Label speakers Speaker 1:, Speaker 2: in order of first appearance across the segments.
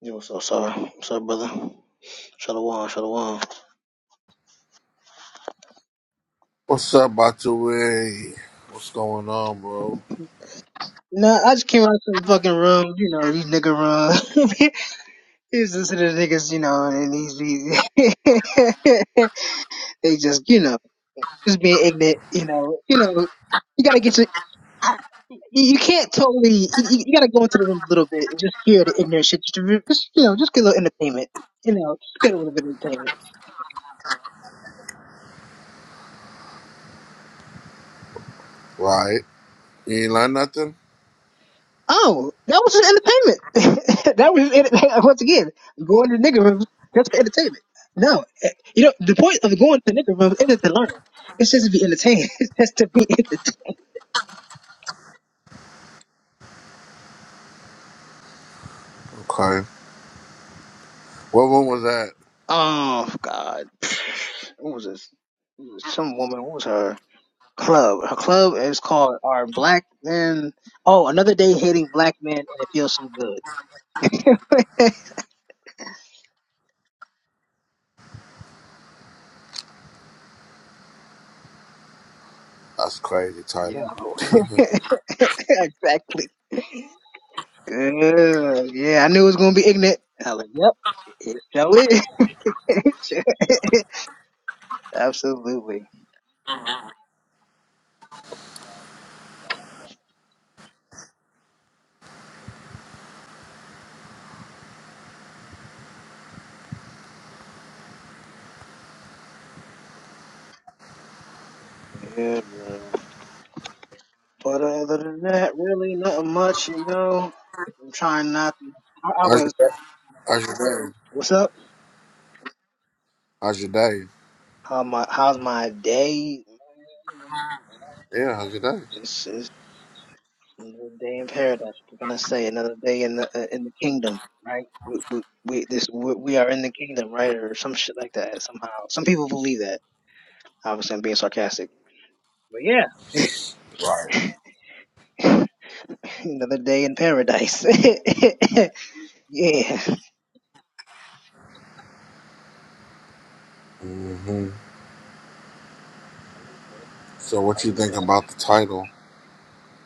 Speaker 1: Yo, what's up, sorry. What's up, brother? Shalom, shalom.
Speaker 2: What's up, Bato way? What's going on, bro?
Speaker 1: Nah, I just came out to the fucking room, you know, these nigga room. He's listening to niggas, you know, and these these they just, you know, just being ignorant, you know, you know, you gotta get your, I, you you can't totally, you, you you gotta go into the room a little bit and just hear the ignorant shit, just, to re- just you know, just get a little entertainment, you know, just get a little bit of entertainment.
Speaker 2: Right? You ain't learn nothing?
Speaker 1: Oh, that was just entertainment. that was entertainment. once again going to nigger rooms just for entertainment. No, eh, you know the point of going to nigger rooms isn't to learn. It's just to be entertained. It's just to be entertained.
Speaker 2: Okay. What one was that?
Speaker 1: Oh God, what was this? It was Some woman. What was her club? Her club is called "Our Black Men." Oh, another day hating black men, and it feels so good.
Speaker 2: That's crazy title.
Speaker 1: Yo, exactly. Good. Yeah, I knew it was gonna be ignorant. I was like, yep. It sure is. Absolutely. Yeah, bro. But other than that, really nothing much, you know. I'm trying not. I, I
Speaker 2: How's
Speaker 1: was.
Speaker 2: your day? How's your day?
Speaker 1: What's up?
Speaker 2: How's your day?
Speaker 1: How my How's my day?
Speaker 2: Yeah, how's your day?
Speaker 1: It's, it's another day in paradise. We're gonna say another day in the uh, in the kingdom, right? We we, we this we, we are in the kingdom, right, or some shit like that. Somehow, some people believe that. Obviously, I'm being sarcastic. But yeah,
Speaker 2: Right.
Speaker 1: another day in paradise. yeah.
Speaker 2: hmm So what you think about the title?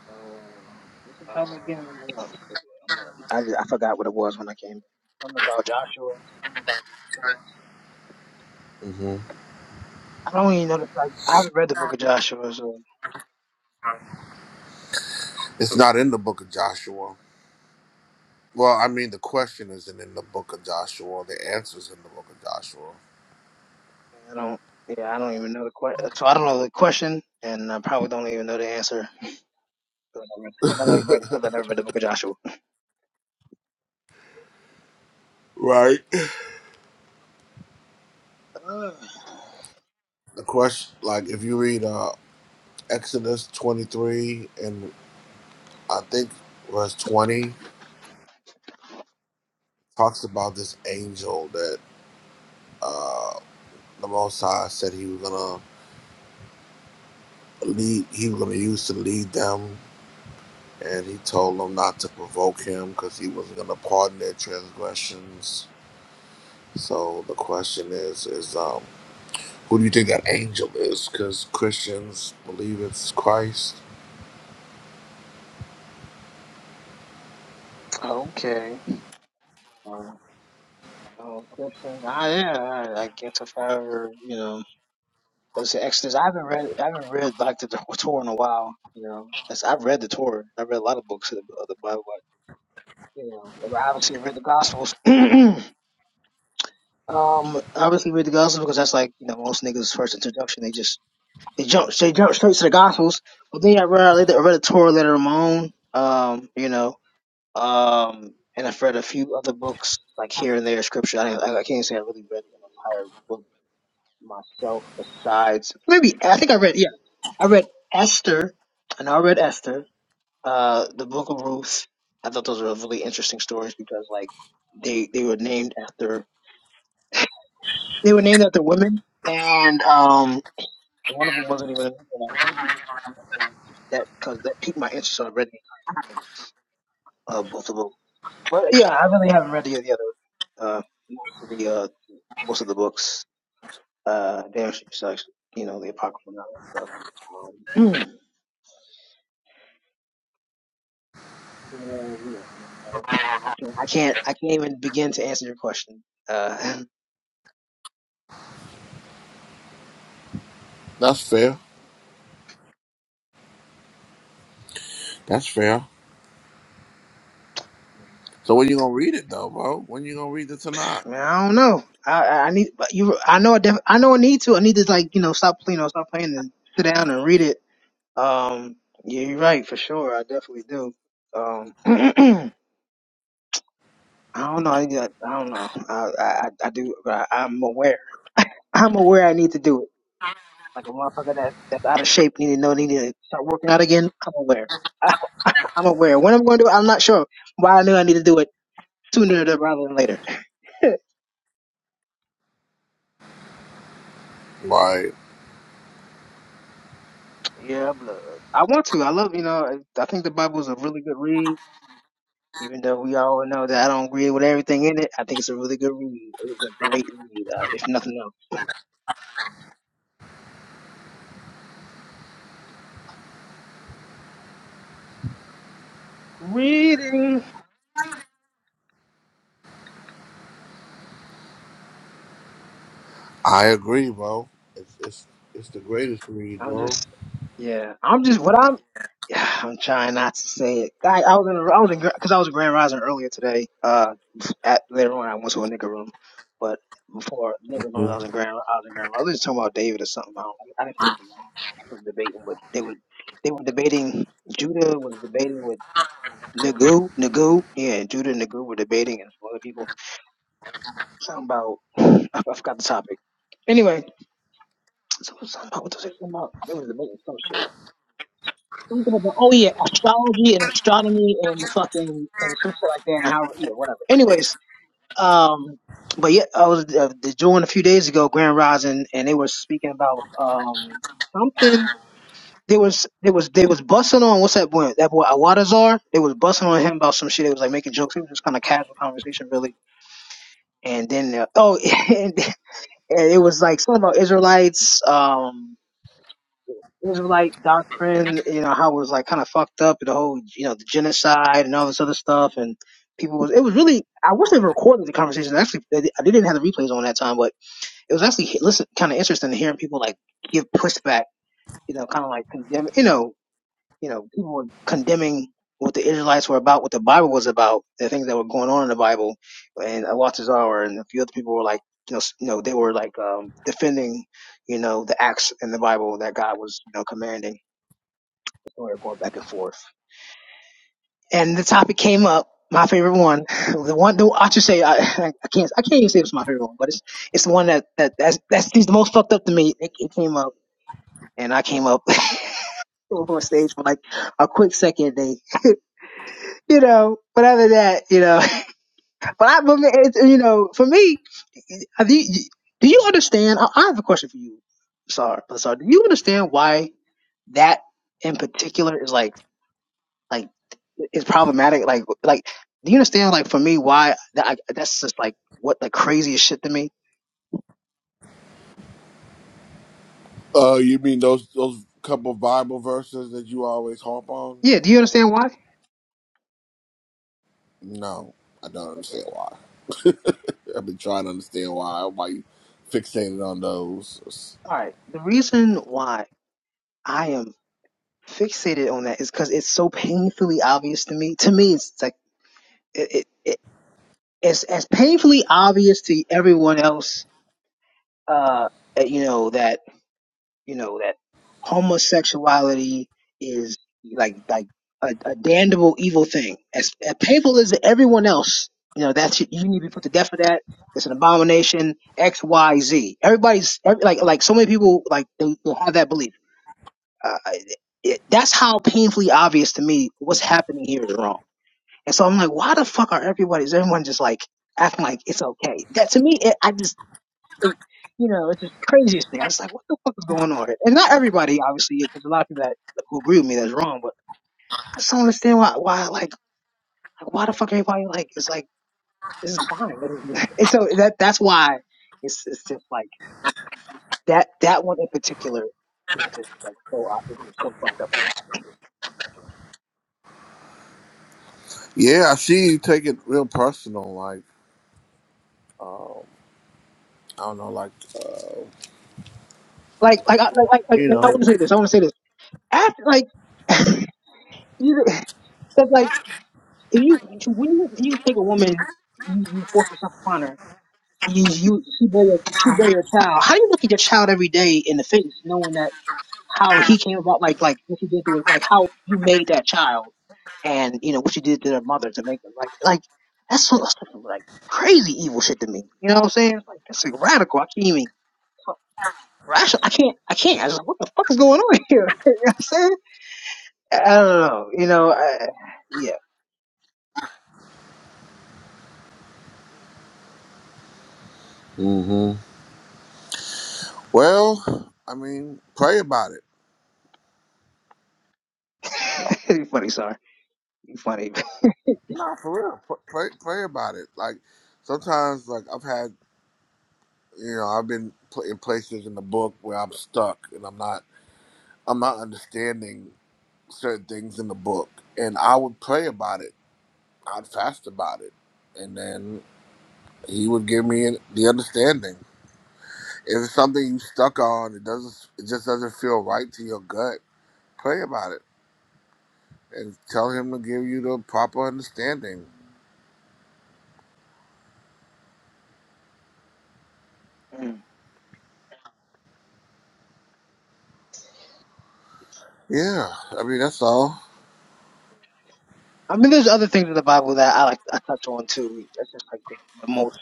Speaker 1: Oh, um, what's the title again? I'm not, I'm not, I, just, I forgot what it was when I came. Something about Joshua.
Speaker 2: hmm
Speaker 1: I don't even know the like I haven't read the book of Joshua, so
Speaker 2: It's not in the book of Joshua. Well, I mean, the question isn't in the book of Joshua. The answer's in the book of Joshua.
Speaker 1: I don't. Yeah, I don't even know the question. So I don't know the question, and I probably don't even know the answer because I, read- 'cause I never read because I never read the book of Joshua.
Speaker 2: Right.
Speaker 1: Ugh.
Speaker 2: The question, like, if you read uh, Exodus 23 and I think verse 20 talks about this angel that uh, the Most High said he was gonna lead. He was gonna use to lead them, and he told them not to provoke him because he wasn't gonna pardon their transgressions. So the question is, is um, who do you think that angel is? Because Christians believe it's Christ.
Speaker 1: okay. Um, oh, Christian. Ah, yeah. I, I guess if I ever, you know, let's say Exodus. I haven't read. I haven't read like the Torah in a while. You know, That's- I've read the Torah. i read a lot of books of the, of the Bible. You know, I obviously read the Gospels. um, obviously read the Gospels because that's like you know most niggas' first introduction. They just they jump they jump straight to the Gospels. But then I read I read, I read a Torah letter of my own. Um, you know, um, and I've read a few other books like here and there scripture. I I, I can't say I really read an entire book myself besides maybe I think I read yeah I read Esther. I know I read Esther. Uh, the Book of Ruth. I thought those were really interesting stories because, like, they they were named after they were named after women, and um, one of them wasn't even a woman. Like, that because that piqued my interest already. Uh, both of them. But yeah, I really haven't read any of the other uh most of the uh most of the books. Uh, damn, she sucks. You know the apocryphal and all that stuff. Um, yeah, yeah, I don't know. I can't, I can't, I can't even begin to answer your question. Uh,
Speaker 2: That's fair. That's fair. So when you gonna read it though, bro? When you gonna read the Tanakh?
Speaker 1: Man, I don't know. I I I need you. I know. I, def, I know. I need to. I need to like you know stop you know stop playing and sit down and read it. Um. Yeah, you're right for sure. I definitely do. Um. I don't know. I, got- I don't know. I I, I do. But I, I'm aware. I'm aware. I need to do it. Like a motherfucker that's that's out of shape. Need to know. Need to start working out again. I'm aware. I, I'm aware. When I'm going to do it, I'm not sure. But I know I need to do it sooner rather than later. Yeah, blood. I want to. I love. You know. I I think the Bible's a really good read Even though we all know that I don't agree with everything in it, I think it's a really good read. It was a great read, uh, if nothing else. Reading.
Speaker 2: I agree, bro. It's it's it's the greatest read,
Speaker 1: I'm
Speaker 2: bro.
Speaker 1: just, yeah. I'm just what I'm. I'm trying not to say it. I, I was in, a, I was in, because I was a grand rising earlier today. Uh, at later on, I went to a nigga room, but before nigga room, I was in grand, I was in grand. I was just talking about David or something. I, don't, I didn't think for long. Was debating, but they were, they were debating. Judah was debating with. Nagu, Nagu, yeah, Judah and Nagu were debating, and some other people. Something about I, I forgot the topic. Anyway, so it was something about what was it about? They was debating some shit. Something about oh yeah, astrology and astronomy and the fucking and some shit like that and how yeah whatever. Anyways, um, but yeah, I was uh, the joint a few days ago, Grand Rising, and they were speaking about um something. They was they was they was busting on what's that boy that boy Awadazar. They was busting on him about some shit. They was like making jokes. It was just kind of casual conversation, really and then uh, oh and, and it was like something about israelites um israelite doctrine you know how it was like kind of fucked up and the whole you know the genocide and all this other stuff and people was it was really i wish they were recording the conversation actually they, di- didn't have the replays on that time but it was actually listen kind of interesting to hearing people like give pushback you know kind of like condemn you know you know, people were condemning what the Israelites were about, what the Bible was about, the things that were going on in the Bible, and Alatazar and a few other people were like, you know, s- you know, they were like um, defending, you know, the acts in the Bible that God was, you know, commanding. So we were going back and forth, and the topic came up. My favorite one, the one the, I should say, I, I can't, I can't even say it's my favorite one, but it's it's the one that that that's, that seems the most fucked up to me. It, it came up, and I came up on stage for like a quick second. They you know, but other than that, you know. But I, but me- it's, you know, for me, I- do you, do you understand? I, I have a question for you, Sar. Sar, do you understand why that in particular is like, like, is problematic? Like, like, do you understand? Like, for me, why that, I, that's just like what the craziest shit to me.
Speaker 2: Uh, you mean those those couple Bible verses that you always harp on?
Speaker 1: Yeah, do you understand why?
Speaker 2: No, I don't understand
Speaker 1: Okay,
Speaker 2: why. I've been trying to understand why why you fixated on those.
Speaker 1: all right. The reason why I am fixated on that is because it's so painfully obvious to me. To me, it's like. it, it, As as painfully obvious to everyone else, uh, you know, that, you know, that homosexuality is like, like a, a damnable evil thing. As, as painful as to everyone else, you know, that you need to be put to death for that. It's an abomination, X, Y, Z. Everybody's, every, like, like so many people, like, they, they have that belief. Uh, it, that's how painfully obvious to me what's happening here is wrong and so I'm like, why the fuck are everybody, is everyone just like acting like it's okay? That to me, it, I just, it, you know, it's just the craziest thing. I was like, what the fuck is going on? here? And not everybody, obviously, because a lot of people that who agree with me that's wrong, but I just don't understand why, why, like, like why the fuck everybody like is like this is fine. and so that that's why it's it's just like that that one in particular is just like so out- it's just so fucked up for me.
Speaker 2: Yeah, I see you take it real personal, like um, I don't know, like uh,
Speaker 1: Like like I like, like,
Speaker 2: you
Speaker 1: like I want
Speaker 2: know.
Speaker 1: to say this. I want to say this. After like you, that's like. If you when you when you take a woman, you, you force yourself upon her. You, you she bear your, she bear your child. How do you look at your child every day in the face, knowing that how he came about, like like what you did to it, like how you made that child, and you know what you did to their mother to make them like like that's so that's some, like crazy evil shit to me. You know what I'm saying? Like that's like radical. I can't even rational. I can't. I can't. I just like, what the fuck is going on here? you know what I'm saying? I don't know. You know. I, yeah.
Speaker 2: Mhm. Well, I mean, pray about it.
Speaker 1: you funny. Sorry. You funny.
Speaker 2: No, for real, pr- pray pray about it. Like sometimes, like I've had you know i've been pl- in places in the book where i'm stuck and i'm not i'm not understanding certain things in the book and i would pray about it i'd fast about it and then he would give me an- the understanding if it's something you stuck on it doesn't it just doesn't feel right to your gut pray about it and tell him to give you the proper understanding yeah i mean that's all
Speaker 1: I mean, there's other things in the Bible that I like I touch on too. That's just like the, the most.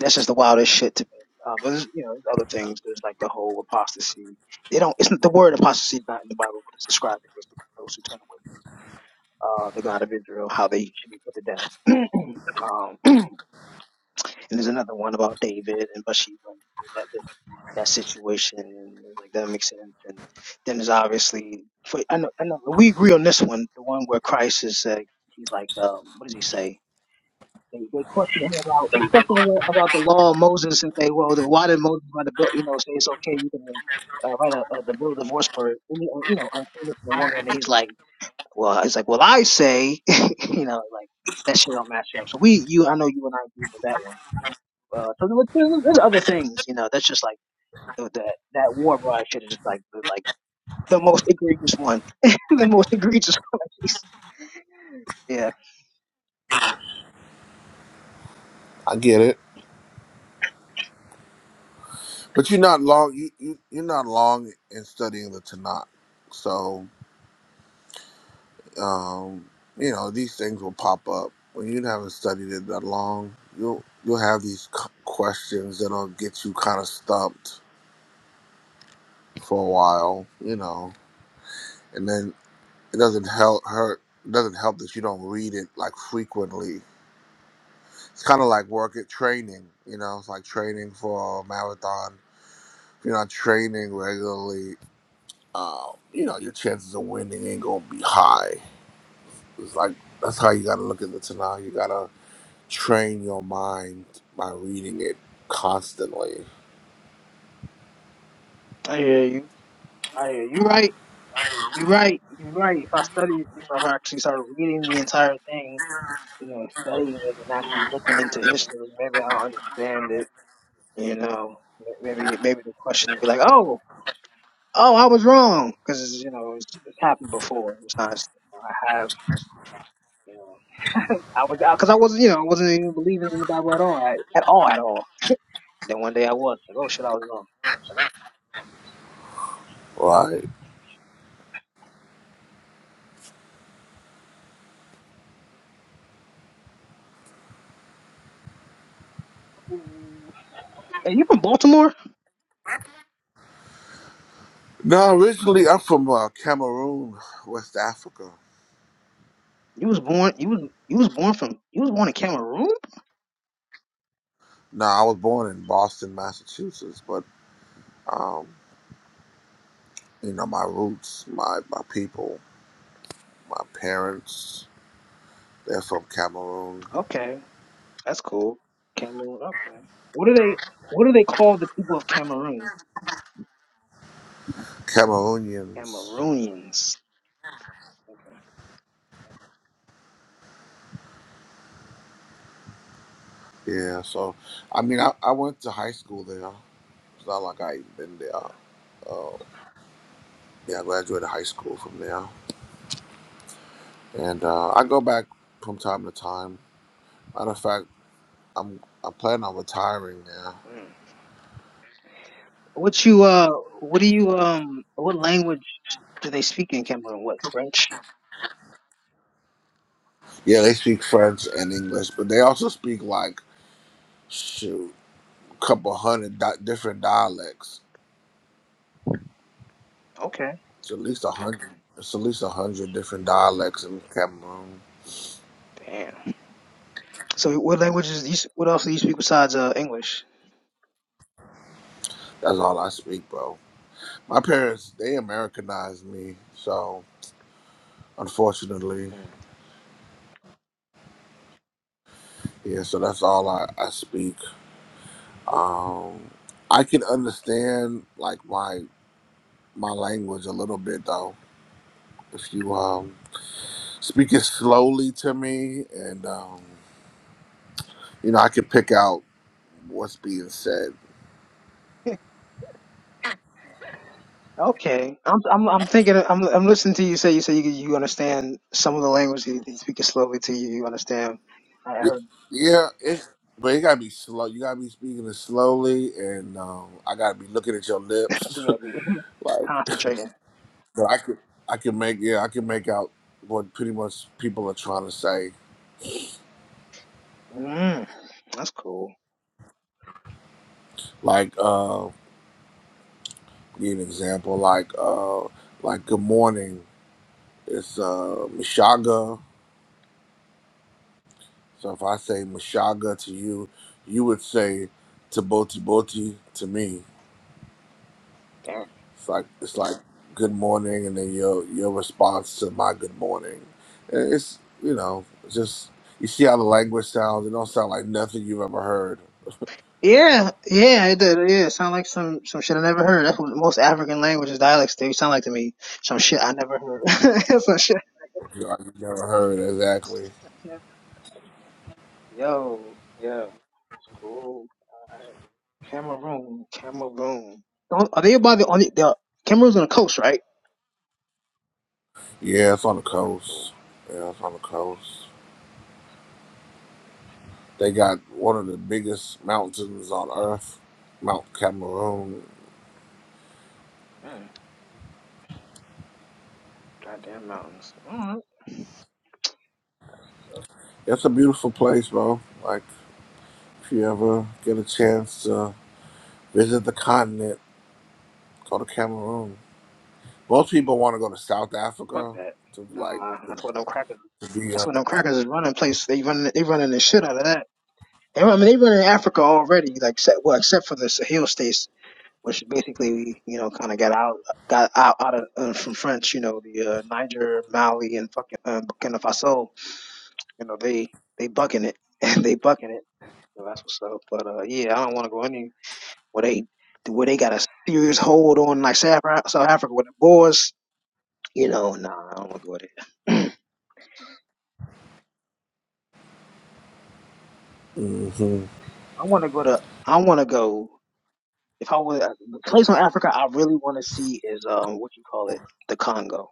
Speaker 1: That's just the wildest shit to me. Um, but there's you know there's other things. There's like the whole apostasy. They don't. It's not, the word apostasy is not in the Bible, but it's described those who turn away from uh, the God of Israel, how they should be put to death. Um, and there's another one about David and Bathsheba. That that that situation and it's like that makes sense. And then there's obviously for, I know I know we agree on this one. The one where Christ is uh, he's like um, what does he say? They they question him about they question him about the law of Moses and say, well, then why did Moses write a bill? You know, say it's okay, you can uh, write a, a the bill of divorce for any, uh, you know uncleanness of a woman. And he's like, well, he's like, well, I say, you know, like that shit don't match up. So we, you, I know you and I agree with that one. Uh, so there was- there's, there's other things, you know. That's just like the, that that war bride shit is just like the- like the most egregious one, the most egregious one. yeah,
Speaker 2: i get it but you're not long you, you you're not long in studying the tanakh so Um, you know, these things will pop up when you haven't studied it that long. You'll you'll have these c- questions that'll get you kind of stumped for a while, you know, and then it doesn't help hurt. It doesn't help that you don't read it like frequently. It's kind of like work at training, you know. It's like training for a marathon. If you're not training regularly, uh, you know, your chances of winning ain't gonna be high. It's like that's how you gotta look at it now. You gotta train your mind by reading it constantly.
Speaker 1: I hear you. I hear you. Right. You're right. You're right. If I study, if I actually start reading the entire thing, you know, studying it and actually looking into history, maybe I'll understand it. You know, maybe maybe the question would be like, oh, oh, I was wrong, because you know it's, it's happened before. It's not. I have, you know, I was because I wasn't, you know, I wasn't even believing in the Bible at all, at, at all, at all. Then one day I was like, oh shit, I was wrong.
Speaker 2: Right.
Speaker 1: Mm. Hey, you from Baltimore?
Speaker 2: No, originally I'm from uh, Cameroon, West Africa.
Speaker 1: You was born. You was you was born from. You was born in Cameroon.
Speaker 2: No, I was born in Boston, Massachusetts, but um, you know my roots, my my people, my parents, they're from Cameroon,
Speaker 1: Okay. That's cool. Cameroon. Okay. What do they What do they call the people of Cameroon?
Speaker 2: Cameroonians.
Speaker 1: Cameroonians.
Speaker 2: Yeah, so I mean I, I went to high school there. It's not like I even been there. Uh, yeah, I graduated high school from there, and uh, I go back from time to time. Matter of fact. I'm I plan on retiring now.
Speaker 1: What you uh? What do you um? What language do they speak in Cameroon? What French?
Speaker 2: Yeah, they speak French and English, but they also speak like shoot, a couple hundred di- different dialects.
Speaker 1: Okay.
Speaker 2: It's at least a hundred. It's at least a hundred different dialects in Cameroon.
Speaker 1: Damn. So what languages? do You, s- what else do you speak besides uh English?
Speaker 2: That's all I speak, bro. My parents they Americanized me, so unfortunately, yeah. So that's all I I speak. Um, I can understand like my my language a little bit though. If you um speaking slowly to me, and um, you know I could pick out what's being said.
Speaker 1: Okay. I'm I'm I'm thinking. I'm I'm listening to you say you say you you understand some of the language you, you speak it slowly to you. You understand. I heard
Speaker 2: Yeah, it's but you gotta be slow. You gotta be speaking it slowly, and um, I gotta be looking at your lips.
Speaker 1: you gotta be
Speaker 2: like,
Speaker 1: concentrating.
Speaker 2: but I could, I can make yeah, I can make out what pretty much people are trying to say.
Speaker 1: Mm, that's cool.
Speaker 2: Like, uh, give you an example, like, uh, like good morning. It's uh, Mishaga. So if I say Mashaga to you, you would say Taboti Boti to me.
Speaker 1: Damn.
Speaker 2: It's like it's like good morning, and then your your response to my good morning. And it's you know just you see how the language sounds. It don't sound like nothing you've ever heard.
Speaker 1: Yeah, yeah, it did. Yeah, it sound like some some shit I never heard. That's what most African languages dialects they sound like to me. Some shit I never heard. some shit.
Speaker 2: Yeah, Like you've never heard exactly.
Speaker 1: Yo, yo, cool. Cameroon, Cameroon. Don't- Are they by the on the, the Cameroon's on the coast, right?
Speaker 2: Yeah, it's on the
Speaker 1: Oh,
Speaker 2: coast. Yeah, it's on the coast. They got one of the biggest mountains on earth, Mount Cameroon.
Speaker 1: mm, goddamn mountains. All right,
Speaker 2: It's a beautiful place, bro. Like. If you ever get a chance to visit the continent, go to Cameroon. Most people want to go to South
Speaker 1: fuck
Speaker 2: Africa
Speaker 1: that.
Speaker 2: to like
Speaker 1: Nah,
Speaker 2: to,
Speaker 1: that's what them crackers.
Speaker 2: to be
Speaker 1: That's
Speaker 2: uh,
Speaker 1: what them crackers is running place. They running. They running the shit out of that. They, run- I mean, they running Africa already. Like, except, well, except for the Sahel states which basically you know kind of got out got out, out of uh, from French, you know, the uh, Niger, Mali, and fucking uh, Burkina Faso. You know, they they bucking it and they bucking it. So that's what's up. But uh, yeah, I don't want to go any where they where they got a serious hold on like South Afri- South Africa with the Boers. You know, nah, I don't want to go there.
Speaker 2: mhm.
Speaker 1: I want to go to I want to go. If I was the place on Africa, I really want to see is um what you call it, the Congo,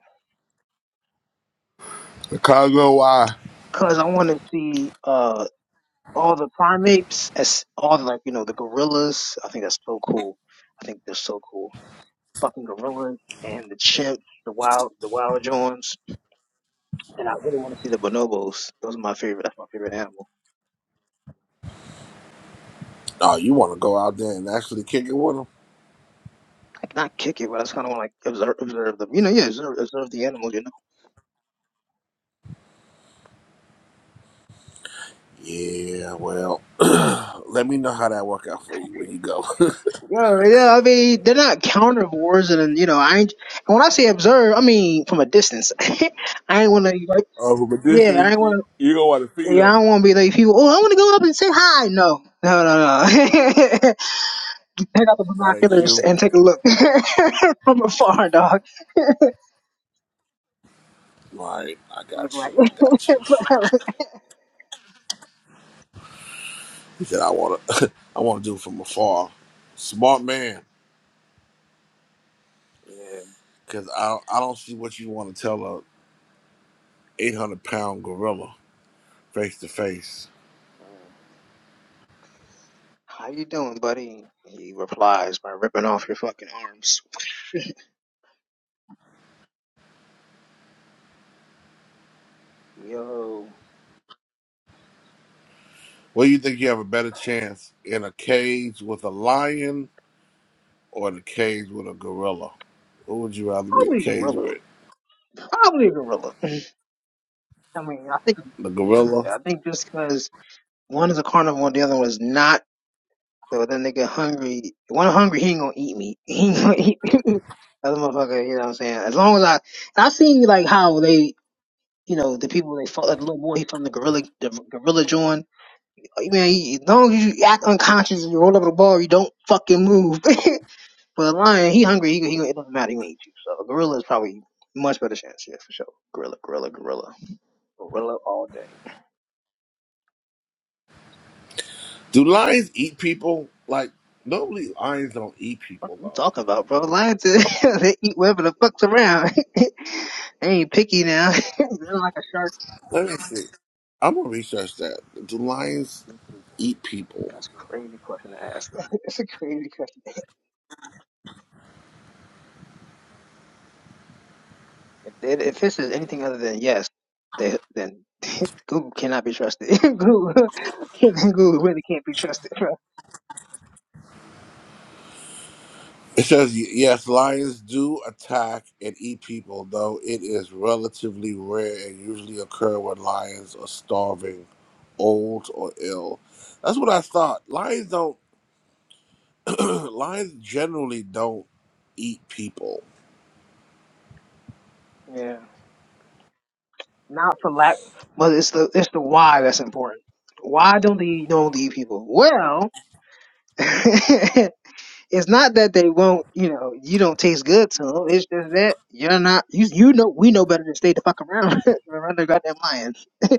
Speaker 2: the Congo. Why?
Speaker 1: because I want to see uh, all the primates, as all the, like you know the gorillas. I think that's so cool. I think they're so cool. Fucking gorillas and the chimps, the wild, the wild Johns, and I really want to see the bonobos. Those are my favorite. That's my favorite animal.
Speaker 2: Oh, you want to go out there and actually kick it with them?
Speaker 1: Not kick it, but I just kind of want to like observe, observe them. You know, yeah, observe, observe the animals. You know,
Speaker 2: Yeah. Well, let me know how that work out for you when you go.
Speaker 1: yeah, yeah. I mean, they're not carnivores, and you know, I ain't. And when I say observe, I mean from a distance. I ain't want to like,
Speaker 2: Over but this
Speaker 1: yeah,
Speaker 2: is
Speaker 1: I ain't
Speaker 2: you,
Speaker 1: want
Speaker 2: you gonna want to
Speaker 1: to.
Speaker 2: feed
Speaker 1: Yeah,
Speaker 2: them.
Speaker 1: I don't want to be like people. Oh, I want to go up and say hi. No, no, no, no. take out the
Speaker 2: That ain't
Speaker 1: binoculars
Speaker 2: you.
Speaker 1: and take a look from afar, dog.
Speaker 2: Right.
Speaker 1: I
Speaker 2: I
Speaker 1: look
Speaker 2: got
Speaker 1: like,
Speaker 2: you. I got you. He said I want to. I want to do it from afar. Smart man.
Speaker 1: yeah.
Speaker 2: Because I, I don't see what you want to tell a 800 pound gorilla face to face.
Speaker 1: mm, How you doing, buddy? He replies by fucking arms. Yo,
Speaker 2: What do you think you have a better chance in a cage with a lion or in a cage with a gorilla? Who would you rather be in a
Speaker 1: probably a
Speaker 2: cage
Speaker 1: gorilla.
Speaker 2: with?
Speaker 1: Probably a gorilla. I mean, I think,
Speaker 2: The
Speaker 1: yeah, yeah. I
Speaker 2: gorilla?
Speaker 1: think just because one is a carnivore and the other one is not, so then they get hungry. If One hungry, he ain't gonna eat me. He ain't gonna eat me. Other motherfucker, you know what I'm saying? As long as I, I see like how they, you know, the people they fought, like the little boy, he from the gorilla, the gorilla joint. man, you- as long as you act unconscious and you roll over the bar, you don't fucking move. but a lion, he hungry, he, he it doesn't matter, he gonna eat you. So a gorilla is probably much better chance, yeah, for sure. Gorilla, gorilla, gorilla, gorilla all day.
Speaker 2: Do lions eat people? Like, normally lions don't eat people,
Speaker 1: What you
Speaker 2: though.
Speaker 1: talking about, bro? Lions, they eat whatever the fuck's around. they ain't picky now. They're like a shark.
Speaker 2: Let me see. I'm going to research that. Do lions eat people?
Speaker 1: That's a crazy question to ask. it's a crazy question. If, it, if this is anything other than yes, they, then Google cannot be trusted. Google, Google really can't be trusted, bro.
Speaker 2: It says, yes, lions do attack and eat people, though it is relatively rare and usually occur when lions are starving, old, or ill. That's what I thought. Lions don't, lions generally don't eat people.
Speaker 1: Yeah. not for lack, but it's the it's the why that's important. Why don't they don't leave people? Well, it's not that they won't, you know, you don't taste good to them. It's just that you're not you you know we know better than stay the fuck around around the goddamn lions,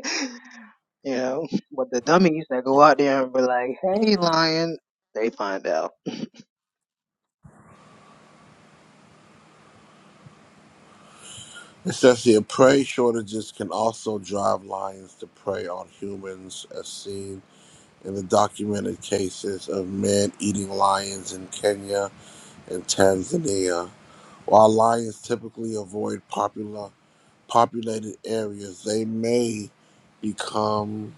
Speaker 1: you know. But the dummies that go out there and be like, hey lion, they find out.
Speaker 2: It says here, prey shortages can also drive lions to prey on humans, as seen in the documented cases of men eating lions in Kenya and Tanzania. While lions typically avoid popular populated areas, they may become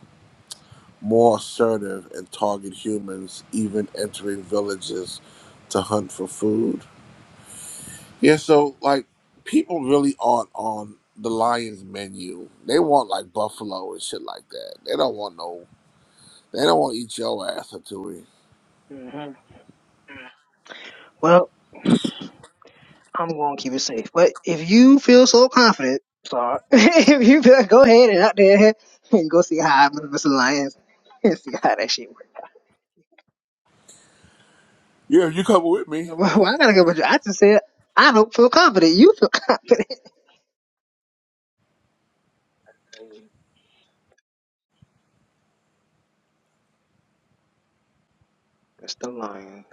Speaker 2: more assertive and target humans, even entering villages to hunt for food. Yeah, so like people really aren't on the lion's menu. They want like buffalo and shit like that. They don't want no. They don't want to eat your ass or two. weeks.
Speaker 1: hmm Well. I'm going to keep it safe. But if you feel so confident, sorry, if you feel, go ahead and out there and go see how Mr. Lyons and see how that shit works.
Speaker 2: Yeah, you coming with me?
Speaker 1: Well, I gotta go with you. I just said I don't feel confident. You feel confident. Mr. Lyons.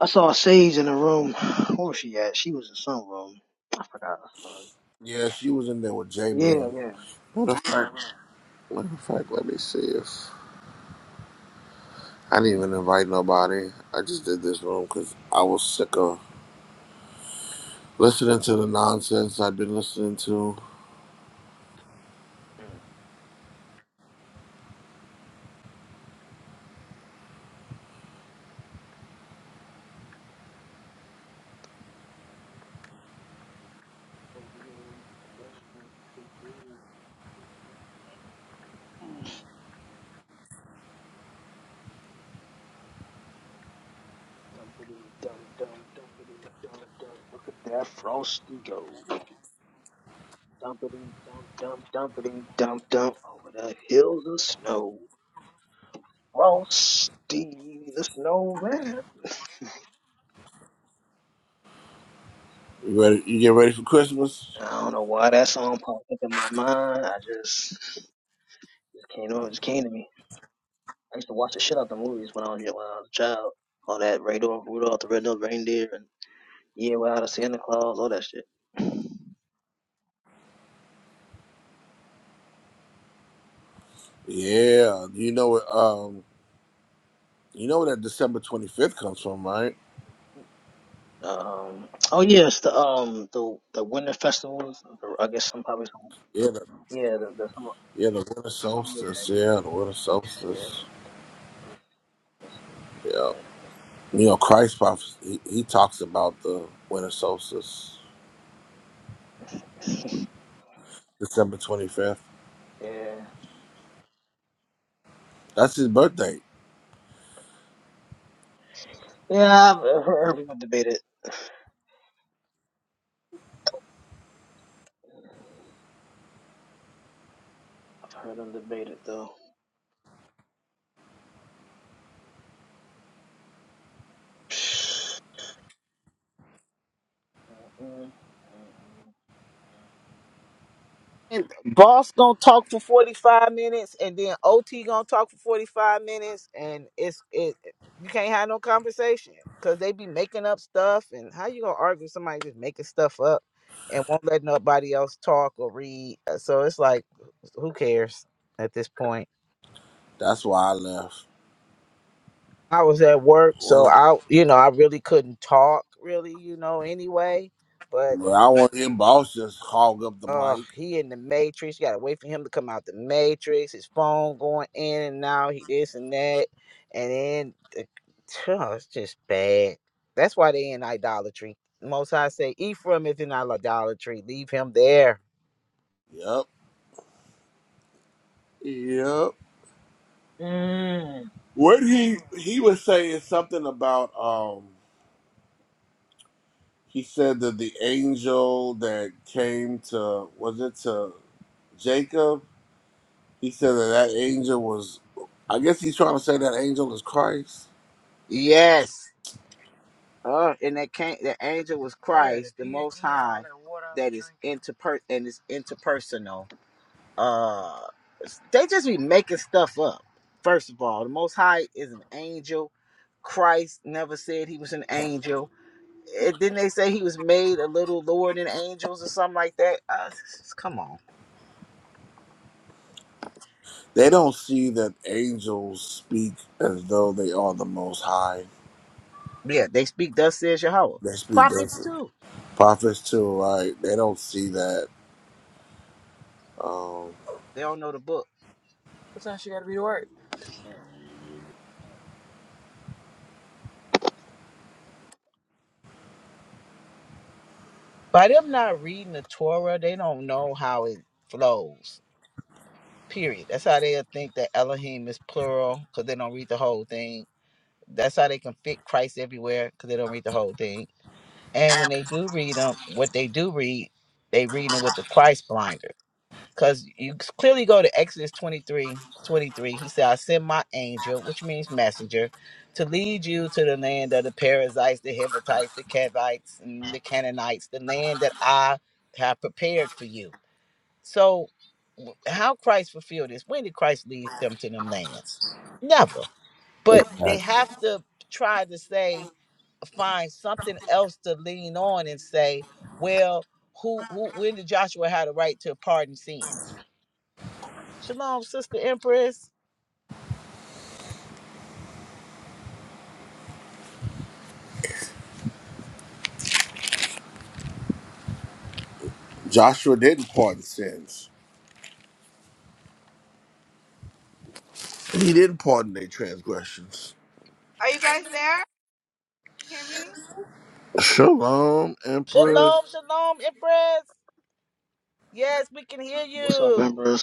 Speaker 1: I saw Sage in the room. Where was she at? She was in some room. I forgot. I saw her.
Speaker 2: Yeah, she was in there with J
Speaker 1: Yeah,
Speaker 2: Man.
Speaker 1: yeah.
Speaker 2: Matter of fact, matter of fact, let me see if I didn't even invite nobody. I just did this room because I was sick of Listening to the nonsense I've been listening to.
Speaker 1: Mm. Dumpity dum dum dumpity dum dum. Look at that frosty go. Dumpity dum dum dumpity dum dum. Over the hills of snow. Frosty the Snowman.
Speaker 2: You ready? You get ready for Christmas?
Speaker 1: I don't know why that song popped up in my mind. I just it came on, it just came to me. I used to watch the shit out the movies when I was when I was a child. All that Radar, Rudolph the Red-Nosed Reindeer, and Yeah, Without a Santa Claus, all that shit.
Speaker 2: Yeah. You know what? Um, you know where that December twenty fifth comes from, right?
Speaker 1: Um, oh yes, the um the the winter festivals. the- I guess some probably some
Speaker 2: Yeah. The,
Speaker 1: yeah the, the some
Speaker 2: yeah. The winter
Speaker 1: yeah
Speaker 2: solstice. Yeah.
Speaker 1: yeah
Speaker 2: The winter
Speaker 1: yeah
Speaker 2: solstice. Yeah.
Speaker 1: yeah
Speaker 2: You know, Christ prophes He, he talks about the winter solstice, December twenty fifth.
Speaker 1: yeah
Speaker 2: That's his birthday.
Speaker 1: yeah. I heard people debate it. I heard them debate it though. Mm.
Speaker 3: And boss gonna talk for 45 minutes and then ot gonna talk for 45 minutes and it's it you can't have no conversation because they be making up stuff and how you gonna argue with somebody just making stuff up and won't let nobody else talk or read Uh, so it's like who cares at this point
Speaker 2: That's why I left.
Speaker 3: i was at work so
Speaker 2: Well,
Speaker 3: i you know i really couldn't talk really you know anyway but.
Speaker 2: well I want him boss just hog up the
Speaker 3: Oh,
Speaker 2: mic.
Speaker 3: he in the matrix. You gotta wait for him to come out the matrix. His phone going in and out. He this and that, and then the, oh, it's just bad. That's why they in idolatry. Most High say Ephraim is in idolatry. Leave him there.
Speaker 2: Yep. Yep.
Speaker 1: Mm.
Speaker 2: What he he was saying something about um he said that the angel that came to was it to Jacob? He said that that angel was I guess he's trying to say that angel is Christ.
Speaker 3: Yes. Uh, and that came. The angel was Christ, the Most High, that is interper and is interpersonal. Uh, they just be making stuff up. First of all, the Most High is an angel. Christ never said he was an angel. And didn't they say he was made a little lower than angels or something like that? Uh, come on.
Speaker 2: They don't see that angels speak as though they are the most high.
Speaker 3: Yeah, they speak thus says Yahweh.
Speaker 2: They speak
Speaker 3: Prophets
Speaker 2: as
Speaker 3: too.
Speaker 2: prophets too, right? They don't see that. Um,
Speaker 3: They don't know the book. Sometimes you gotta be the word. By them not reading the Torah, they don't know how it flows. Period. That's how they think that Elohim is plural because they don't read the whole thing That's how they can fit Christ everywhere because they don't read the whole thing. And when they do read them, what they do read, they reading it with the Christ blinder. Because you c- clearly go to Exodus 23, 23. He said, I send my angel, which means messenger, to lead you to the land of the Perizzites, the Hivites, the Kevites, and the Canaanites, the land that I have prepared for you. So w- how Christ fulfilled this? When did Christ lead them to them lands? Never but they
Speaker 2: impact.
Speaker 3: have to try to say find something else to lean on and say well who who when did joshua have the right to pardon sins shalom sister empress
Speaker 2: Joshua didn't pardon sins. He didn't pardon their transgressions. Shalom, Empress.
Speaker 3: shalom shalom empress yes we can hear
Speaker 1: What's up,
Speaker 3: you
Speaker 1: members?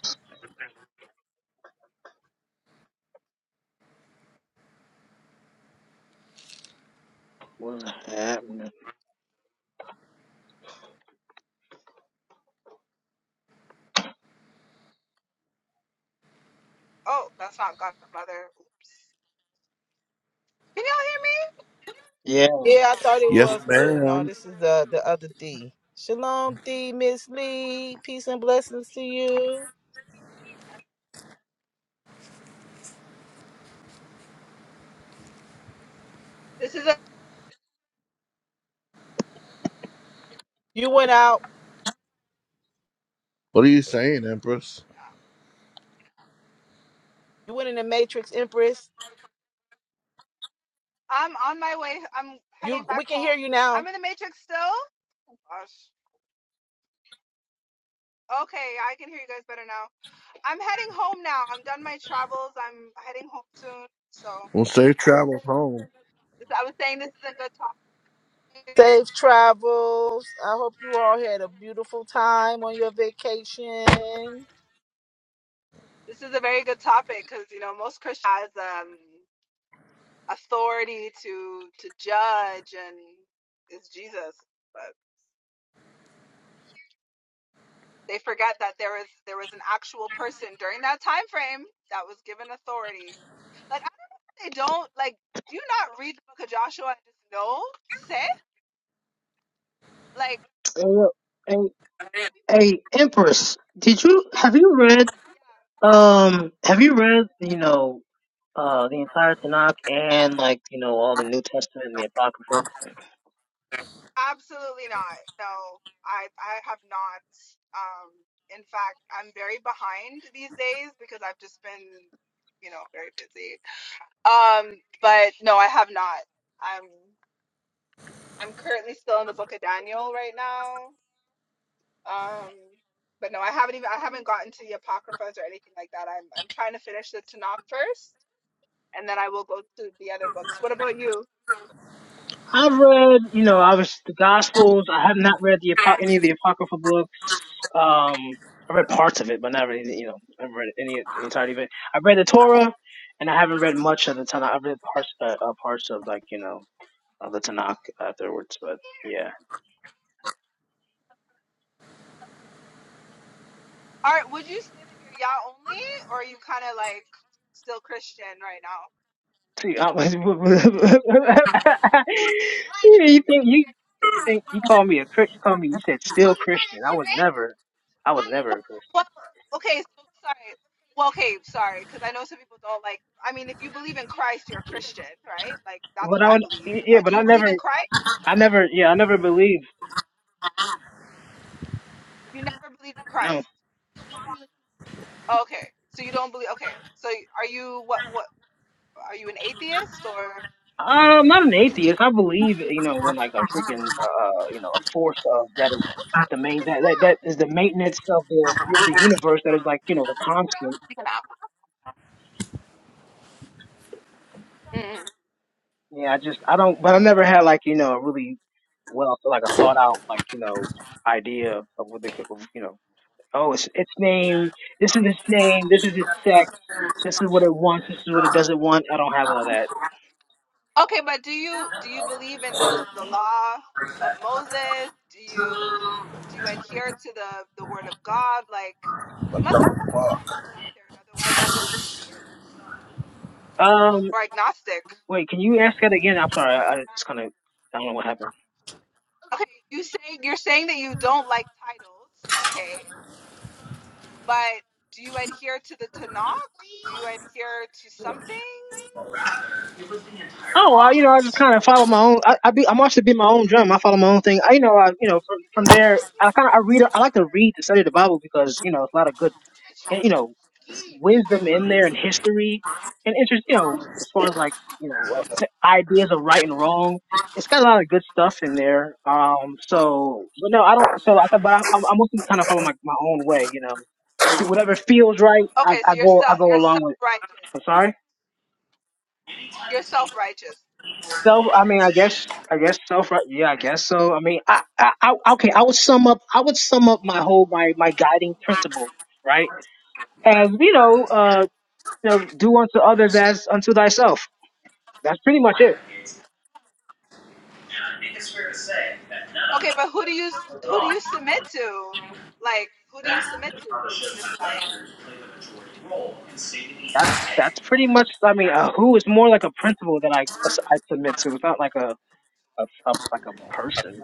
Speaker 1: What's happening? Yeah.
Speaker 3: yeah i thought it
Speaker 2: Yes,
Speaker 3: was too no
Speaker 2: ma'am.
Speaker 3: this is the the other d shalom d miss lee peace and blessings to you you went out
Speaker 2: What are you saying, Empress?
Speaker 3: you went in the matrix empress you we can hear you now
Speaker 2: Well, safe travels home.
Speaker 3: Safe travels. I hope you all had a beautiful time on your vacation.
Speaker 1: Hey, yo, hey, hey, Empress, did you have you read um have you read you know uh the entire Tanakh and like you know all the New Testament and the Apocrypha? I've read you know I was the Gospels. I have not read the apo- any of the Apocrypha books. Um, I read parts of it, but not really you know I haven't read any the entirety of it. I've read the Torah, and I haven't read much of the Tanakh. I've read parts uh, uh, parts of like you know of the Tanakh, but yeah. See, I was. you think you, you think you call me a Chri- you call me you said still Christian. I was never I was never a Christian. But I would yeah, but I never I never yeah I never believed no. Uh, I'm not an atheist. I believe you know in like a freaking uh you know a force of that is the main that that, that is the maintenance of the the universe that is like you know the constant. Yeah, I just I don't, but I never had like you know a really well like a thought out like you know idea of what they could you know oh it's its name this is its name this is its sex this is what it wants this is what it doesn't want I don't have all that um wait can you ask that again I'm sorry I, I just kind of I don't know what happened oh I, you know I just kind of follow my own I, I be I'm also be my own drum I follow my own thing I you know I you know from from there I kind of I read I like to read to study the Bible because you know it's a lot of good and you know wisdom in there and history and interest you know as far as like you know uh, f- ideas of right and wrong it's got a lot of good stuff in there um so but no i don't so i thought- but I- i'm i'm looking kind of follow my, my own way you know to whatever feels right i i go i go along with i'm sorry self i mean i guess i guess self right yeah i guess so i mean I, I i okay i would sum up i would sum up my whole my my guiding principle right as you know uh, to do unto others as unto thyself. That's pretty much it. That's that's pretty much. I mean, a who is more like a principle that I I submit to. It's not like a, a, a like a person.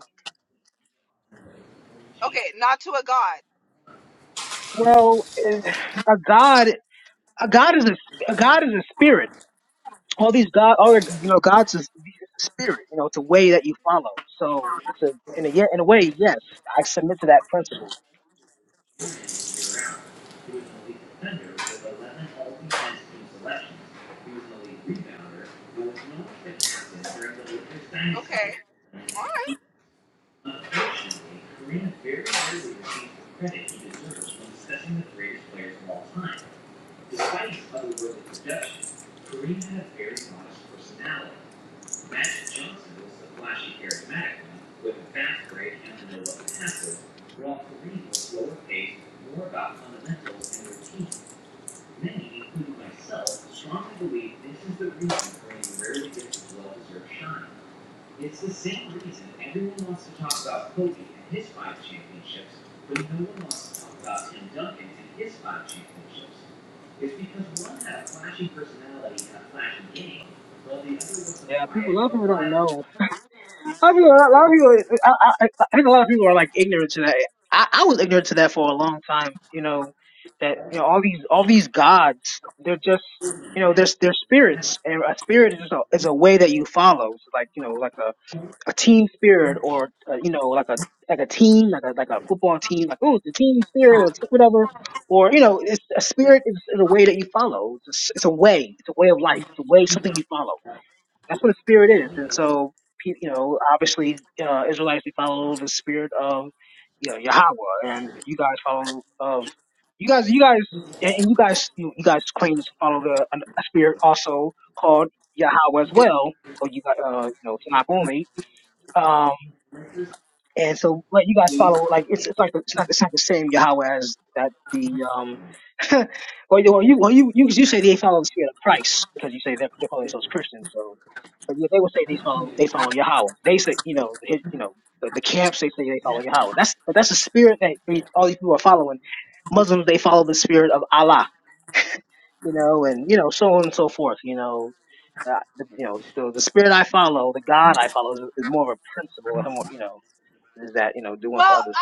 Speaker 1: Well, eh, a god, a god is a, a god is a spirit. All these god, all the- you know, gods is a spirit. You know, it's a way that you follow. So it's a in a yeah, in a way, yes, I submit to that principle. Yeah, people a lot of people don't know. A lot of people, a lot of people, I, I, I I think a lot of people are like ignorant to that. I, I was ignorant to that for a long time. You know, that you know all these all these gods, they're just you know they're they're spirits, and a spirit is just a, is a way that you follow. It's like you know like a, a team spirit, or uh, you know like a like a team, like a like a football team, like oh the team spirit or t- whatever, or you know it's, a spirit is, is a way that you follow. It's, a, s- it's a way, it's a way of life, it's a way something you follow that's what a spirit is. And so, pe- you know, obviously, uh, Israelites, they follow the spirit of, you know, Yahweh. And you guys follow of, you guys, you guys, and and you guys, you, you guys claim to follow the an- a spirit also called Yahweh as well. Or you got, uh, you know, Tanakh only. Um, and so what you guys follow, like it's it's like it's not it's not the same Yahweh as that the um well you well you well, you you, you say they follow the spirit of Christ because you say they're, they're calling themselves Christians so but yeah they would say they follow they follow Yahweh they say you know his, you know the, the camps they say they follow Yahweh that's but that's the spirit that we, all these people are following Muslims they follow the spirit of Allah you know and you know so on and so forth you know uh, the, you know, so the spirit I follow, the God I follow, is, is more of a principle, and more, you know. Is that, you know, do unto others.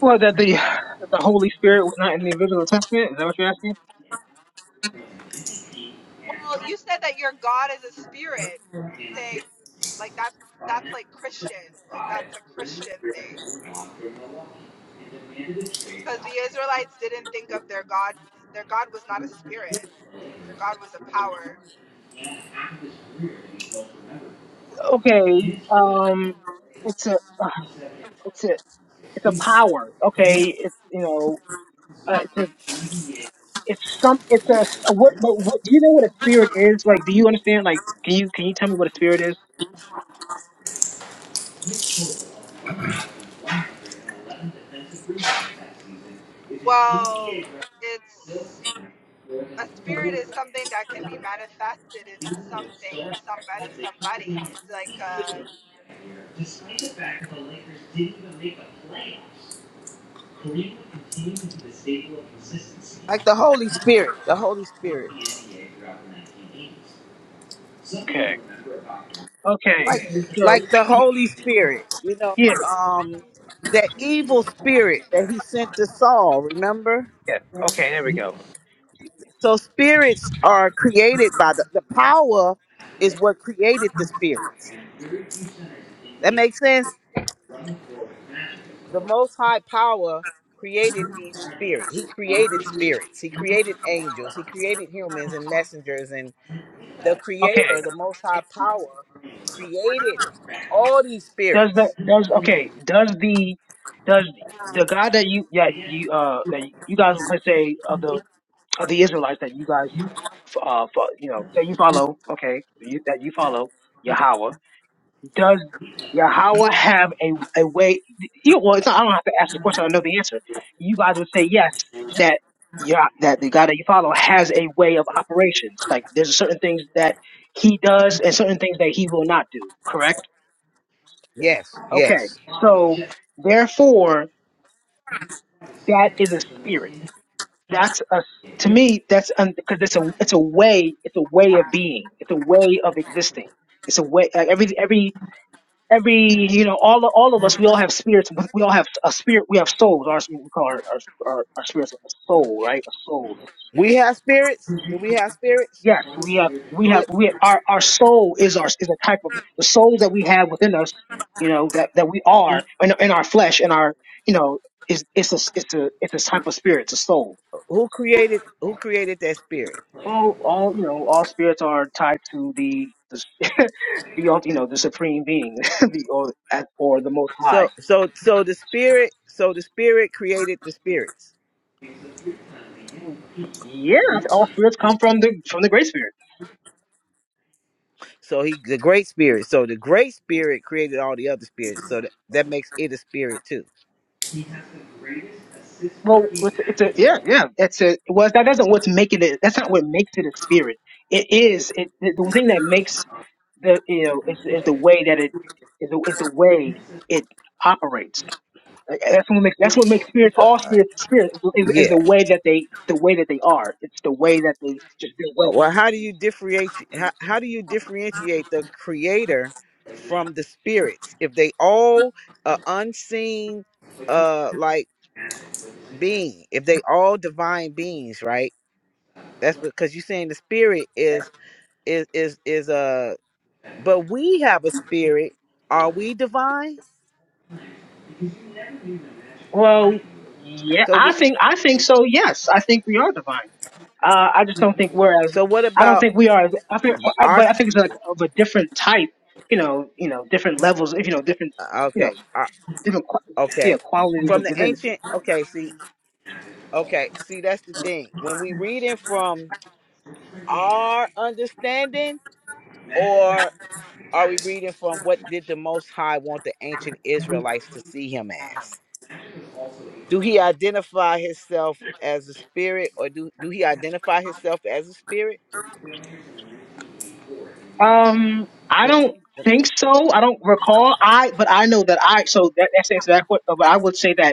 Speaker 1: Well, that the that the Holy Spirit was not in the original testament. Is that what you're asking? Okay. Um, it's a uh, it's a it's a power. Okay. It's you know uh, it's a, it's some it's a, a what but what do you know what a spirit is? Like, do you understand? Like, can you can you tell me what a spirit is?
Speaker 3: Like the Holy Spirit, the Holy Spirit.
Speaker 1: Okay. Okay.
Speaker 3: Like
Speaker 1: So
Speaker 3: like the Holy Spirit, you know,
Speaker 1: yeah
Speaker 3: um that evil spirit that he sent to Saul, remember?
Speaker 1: yeah okay there we go.
Speaker 3: So spirits are created by the the power is what created the spirits. That makes sense? the most high power created these spirits he created spirits he created angels he created humans and messengers and the
Speaker 1: Okay.
Speaker 3: creator the most high power created all these
Speaker 1: Does the
Speaker 3: spirits
Speaker 1: does okay? Does the does the God that you that you uh that you guys could say of the of the Israelites that you guys uh fo- you know say you follow okay you, that you follow Yahweh does Yahweh have a a way? You, well, it's not, I don't have to ask the question. I know the answer. You guys would say yes that yeah that the God that you follow has a way of operations. Like there's certain things that he does and certain things that he will not do. Correct?
Speaker 3: yes
Speaker 1: Okay,
Speaker 3: yes
Speaker 1: so therefore, that is a spirit. That's a to me. That's because it's a it's a way. It's a way of being. It's a way of existing. It's a way. Like every every every you know all all of us. We all have spirits. We all have a spirit. We have souls. Our we call our our, our, our spirits a soul, right? A soul
Speaker 3: we have spirits do we have spirits
Speaker 1: Yes, we have, we
Speaker 3: Is
Speaker 1: have,
Speaker 3: it,
Speaker 1: we our our soul is our is a type of the soul that we have within us, you know, that that we are in, in our flesh and our, you know, is it's a it's a it's a type of spirit, it's a soul.
Speaker 3: who created who created that spirit
Speaker 1: All all you know, all spirits are tied to the the the ult- you know the supreme being, the or or the most high.
Speaker 3: so so so the spirit so the spirit created the spirits
Speaker 1: Mm, Yeah, all spirits come from the from the great spirit.
Speaker 3: so he the great spirit so the great spirit created all the other spirits so that, that makes it a spirit too
Speaker 1: Well, it's a, it's a yeah, yeah. That's a well. That doesn't what's making it. That's not what makes it a spirit. It is it, the, the thing that makes the you know is, is the way that it is the, is the way it operates. Like, That's what makes that's what makes spirits all spirits spirits is, is, is
Speaker 3: Yeah.
Speaker 1: the way that they the way that they are. It's the way that they just their way.
Speaker 3: Well, how do you differentiate? How, how do you differentiate the creator from the spirits if they all are unseen, uh, like being? If they all divine beings, right? That's because you're saying the spirit is is is is uh, but we have a spirit. Are we divine?
Speaker 1: Well, yeah,
Speaker 3: Cause
Speaker 1: I
Speaker 3: we.
Speaker 1: think I think so. Yes, I think we are divine. Uh, I just don't think we're as
Speaker 3: So what
Speaker 1: I don't
Speaker 3: about
Speaker 1: think we are. As, I think,
Speaker 3: but
Speaker 1: I,
Speaker 3: our?
Speaker 1: but I
Speaker 3: s-
Speaker 1: think it's like of a different type. You know, you know, different levels. If you know, different,
Speaker 3: uh,
Speaker 1: you know,
Speaker 3: Okay. uh,
Speaker 1: different, qu- yeah,
Speaker 3: okay.
Speaker 1: qualities
Speaker 3: From
Speaker 1: of
Speaker 3: the
Speaker 1: divinity.
Speaker 3: ancient. Okay. See. Okay. See. That's the thing. When we reading from our understanding, or are we reading from what did the Most High want the ancient Israelites to see him as? Do he identify himself as a spirit, or do, do he identify himself as a spirit?
Speaker 1: Um, I don't think so. I don't recall. I but I know that I so that that's the answer to that question. But I would say that.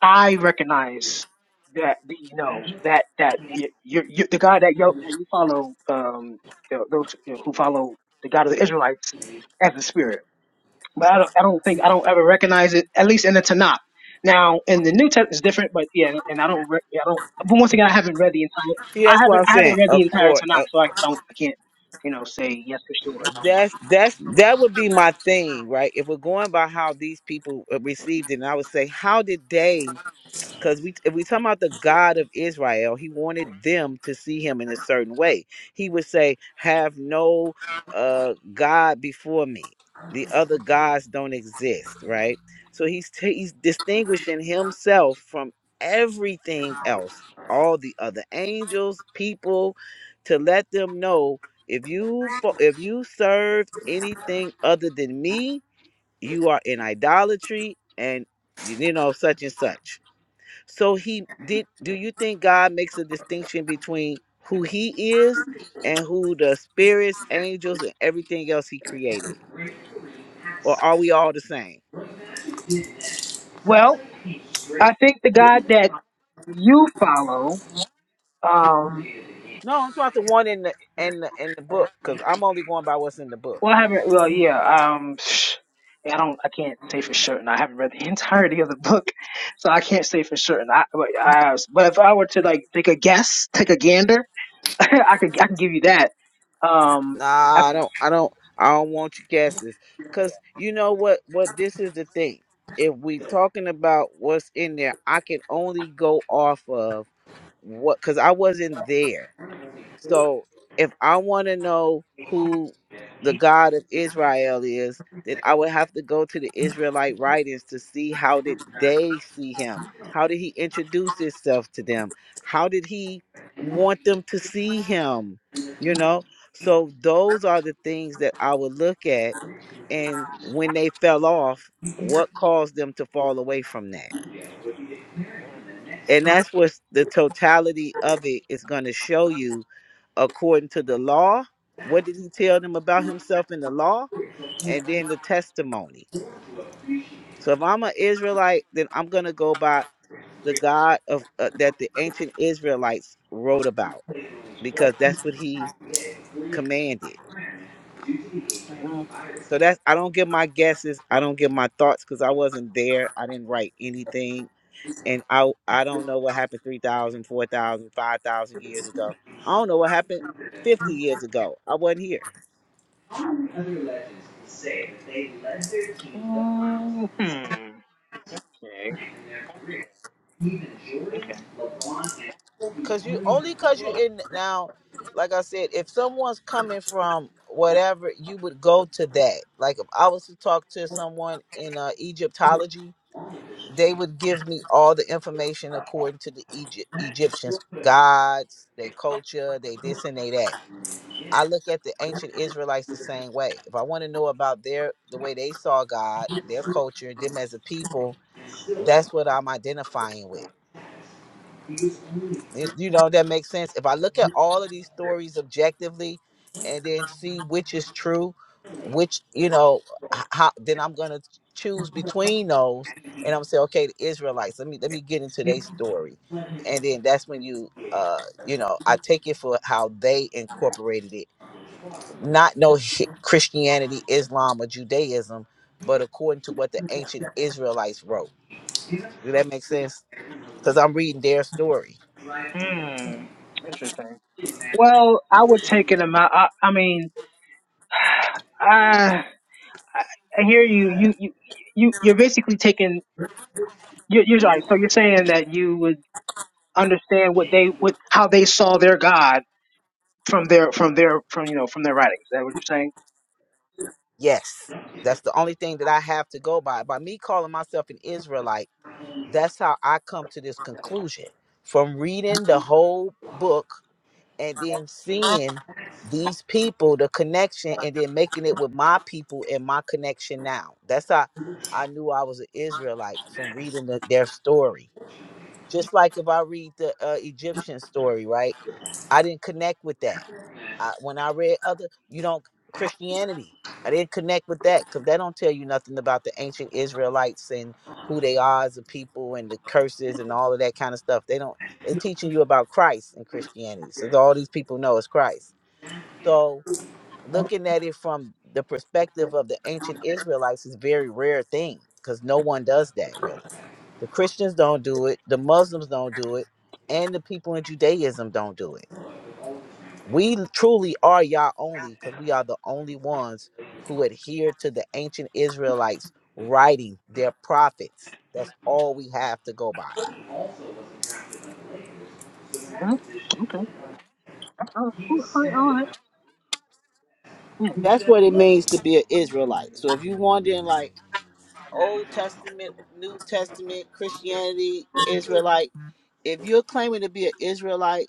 Speaker 1: I recognize that you know that that you, you, you the God that you that you follow um you know, those you know, who follow the God of the Israelites as the Spirit, but I don't I don't think I don't ever recognize it at least in the Tanakh. Now in the New Testament is different, but yeah, and I don't re- yeah, I don't. But once again, I haven't read the
Speaker 3: See,
Speaker 1: entire I
Speaker 3: that's what
Speaker 1: haven't
Speaker 3: I'm
Speaker 1: I haven't
Speaker 3: saying.
Speaker 1: read the
Speaker 3: Of
Speaker 1: entire
Speaker 3: course,
Speaker 1: Tanakh,
Speaker 3: uh,
Speaker 1: so I don't I can't you know say yes for sure.
Speaker 3: that's that's that would be my thing, right? If we're going by how these people uh, received it, and I would say, how did they? Because we, if we talk about the God of Israel, He wanted them to see Him in a certain way. He would say, "Have no uh, God before me; the other gods don't exist." Right. So He's t- He's distinguishing Himself from everything else, all the other angels, people, to let them know if you fo- if you serve anything other than me, you are in idolatry and you know such and such so he did do you think God makes a distinction between who he is and who the spirits, angels, and everything else he created? Or are we all the same?
Speaker 1: Well, I think the God that you follow. Um,
Speaker 3: No, I'm talking about the one in the in the in the book, because I'm only going by what's in the book.
Speaker 1: Well, I haven't. Well, yeah. Um, I don't. I can't say for certain. I haven't read the entirety of the book, so I can't say for certain. I, but, I, but if I were to like take a guess, take a gander, I could. I could give you that. Um, I,
Speaker 3: Nah, I don't I don't I don't want your guesses. Cause you know what what this is the thing. If we talking about what's in there, I can only go off of what because I wasn't there. So if I want to know who the God of Israel is, then I would have to go to the Israelite writings to see how did they see him? How did he introduce himself to them? How did he want them to see him? You know? So those are the things that I would look at and when they fell off, what caused them to fall away from that? And that's what the totality of it is going to show you according to the law. What did he tell them about himself in the law? And then the testimony. So if I'm an Israelite, then I'm going to go by the God of uh, that the ancient Israelites wrote about because that's what he commanded.
Speaker 1: mm,
Speaker 3: So that's I don't give my guesses, I don't give my thoughts cuz I wasn't there. I didn't write anything and I I don't know what happened 3,000, 4,000, 5,000 years ago. I don't know what happened 50 years ago. I wasn't here.
Speaker 1: mm, hmm. Okay. Okay.
Speaker 3: Cause you only cause you're in now, like I said, if someone's coming from whatever, you would go to that. Like if I was to talk to someone in uh, Egyptology, they would give me all the information according to the Egypt Egyptians, gods, their culture, they this and they that. I look at the ancient Israelites the same way. If I want to know about their the way they saw God, their culture, them as a people, that's what I'm identifying with. It- you know that makes sense if i look at all of these stories objectively and then see which is true which you know h- how then i'm gonna choose between those and i'm say okay the israelites let me let me get into their story and then that's when you uh you know i take it for how they incorporated it not no hi- christianity islam or judaism but according to what the ancient israelites wrote do that make sense because i'm reading their story
Speaker 1: Hmm. Interesting. Well, I would take an amount. I, I mean, I, I hear you. You you you you're basically taking. You're, you're sorry. So you're saying that you would. understand what they what how they saw their God from their from their from you know from their writings. Is that what you're saying?
Speaker 3: Yes. That's the only thing that I have to go by. By me calling myself an Israelite, that's how I come to this conclusion from reading the whole book and then seeing these people, the connection, and then making it with my people and my connection now. That's how I knew I was an Israelite from reading the, their story. Just like if I read the uh, Egyptian story, right? I didn't connect with that. I, when I read other, you don't Christianity. I didn't connect with that because that don't tell you nothing about the ancient Israelites and who they are as a people and the curses and all of that kind of stuff. They don't. They're teaching you about Christ and Christianity. So all these people know is Christ. So looking at it from the perspective of the ancient Israelites is a very rare thing because no one does that really. The Christians don't do it. The Muslims don't do it, and the people in Judaism don't do it we truly are Yah only because we are the only ones who adhere to the ancient Israelites writing their prophets. That's all we have to go by.
Speaker 1: hmm Okay. All right. All right. right.
Speaker 3: That's what it means to be an Israelite. So if you wondering like Old Testament, New Testament, Christianity, Israelite, if you're claiming to be an Israelite,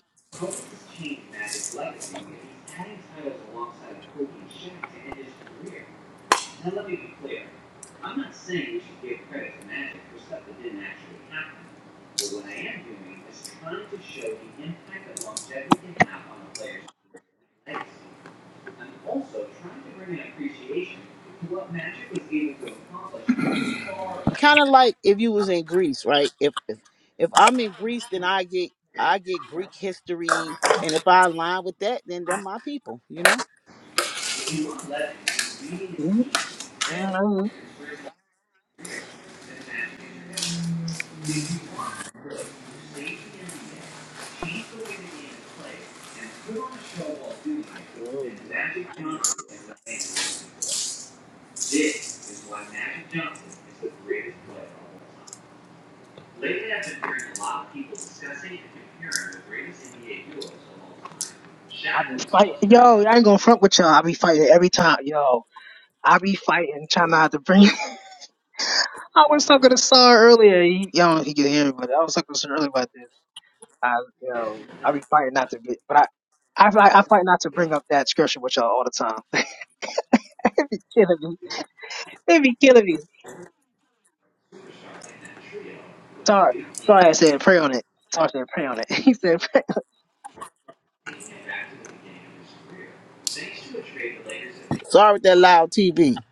Speaker 3: kind of like if you was in Greece, right? If if if I'm in Greece, then I get I get Greek history, and if I align with that, then they're my people, you know.
Speaker 1: Mm, mm, mm, mm. I be fighting, yo. I ain't gonna front with y'all. I be fighting every time, yo. I be fighting, trying not to bring. I was talking to Saw earlier. He, y'all don't know if he could hear me, but I was talking to Saw earlier about this. I, yo, I be fighting not to be, but I, I, fight- I fight not to bring up that scripture with y'all all the time. it be killing me. It be killing me. Sorry, sorry, I said pray on it. Sorry, I said pray on it. He said, pray.
Speaker 3: Sorry with that loud TV.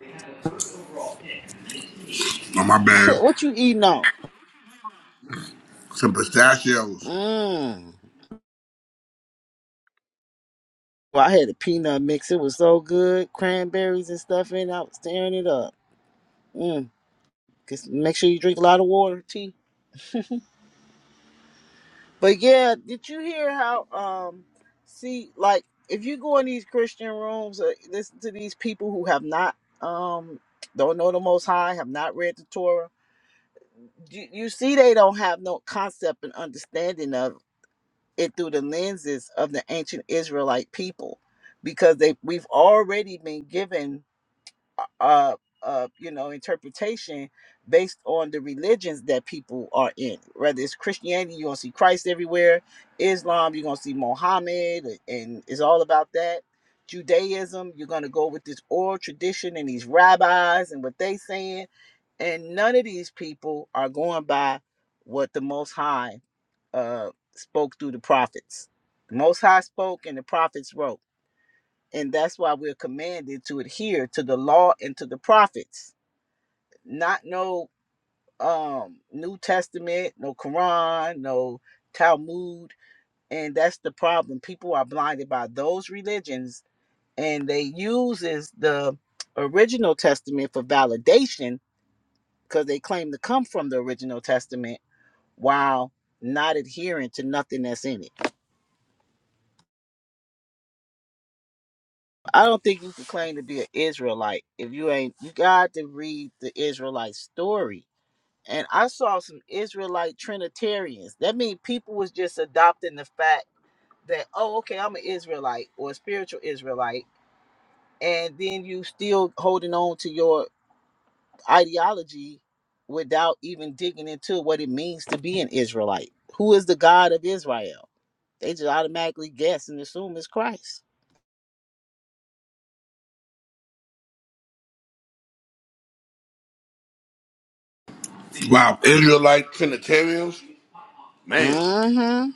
Speaker 2: Oh, my bad.
Speaker 3: what you eating on?
Speaker 2: Some pistachios.
Speaker 3: Mmm. Well, I had a peanut mix. It was so good. Cranberries and stuff in. it. I was tearing it up. Mmm. Just make sure you drink a lot of water, tea. But yeah, did you hear how? Um, see, like if you go in these Christian rooms, uh, listen to these people who have not, um, don't know the Most High, have not read the Torah. You, you see, they don't have no concept and understanding of it it through the lenses of the ancient Israelite people, because they we've already been given, uh, uh, uh, you know, interpretation based on the religions that people are in. Whether it's Christianity, you're gonna see Christ everywhere. Islam, you're gonna see Mohammed, and it's all about that. Judaism, you're gonna go with this oral tradition and these rabbis and what they saying, and none of these people are going by what the Most High uh, spoke through the prophets. The Most High spoke and the prophets wrote. And that's why we're commanded to adhere to the law and to the prophets, not no um, New Testament, no Quran, no Talmud. And that's the problem. People are blinded by those religions and they uses the original testament for validation because they claim to come from the original testament while not adhering to nothing that's in it. I don't think you can claim to be an Israelite if you ain't. You got to read the Israelite story. And I saw some Israelite Trinitarians. That means people was just adopting the fact that oh, okay, I'm an Israelite or a spiritual Israelite, and then you still holding on to your ideology without even digging into what it means to be an Israelite. Who is the God of Israel? They just automatically guess and assume it's Christ.
Speaker 2: Wow, Israelite Trinitarians? Man,
Speaker 3: Mm-hmm.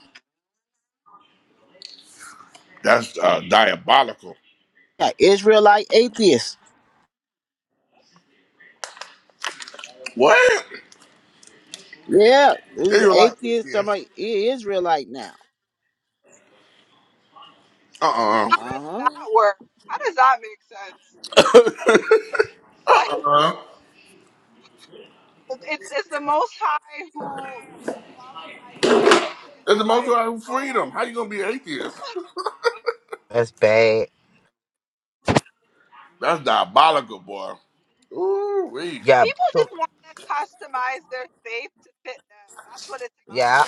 Speaker 2: that's uh, diabolical.
Speaker 3: Yeah, Israelite atheists.
Speaker 2: What?
Speaker 3: Yeah, this is
Speaker 2: Israelite
Speaker 3: atheist. I'm
Speaker 2: atheists?
Speaker 3: like Israelite now.
Speaker 2: Uh-uh.
Speaker 3: Uh huh.
Speaker 2: Uh-uh. It's the most high who freedom. How you gonna be atheist?
Speaker 3: That's bad.
Speaker 2: That's diabolical, boy. Ooh, wee.
Speaker 3: Yeah. so- Yeah.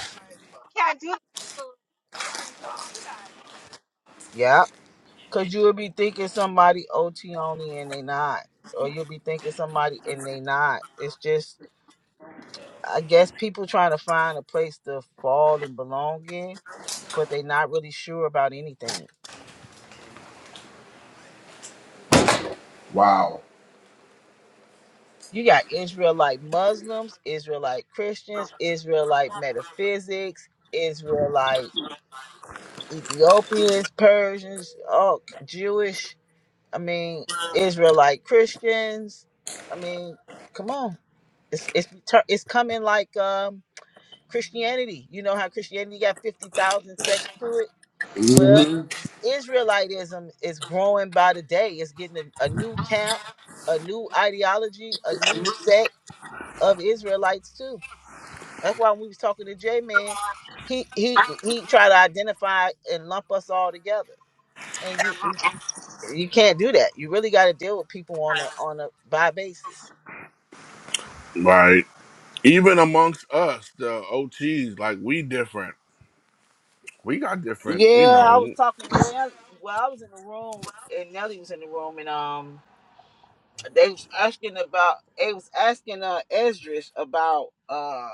Speaker 3: Yeah. Cause you will be thinking somebody OT only and they not. Or you'll be thinking somebody and they not. It's just I guess people trying to find a place to fall and belong in, but they not really sure about anything.
Speaker 2: Wow.
Speaker 3: You got Israelite Muslims, Israelite Christians, Israelite metaphysics, Israelite Ethiopians, Persians, all Jewish. I mean, Israelite Christians. I mean, come on, it's it's tur- it's coming like um Christianity. You know how Christianity got fifty thousand sects to it. Well,
Speaker 2: hmm
Speaker 3: Israelitism is growing by the day. It's getting a, a new camp, a new ideology, a new set of Israelites too. That's why when we was talking to J Man, he he he tried to identify and lump us all together. and you. You can't do that. You really got to deal with people on a on a by basis.
Speaker 2: Right. Even amongst us, the OTs, like we different. We got different, you
Speaker 3: Yeah, I was
Speaker 2: know.
Speaker 3: talking to Nelly. Well, I was in the room, and Nelly was in the room, and um, they was asking about. They was asking uh Esdras about uh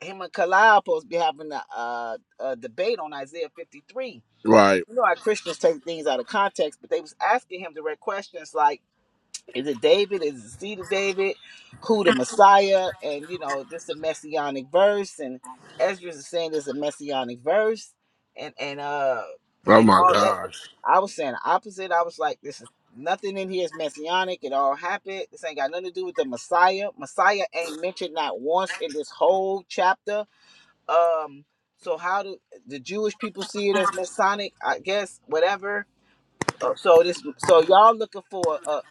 Speaker 3: him and Kalil supposed to be having a, uh a debate on Isaiah fifty three.
Speaker 2: Right.
Speaker 3: You know how Christians take things out of context, but they was asking him direct questions like Is it David? Is it the seed of David? Who the Messiah? And you know, this is a messianic verse, and Ezra's is saying there's a messianic verse, and and uh
Speaker 2: Oh
Speaker 3: and
Speaker 2: my
Speaker 3: all that.
Speaker 2: gosh.
Speaker 3: I was saying the opposite. I was like, this is nothing in here is messianic. It all happened. This ain't got nothing to do with the Messiah. Messiah ain't mentioned not once in this whole chapter. Um, so how do the Jewish people see it as messianic? I guess whatever Oh, So this, so y'all looking for a,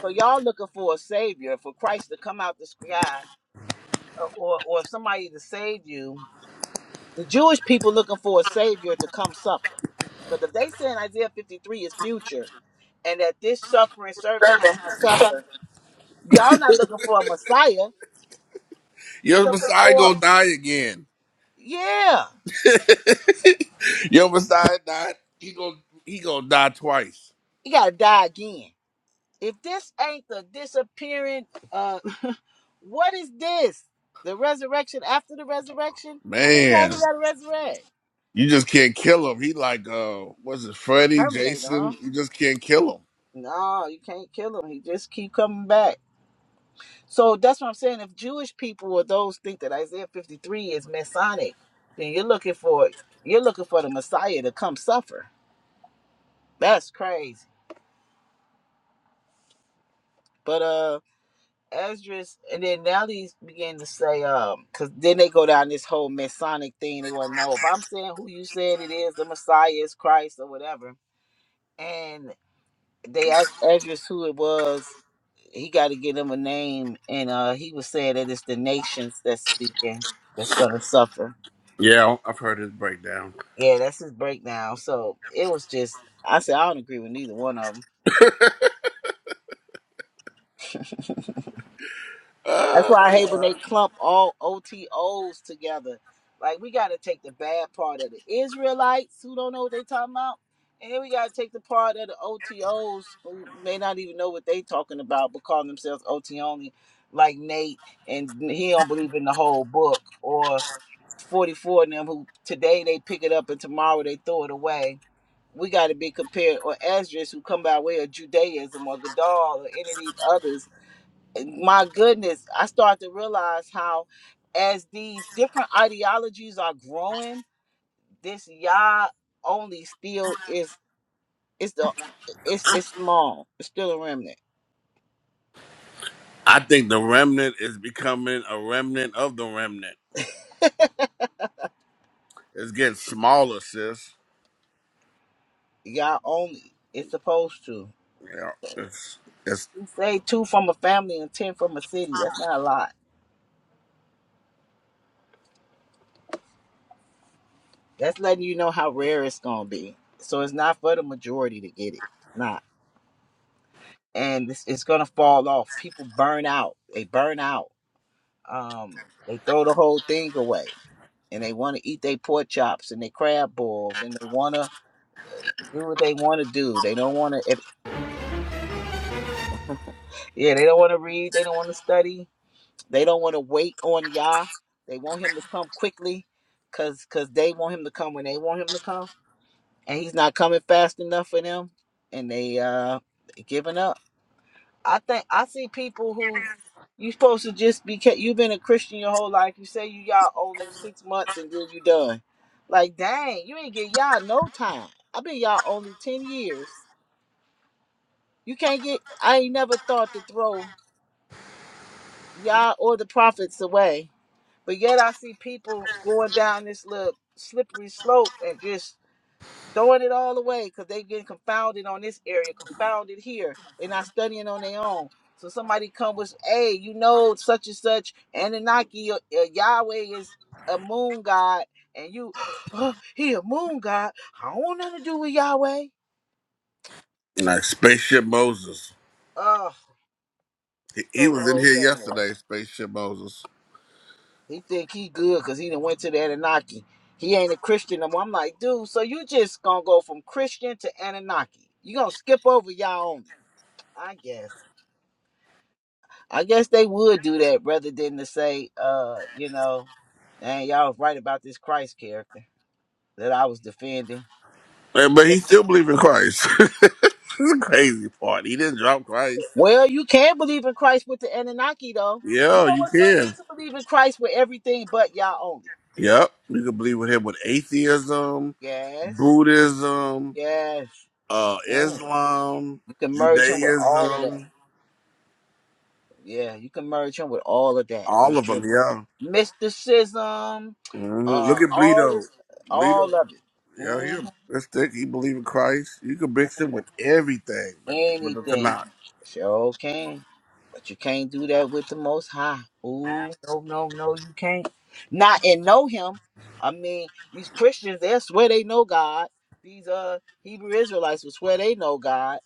Speaker 3: so y'all looking for a savior, for Christ to come out the sky, or or somebody to save you. The Jewish people looking for a savior to come suffer, because if they say in Isaiah fifty three is future, and that this suffering servant has to suffer, y'all not looking for a Messiah. You
Speaker 2: Your
Speaker 3: looking
Speaker 2: Messiah
Speaker 3: for,
Speaker 2: gonna die again.
Speaker 3: yeah,
Speaker 2: Your Messiah died. He gonna he gonna die twice.
Speaker 3: you gotta die again. If this ain't the disappearing, uh, what is this? The resurrection after the resurrection? How many times
Speaker 2: Man,
Speaker 3: you gotta resurrect?
Speaker 2: you just can't kill him. He like uh what's it, Freddy,
Speaker 3: Terminator, huh?
Speaker 2: Jason? You just can't kill him.
Speaker 3: No, you can't kill him. He just keep coming back. So that's what I'm saying. If Jewish people or those think that Isaiah 53 is Masonic, then you're looking for you're looking for the Messiah to come suffer. That's crazy. But uh Esdras, and then now these begin to say, um, because then they go down this whole Masonic thing. They want to know if I'm saying who you said it is, the Messiah is Christ or whatever. And they asked Esdras who it was. He got to give them a name, and uh, he was saying that it's the nations that's speaking that's going to suffer.
Speaker 2: Yeah, I've heard his breakdown.
Speaker 3: Yeah, that's his breakdown. So it was just, I said, I don't agree with neither one of them. That's
Speaker 2: Uh,
Speaker 3: why I hate when they clump all OTOs together. Like we gotta take the bad part of the Israelites who don't know what they talking about. And then we gotta take the part of the OTOs who may not even know what they talking about but call themselves OT only, like Nate and he don't believe in the whole book or forty four of them who today they pick it up and tomorrow they throw it away. We gotta be compared or Esdras who come by way of Judaism or Gadal or any of these others my goodness, I start to realize how, as these different ideologies are growing, this Yah only still is it's the it's it's small. It's still a remnant.
Speaker 2: I think the remnant is becoming a remnant of the remnant. It's getting smaller, sis.
Speaker 3: Yah only. It's supposed to.
Speaker 2: Yeah, it's it's
Speaker 3: We say two from a family and ten from a city. That's not a lot. That's letting you know how rare it's gonna be. So it's not for the majority to get it. It's not. And it's, it's gonna fall off. People burn out. They burn out Um, they throw the whole thing away, and they want to eat their pork chops and their crab balls, and they want to do what they want to do. They don't want to, if, yeah, they don't want to read. They don't want to study. They don't want to wait on Yah. They want him to come quickly, cause cause they want him to come when they want him to come, and he's not coming fast enough for them, and they uh they giving up. I think I see people who you supposed to just be ca- you've been a Christian your whole life. You say you y'all only six months and then you done. Like dang, you ain't get y'all no time. i been y'all only ten years. You can't get. I ain't never thought to throw y'all or the prophets away. But yet I see people going down this little slippery slope and just throwing it all away because they getting confounded on this area, confounded here. They're not studying on their own. So somebody come with, hey, you know, such and such, Anunnaki, uh, uh, Yahweh is a moon god, and you, oh, he a moon god. I don't want nothing to do with Yahweh.
Speaker 2: like spaceship Moses.
Speaker 3: Oh,
Speaker 2: He, he
Speaker 3: throw the
Speaker 2: was in
Speaker 3: whole
Speaker 2: here
Speaker 3: thing away.
Speaker 2: yesterday, spaceship Moses.
Speaker 3: He think he good because he done went to the Anunnaki. He ain't a Christian no more. I'm like, dude, so you just gonna go from Christian to Anunnaki. You gonna skip over Yah only, I guess. I guess they would do that rather than to say, uh, you know, man, y'all was right about this Christ character that I was defending.
Speaker 2: But but he still believed in Christ. This is the crazy part. He didn't drop Christ.
Speaker 3: Well, you can believe in Christ with the Anunnaki, though. You
Speaker 2: Yeah,
Speaker 3: know
Speaker 2: you
Speaker 3: what's funny? You
Speaker 2: can.
Speaker 3: can believe in Christ with everything but y'all only.
Speaker 2: Yep. You can believe with him with atheism,
Speaker 3: Yes,
Speaker 2: Buddhism,
Speaker 3: yes, you
Speaker 2: uh,
Speaker 3: can.
Speaker 2: Islam,
Speaker 3: You can merge him with all of that.
Speaker 2: Judaism,
Speaker 3: Yeah, you can merge him with all of that. You
Speaker 2: all of
Speaker 3: sure
Speaker 2: them.
Speaker 3: can.
Speaker 2: Yeah.
Speaker 3: Mysticism,
Speaker 2: hmm Look
Speaker 3: uh,
Speaker 2: at
Speaker 3: all
Speaker 2: Bleedo.
Speaker 3: this, all
Speaker 2: Bleedo.
Speaker 3: of it.
Speaker 2: Yeah, he
Speaker 3: Mm-hmm.
Speaker 2: that's thick. He believe in Christ. You can mix him with everything, but but the
Speaker 3: Anything.
Speaker 2: Tanakh.
Speaker 3: Sure can. But you can't do that with the most high. Ooh, no, no, no, you can't. Not and know him. I mean, these Christians, they swear they know God. These uh Hebrew Israelites will swear they know God,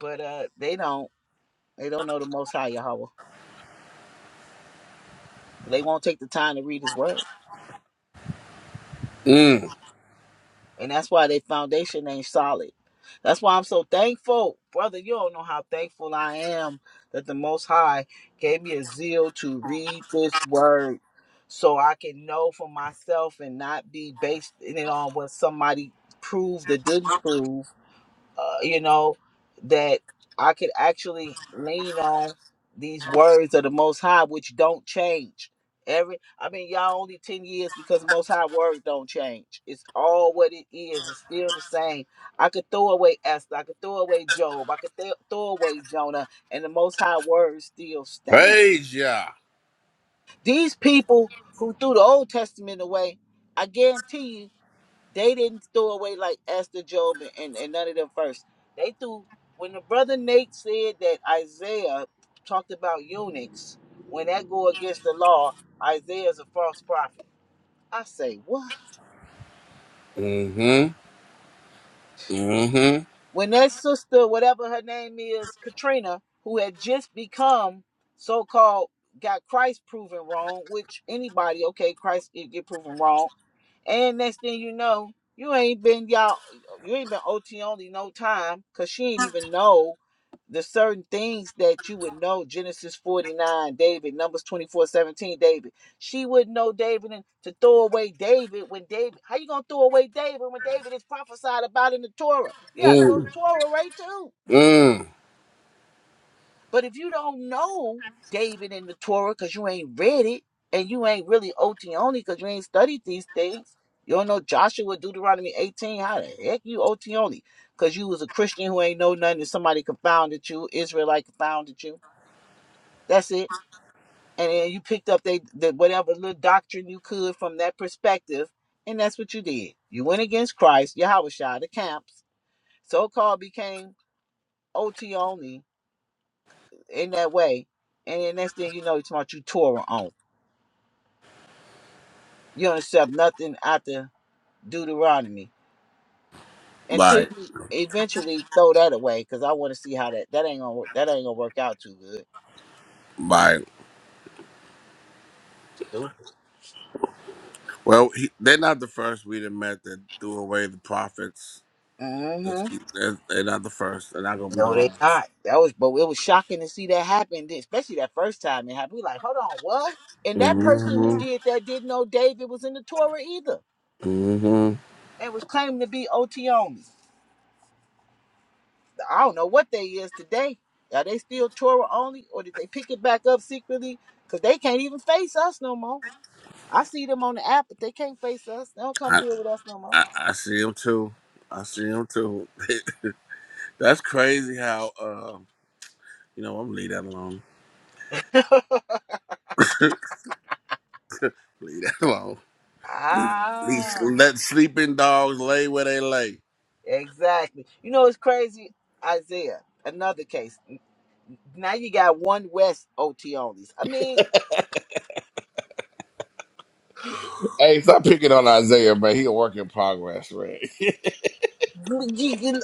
Speaker 3: but uh they don't. They don't know the most high Yahweh. They won't take the time to read his word.
Speaker 2: Mm.
Speaker 3: And that's why their foundation ain't solid. That's why I'm so thankful. Brother, you don't know how thankful I am that the Most High gave me a zeal to read this word so I can know for myself and not be based in it on what somebody proved or didn't prove uh, you know, that I could actually lean on these words of the Most High, which don't change. Every, I mean, y'all only ten years because the Most High word don't change. It's all what it is. It's still the same. I could throw away Esther. I could throw away Job. I could th- throw away Jonah, and the Most High word still stand.
Speaker 2: Praise ya.
Speaker 3: These people who threw the Old Testament away, I guarantee you they didn't throw away like Esther Job and, and, and none of them first. They threw when the brother Nate said that Isaiah talked about eunuchs, when that go against the law, Isaiah's a false prophet. I say, what?
Speaker 2: Mm-hmm. Mm-hmm.
Speaker 3: When that sister, whatever her name is, Katrina, who had just become so called got Christ proven wrong, which anybody, okay, Christ get, get proven wrong. And next thing you know, you ain't been y'all you ain't been OT only no time because she ain't even know the certain things that you would know genesis 49 david numbers 24:17, david she would know david and to throw away david when david how you gonna throw away david when david is prophesied about in the torah yeah throw the
Speaker 2: Mm.
Speaker 3: torah right too
Speaker 2: Mm.
Speaker 3: but if you don't know david in the torah because you ain't read it and you ain't really ot only because you ain't studied these things you don't know joshua deuteronomy 18 how the heck you ot only because you was a christian who ain't know nothing and somebody confounded you israelite confounded you That's it. And then you picked up they the, whatever little doctrine you could from that perspective, and that's what you did. You went against Christ, Yahweh Shah, the camps, so called became OT only in that way. And then next thing you know, it's about you Torah on. You don't accept nothing after Deuteronomy until
Speaker 2: Bye.
Speaker 3: you eventually throw that away. Cause I want to see how that that ain't gonna work. That ain't gonna work out too good.
Speaker 2: Bye.
Speaker 3: Stupid.
Speaker 2: Well, he, they're not the first we done met that threw away the prophets.
Speaker 3: Mhm.
Speaker 2: Just keep- They're, they're not the first. They're not gonna be the
Speaker 3: No, they
Speaker 2: last.
Speaker 3: not. That was, but it was shocking to see that happen, especially that first time it happened. We like, hold on, what? And that person who
Speaker 2: hmm
Speaker 3: did that didn't know David was in the Torah either,
Speaker 2: hmm
Speaker 3: and was claiming to be OT only. I don't know what they is today. Are they still Torah only, or did they pick it back up secretly? Cause they can't even face us no more. I see them on the app, but they can't face us. They don't come
Speaker 2: I,
Speaker 3: deal with us no
Speaker 2: I I see them too. I see them too. That's crazy how uh, you know I'm going leave that alone.
Speaker 3: more.
Speaker 2: leave that alone. Leave,
Speaker 3: Ah,
Speaker 2: let sleeping dogs lay where they lay.
Speaker 3: exactly. You know, it's crazy, Isaiah. Another case. Now you got one West OT onlys. I mean,
Speaker 2: Hey, stop picking on Isaiah, man. He a work in progress, man.
Speaker 3: you can-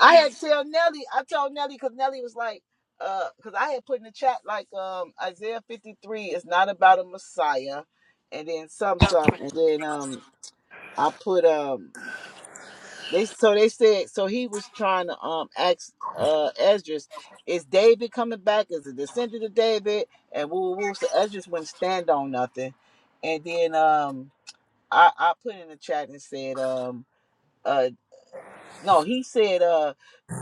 Speaker 3: I had to tell Nelly. I told Nelly because Nelly was like, uh, because I had put in the chat like, um, Isaiah fifty three is not about a Messiah, and then some some, and then um, I put um, they so they said so he was trying to um ask uh Esdras, is David coming back as a descendant of David? And woo woo woo. So Esdras wouldn't stand on nothing, and then um, I I put in the chat and said um. uh no he said uh,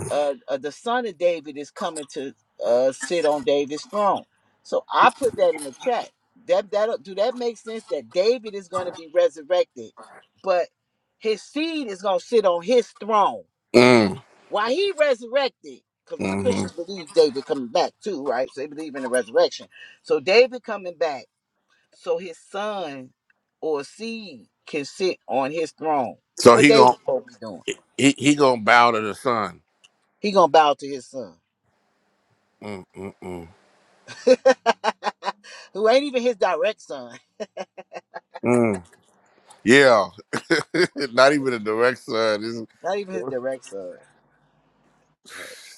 Speaker 3: uh uh the son of david is coming to uh sit on david's throne so i put that in the chat that that do that make sense that david is going to be resurrected but his seed is going to sit on his throne while he resurrected because the
Speaker 2: Mm, hmm
Speaker 3: christians believe david coming back too right so they believe in the resurrection so david coming back so his son or seed can sit on his throne
Speaker 2: So
Speaker 3: what
Speaker 2: he gon'
Speaker 3: david gonna be doing
Speaker 2: he he gonna bow to the sun.
Speaker 3: he gonna bow to his son
Speaker 2: Mm-mm-mm.
Speaker 3: Who ain't even his direct son.
Speaker 2: Yeah, not even a direct son. This- is-
Speaker 3: Not even his direct son.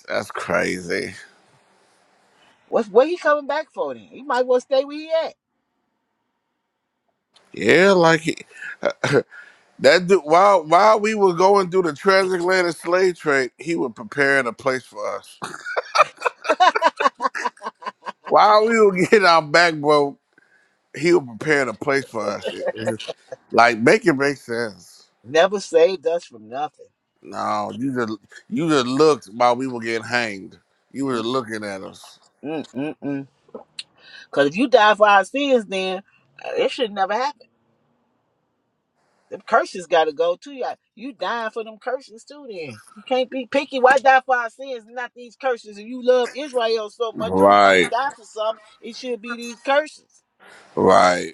Speaker 2: that's crazy.
Speaker 3: What's what he coming back for then? He might as well stay where he at.
Speaker 2: Yeah, like he, uh, that. Dude, while while we were going through the transatlantic slave trade, he was preparing a place for us. While we were getting our back broke, he was preparing a place for us. It- it- like make it make sense.
Speaker 3: Never saved us from nothing.
Speaker 2: No, you just you just looked while we were getting hanged. You were looking at us.
Speaker 3: Mm-mm-mm-mm. Cause if you die for our sins, then uh, it should never happen. Them curses gotta go too. Y'all. You dying for them curses too then. You can't be picky. Why die for our sins, and not these curses? If you love Israel so much, if you come to
Speaker 2: Right,
Speaker 3: die for something, it should be these curses.
Speaker 2: right.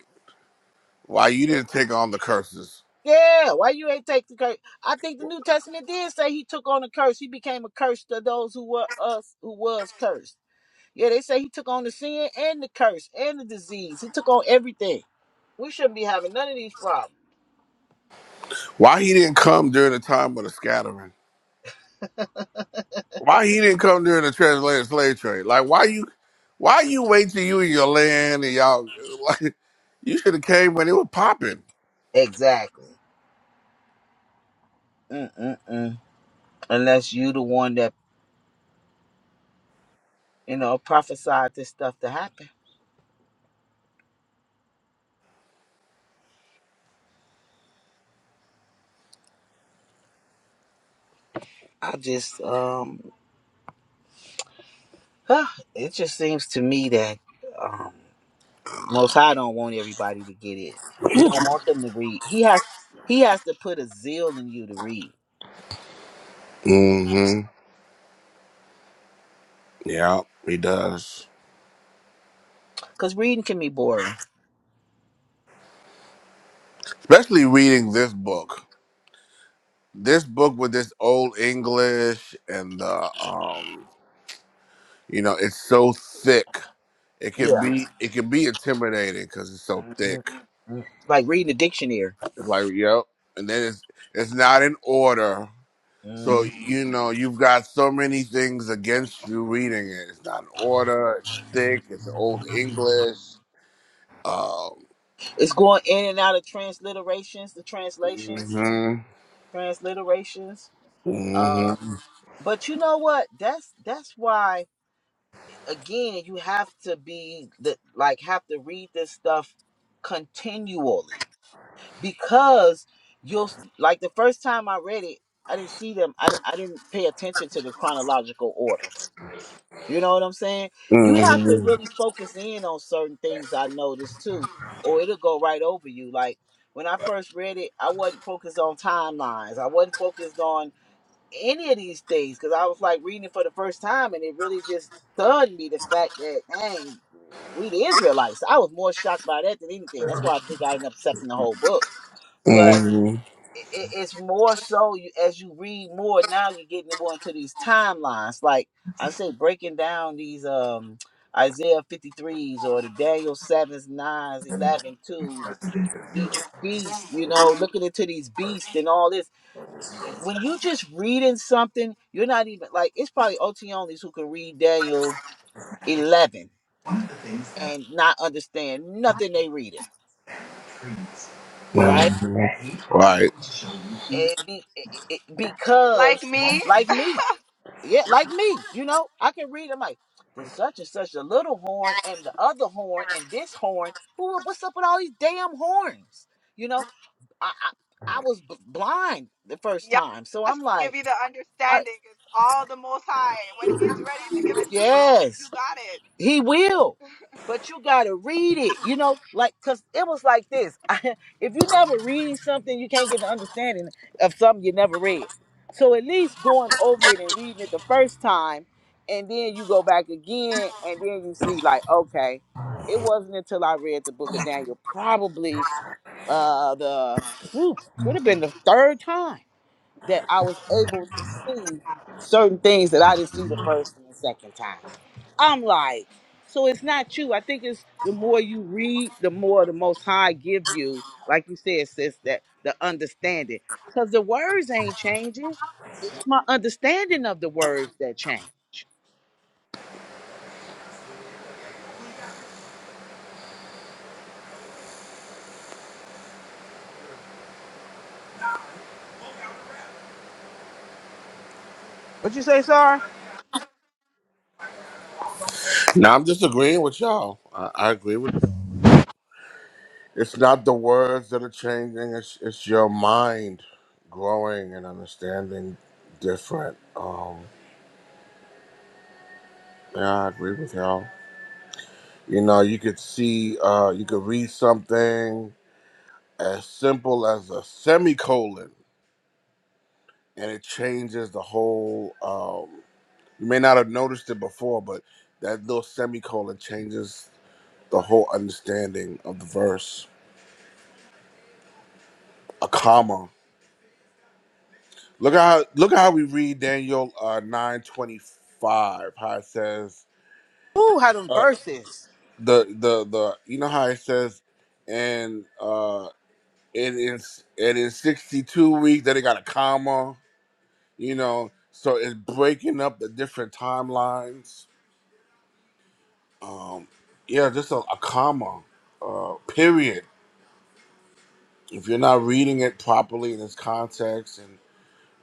Speaker 2: Why you didn't take on the curses?
Speaker 3: Yeah, why you ain't take the curse? I think the New Testament did say he took on a curse. He became a curse to those who were us who was cursed. Yeah, they say he took on the sin and the curse and the disease. He took on everything. We shouldn't be having none of these problems.
Speaker 2: Why he didn't come during the time of the scattering? Why he didn't come during the translated slave trade? Like why you why you wait till you and your land and y'all like you should have came when it was popping.
Speaker 3: Exactly. Mm-mm-mm. Unless you the one that you know prophesied this stuff to happen. I just um, it just seems to me that. um. Most High don't want everybody to get it. He don't want them to read. He has he has to put a zeal in you to read,
Speaker 2: hmm Yeah, he does.
Speaker 3: cause reading can be boring.
Speaker 2: Especially reading this book. This book with this old English and the um you know, it's so thick. It can
Speaker 3: Yeah,
Speaker 2: be it can be intimidating because it's so thick.
Speaker 3: Mhm. Mhm. like reading a dictionary.
Speaker 2: It's like, yep. And then it's it's not in order So
Speaker 3: Mhm.
Speaker 2: you know you've got so many things against you reading it. It's not in order. It's thick. It's old English. Um,
Speaker 3: It's going in and out of transliterations, the translations,
Speaker 2: hmm
Speaker 3: transliterations.
Speaker 2: hmm
Speaker 3: Um, but you know what? That's that's why again you have to be the like have to read this stuff continually because you'll like the first time I read it, I didn't see them. I, di- I didn't pay attention to the chronological order. You know what I'm saying? You have to
Speaker 2: hmm
Speaker 3: really focus in on certain things. I noticed too, or it'll go right over you. Like when I first read it, I wasn't focused on timelines. I wasn't focused on any of these things because I was like reading it for the first time, and it really just stunned me the fact that dang, we the Israelites. I was more shocked by that than anything. That's why I think I ended up accepting the whole book. But
Speaker 2: hmm
Speaker 3: it, it- it's more so you, as you read more now you're getting more into these timelines like i say breaking down these um isaiah 53s or the daniel 7s 9s 11 twos each beast you know looking into these beasts and all this when you just reading something you're not even like it's probably ot onlys who can read daniel 11 and not understand nothing they reading right
Speaker 2: Right
Speaker 3: and be, it, it, because like me yeah, like me, you know, I can read. I'm like, there's such and such a little horn and the other horn and this horn. Who, what's up with all these damn horns? You know, I I, I was b- blind the first time, so I'm like, I yes, He will. But you gotta read it, you know, like cause it was like this. if you never read something, you can't get an understanding of something you never read. So at least going over it and reading it the first time, and then you go back again, and then you see like, okay, it wasn't until I read the book of Daniel, probably uh the whew, could have been the third time that I was able to see certain things that I didn't see the first and the second time. I'm like, so it's not you. I think it's the more you read, the more the Most High give you, like you said, sis, that the understanding. Because the words ain't changing. It's my understanding of the words that change. What you say, Sar?
Speaker 2: now, I'm just agreeing with y'all. I, I agree with. you. It's not the words that are changing. It's it's your mind growing and understanding different. Um, yeah, I agree with y'all. You know, you could see, uh, you could read something as simple as a semicolon and it changes the whole um you may not have noticed it before but that little semicolon changes the whole understanding of the verse a comma look at how look at how we read daniel uh 925 how it says
Speaker 3: Ooh, how them
Speaker 2: uh,
Speaker 3: verses.
Speaker 2: the the the you know how it says and uh it is it is 62 weeks then it got a comma you know so it's breaking up the different timelines um yeah just a, a comma uh period if you're not reading it properly in its context and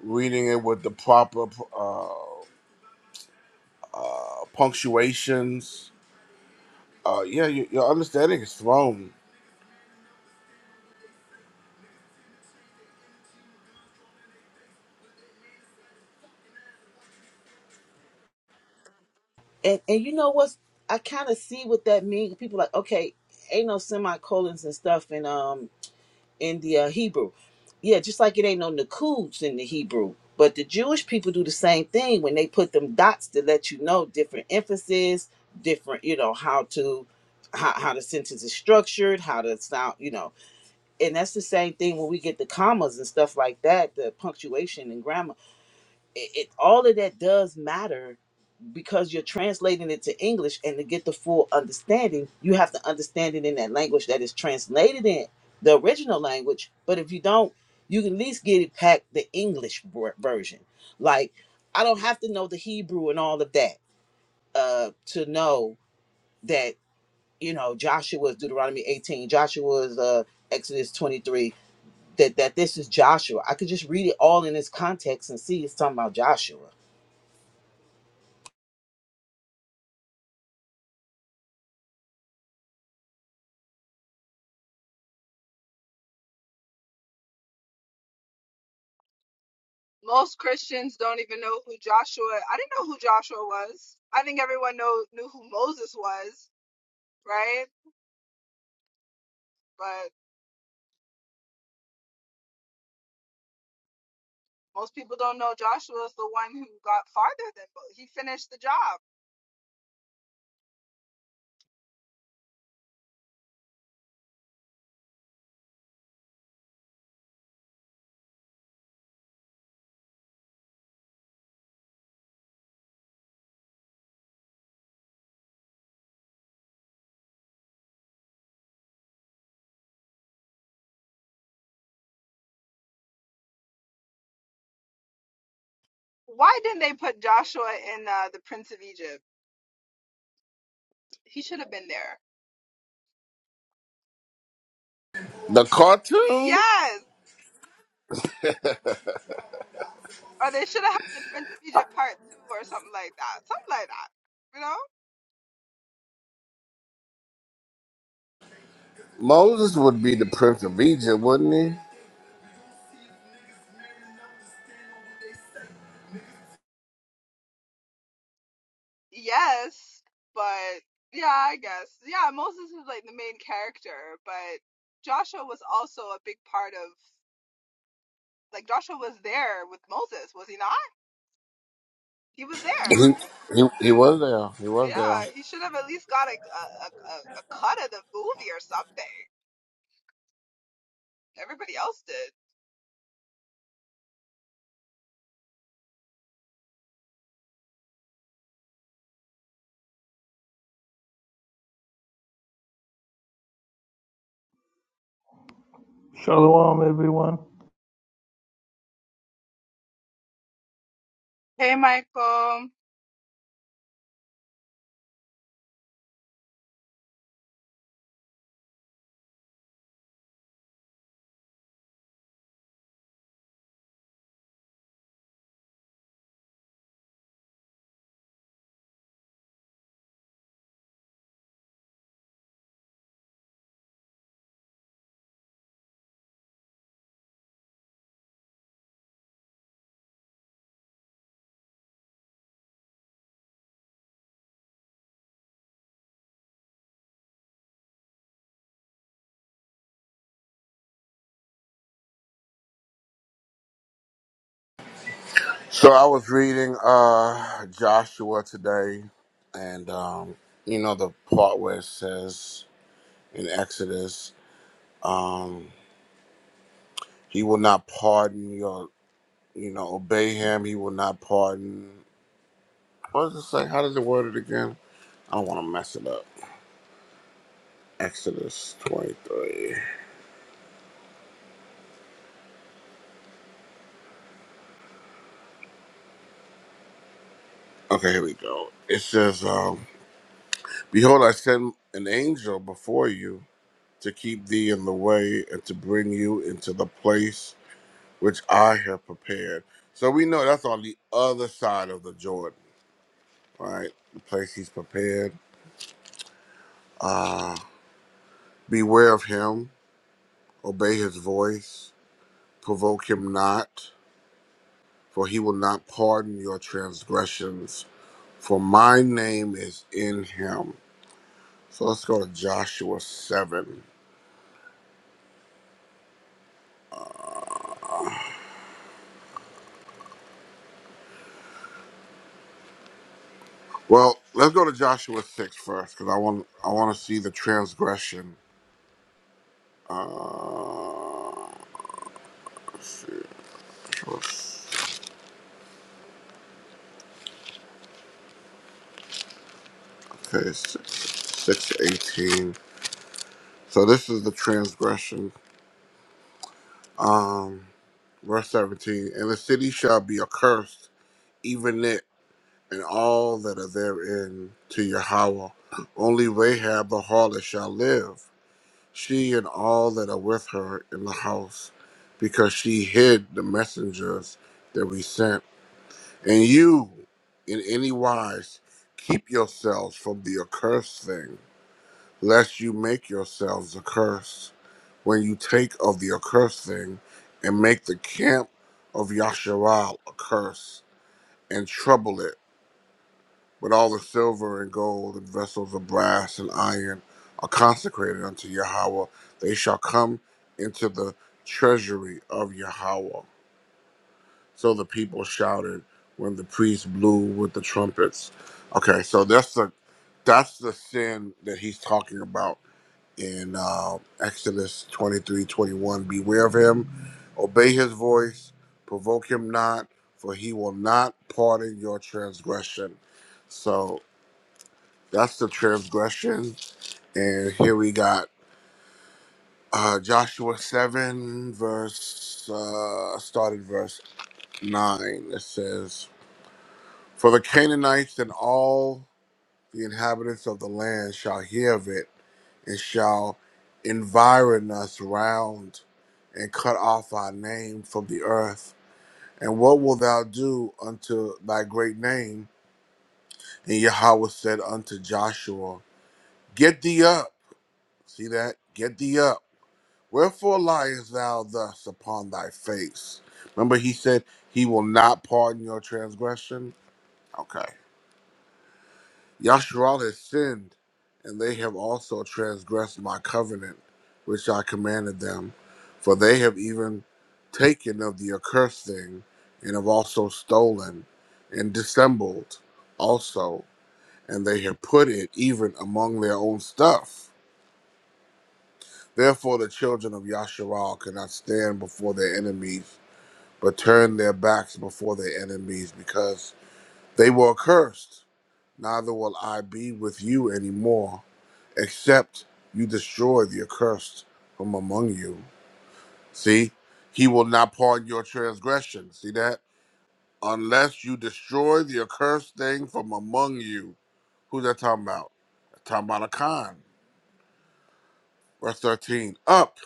Speaker 2: reading it with the proper uh, uh punctuations uh yeah you, your understanding is thrown
Speaker 3: And and you know what's I kind of see what that means. People like, okay, ain't no semicolons and stuff, and um in the uh, Hebrew. Yeah, just like it ain't no nakuds in the Hebrew. But the Jewish people do the same thing when they put them dots to let you know different emphasis, different, you know, how to how, how the sentence is structured, how to sound, you know. And that's the same thing when we get the commas and stuff like that, the punctuation and grammar. It, it all of that does matter because you're translating it to English and to get the full understanding, you have to understand it in that language that is translated in the original language. But if you don't, you can at least get it packed the English ver- version. Like, I don't have to know the Hebrew and all of that uh, to know that, you know, Joshua is Deuteronomy 18, Joshua is uh, Exodus 23, that, that this is Joshua. I could just read it all in its context and see it's talking about Joshua.
Speaker 2: the cartoon moses would be the prince of egypt wouldn't he he, he, he was there he was there
Speaker 4: Shalom, everyone.
Speaker 2: So I was reading uh Joshua today and um you know the part where it says in Exodus um he will not pardon your you know obey him he will not pardon what does it say how does it word it again I don't want to mess it up Exodus 23 okay here we go it says um behold I send an angel before you to keep thee in the way and to bring you into the place which I have prepared. So we know that's on the other side of the Jordan, right? The place he's prepared. Ah, beware of him, obey his voice, provoke him not, for he will not pardon your transgressions, for my name is in him. So let's go to Joshua 7. Well, let's go to Joshua 6 first, because I want I want to see the transgression. Uh, let's see. Okay, six eighteen. So this is the transgression. Um, verse seventeen. And the city shall be accursed, even it and all that are therein, to Yahweh. Only Rahab the harlot shall live, she and all that are with her in the house, because she hid the messengers that we sent. And you, in any wise, keep yourselves from the accursed thing lest you make yourselves accursed when you take of the accursed thing and make the camp of Yasharal accursed and trouble it. But all the silver and gold and vessels of brass and iron are consecrated unto Yahweh. They shall come into the treasury of Yahweh. So the people shouted when the priests blew with the trumpets. Okay, so that's the that's the sin that he's talking about in uh, Exodus 23:21, Beware of him, obey his voice, provoke him not, for he will not pardon your transgression. So that's the transgression. And here we got uh, Joshua 7, verse, uh, started verse 9. It says, For the Canaanites and all The inhabitants of the land shall hear of it and shall environ us round and cut off our name from the earth. And what wilt thou do unto thy great name? And Yahweh said unto Joshua, Get thee up. See that? Get thee up. Wherefore liest thou thus upon thy face? Remember, he said, He will not pardon your transgression. Okay. Yasharal has sinned, and they have also transgressed my covenant, which I commanded them, for they have even taken of the accursed thing, and have also stolen, and dissembled also, and they have put it even among their own stuff. Therefore the children of Yasharal cannot stand before their enemies, but turn their backs before their enemies, because. They were accursed, neither will I be with you any more, except you destroy the accursed from among you. See, he will not pardon your transgression. See that? Unless you destroy the accursed thing from among you. Who's that talking about? That's talking about Akan. Verse 13 Up,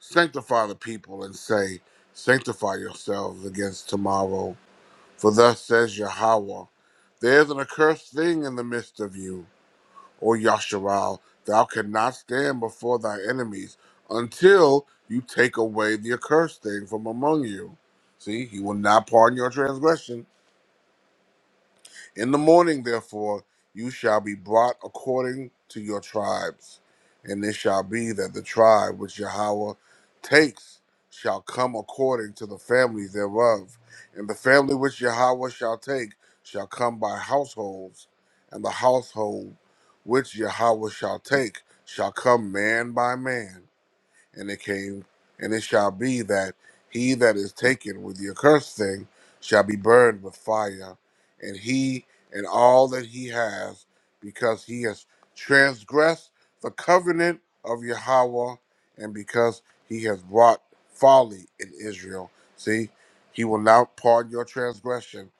Speaker 2: sanctify the people, and say, Sanctify yourselves against tomorrow. For thus says Yahweh, There's an accursed thing in the midst of you Or Yasharal, thou cannot stand before thy enemies until you take away the accursed thing from among you. See, he will not pardon your transgression in the morning, therefore, you shall be brought according to your tribes. And it shall be that the tribe which Yahweh takes shall come according to the families thereof. And the family which Yahweh shall take shall come by households. And the household which Yahweh shall take shall come man by man. And it came, and it shall be that he that is taken with the accursed thing shall be burned with fire, and he and all that he has, because he has transgressed the covenant of Yahweh, and because he has wrought folly in Israel. See, he will not pardon your transgression,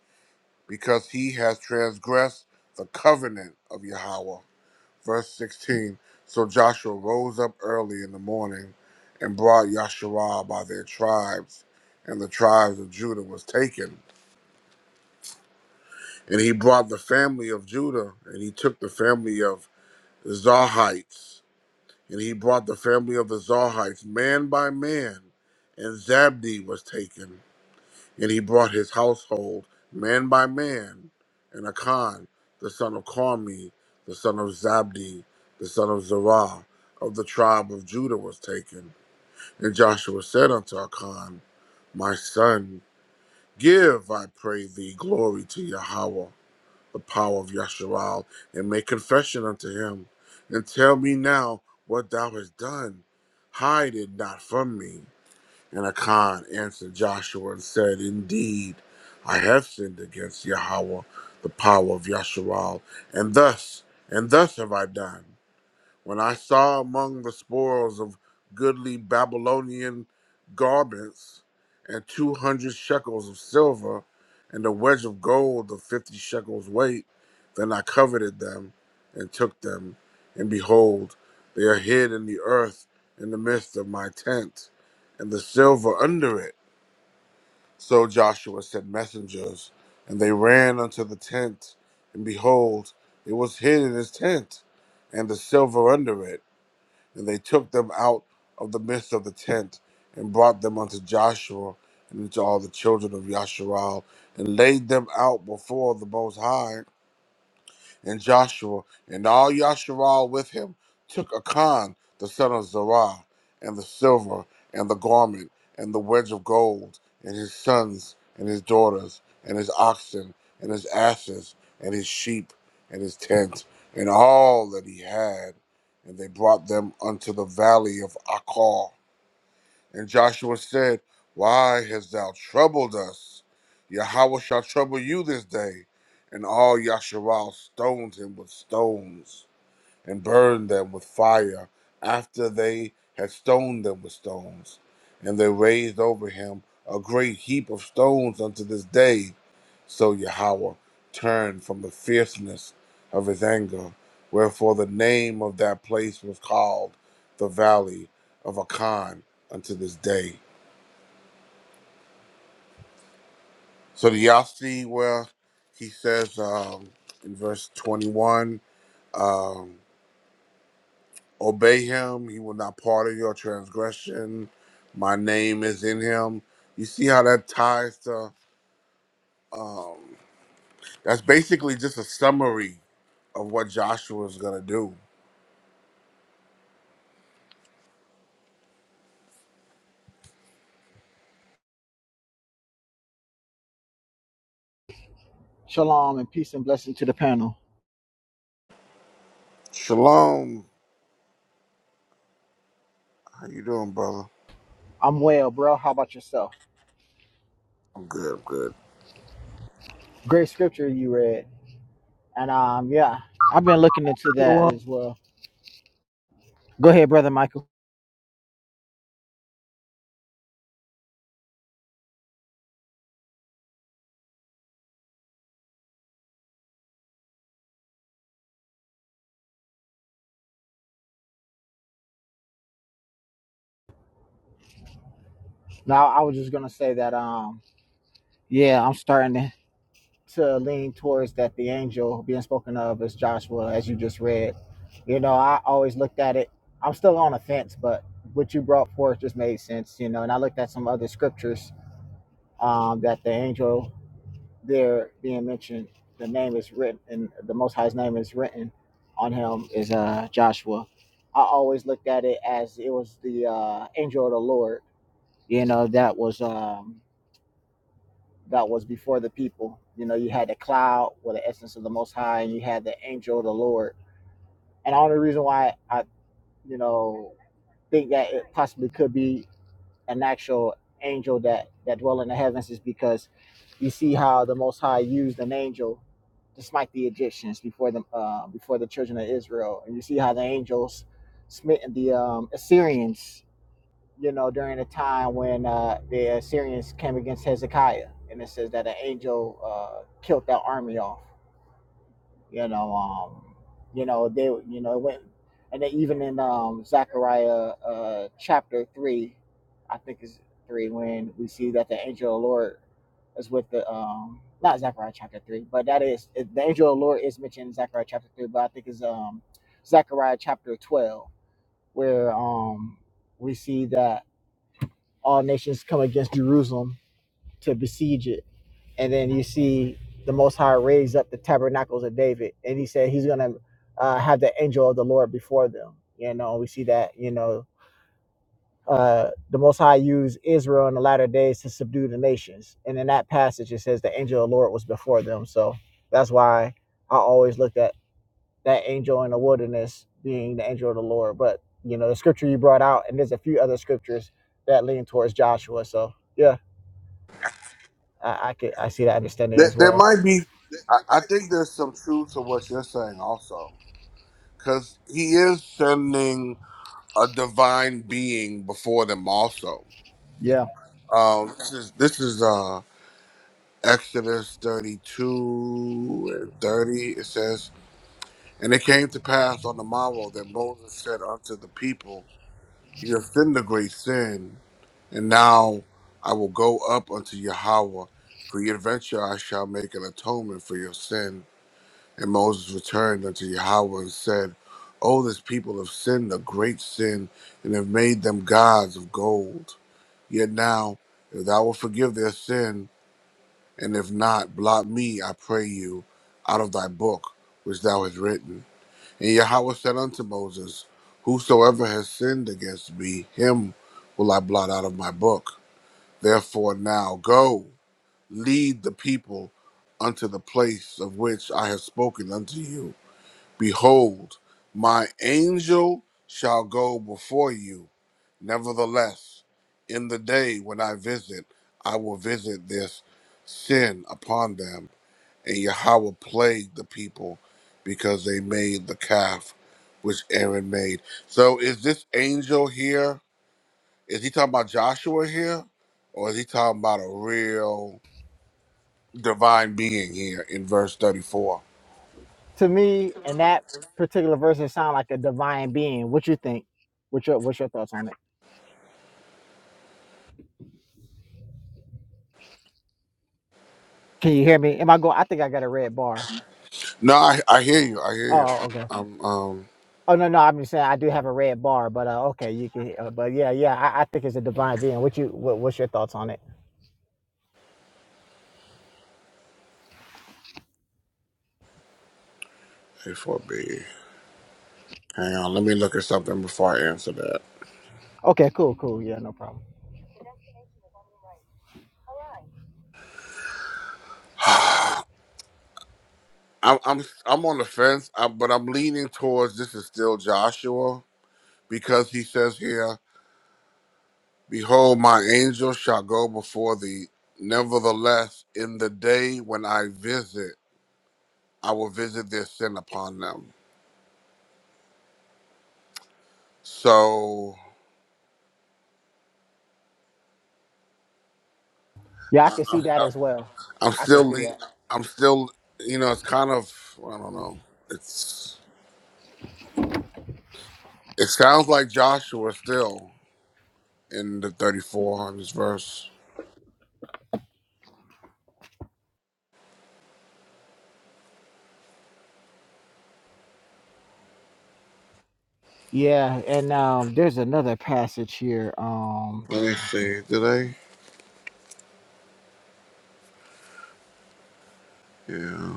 Speaker 2: because he has transgressed the covenant of Yahweh. Verse 16 So Joshua rose up early in the morning and brought Yasharah by their tribes, and the tribes of Judah was taken. And he brought the family of Judah, and he took the family of the Zarhites, and he brought the family of the Zarhites man by man, and Zabdi was taken. And he brought his household man by man, and Achan, the son of Carmi, the son of Zabdi, the son of Zerah, of the tribe of Judah was taken. And Joshua said unto Achan, My son, give, I pray thee, glory to Yahweh, the power of Yasharal, and make confession unto him, and tell me now what thou hast done. Hide it not from me. And Achan answered Joshua and said, Indeed, I have sinned against Yahweh, the power of Yasharal, and thus, and thus have I done. When I saw among the spoils of goodly Babylonian garments and two hundred shekels of silver and a wedge of gold of fifty shekels weight, then I coveted them and took them, and behold, they are hid in the earth in the midst of my tent, and the silver under it. So Joshua sent messengers, and they ran unto the tent, and behold, it was hid in his tent, and the silver under it and they took them out of the midst of the tent and brought them unto Joshua and unto all the children of Yasharal and laid them out before the Most High and Joshua, and all Yasharal with him, took Achan the son of Zerah, and the silver, and the garment, and the wedge of gold, and his sons, and his daughters, and his oxen, and his asses, and his sheep, and his tent, and all that he had. And they brought them unto the valley of Achor. And Joshua said, Why hast thou troubled us? Yahweh shall trouble you this day. And all Yasharal stoned him with stones and burned them with fire after they had stoned them with stones. And they raised over him a great heap of stones unto this day. So Yahweh turned from the fierceness of his anger, wherefore the name of that place was called the Valley of Akan unto this day. So do y'all see where he says um, in verse 21? Obey him. He will not pardon your transgression. My name is in him. You see how that ties to, um, that's basically just a summary of what Joshua is going to do.
Speaker 5: Shalom and peace and blessing to the panel.
Speaker 2: Shalom. How you doing, brother?
Speaker 5: I'm well, bro. How about yourself?
Speaker 2: I'm good. I'm good.
Speaker 5: Great scripture you read. And um yeah, I've been looking into that
Speaker 4: Shalom,
Speaker 5: as well. Go ahead, brother Michael. Now I was just gonna say that um yeah, I'm starting to, to lean towards that the angel being spoken of as Joshua as you just read. You know, I always looked at it. I'm still on the fence, but what you brought forth just made sense, you know, and I looked at some other scriptures um that the angel there being mentioned, the name is written, and the Most High's name is written on him is uh, Joshua. I always looked at it as it was the uh, angel of the Lord. You know that was um, that was before the people. You know you had the cloud with the essence of the Most High, and you had the angel of the Lord. And the only reason why I you know think that it possibly could be an actual angel that that dwell in the heavens is because you see how the Most High used an angel to smite the Egyptians before the uh, before the children of Israel, and you see how the angels smitten the um, Assyrians. You know, during the time when uh, the Assyrians came against Hezekiah, and it says that an angel uh, killed that army off you know, um, you know, they, you know, it went, and then even in um, Zechariah uh, chapter three, I think it's three, when we see that the angel of the Lord is with the, um, not Zechariah chapter three, but that is it- the angel of the Lord is mentioned in Zechariah chapter three, but I think it's um, Zechariah chapter twelve, where um, we see that all nations come against Jerusalem to besiege it. And then you see the Most High raise up the tabernacles of David, and he said he's gonna uh, have the angel of the Lord before them. You know, we see that. You know, uh, the Most High used Israel in the latter days to subdue the nations, and in that passage it says the angel of the Lord was before them. So that's why I always looked at that angel in the wilderness being the angel of the Lord. But you know, the scripture you brought out, and there's a few other scriptures that lean towards Joshua. So yeah, I, I could I see that understanding
Speaker 2: There,
Speaker 5: as
Speaker 2: there
Speaker 5: well.
Speaker 2: might be, I, I think there's some truth to what you're saying also, because he is sending a divine being before them also.
Speaker 5: Yeah.
Speaker 2: Um, this is this is uh Exodus 32 and 30, it says, And it came to pass on the morrow that Moses said unto the people, You have sinned a great sin, and now I will go up unto Yahweh. For your adventure I shall make an atonement for your sin. And Moses returned unto Yahweh and said, O this people have sinned a great sin, and have made them gods of gold. Yet now, if thou wilt forgive their sin, and if not, blot me, I pray you, out of thy book which thou hast written. And Yahweh said unto Moses, Whosoever has sinned against me, him will I blot out of my book. Therefore now go, lead the people unto the place of which I have spoken unto you. Behold, my angel shall go before you. Nevertheless, in the day when I visit, I will visit this sin upon them and Yahweh plagued the people because they made the calf which Aaron made. So is this angel here? Is he talking about Joshua here? Or is he talking about a real divine being here in verse 34?
Speaker 5: To me, and that particular verse, it sounds like a divine being. What you think? What's your What's your thoughts on it? Can you hear me? Am I going? I think I got a red bar.
Speaker 2: No, I, I hear you. I hear you.
Speaker 5: Oh, okay.
Speaker 2: I'm, I'm um
Speaker 5: Oh no, no. I'm just saying I do have a red bar, but uh, okay, you can. Uh, but yeah, yeah. I, I think it's a divine being. What you? What, what's your thoughts on it?
Speaker 2: A4B. Hang on, let me look at something before I answer that.
Speaker 5: Okay, cool, cool. Yeah, no problem.
Speaker 2: I'm I'm I'm on the fence, I, but I'm leaning towards this is still Joshua because he says here Behold, my angel shall go before thee. Nevertheless, in the day when I visit, I will visit their sin upon them. So
Speaker 5: Yeah, I
Speaker 2: I,
Speaker 5: can see that as well.
Speaker 2: I'm
Speaker 5: I can
Speaker 2: still,
Speaker 5: see
Speaker 2: le-
Speaker 5: that.
Speaker 2: I'm still, you know, it's kind of, I don't know. It's it sounds like Joshua still in the 3400s verse.
Speaker 5: Yeah, and um, there's another passage here. Um,
Speaker 2: Let me see. Did I? Yeah.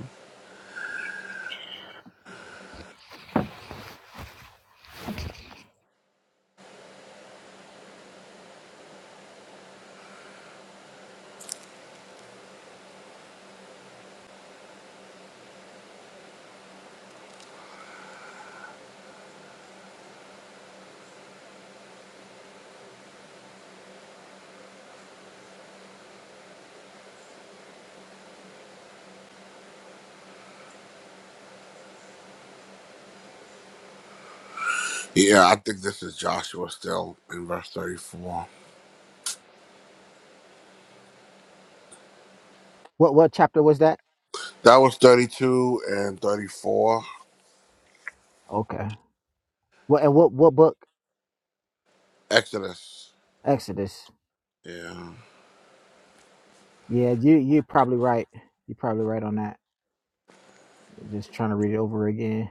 Speaker 2: Yeah, I think this is Joshua still in verse 34.
Speaker 5: what what chapter was that?
Speaker 2: That was 32 and 34.
Speaker 5: Okay. What and what what book?
Speaker 2: Exodus.
Speaker 5: Exodus.
Speaker 2: Yeah.
Speaker 5: Yeah, you you're probably right. You're probably right on that. Just trying to read it over again.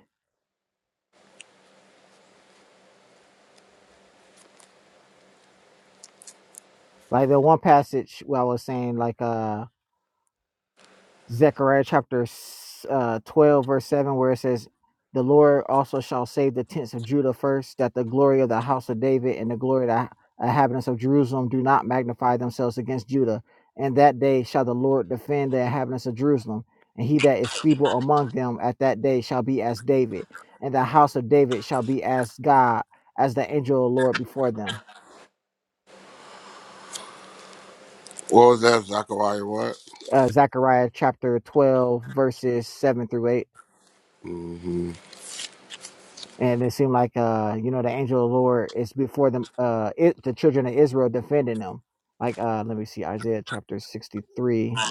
Speaker 5: Like the one passage where I was saying, like uh Zechariah chapter uh, 12, verse 7, where it says, The Lord also shall save the tents of Judah first, that the glory of the house of David and the glory of the inhabitants of Jerusalem do not magnify themselves against Judah. And that day shall the Lord defend the inhabitants of Jerusalem, and he that is feeble among them at that day shall be as David, and the house of David shall be as God, as the angel of the Lord before them.
Speaker 2: What was that, Zachariah? What?
Speaker 5: Uh, Zechariah chapter 12, verses 7 through 8.
Speaker 2: hmm
Speaker 5: and it seemed like uh you know the angel of the lord is before them uh it the children of israel defending them like uh let me see isaiah chapter 63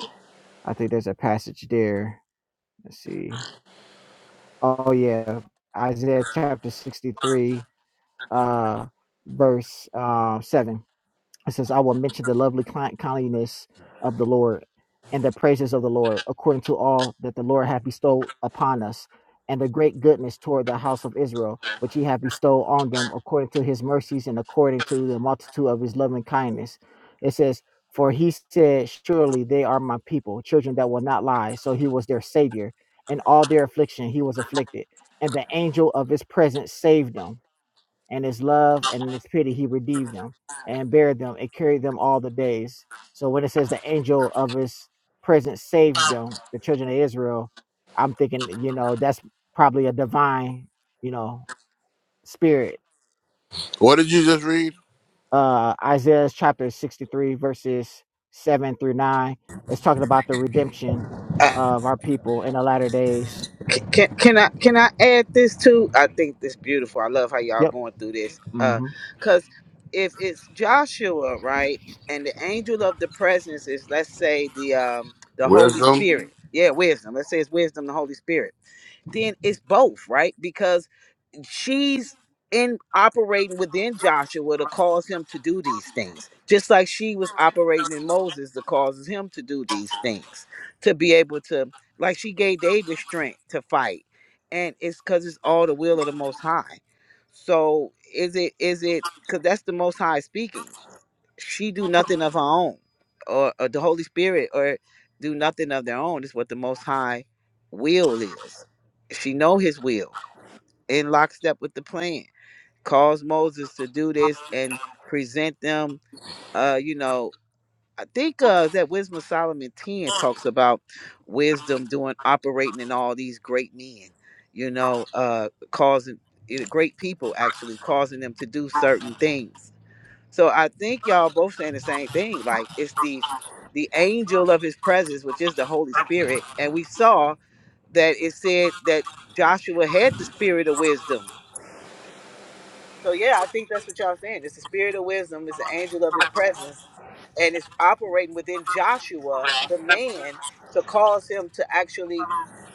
Speaker 5: i think there's a passage there let's see oh yeah isaiah chapter 63 uh verse uh, 7 it says, I will mention the lovely kindness of the Lord and the praises of the Lord, according to all that the Lord hath bestowed upon us, and the great goodness toward the house of Israel, which he hath bestowed on them, according to his mercies and according to the multitude of his loving kindness. It says, For he said, Surely they are my people, children that will not lie. So he was their savior. In all their affliction, he was afflicted, and the angel of his presence saved them and his love and his pity he redeemed them and buried them and carried them all the days so when it says the angel of his presence saved them the children of israel i'm thinking you know that's probably a divine you know spirit
Speaker 2: What did you just read?
Speaker 5: uh isaiah chapter 63 verses 7 through 9 it's talking about the redemption of our people in the latter days
Speaker 3: Can, can can I can I add this too? I think this beautiful. I love how y'all
Speaker 5: yep
Speaker 3: going through this. Uh,
Speaker 5: hmm
Speaker 3: cause if it's Joshua, right, and the angel of the presence is let's say the um the Holy
Speaker 2: Wisdom.
Speaker 3: Spirit. Yeah, wisdom. Let's say it's wisdom, the Holy Spirit. Then it's both, right? Because she's in operating within Joshua to cause him to do these things, just like she was operating in Moses that causes him to do these things, to be able to, like she gave David strength to fight, and it's because it's all the will of the Most High. So is it is it because that's the Most High speaking? She do nothing of her own, or, or the Holy Spirit, or do nothing of their own. Is what the Most High will is. She know His will in lockstep with the plan. Cause Moses to do this and present them. Uh, you know, I think uh that Wisdom of Solomon 10 talks about wisdom doing operating in all these great men, you know, uh causing you know, great people actually causing them to do certain things. So I think y'all both saying the same thing. Like it's the the angel of his presence, which is the Holy Spirit. And we saw that it said that Joshua had the spirit of wisdom So yeah, I think that's what y'all saying. It's the spirit of wisdom, it's the angel of his presence, and it's operating within Joshua, the man, to cause him to actually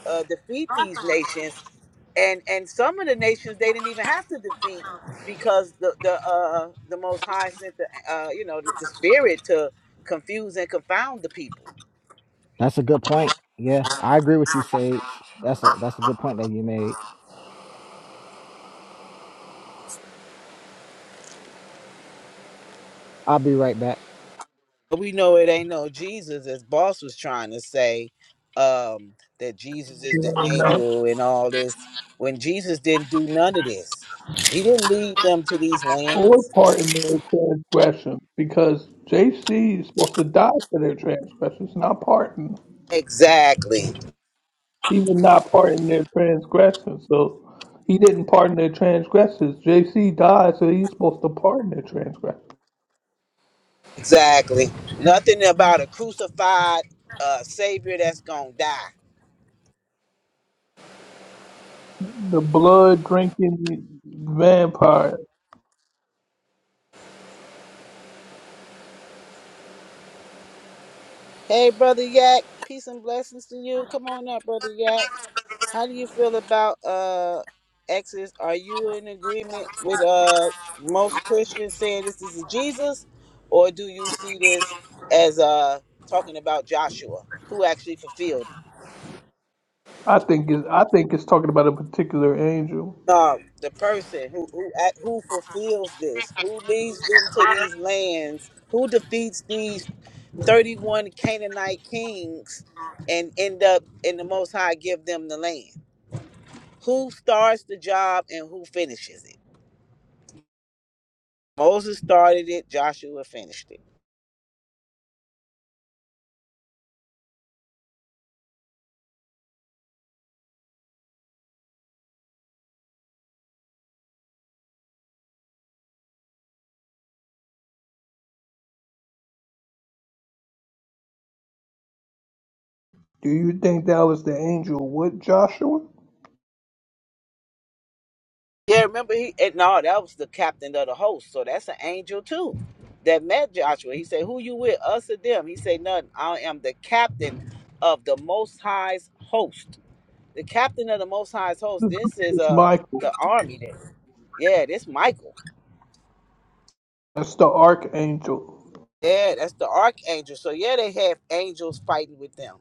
Speaker 3: uh, defeat these nations. And and some of the nations they didn't even have to defeat because the the uh, the Most High sent the uh, you know the, the spirit to confuse and confound the people.
Speaker 5: that's a good point yeah i agree with you sage that's a that's a good point that you made I'll be right back.
Speaker 3: we know it ain't no Jesus, as boss was trying to say, um, that Jesus is the
Speaker 4: everyone. No.
Speaker 3: angel and all this. When Jesus didn't do none of this, he didn't lead them to these
Speaker 4: Well, What
Speaker 3: lands.
Speaker 4: part in their transgression? Because JC is supposed to die for their transgressions, not pardon.
Speaker 3: Exactly,
Speaker 4: He would not pardon their transgressions. So he didn't pardon their transgressions. JC died, so he's supposed to pardon their transgressions.
Speaker 3: exactly. Nothing about a crucified uh, savior that's gonna die.
Speaker 4: The blood drinking vampire.
Speaker 3: Hey, brother Yak, peace and blessings to you. Come on up, brother Yak. How do you feel about uh Exodus? Are you in agreement with uh most Christians saying this is Jesus, or do you see this as uh talking about Joshua who actually fulfilled it?
Speaker 4: I think is I think it's talking about a particular angel.
Speaker 3: No, the person who who act- who fulfills this, who leads them to these lands, who defeats these thirty-one Canaanite kings, and end up in the Most High give them the land. Who starts the job and who finishes it? Moses started it, Joshua finished it.
Speaker 4: Do you think that was the angel with Joshua?
Speaker 3: Yeah, remember he and no, that was the captain of the host, so that's an angel too. That met Joshua. He said, Who you with? Us or them? He said, "Nothing. I am the captain of the most high's host. The captain of the most high's host. This is
Speaker 4: It's
Speaker 3: uh
Speaker 4: Michael.
Speaker 3: the army there. Yeah, this Michael.
Speaker 4: That's the archangel.
Speaker 3: Yeah, that's the archangel. So yeah, they have angels fighting with them.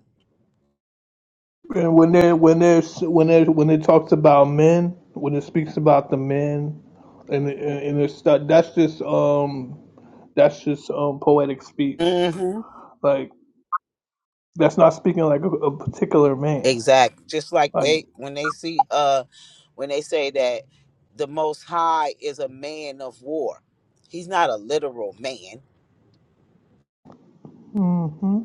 Speaker 4: And when they when they when they when it talks about men, when it speaks about the men, and and, and it's that that's just um that's just um poetic speech.
Speaker 3: hmm
Speaker 4: Like that's not speaking like a, a particular man.
Speaker 3: Exactly. Just like
Speaker 4: Like
Speaker 3: they when they see uh when they say that the most high is a man of war. He's not a literal man.
Speaker 4: hmm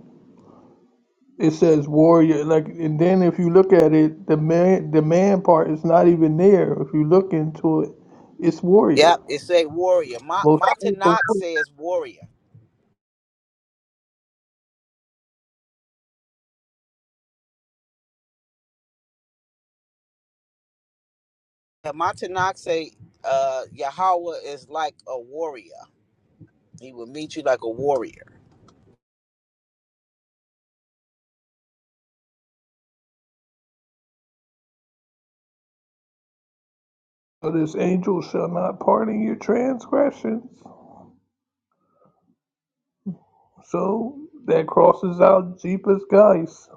Speaker 4: it says warrior. Like and then if you look at it, the man the man part is not even there. If you look into it, it's warrior.
Speaker 3: Yep, it say warrior. My
Speaker 4: Most
Speaker 3: my Tanakh
Speaker 4: of
Speaker 3: says warrior. And My Tanakh say uh Yahweh is like a warrior. He will meet you like a warrior.
Speaker 4: this angel shall not pardon your transgressions. So that crosses out Jeepers Guys.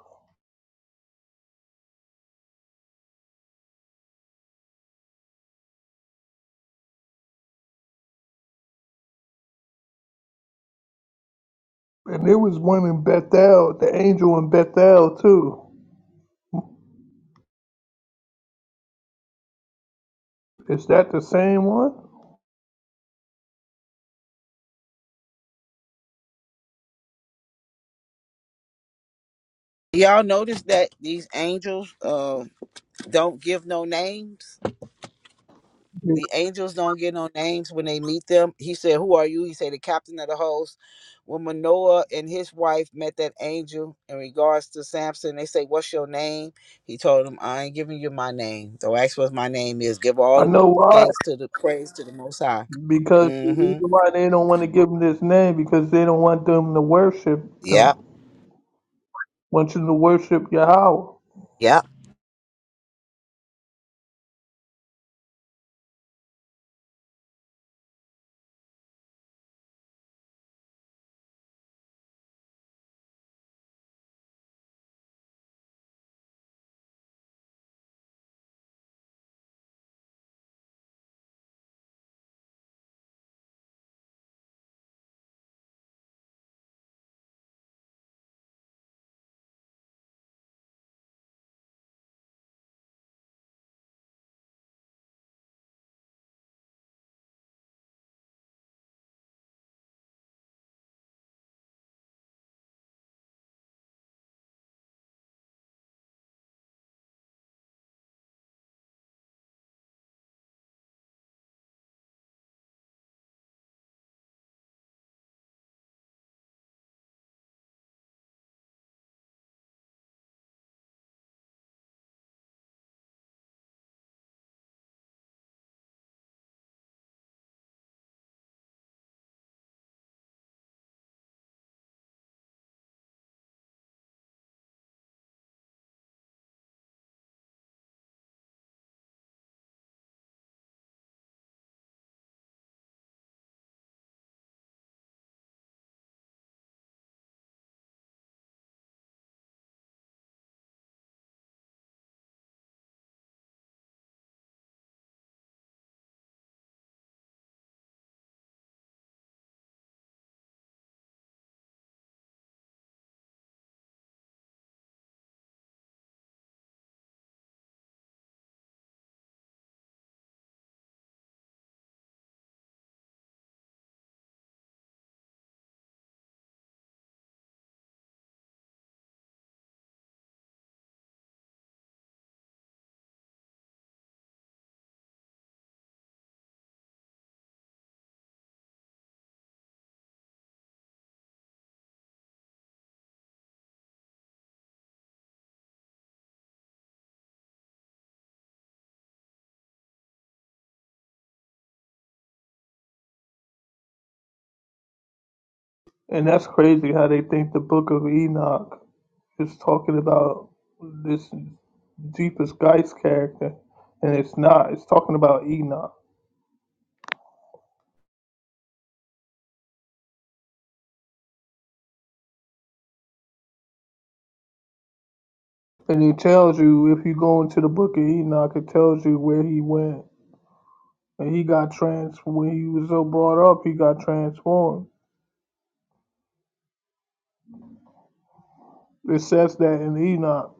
Speaker 4: And there was one in Bethel, the angel in Bethel too. Is that the same one?
Speaker 3: Y'all notice that these angels uh don't give no names?
Speaker 4: Yeah.
Speaker 3: The angels don't get no names when they meet them. He said, Who are you? He said, The captain of the host. When Manoah and his wife met that angel in regards to Samson, they say, What's your name? He told them, I ain't giving you my name. Don't ask what my name is. Give all
Speaker 4: I
Speaker 3: the
Speaker 4: know why.
Speaker 3: thanks to the praise to the Most High.
Speaker 4: Because the
Speaker 3: Mm
Speaker 4: reason
Speaker 3: hmm.
Speaker 4: why they don't want to give him this name because they don't want them to worship them.
Speaker 3: Yep.
Speaker 4: Want you to worship Yahweh.
Speaker 3: Yep.
Speaker 4: And that's crazy how they think the book of Enoch is talking about this Jeepers Geist character. And it's not. It's talking about Enoch. And he tells you if you go into the book of Enoch, it tells you where he went. And he got trans when he was so brought up, he got transformed. It says that in Enoch.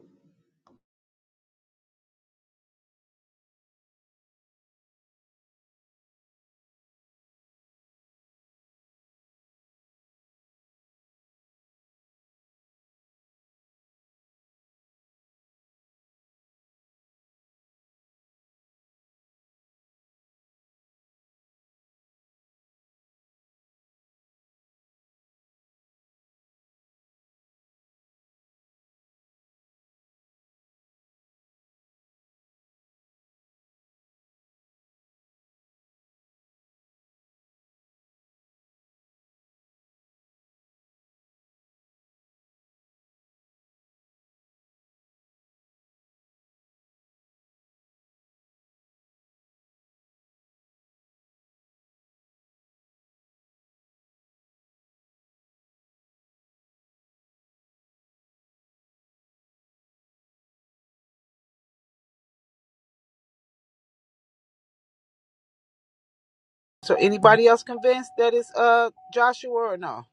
Speaker 3: So, anybody else convinced that it's uh Joshua or no?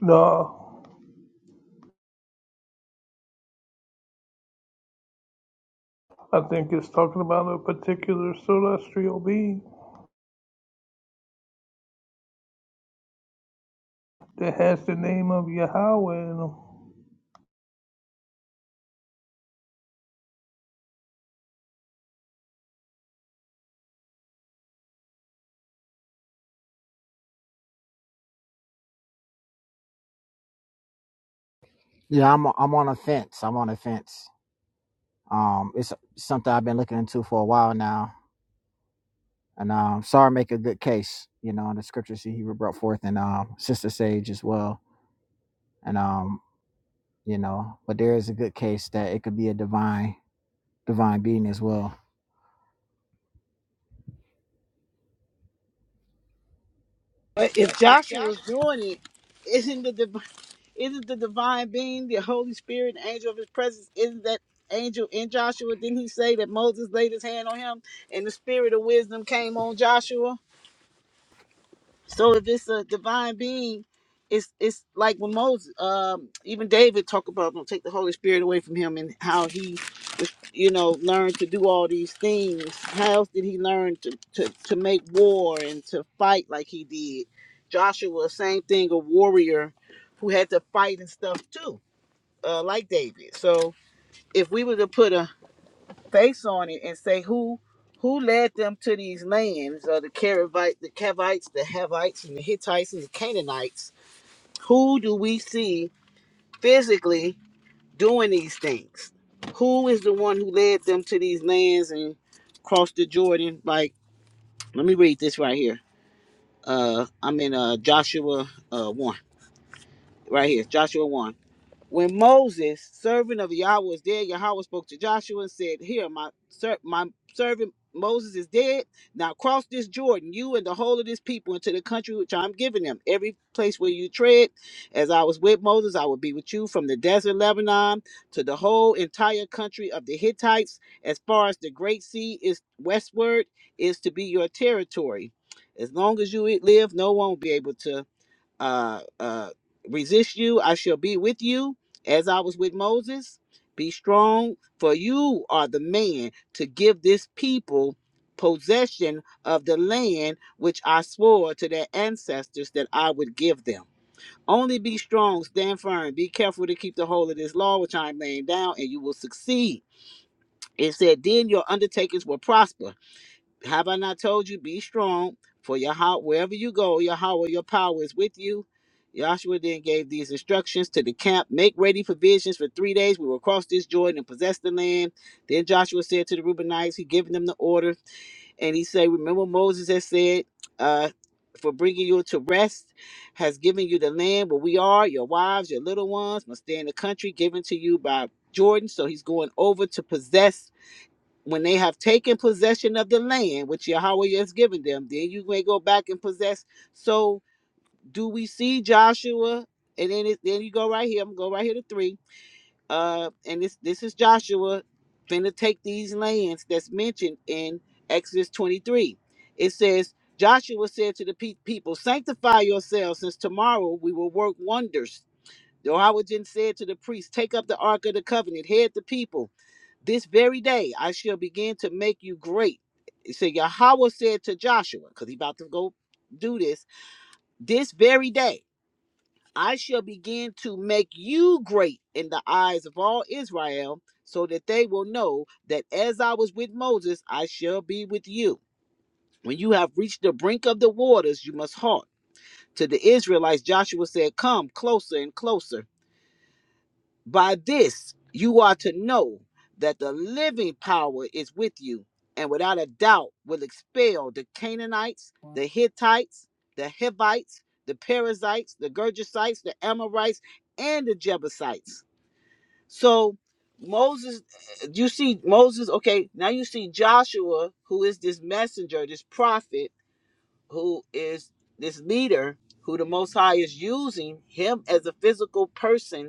Speaker 4: No, I think it's talking about a particular celestial being that has the name of Yahweh in him.
Speaker 5: Yeah, I'm I'm on a fence. I'm on a fence. Um, it's something I've been looking into for a while now, and um, sorry, make a good case. You know, in the scriptures he Hebrew brought forth, and um, Sister Sage as well, and um, you know, but there is a good case that it could be a divine divine being as well.
Speaker 3: But if Joshua's doing it, isn't the Is it the divine being, the Holy Spirit, the angel of his presence? Isn't that angel in Joshua? Didn't he say that Moses laid his hand on him and the spirit of wisdom came on Joshua? So if it's a divine being, it's it's like when Moses, um, even David talked about don't take the Holy Spirit away from him and how he was, you know, learned to do all these things. How else did he learn to, to, to make war and to fight like he did? Joshua, same thing, a warrior who had to fight and stuff too uh, like David. So if we were to put a face on it and say who who led them to these lands, uh, the Caravite, the Cavites, the Havites, and the Hittites and the Canaanites, who do we see physically doing these things? Who is the one who led them to these lands and crossed the Jordan? Like, let me read this right here. Uh, I'm in uh, Joshua uh, one right here, Joshua one. When Moses, servant of Yahweh, was dead, Yahweh spoke to Joshua and said, Here, my, ser- my servant Moses is dead. Now cross this Jordan, you and the whole of this people, into the country which I'm giving them. Every place where you tread, as I was with Moses, I will be with you from the desert Lebanon to the whole entire country of the Hittites, as far as the great sea is westward, is to be your territory. As long as you live, no one will be able to uh, uh, resist you, I shall be with you, as I was with Moses. Be strong, for you are the man to give this people possession of the land which I swore to their ancestors that I would give them. Only be strong, stand firm, be careful to keep the whole of this law which I am laying down, and you will succeed. It said, Then your undertakings will prosper have I not told you, be strong, for your heart, wherever you go, your heart or your power is with you. Joshua then gave these instructions to the camp make ready provisions for three days. We will cross this Jordan and possess the land. Then Joshua said to the Reubenites, he given them the order, and he said, Remember, Moses has said, uh, for bringing you to rest, has given you the land where we are, your wives, your little ones must stay in the country given to you by Jordan. So he's going over to possess when they have taken possession of the land which Yahweh has given them, then you may go back and possess. So do we see Joshua? And then it, then you go right here. I'm going to go right here to three. Uh, and this this is Joshua finna take these lands that's mentioned in Exodus 23. It says Joshua said to the pe- people, "Sanctify yourselves, since tomorrow we will work wonders." Jehoiachin said to the priests, "Take up the ark of the covenant, head the people." This very day I shall begin to make you great. So Yahweh said to Joshua, because he about to go do this, this very day I shall begin to make you great in the eyes of all Israel, so that they will know that as I was with Moses, I shall be with you. When you have reached the brink of the waters, you must halt. To the Israelites, Joshua said, Come closer and closer. By this you are to know that the living power is with you, and without a doubt will expel the Canaanites, the Hittites, the Hivites, the Perizzites, the Gergesites, the Amorites, and the Jebusites. So Moses, you see Moses, okay, now you see Joshua, who is this messenger, this prophet, who is this leader who the Most High is using him as a physical person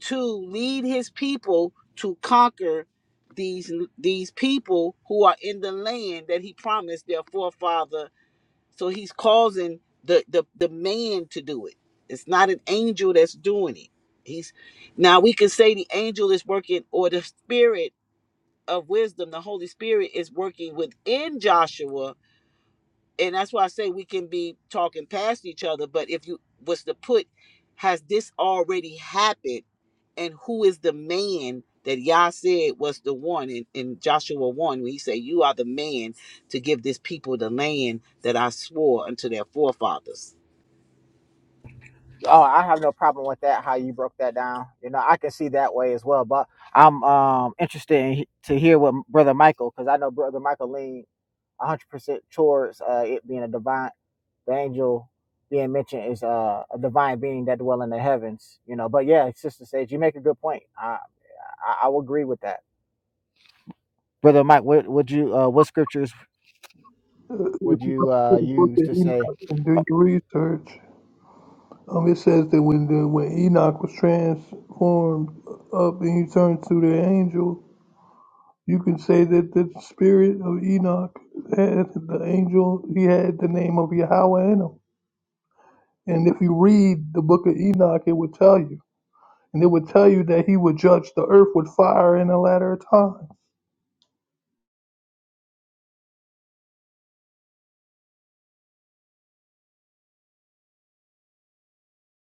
Speaker 3: to lead his people to conquer these these people who are in the land that he promised their forefather so he's causing the the, the man to do it it's not an angel that's doing it he's now we can say the angel is working or the spirit of wisdom the holy spirit is working within joshua and that's why I say we can be talking past each other. But if you was to put, has this already happened? And who is the man that Yah said was the one in, in Joshua 1 when he said, You are the man to give this people the land that I swore unto their forefathers.
Speaker 5: Oh, I have no problem with that. How you broke that down, you know, I can see that way as well. But I'm um interested in, he- to hear what Brother Michael, because I know Brother Michael lean 100 percent towards uh, it being a divine. the angel being mentioned is uh, a divine being that dwell in the heavens. You know, but yeah, Sister Sage, you make a good point. I I, I will agree with that, Brother Mike. What would you uh, what scriptures
Speaker 4: Uh, If you
Speaker 5: would
Speaker 4: go
Speaker 5: you uh,
Speaker 4: to the book
Speaker 5: use
Speaker 4: of
Speaker 5: to say?
Speaker 4: Enoch and do your research, um, it says that when the, when Enoch was transformed up and he turned to the angel, You can say that the spirit of Enoch had the angel, he had the name of Yahweh in him. And if you read the book of Enoch, it would tell you. And it would tell you that he would judge the earth with fire in the latter time.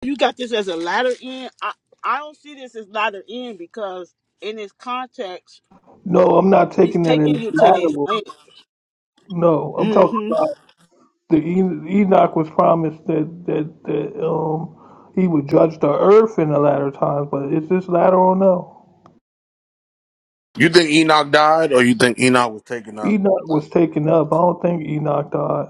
Speaker 3: You got this as a latter end. I, I don't see this as latter end because in this context,
Speaker 4: No, I'm not
Speaker 3: he's
Speaker 4: taking that
Speaker 3: taking
Speaker 4: as
Speaker 3: you to these
Speaker 4: Adam.
Speaker 3: lands.
Speaker 4: No, I'm talking
Speaker 3: hmm
Speaker 4: about the En- Enoch was promised that that that um he would judge the earth in the latter times, but is this latter or no?
Speaker 2: You think Enoch died, or you think Enoch was taken up?
Speaker 4: Enoch
Speaker 2: Like,
Speaker 4: was taken up. I don't think Enoch died.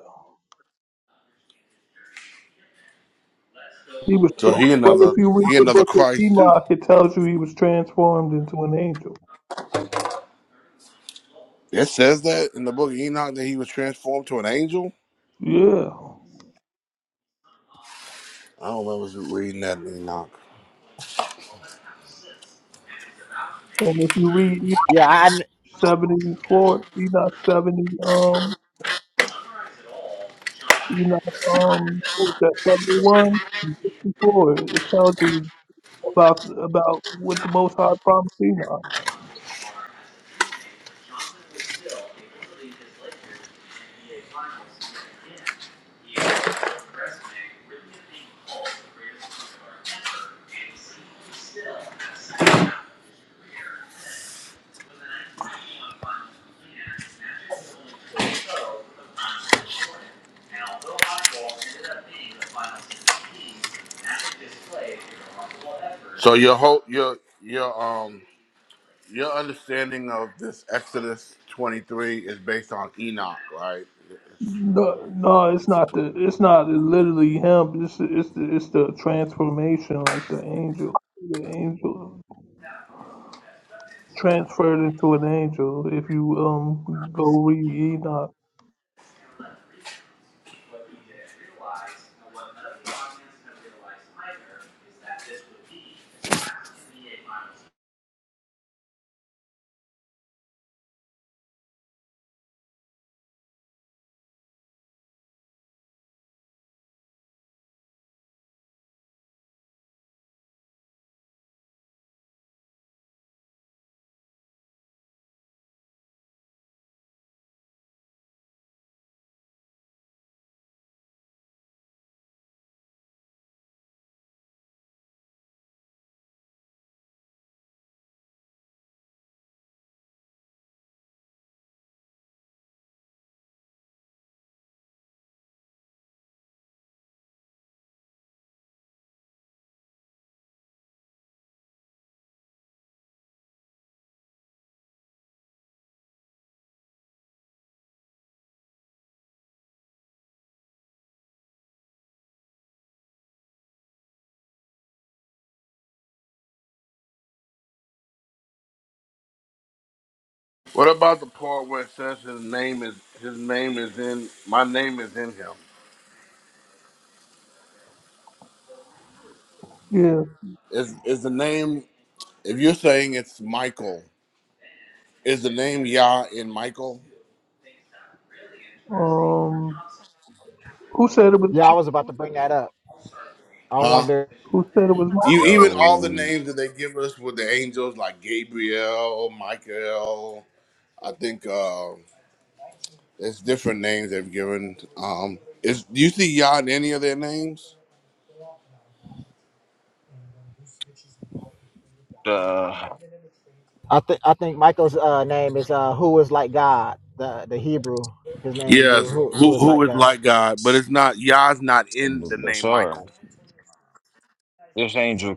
Speaker 4: He was,
Speaker 2: so
Speaker 4: but
Speaker 2: he
Speaker 4: if
Speaker 2: another
Speaker 4: you read
Speaker 2: he
Speaker 4: the
Speaker 2: another
Speaker 4: book of
Speaker 2: Christ too.
Speaker 4: Enoch, it tells you he was transformed into an angel.
Speaker 2: It says that in the book of Enoch that he was transformed to an angel.
Speaker 4: Yeah,
Speaker 2: I don't remember reading that in Enoch.
Speaker 4: and if you read Enoch
Speaker 5: Yeah, I
Speaker 4: seventy-four, Enoch seventy, um, Enoch, um, what was that seventy-one and sixty-four, it tells you about about what the Most High promised Enoch.
Speaker 2: So your whole your your um your understanding of this Exodus twenty three is based on Enoch, right?
Speaker 4: No, no, it's not the, it's not literally him. It's the, it's the, it's the transformation, like the angel, the angel. transferred into an angel. If you um go read Enoch,
Speaker 2: What about the part where it says his name is his name is in my name is in him?
Speaker 4: yeah.
Speaker 2: Is is the name if you're saying it's Michael, is the name Yah in Michael?
Speaker 4: Um, who said it was?
Speaker 5: yeah I was about to bring that up. I
Speaker 2: Huh?
Speaker 5: wonder.
Speaker 4: Who said it was not?
Speaker 2: You even all the
Speaker 6: Yo,
Speaker 2: names that they give us with the angels like Gabriel, Michael, I think uh there's different names they've given. Um is do you see Yah in any of their names?
Speaker 6: uh,
Speaker 5: I think I think Michael's uh, name is uh, who is like God. The the Hebrew his name means
Speaker 2: Yes,
Speaker 5: who
Speaker 2: who
Speaker 5: who is
Speaker 2: who
Speaker 5: like
Speaker 2: is
Speaker 5: God.
Speaker 2: like God, but it's not Yah's not in the
Speaker 6: but
Speaker 2: name
Speaker 6: sorry,
Speaker 2: Michael.
Speaker 6: this angel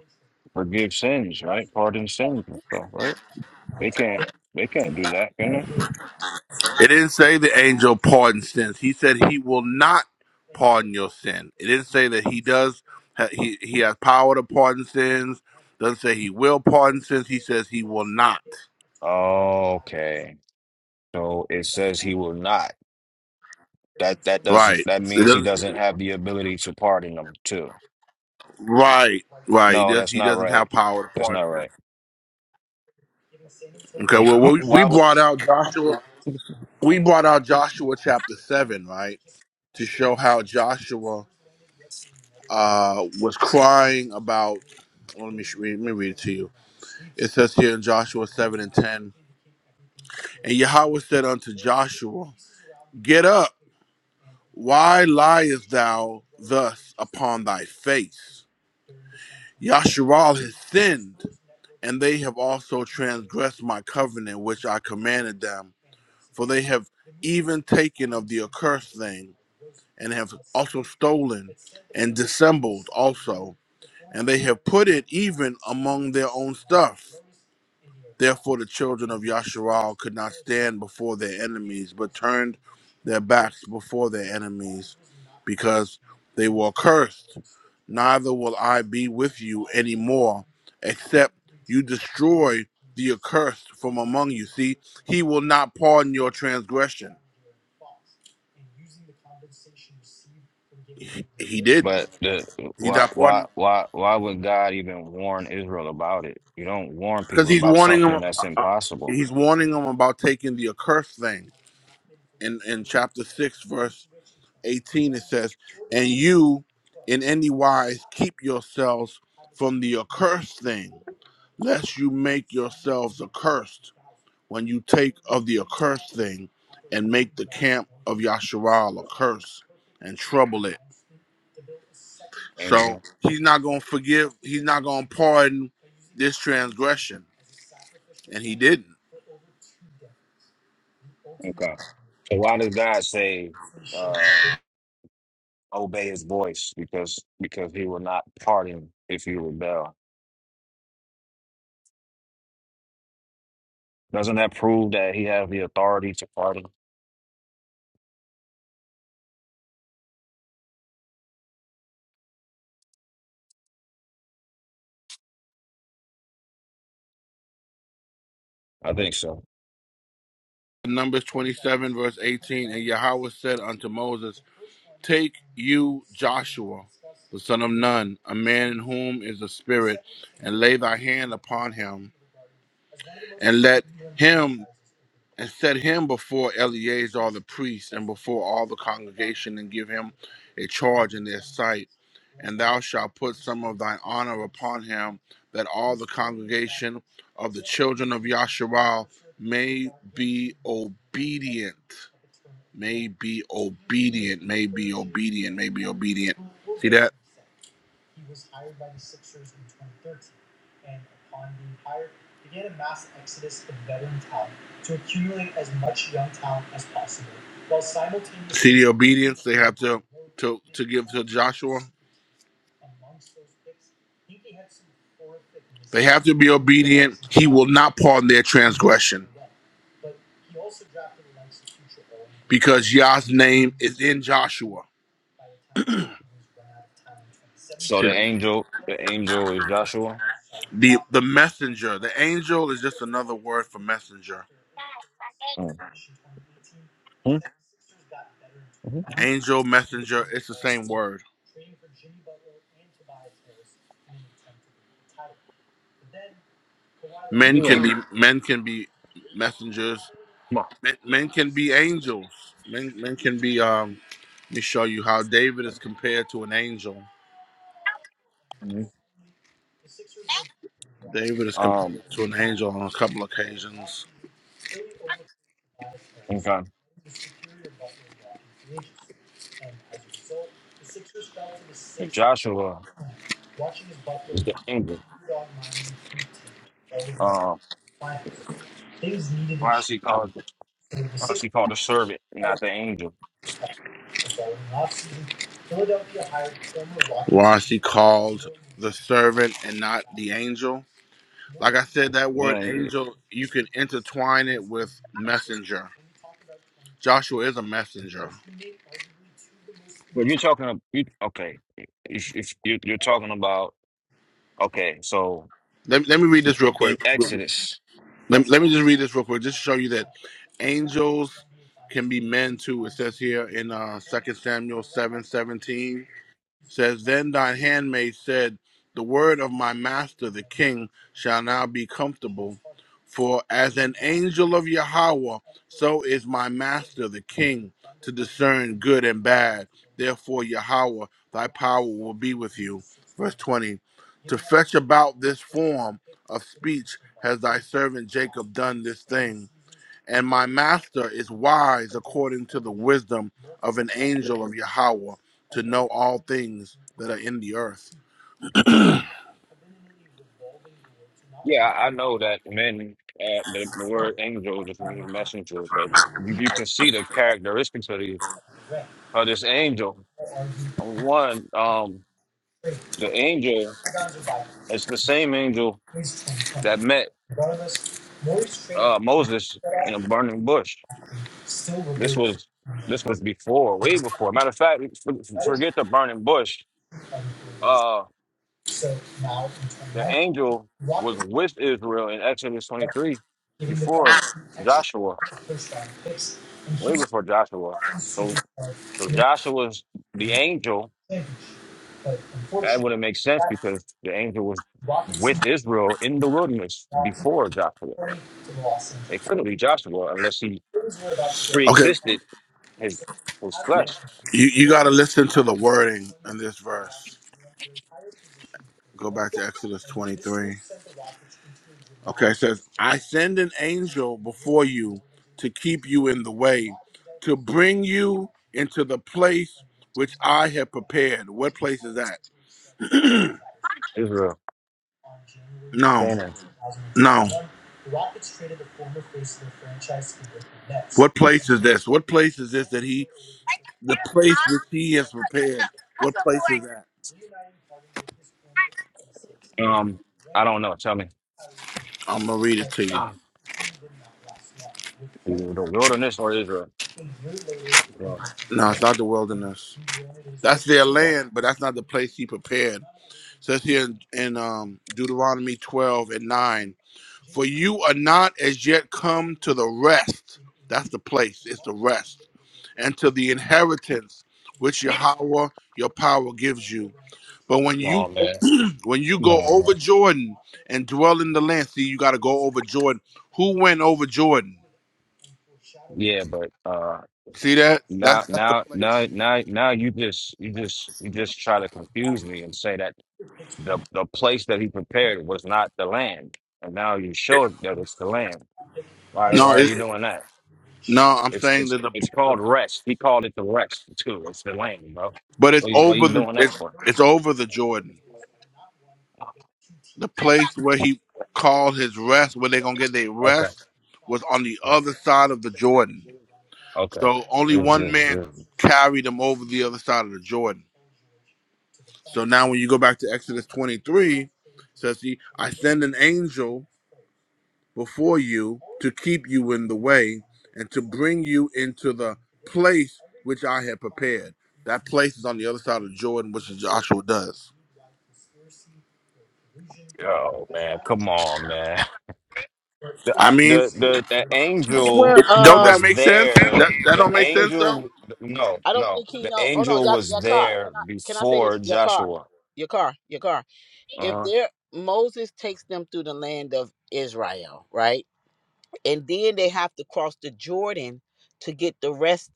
Speaker 6: forgive sins, right? Pardon sins and stuff, right? They can't, they can't do that, can they?
Speaker 2: It didn't say the angel pardons sins. He said he will not pardon your sin. It didn't say that he does. ha- He he has power to pardon sins. Doesn't say he will pardon sins. He says he will not.
Speaker 6: Okay, so it says he will not. That that doesn't.
Speaker 2: Right.
Speaker 6: That
Speaker 2: So It
Speaker 6: means he
Speaker 2: doesn't,
Speaker 6: doesn't have the ability to pardon them too.
Speaker 2: right. Right. He
Speaker 6: No,
Speaker 2: does.
Speaker 6: that's
Speaker 2: He
Speaker 6: not
Speaker 2: doesn't
Speaker 6: right.
Speaker 2: have power to
Speaker 6: That's not
Speaker 2: pardon sins.
Speaker 6: right.
Speaker 2: Okay. Well, we we
Speaker 6: Why would?
Speaker 2: brought out Joshua. We brought out Joshua chapter seven, right, to show how Joshua uh was crying about. Well, Let me sh- read- let me read it to you. It says here in Joshua seven and ten. And Yahweh said unto Joshua, Get up, why liest thou thus upon thy face? Yasharal has sinned, and they have also transgressed my covenant which I commanded them, for they have even taken of the accursed thing, and have also stolen and dissembled also, and they have put it even among their own stuff. Therefore, the children of Yasharal could not stand before their enemies, but turned their backs before their enemies, because they were cursed. Neither will I be with you anymore, except you destroy the accursed from among you. See, he will not pardon your transgression. He, he
Speaker 6: But
Speaker 2: didn't.
Speaker 6: the
Speaker 2: He's
Speaker 6: why
Speaker 2: not
Speaker 6: why
Speaker 2: pardoning
Speaker 6: why why would God even warn Israel about it? You don't warn
Speaker 2: because
Speaker 6: people
Speaker 2: he's
Speaker 6: about
Speaker 2: warning
Speaker 6: something
Speaker 2: him.
Speaker 6: that's impossible.
Speaker 2: He's warning him about taking the accursed thing in in chapter six, verse 18 it says and you in any wise keep yourselves from the accursed thing lest you make yourselves accursed when you take of the accursed thing and make the camp of Yasharal a curse and trouble it
Speaker 6: And
Speaker 2: so he's not going to forgive he's not going to pardon this transgression and he didn't
Speaker 6: Okay. So why does God say, uh, obey his voice? Because because he will not pardon if you rebel. Doesn't that prove that he has the authority to pardon? I think so.
Speaker 2: numbers 27 verse 18 and yahweh said unto moses Take you Joshua, the son of Nun, a man in whom is a spirit, and lay thy hand upon him, and let him and set him before Eleazar the priest and before all the congregation, and give him a charge in their sight. And thou shalt put some of thine honor upon him, that all the congregation of the children of Yasharal may be obedient may be obedient, may be obedient, may be obedient See that? See the obedience they have to to to give to Joshua. They have to be obedient. He will not pardon their transgression, because Yah's name is in Joshua.
Speaker 6: So the angel, the angel is Joshua.
Speaker 2: the The messenger, the angel, is just another word for messenger.
Speaker 6: Mm. Hmm? Mhm.
Speaker 2: Angel, messenger, it's the same word. Men can
Speaker 6: Yeah.
Speaker 2: be men can be messengers.
Speaker 6: Come
Speaker 2: Men, men can be angels. Men, men can be. Um, let me show you how David is compared to an angel.
Speaker 6: on.
Speaker 2: David
Speaker 6: Mhm.
Speaker 2: is
Speaker 6: Um,
Speaker 2: compared to an angel on a couple occasions.
Speaker 6: okay. Joshua is the angel. Um, why is he called? Why is he called a servant, not the angel?
Speaker 2: Why is he called the servant and not the angel? Like I said, that word
Speaker 6: Well,
Speaker 2: angel, you can intertwine it with messenger. Joshua is a messenger.
Speaker 6: you're talking. You, okay, if, if you you're talking about. Okay, so
Speaker 2: Let, let me read this real
Speaker 6: in
Speaker 2: quick.
Speaker 6: Exodus,
Speaker 2: Let, let me just read this real quick, just to show you that angels can be men too. It says here in uh Second Samuel seven seventeen says, Then thine handmaid said, The word of my master the king shall now be comfortable. For as an angel of Yahweh, so is my master the king to discern good and bad. Therefore, Yahweh, thy power will be with you. Verse 20 To fetch about this form of speech has thy servant Jacob done this thing and my master is wise according to the wisdom of an angel of Yahweh to know all things that are in the earth.
Speaker 6: yeah, I I know that men, uh, the, the word angel just means messenger, but you, you can see the characteristics of, the, of this angel. One, um, the angel is the same angel that met uh, Moses in a burning bush. This was this was before, way before. Matter of fact, f- forget the burning bush. Uh, the angel was with Israel in Exodus 23 before Joshua. way before Joshua. So so Joshua's the angel. That wouldn't make sense because the angel was with Israel in the wilderness before Joshua. It couldn't be Joshua unless he
Speaker 2: Okay,
Speaker 6: pre-existed his his flesh.
Speaker 2: you, you got to listen to the wording in this verse. Go back to Exodus 23. Okay, it says, I send an angel before you to keep you in the way, to bring you into the place which I have prepared. What place is that?
Speaker 6: Israel.
Speaker 2: No,
Speaker 6: Canaan.
Speaker 2: no. What place is this? What place is this that he, the place which he has prepared? What place is that?
Speaker 6: Um, I don't know. Tell me.
Speaker 2: I'm going to read it to you.
Speaker 6: Either The wilderness or Israel. Yeah.
Speaker 2: No, it's not the wilderness. That's their
Speaker 6: Come
Speaker 2: land, but that's not the place he prepared. says here in, in um, Deuteronomy 12 and 9. For you are not as yet come to the rest. That's the place, it's the rest. And to the inheritance which Yahweh, your power, gives you. But when you
Speaker 6: on,
Speaker 2: go,
Speaker 6: man.
Speaker 2: when you go
Speaker 6: No,
Speaker 2: over
Speaker 6: man.
Speaker 2: Jordan and dwell in the land, see, you got to go over Jordan. Who went over Jordan?
Speaker 6: Yeah, but uh
Speaker 2: See that?
Speaker 6: Now,
Speaker 2: That's that's the
Speaker 6: now, now,
Speaker 2: place.
Speaker 6: now, now you just, you just, you just try to confuse me and say that the the place that he prepared was not the land, and now you showed that it's the land. Why, why
Speaker 2: No,
Speaker 6: are
Speaker 2: it,
Speaker 6: you doing that?
Speaker 2: no, I'm
Speaker 6: It's
Speaker 2: saying
Speaker 6: it's
Speaker 2: that the,
Speaker 6: it's
Speaker 2: the
Speaker 6: called rest. He called it the rest too. It's the land, bro.
Speaker 2: but it's
Speaker 6: What you, what
Speaker 2: over
Speaker 6: you
Speaker 2: the
Speaker 6: doing that
Speaker 2: it's
Speaker 6: for?
Speaker 2: it's over the Jordan. The place where he called his rest, where they're gonna get their
Speaker 6: Okay,
Speaker 2: rest, was on the
Speaker 6: all right,
Speaker 2: other side of the Jordan.
Speaker 6: okay.
Speaker 2: So only
Speaker 6: This, this,
Speaker 2: one man
Speaker 6: this.
Speaker 2: carried them over the other side of the Jordan. So now when you go back to Exodus 23, it says he, I send an angel before you to keep you in the way and to bring you into the place which I had prepared. That place is on the other side of Jordan, which is Joshua does.
Speaker 6: Oh man, come on, man. the
Speaker 2: I
Speaker 6: I-
Speaker 2: mean,
Speaker 6: the the the
Speaker 3: That's where
Speaker 6: angel
Speaker 2: it- don't that
Speaker 6: was
Speaker 3: um
Speaker 2: make sense? That
Speaker 6: there.
Speaker 2: that
Speaker 6: The
Speaker 2: don't
Speaker 3: that's
Speaker 2: make
Speaker 3: the
Speaker 2: sense
Speaker 3: land.
Speaker 2: though.
Speaker 6: angel, no,
Speaker 3: I don't
Speaker 6: no,
Speaker 3: think he
Speaker 6: the
Speaker 3: know. Hold on,
Speaker 6: angel
Speaker 3: your,
Speaker 6: was
Speaker 3: car. Can
Speaker 6: there
Speaker 3: I can I say
Speaker 6: before
Speaker 3: this? Your car,
Speaker 6: Joshua.
Speaker 3: your car, your car. If
Speaker 6: Uh-huh.
Speaker 3: there, Moses takes them through the land of Israel, right, and then they have to cross the Jordan to get the rest,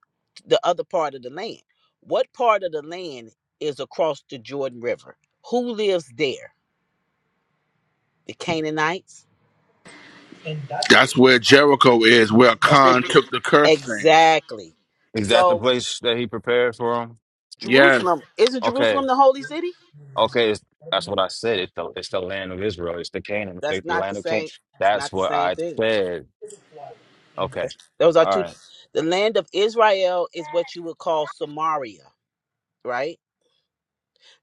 Speaker 3: the other part of the land. What part of the land is across the Jordan River? Who lives there? The Canaanites.
Speaker 2: That's where Jericho is, where
Speaker 3: That's what.
Speaker 2: Khan
Speaker 3: Ju-
Speaker 2: took the curse thing.
Speaker 3: Exactly.
Speaker 6: Is that the
Speaker 3: So
Speaker 6: place that he prepared for him?
Speaker 2: Yes.
Speaker 3: Jerusalem isn't
Speaker 6: Okay,
Speaker 3: Jerusalem the holy city?
Speaker 6: okay, it's, that's what I said. It's the it's the land of Israel. It's the Canaan, the,
Speaker 3: That's
Speaker 6: the
Speaker 3: not the
Speaker 6: land of Canaan.
Speaker 3: same. It's
Speaker 6: That's
Speaker 3: not the
Speaker 6: what
Speaker 3: same
Speaker 6: I
Speaker 3: thing.
Speaker 6: said. Okay,
Speaker 3: Those are
Speaker 6: all
Speaker 3: two.
Speaker 6: right.
Speaker 3: The land of Israel is what you would call Samaria, right?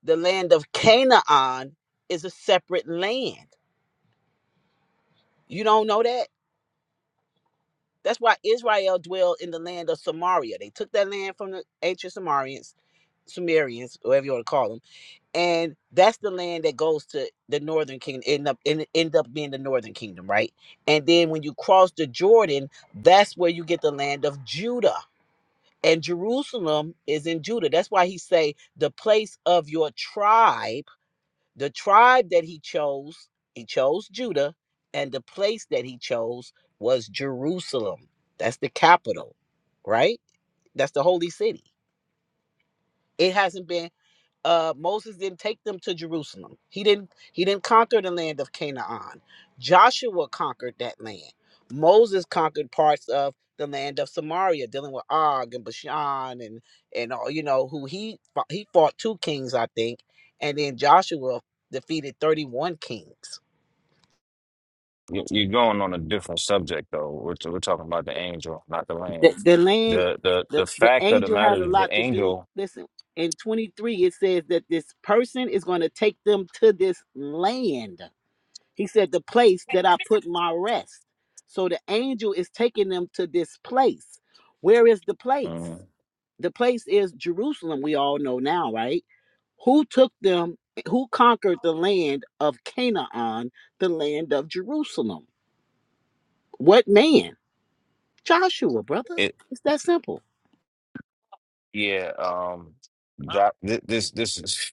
Speaker 3: The land of Canaan is a separate land. You don't know that? That's why Israel dwelled in the land of Samaria. They took that land from the ancient Samarians, Sumerians, whatever you want to call them, and that's the land that goes to the northern kingdom, end up end, end up being the northern kingdom, right? And then when you cross the Jordan, that's where you get the land of Judah and Jerusalem is in Judah. That's why he say the place of your tribe, the tribe that he chose, he chose Judah, and the place that he chose was Jerusalem. That's the capital, right? That's the holy city. It hasn't been uh, Moses didn't take them to Jerusalem. He didn't he didn't conquer the land of Canaan. Joshua conquered that land. Moses conquered parts of the land of Samaria, dealing with Og and Bashan and and all you know who he fought, he fought two kings, I think, and then Joshua defeated thirty one kings.
Speaker 6: You, you're going on a different subject though. We're t- we're talking about the angel, not the
Speaker 3: The,
Speaker 6: land.
Speaker 3: the land,
Speaker 6: The the
Speaker 3: the
Speaker 6: the
Speaker 3: the
Speaker 6: fact of the
Speaker 3: angel has
Speaker 6: matter
Speaker 3: a
Speaker 6: is the
Speaker 3: lot to do.
Speaker 6: angel.
Speaker 3: Listen, in twenty three it says that this person is going to take them to this land He said, The place that I put my rest. So the angel is taking them to this place. Where is the place?
Speaker 6: Mhm.
Speaker 3: The place is Jerusalem, we all know now, right? Who took them, who conquered the land of Canaan, the land of Jerusalem? What man? Joshua, brother. It's that simple.
Speaker 6: Yeah, um, Jo- thi- this this is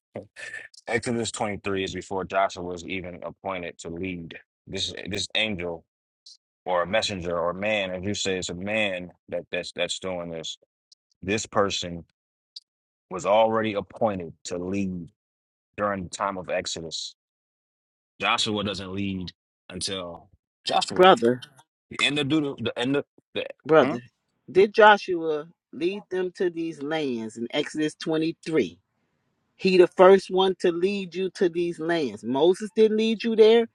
Speaker 6: Exodus 23 is before Joshua was even appointed to lead. This this angel or a messenger or man, as you say, it's a man that that's that's doing this. This person was already appointed to lead during the time of Exodus. Joshua doesn't lead until Joshua.
Speaker 3: Brother,
Speaker 6: The end of Deuter the end of the hmm?
Speaker 3: brother, did Joshua lead them to these lands in Exodus 23? He the first one to lead you to these lands. Moses didn't lead you there.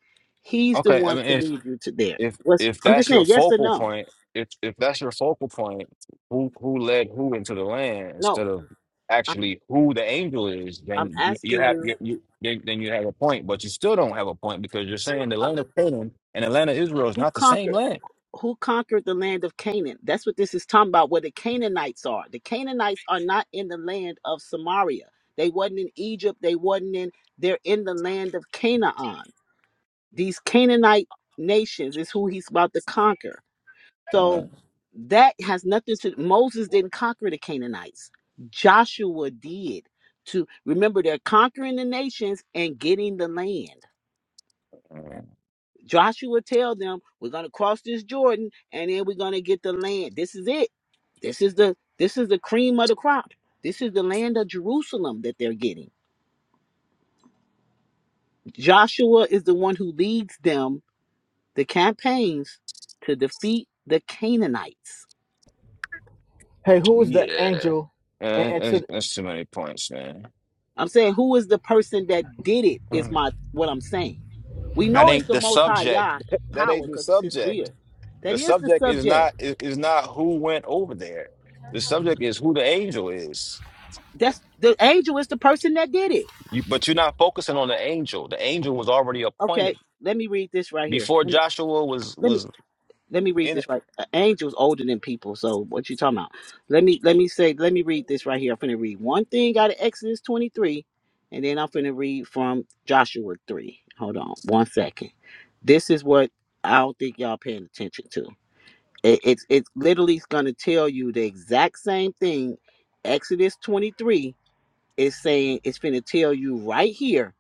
Speaker 3: He's the
Speaker 6: Okay, I
Speaker 3: one to
Speaker 6: mean
Speaker 3: lead you to there.
Speaker 6: if
Speaker 3: What's
Speaker 6: if
Speaker 3: I'm just
Speaker 6: that's your
Speaker 3: saying, yes or
Speaker 6: focal
Speaker 3: no?
Speaker 6: point, if if that's your focal point, who who led who into the land
Speaker 3: No,
Speaker 6: instead of
Speaker 3: I'm
Speaker 6: actually who the angel is,
Speaker 3: I'm
Speaker 6: then you, you
Speaker 3: asking
Speaker 6: have
Speaker 3: you,
Speaker 6: you, you then, then you have a point, but you still don't have a point because you're saying the
Speaker 3: uh,
Speaker 6: land of Canaan and the land of Israel is
Speaker 3: who
Speaker 6: not the same
Speaker 3: conquered
Speaker 6: land.
Speaker 3: who conquered the land of Canaan? That's what this is talking about. Where the Canaanites are. The Canaanites are not in the land of Samaria. They wasn't in Egypt. They wasn't in. They're in the land of Canaan. These Canaanite nations is who he's about to conquer.
Speaker 6: Uh,
Speaker 3: So that has nothing to Moses didn't conquer the Canaanites. Joshua did. To remember they're conquering the nations and getting the land.
Speaker 6: uh,
Speaker 3: Joshua tell them, we're going to cross this Jordan and then we're going to get the land. This is it. This is the this is the cream of the crop. This is the land of Jerusalem that they're getting. Joshua is the one who leads them the campaigns to defeat the Canaanites.
Speaker 5: Hey, who is the
Speaker 6: yeah,
Speaker 5: angel in
Speaker 6: Uh, that's,
Speaker 5: Exodus?
Speaker 6: that's too many points, man.
Speaker 3: I'm saying who is the person that did it is
Speaker 6: Mm.
Speaker 3: my what I'm saying. We
Speaker 6: That
Speaker 3: know it's
Speaker 6: ain't
Speaker 3: the
Speaker 6: the
Speaker 3: most high
Speaker 6: subject.
Speaker 3: Yah p-
Speaker 6: That
Speaker 3: power
Speaker 6: ain't the
Speaker 3: because it's his
Speaker 6: subject.
Speaker 3: will. That
Speaker 6: The
Speaker 3: is the
Speaker 6: subject is
Speaker 3: subject.
Speaker 6: not is is not who went over there. The subject is who the angel is.
Speaker 3: That's the angel is the person that did it.
Speaker 6: You, but you're not focusing on the angel. The angel was already
Speaker 3: Okay,
Speaker 6: appointed
Speaker 3: let me read this right here.
Speaker 6: before
Speaker 3: Let me
Speaker 6: Joshua was
Speaker 3: let me,
Speaker 6: was
Speaker 3: let me read
Speaker 6: in.
Speaker 3: this right. An angel's older than people, so what you talking about? Let me let me say let me read this right here. I'm finna read one thing out of Exodus 23, and then I'm finna read from Joshua 3. Hold on one second. This is what I don't think y'all paying attention to. It, it's it's literally going to tell you the exact same thing. Exodus 23 is saying it's going to tell you right here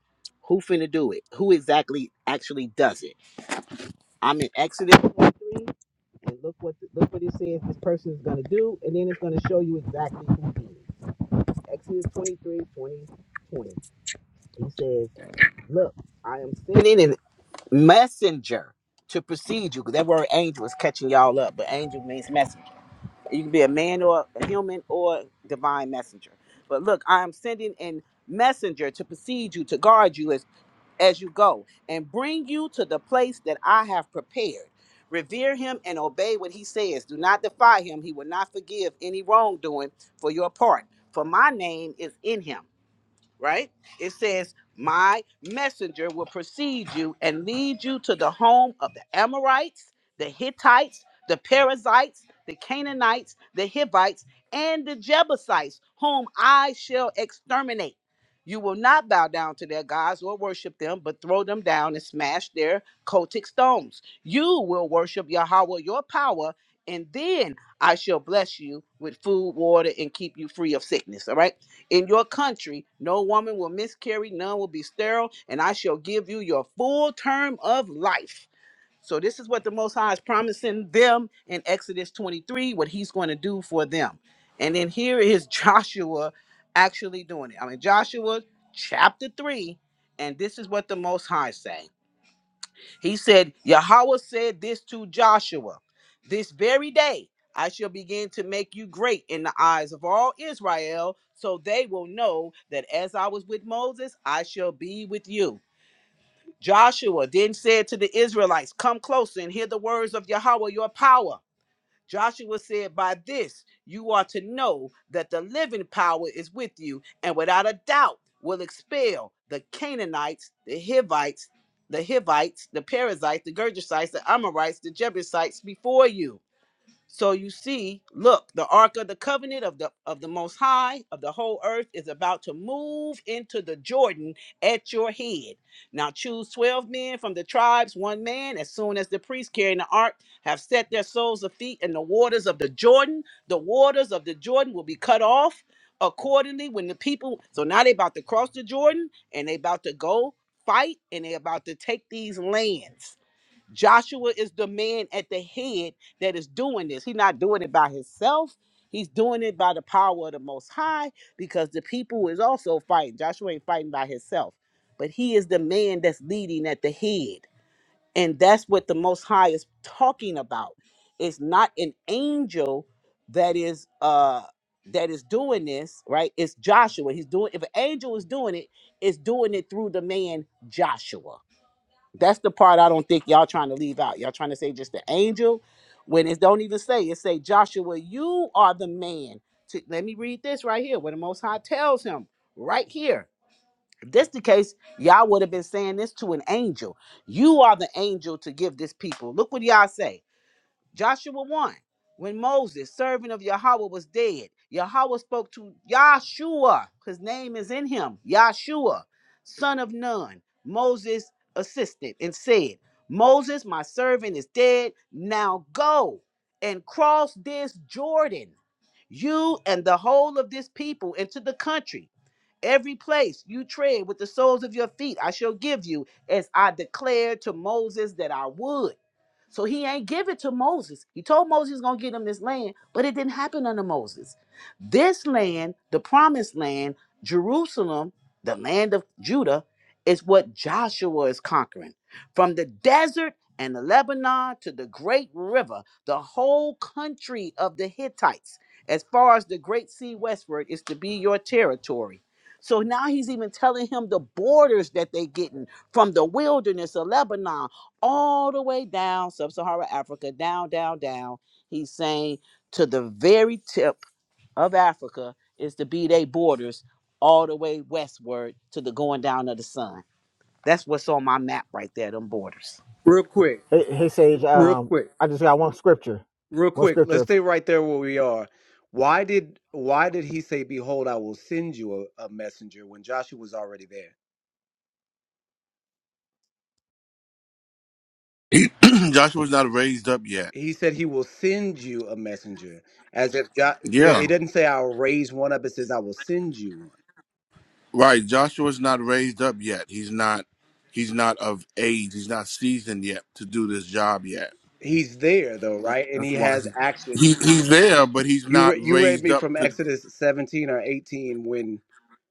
Speaker 3: who finna do it, who exactly actually does it. I'm in Exodus 23, and look what the, look what it says this person is going to do, and then it's going to show you exactly who did it. Exodus 23, twenty, twenty. He says, "Look, I am sending a messenger." To precede you, because that word angel is catching y'all up, but angel means messenger. You can be a man or a human or divine messenger. But look, I am sending in messenger to precede you, to guard you as, as you go, and bring you to the place that I have prepared. Revere him and obey what he says. Do not defy him. He will not forgive any wrongdoing for your part, for my name is in him right? It says, My messenger will precede you and lead you to the home of the Amorites, the Hittites, the Perizzites, the Canaanites, the Hivites, and the Jebusites, whom I shall exterminate. You will not bow down to their gods or worship them, but throw them down and smash their cultic stones. You will worship Yahweh, your power, and then I shall bless you with food, water, and keep you free of sickness. All right in your country. No woman will miscarry, none will be sterile, and I shall give you your full term of life. So, this is what the Most High is promising them in Exodus 23, what he's going to do for them. And then here is Joshua actually doing it. I mean, Joshua chapter 3, and this is what the Most High is saying. He said, Yahweh said this to Joshua This very day I shall begin to make you great in the eyes of all Israel, so they will know that as I was with Moses, I shall be with you. Joshua then said to the Israelites, Come closer and hear the words of Yahweh, your power. Joshua said, By this you are to know that the living power is with you, and without a doubt will expel the Canaanites, the Hivites, the Hivites, the Perizzites, the Gergesites, the Amorites, the Jebusites before you. So you see, look, the ark of the covenant of the of the most high of the whole earth is about to move into the Jordan at your head. Now choose 12 men from the tribes, one man, as soon as the priests carrying the ark have set their soles of feet in the waters of the Jordan, the waters of the Jordan will be cut off accordingly when the people so now they about to cross the Jordan and they about to go fight and they about to take these lands. Joshua is the man at the head that is doing this. He's not doing it by himself. He's doing it by the power of the Most High because the people is also fighting. Joshua ain't fighting by himself, but he is the man that's leading at the head. And that's what the Most High is talking about. It's not an angel that is uh that is doing this, right? It's Joshua. He's doing if an angel is doing it, it's doing it through the man Joshua that's the part I don't think y'all trying to leave out. Y'all trying to say just the angel when it don't even say it say Joshua, you are the man. To, let me read this right here. What the Most High tells him right here. If this the case, y'all would have been saying this to an angel. You are the angel to give this people. Look what y'all say. Joshua 1, when Moses, servant of Yahweh, was dead, Yahweh spoke to Yahshua, his name is in him, Yahshua, son of Nun, Moses' assistant, and said, Moses, my servant, is dead. Now go and cross this Jordan, you and the whole of this people, into the country Every place you tread with the soles of your feet, I shall give you, as I declared to Moses that I would. So he ain't give it to Moses. He told Moses he's gonna get him this land, but it didn't happen under Moses. This land, the promised land, Jerusalem, the land of Judah, is what Joshua is conquering. From the desert and the Lebanon to the great river, the whole country of the Hittites, as far as the great sea westward, is to be your territory. So now he's even telling him the borders that they're getting from the wilderness of Lebanon all the way down sub Saharan Africa, down, down, down. He's saying to the very tip of Africa is to be their borders all the way westward to the going down of the sun. That's what's on my map right there, them borders.
Speaker 7: Real quick,
Speaker 5: Hey, hey Sage.
Speaker 7: real
Speaker 5: Um,
Speaker 7: quick,
Speaker 5: I just got one scripture.
Speaker 7: real
Speaker 5: One
Speaker 7: quick. Let's
Speaker 5: scripture
Speaker 7: stay right there where we are. Why did why did he say, "Behold, I will send you a, a messenger" when Joshua was already there?
Speaker 2: He, Joshua's not raised up yet.
Speaker 7: He said he will send you a messenger, as if jo- yeah, it
Speaker 2: Yeah.
Speaker 7: doesn't say I'll raise one up. It says I will send you one.
Speaker 2: Right. Joshua's not raised up yet. He's not he's not of age. He's not seasoned yet to do this job yet.
Speaker 7: He's there though, right? And
Speaker 2: That's
Speaker 7: he
Speaker 2: why
Speaker 7: has
Speaker 2: he,
Speaker 7: action.
Speaker 2: he he's there, but he's
Speaker 7: You
Speaker 2: not
Speaker 7: re- you read
Speaker 2: raised
Speaker 7: me
Speaker 2: up
Speaker 7: from
Speaker 2: to
Speaker 7: Exodus seventeen or eighteen when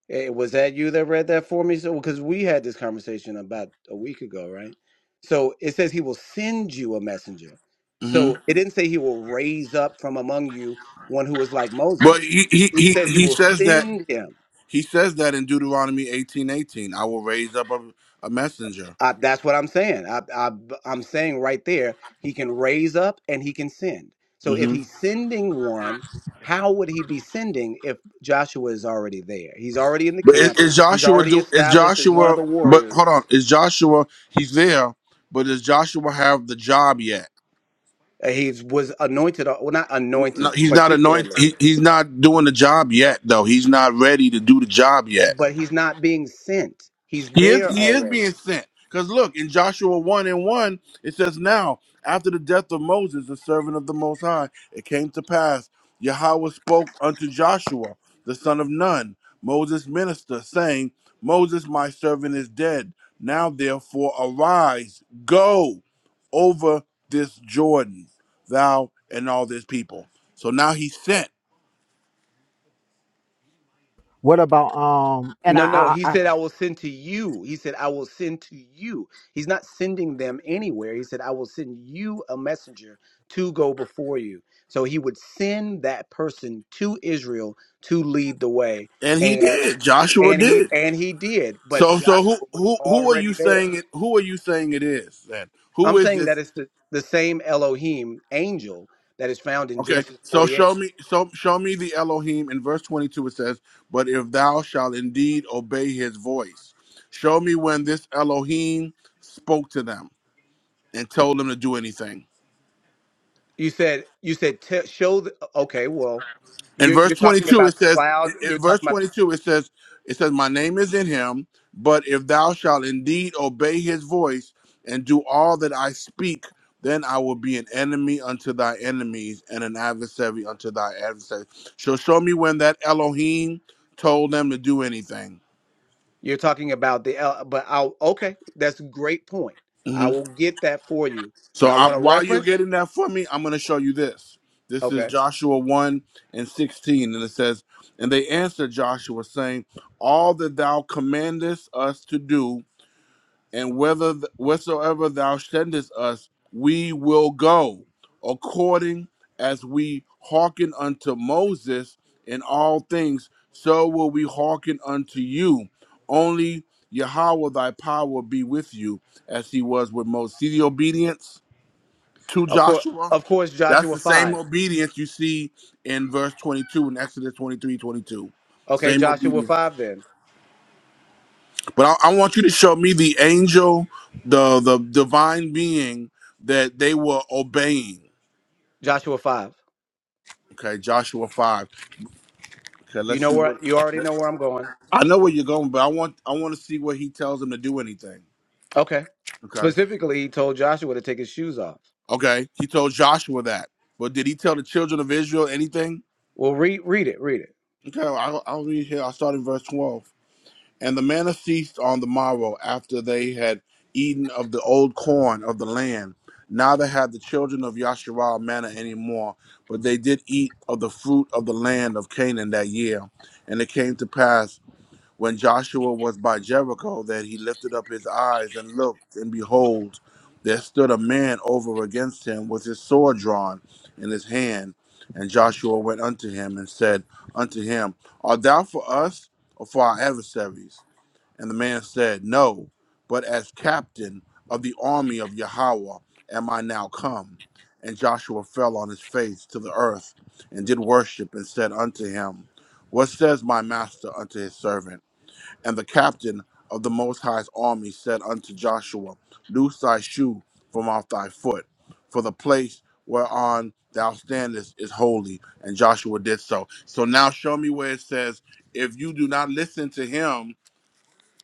Speaker 7: Hey, was that you that read that for me? So, because we had this conversation about a week ago, right? So it says he will send you a messenger.
Speaker 2: hmm
Speaker 7: So it didn't say he will raise up from among you one who is like
Speaker 2: But
Speaker 7: Moses.
Speaker 2: he, he,
Speaker 7: He
Speaker 2: he,
Speaker 7: said he
Speaker 2: he
Speaker 7: will
Speaker 2: says that
Speaker 7: send him.
Speaker 2: he says that in Deuteronomy eighteen eighteen. I will raise up a, a messenger.
Speaker 7: Uh, that's what I'm saying. I, I, I'm saying right there, he can raise up and he can send. So if he's sending one, how would he be sending if Joshua is already there? He's already in the
Speaker 2: But is,
Speaker 7: camp.
Speaker 2: is
Speaker 7: He's
Speaker 2: Joshua
Speaker 7: already
Speaker 2: do? Is
Speaker 7: established as one of
Speaker 2: Joshua?
Speaker 7: the
Speaker 2: But
Speaker 7: warriors
Speaker 2: hold on, is Joshua? He's there, but does Joshua have the job yet?
Speaker 7: Uh, He was anointed, uh, well, not
Speaker 2: No,
Speaker 7: anointed
Speaker 2: he's not anointed.
Speaker 7: particularly,
Speaker 2: He, he's not doing the job yet, though. He's not ready to do the job yet.
Speaker 7: but he's not being sent. He's
Speaker 2: He is
Speaker 7: there
Speaker 2: he is being
Speaker 7: already.
Speaker 2: sent. Because look, in Joshua 1 and 1, it says, Now, after the death of Moses, the servant of the Most High, it came to pass, Yahweh spoke unto Joshua, the son of Nun, Moses' minister, saying, Moses, my servant, is dead. Now, therefore, arise, go over this Jordan, thou and all this people. So now he sent,
Speaker 5: What about um? And I,
Speaker 7: No, no,
Speaker 5: I,
Speaker 7: he
Speaker 5: I
Speaker 7: said, I will send to you. He said, I will send to you. He's not sending them anywhere. He said, I will send you a messenger to go before you. So he would send that person to Israel to lead the way.
Speaker 2: and he
Speaker 7: And
Speaker 2: did. Joshua
Speaker 7: and he
Speaker 2: did.
Speaker 7: and he did, but
Speaker 2: So so
Speaker 7: Joshua
Speaker 2: who
Speaker 7: was
Speaker 2: who who are
Speaker 7: already
Speaker 2: you
Speaker 7: there.
Speaker 2: saying it who are you saying it is then? Who
Speaker 7: I'm
Speaker 2: is
Speaker 7: saying that
Speaker 2: this?
Speaker 7: it's the, the same Elohim angel that is found in
Speaker 2: Okay,
Speaker 7: Genesis
Speaker 2: so
Speaker 7: 48.
Speaker 2: show me so show me the Elohim in verse 22 it says, "But if thou shalt indeed obey his voice, show me when this Elohim spoke to them and told them to do anything."
Speaker 7: You said you said t- show the okay. Well,
Speaker 2: in
Speaker 7: you're
Speaker 2: verse
Speaker 7: you're talking
Speaker 2: 22
Speaker 7: about
Speaker 2: it
Speaker 7: the
Speaker 2: says in
Speaker 7: cloud. You're
Speaker 2: verse
Speaker 7: talking about
Speaker 2: 22 it says it says my name is in him but if thou shalt indeed obey his voice and do all that i speak then i will be an enemy unto thy enemies and an adversary unto thy adversaries so show me when that elohim told them to do anything
Speaker 7: you're talking about the El- but I'll okay. That's a great point. I
Speaker 2: Mm-hmm.
Speaker 7: will get that for you.
Speaker 2: So
Speaker 7: But I
Speaker 2: I,
Speaker 7: want a
Speaker 2: while you're
Speaker 7: reference.
Speaker 2: getting that for me, I'm going to show you this. This is
Speaker 7: Okay.
Speaker 2: Joshua 1 and 16. And it says, And they answered Joshua, saying, All that thou commandest us to do, and whether wheresoever thou sendest us, we will go, according as we hearken unto Moses in all things, so will we hearken unto you. Only Yahweh thy power be with you, as he was with Moses. See the obedience? to
Speaker 7: Of course,
Speaker 2: Joshua.
Speaker 7: of course,
Speaker 2: That's
Speaker 7: Joshua
Speaker 2: the same
Speaker 7: five.
Speaker 2: obedience you see in verse 22 in Exodus 23, 22.
Speaker 7: Okay,
Speaker 2: Same
Speaker 7: Joshua
Speaker 2: obedience.
Speaker 7: five. Then
Speaker 2: But I, I want you to show me the angel, the, the divine being that they were obeying.
Speaker 7: Joshua five.
Speaker 2: Okay, Joshua 5. Okay,
Speaker 7: You
Speaker 2: let's
Speaker 7: know
Speaker 2: see
Speaker 7: where
Speaker 2: what.
Speaker 7: you already
Speaker 2: let-
Speaker 7: know where I'm going.
Speaker 2: I know where you're going, but I want I want to see what he tells them to do anything.
Speaker 7: Okay.
Speaker 2: Okay.
Speaker 7: Specifically, he told Joshua to take his shoes off.
Speaker 2: Okay. He told Joshua that. But did he tell the children of Israel anything?
Speaker 7: Well, read read it. Read it.
Speaker 2: Okay, I'll, I'll read here. I'll start in verse 12. And the manna ceased on the morrow after they had eaten of the old corn of the land. Neither had the children of Yasharal manna any more, but they did eat of the fruit of the land of Canaan that year. And it came to pass when Joshua was by Jericho that he lifted up his eyes and looked, and behold, there stood a man over against him with his sword drawn in his hand. And Joshua went unto him and said unto him, Art thou for us or for our adversaries? And the man said, No, but as captain of the army of Yahweh am I now come. And Joshua fell on his face to the earth and did worship and said unto him, What says my master unto his servant? And the captain of the Most High's army said unto Joshua, Loose thy shoe from off thy foot, for the place whereon thou standest is holy. And Joshua did so. So now show me where it says, If you do not listen to him,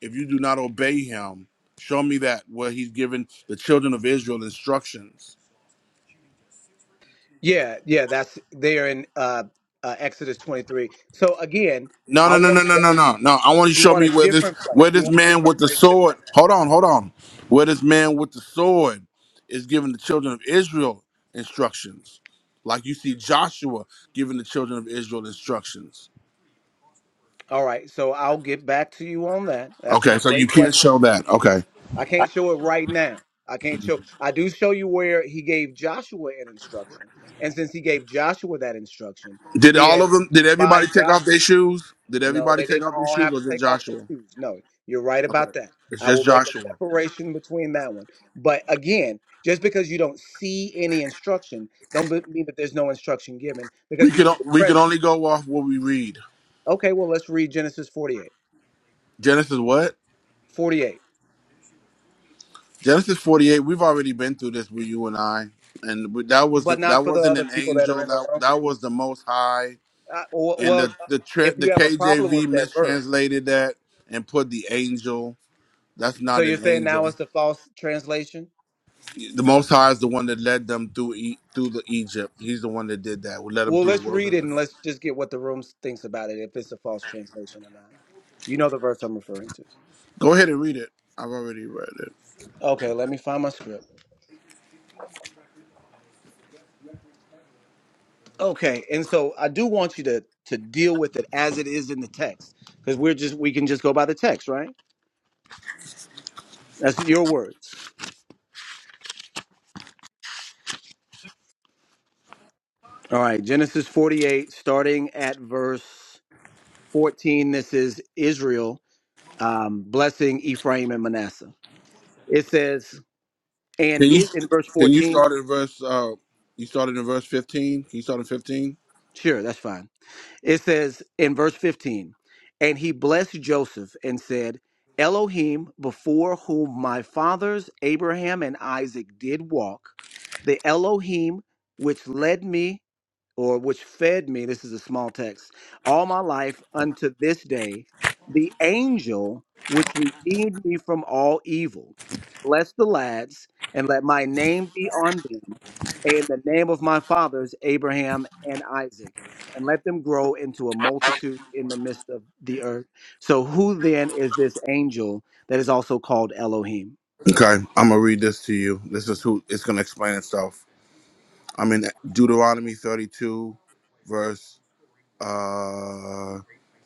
Speaker 2: if you do not obey him, show me that where he's given the children of Israel instructions.
Speaker 7: Yeah, yeah, that's there in uh, uh, Exodus 23. So again,
Speaker 2: No,
Speaker 7: I
Speaker 2: no, no,
Speaker 7: want
Speaker 2: no, no, no, no, no. I want you to
Speaker 7: you
Speaker 2: show
Speaker 7: want a
Speaker 2: me where this
Speaker 7: different place.
Speaker 2: where
Speaker 7: You
Speaker 2: this
Speaker 7: want a
Speaker 2: man
Speaker 7: different
Speaker 2: with the
Speaker 7: place than that.
Speaker 2: sword. Hold on, hold on. Where this man with the sword is giving the children of Israel instructions, like you see Joshua giving the children of Israel instructions.
Speaker 7: All right, so I'll get back to you on that. That's a
Speaker 2: Okay, so you
Speaker 7: great
Speaker 2: can't
Speaker 7: question.
Speaker 2: show that. Okay.
Speaker 7: I can't show it right now. I can't show. I do show you where he gave Joshua an instruction, and since he gave Joshua that instruction,
Speaker 2: Did all
Speaker 7: then
Speaker 2: of them? Did
Speaker 7: by
Speaker 2: everybody take
Speaker 7: Joshua.
Speaker 2: off their shoes? Did
Speaker 7: No,
Speaker 2: everybody
Speaker 7: they
Speaker 2: take
Speaker 7: didn't
Speaker 2: off their
Speaker 7: all have
Speaker 2: shoes,
Speaker 7: to
Speaker 2: or just
Speaker 7: take off their
Speaker 2: Joshua?
Speaker 7: shoes. No, you're right
Speaker 2: Okay,
Speaker 7: about that.
Speaker 2: it's
Speaker 7: I
Speaker 2: just
Speaker 7: will make a
Speaker 2: Joshua.
Speaker 7: separation between that one. But again, just because you don't see any instruction, don't be- mean that there's no instruction given
Speaker 2: We
Speaker 7: because you
Speaker 2: could
Speaker 7: see
Speaker 2: o-
Speaker 7: the
Speaker 2: we could
Speaker 7: present.
Speaker 2: only go off what we read.
Speaker 7: Okay, well, let's read Genesis 48.
Speaker 2: Genesis what?
Speaker 7: 48.
Speaker 2: Genesis forty eight. We've already been through this with you and I, and we- that was the,
Speaker 7: But not
Speaker 2: that
Speaker 7: for the
Speaker 2: wasn't
Speaker 7: other
Speaker 2: an
Speaker 7: people that are
Speaker 2: angel.
Speaker 7: in the
Speaker 2: That
Speaker 7: room.
Speaker 2: that was the Most High,
Speaker 7: Uh, w-
Speaker 2: and
Speaker 7: well,
Speaker 2: the
Speaker 7: uh,
Speaker 2: the tra-
Speaker 7: if
Speaker 2: the
Speaker 7: you have a problem with
Speaker 2: KJV
Speaker 7: that verse,
Speaker 2: mistranslated that and put the angel. That's
Speaker 7: so
Speaker 2: not
Speaker 7: you're
Speaker 2: an
Speaker 7: saying now
Speaker 2: angel.
Speaker 7: it's the false translation?
Speaker 2: The Most High is the one that led them through e- through the Egypt. He's the one that did that. We led them
Speaker 7: Well,
Speaker 2: through the
Speaker 7: let's read
Speaker 2: wilderness.
Speaker 7: it and let's just get what the room thinks about it, if it's a false translation or not. You know the verse I'm referring to.
Speaker 2: Go ahead and read it. I've already read it.
Speaker 7: Okay, let me find my script. Okay, and so I do want you to to deal with it as it is in the text, because we're just we can just go by the text, right? That's your words. All right, Genesis forty eight, starting at verse fourteen. This is Israel um, blessing Ephraim and Manasseh. It says, and
Speaker 2: Can you
Speaker 7: is in verse
Speaker 2: can you
Speaker 7: fourteen.
Speaker 2: start in verse? Uh, you started in verse fifteen. Can you start in fifteen?
Speaker 7: Sure, that's fine. It says in verse 15, and he blessed Joseph and said, Elohim, before whom my fathers Abraham and Isaac did walk, the Elohim which led me or which fed me, this is a small text, all my life unto this day, the angel which redeemed me from all evil. Bless the lads, and let my name be on them, and the name of my fathers, Abraham and Isaac, and let them grow into a multitude in the midst of the earth. So, who then is this angel that is also called Elohim?
Speaker 2: Okay, I'm gonna read this to you. This is who it's gonna explain itself. I'm in Deuteronomy 32, verse uh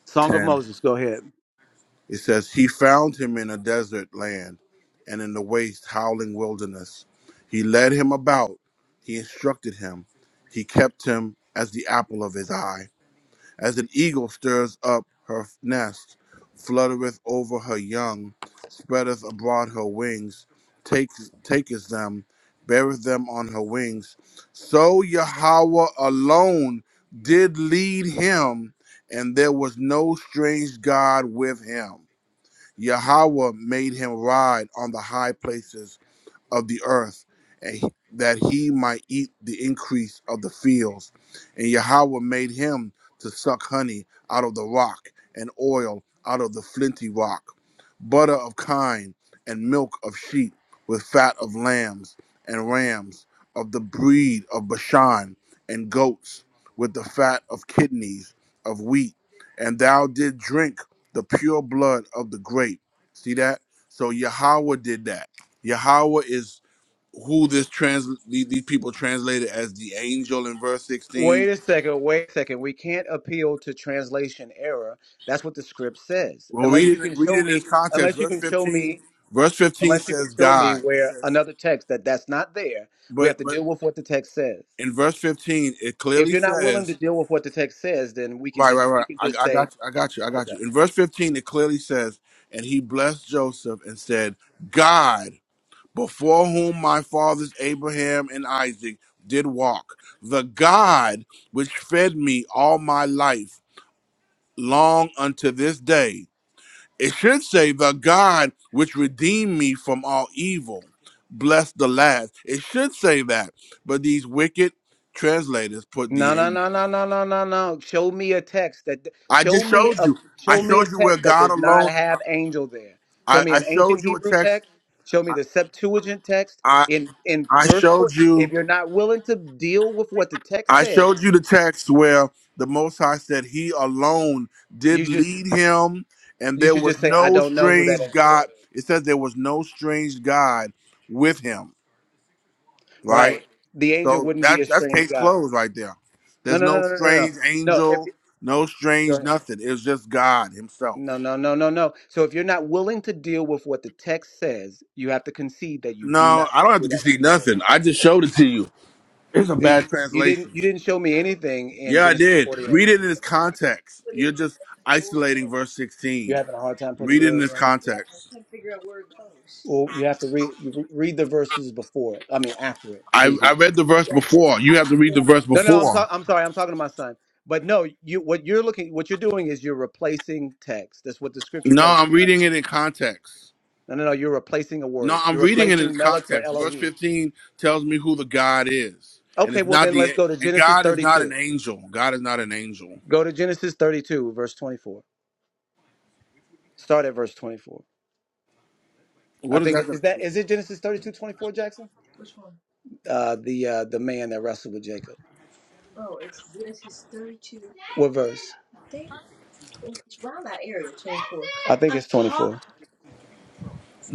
Speaker 7: Song of
Speaker 2: 10.
Speaker 7: Moses, go ahead.
Speaker 2: It says, "He found him in a desert land, and in the waste, howling wilderness. He led him about. He instructed him. He kept him as the apple of his eye." As an eagle stirs up her nest, fluttereth over her young, spreadeth abroad her wings, takes, taketh them, beareth them on her wings. So Yahweh alone did lead him, and there was no strange God with him. Yahweh made him ride on the high places of the earth, and he- that he might eat the increase of the fields. And Yahweh made him to suck honey out of the rock, and oil out of the flinty rock, butter of kine, and milk of sheep, with fat of lambs and rams, of the breed of Bashan, and goats, with the fat of kidneys of wheat. And thou did drink the pure blood of the grape. See that? So Yahweh did that Yahweh is who this trans these these people translated as the angel in verse 16.
Speaker 7: Wait a second, wait a second. We can't appeal to translation error. That's what the script says.
Speaker 2: Well,
Speaker 7: Unless
Speaker 2: read
Speaker 7: you
Speaker 2: it
Speaker 7: can
Speaker 2: read
Speaker 7: show
Speaker 2: it in
Speaker 7: me,
Speaker 2: its context.
Speaker 7: unless you
Speaker 2: Verse
Speaker 7: can show
Speaker 2: 15,
Speaker 7: me,
Speaker 2: verse 15
Speaker 7: unless you can
Speaker 2: says
Speaker 7: show me
Speaker 2: God. It
Speaker 7: where
Speaker 2: says,
Speaker 7: another text that that's not there, we
Speaker 2: but
Speaker 7: have to
Speaker 2: but
Speaker 7: deal with what the text says.
Speaker 2: in verse 15 it
Speaker 7: If
Speaker 2: clearly
Speaker 7: you're not willing to
Speaker 2: says,
Speaker 7: deal with what the text says, then we can
Speaker 2: right, right,
Speaker 7: just you
Speaker 2: right.
Speaker 7: can just
Speaker 2: I, I
Speaker 7: say
Speaker 2: got you, I got you, I
Speaker 7: okay.
Speaker 2: got you. In verse 15 it clearly says, and he blessed Joseph and said, God, before whom my fathers Abraham and Isaac did walk, the God which fed me all my life long unto this day. It should say, The God which redeemed me from all evil, bless the last. It should say that. But these wicked translators put
Speaker 7: No,
Speaker 2: the
Speaker 7: no,
Speaker 2: angel.
Speaker 7: no, no, no, no, no, no. Show me a text that
Speaker 2: I
Speaker 7: show
Speaker 2: just
Speaker 7: me
Speaker 2: showed
Speaker 7: a
Speaker 2: you. I
Speaker 7: show me a
Speaker 2: showed you where
Speaker 7: text that
Speaker 2: God
Speaker 7: does not
Speaker 2: alone.
Speaker 7: have angel there. Show
Speaker 2: I,
Speaker 7: me
Speaker 2: I
Speaker 7: an
Speaker 2: showed
Speaker 7: ancient
Speaker 2: you a
Speaker 7: Hebrew
Speaker 2: text.
Speaker 7: text. Show me the Septuagint text
Speaker 2: I
Speaker 7: in in
Speaker 2: I
Speaker 7: verse
Speaker 2: showed
Speaker 7: four.
Speaker 2: you.
Speaker 7: If you're not willing to deal with what the text
Speaker 2: I
Speaker 7: says,
Speaker 2: showed you the text where the Most High said He alone
Speaker 7: you
Speaker 2: did
Speaker 7: just
Speaker 2: lead him, and
Speaker 7: you
Speaker 2: there
Speaker 7: should
Speaker 2: was
Speaker 7: just say, "I
Speaker 2: no
Speaker 7: don't know who that
Speaker 2: strange
Speaker 7: angel
Speaker 2: God.
Speaker 7: is."
Speaker 2: It says there was no strange God with him. right?
Speaker 7: Right? The angel
Speaker 2: So
Speaker 7: wouldn't be
Speaker 2: that
Speaker 7: a
Speaker 2: that's
Speaker 7: strange
Speaker 2: case
Speaker 7: god.
Speaker 2: closed right there.
Speaker 7: No,
Speaker 2: There's
Speaker 7: no, no,
Speaker 2: no
Speaker 7: no, no, no, no.
Speaker 2: strange
Speaker 7: No. If
Speaker 2: angel, no
Speaker 7: go
Speaker 2: strange
Speaker 7: ahead.
Speaker 2: nothing. It's just God Himself.
Speaker 7: No, no, no, no, no. So if you're not willing to deal with what the text says, you have to concede that you do
Speaker 2: No,
Speaker 7: not
Speaker 2: I
Speaker 7: know
Speaker 2: don't have
Speaker 7: who
Speaker 2: to
Speaker 7: that
Speaker 2: concede
Speaker 7: angel is.
Speaker 2: nothing. I just showed it to you. It's a
Speaker 7: Uh, You,
Speaker 2: bad
Speaker 7: you didn't
Speaker 2: translation.
Speaker 7: you didn't show me anything in
Speaker 2: Yeah, I
Speaker 7: Genesis
Speaker 2: did.
Speaker 7: 48.
Speaker 2: Read it in its context. You're just isolating verse
Speaker 7: You're
Speaker 2: 16.
Speaker 7: having a hard time putting
Speaker 2: Read it in
Speaker 7: glory
Speaker 2: its
Speaker 7: in.
Speaker 2: context.
Speaker 7: Well, you have to read you re- read the verses before it. I mean, after it, so
Speaker 2: I,
Speaker 7: you can.
Speaker 2: I read the verse before. You have to read the verse
Speaker 7: No, no, I'm sorry.
Speaker 2: before.
Speaker 7: I'm sorry. I'm talking to my son. But no, you what you're looking what you're doing is you're replacing text. That's what the scripture
Speaker 2: No,
Speaker 7: tells you
Speaker 2: I'm
Speaker 7: not to.
Speaker 2: reading
Speaker 7: do.
Speaker 2: it in context.
Speaker 7: No, no, no. You're replacing a
Speaker 2: No,
Speaker 7: word.
Speaker 2: I'm
Speaker 7: You're
Speaker 2: reading it in
Speaker 7: replacing Melech for
Speaker 2: context. Verse
Speaker 7: Elohim.
Speaker 2: 15 tells me who the God is, and
Speaker 7: Okay,
Speaker 2: it's
Speaker 7: well
Speaker 2: not
Speaker 7: then let's
Speaker 2: the
Speaker 7: go to
Speaker 2: and
Speaker 7: Genesis
Speaker 2: God is not an
Speaker 7: 32.
Speaker 2: angel. God is not an angel.
Speaker 7: Go to Genesis 32, verse 24. Start at verse 24. I
Speaker 2: What is
Speaker 7: think
Speaker 2: that?
Speaker 7: is that
Speaker 2: Gonna,
Speaker 7: is it Genesis thirty two twenty four Jackson? Uh the uh the man that wrestled with Jacob. What verse? I think it's 24.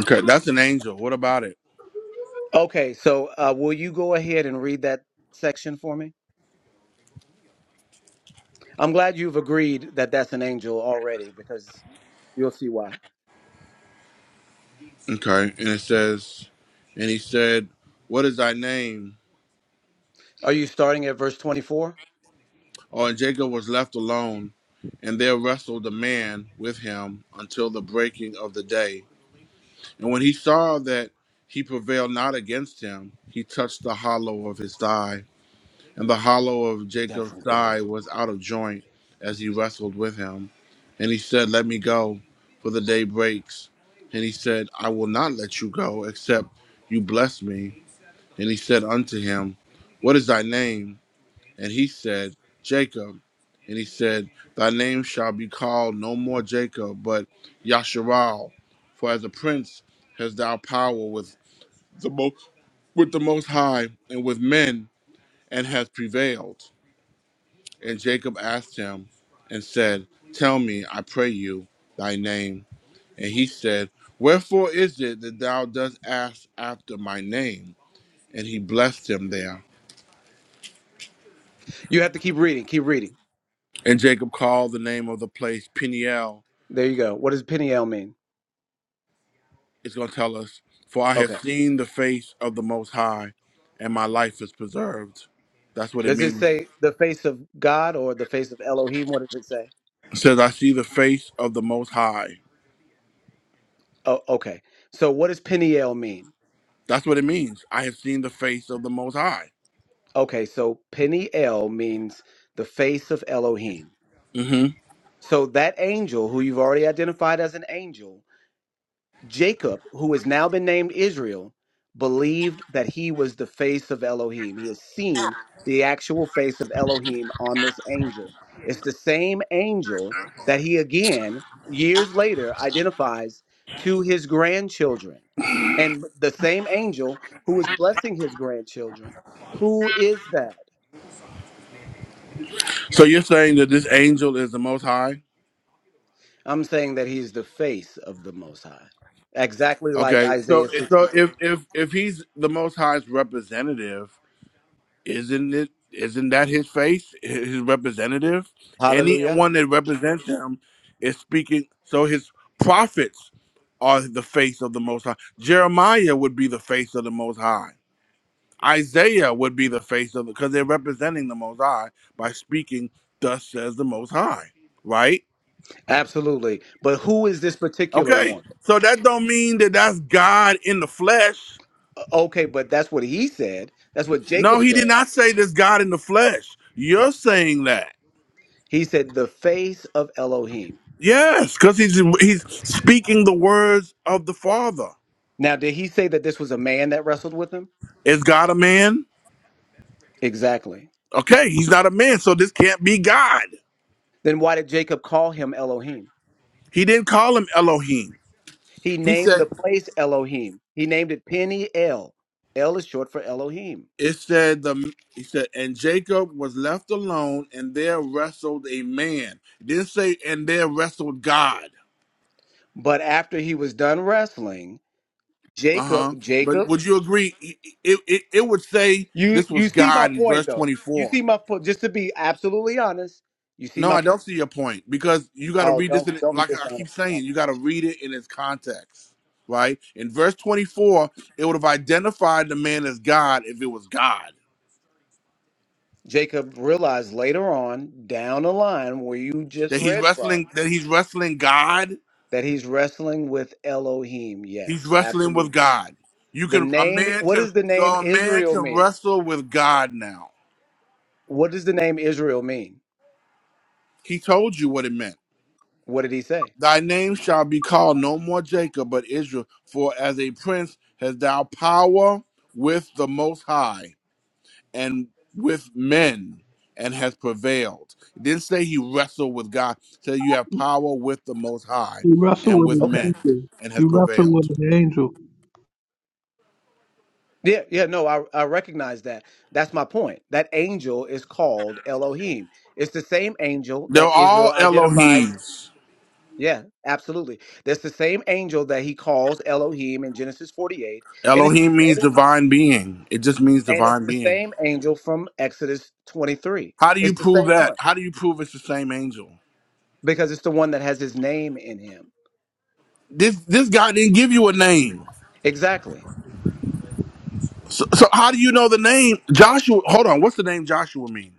Speaker 2: okay, that's an angel. What about it?
Speaker 7: Okay, so uh will you go ahead and read that section for me? I'm glad you've agreed that that's an angel already because you'll see why.
Speaker 2: Okay, and it says, and he said, "What is thy name?"
Speaker 7: Are you starting at verse 24?
Speaker 2: Oh, and Jacob was left alone, and there wrestled a man with him until the breaking of the day. And when he saw that he prevailed not against him, he touched the hollow of his thigh. and the hollow of Jacob's
Speaker 7: Jackson, go ahead.
Speaker 2: thigh was out of joint as he wrestled with him. And he said, Let me go, for the day breaks. And he said, I will not let you go, except you bless me. And he said unto him, What is thy name? And he said, Jacob. And he said, Thy name shall be called no more Jacob, but Yasharal, for as a prince hast thou power with the most with the most high and with men, and has prevailed. And Jacob asked him and said, Tell me, I pray you, thy name. And he said, Wherefore is it that thou dost ask after my name? And he blessed him there.
Speaker 7: You have to keep reading, keep reading.
Speaker 2: And Jacob called the name of the place Peniel.
Speaker 7: There you go. What does Peniel mean?
Speaker 2: It's going to tell us, For I have
Speaker 7: Okay.
Speaker 2: seen the face of the Most High, and my life is preserved. That's what it
Speaker 7: Does it
Speaker 2: means.
Speaker 7: say the face of God or the face of Elohim? What does it say?
Speaker 2: It says, I see the face of the Most High.
Speaker 7: Oh, okay. So what does Peniel mean?
Speaker 2: That's what it means. I have seen the face of the Most High.
Speaker 7: Okay, so Peniel means the face of Elohim.
Speaker 2: hmm
Speaker 7: So that angel, who you've already identified as an angel, Jacob, who has now been named Israel, believed that he was the face of Elohim. He has seen the actual face of Elohim on this angel. It's the same angel that he again, years later, identifies to his grandchildren. And the same angel who is blessing his grandchildren. Who is that?
Speaker 2: So you're saying that this angel is the Most High?
Speaker 7: I'm saying that he's the face of the Most High, exactly like
Speaker 2: Okay, so
Speaker 7: Isaiah
Speaker 2: so
Speaker 7: 63.
Speaker 2: if if if he's the Most High's representative, isn't it? Isn't that his face, his representative?
Speaker 7: Hallelujah.
Speaker 2: Anyone that represents him is speaking. So his prophets are the face of the Most High. Jeremiah would be the face of the Most High. Isaiah would be the face of the because they're representing the Most High by speaking. Thus says the Most High, right?
Speaker 7: Absolutely. But who is this particular
Speaker 2: Okay,
Speaker 7: one?
Speaker 2: so that don't mean that that's God in the flesh
Speaker 7: O- Okay, but that's what he said. That's what
Speaker 2: No,
Speaker 7: Jacob
Speaker 2: he did
Speaker 7: said.
Speaker 2: not say this God in the flesh. You're saying that.
Speaker 7: He said, the face of Elohim.
Speaker 2: Yes, because he's he's speaking the words of the Father.
Speaker 7: Now, did he say that this was a man that wrestled with him?
Speaker 2: Is God a man?
Speaker 7: Exactly.
Speaker 2: Okay, he's not a man, so this can't be God.
Speaker 7: Then why did Jacob call him Elohim?
Speaker 2: He didn't call him Elohim.
Speaker 7: He
Speaker 2: He
Speaker 7: named the
Speaker 2: said
Speaker 7: place Elohim. He named it Penny El. El is short for Elohim.
Speaker 2: it said the he said, and Jacob was left alone, and there wrestled a man. It didn't say, and there wrestled God.
Speaker 7: But after he was done wrestling, Jacob,
Speaker 2: Uh-huh. But
Speaker 7: Jacob,
Speaker 2: would you agree? It, it, it would say
Speaker 7: You
Speaker 2: this was
Speaker 7: you see my
Speaker 2: God in
Speaker 7: point
Speaker 2: verse
Speaker 7: though. You
Speaker 2: 24.
Speaker 7: see my point. Just to be absolutely honest, you see
Speaker 2: No,
Speaker 7: my
Speaker 2: I
Speaker 7: point.
Speaker 2: don't see your point because you got to
Speaker 7: Oh,
Speaker 2: read this.
Speaker 7: don't
Speaker 2: In,
Speaker 7: don't be
Speaker 2: like I keep
Speaker 7: dishonest. About
Speaker 2: saying, you
Speaker 7: it.
Speaker 2: got to read it in its context, right? In verse 24, it would have identified the man as God if it was God.
Speaker 7: Jacob realized later on down the line where you just
Speaker 2: That he's
Speaker 7: read from
Speaker 2: wrestling. That he's wrestling God.
Speaker 7: that he's wrestling with Elohim.
Speaker 2: He's
Speaker 7: Yes,
Speaker 2: wrestling with
Speaker 7: absolutely.
Speaker 2: God. You
Speaker 7: The
Speaker 2: can a
Speaker 7: name.
Speaker 2: man
Speaker 7: What
Speaker 2: can
Speaker 7: does the
Speaker 2: so
Speaker 7: name
Speaker 2: a man
Speaker 7: Israel
Speaker 2: can
Speaker 7: mean?
Speaker 2: wrestle with God now.
Speaker 7: What does the name Israel mean?
Speaker 2: He told you what it meant.
Speaker 7: What did he say?
Speaker 2: Thy name shall be called no more Jacob, but Israel. For as a prince has thou power with the Most High and with men and has prevailed. It didn't say he wrestled with God. It said you have power with the Most High
Speaker 4: You wrestle
Speaker 2: and
Speaker 4: with
Speaker 2: with
Speaker 4: an
Speaker 7: Okay.
Speaker 2: men
Speaker 4: angel.
Speaker 2: and has
Speaker 4: You wrestle
Speaker 2: prevailed.
Speaker 4: with an angel.
Speaker 7: Yeah, yeah, no, I, I recognize that. That's my point. That angel is called Elohim. It's the same angel
Speaker 2: They're
Speaker 7: that Israel
Speaker 2: all
Speaker 7: identifies
Speaker 2: Elohims.
Speaker 7: Yeah, absolutely. That's the same angel that he calls Elohim in Genesis 48, and it's the
Speaker 2: Elohim means
Speaker 7: same
Speaker 2: divine being. It just means
Speaker 7: and it's
Speaker 2: divine
Speaker 7: the
Speaker 2: being.
Speaker 7: same angel from Exodus 23.
Speaker 2: How do you
Speaker 7: It's the
Speaker 2: prove
Speaker 7: same
Speaker 2: that?
Speaker 7: one
Speaker 2: How do you prove it's the same angel?
Speaker 7: because it's the one that has his name in him.
Speaker 2: This this guy didn't give you a name.
Speaker 7: Exactly.
Speaker 2: So, so how do you know the name Joshua? Hold on. What's the name Joshua mean?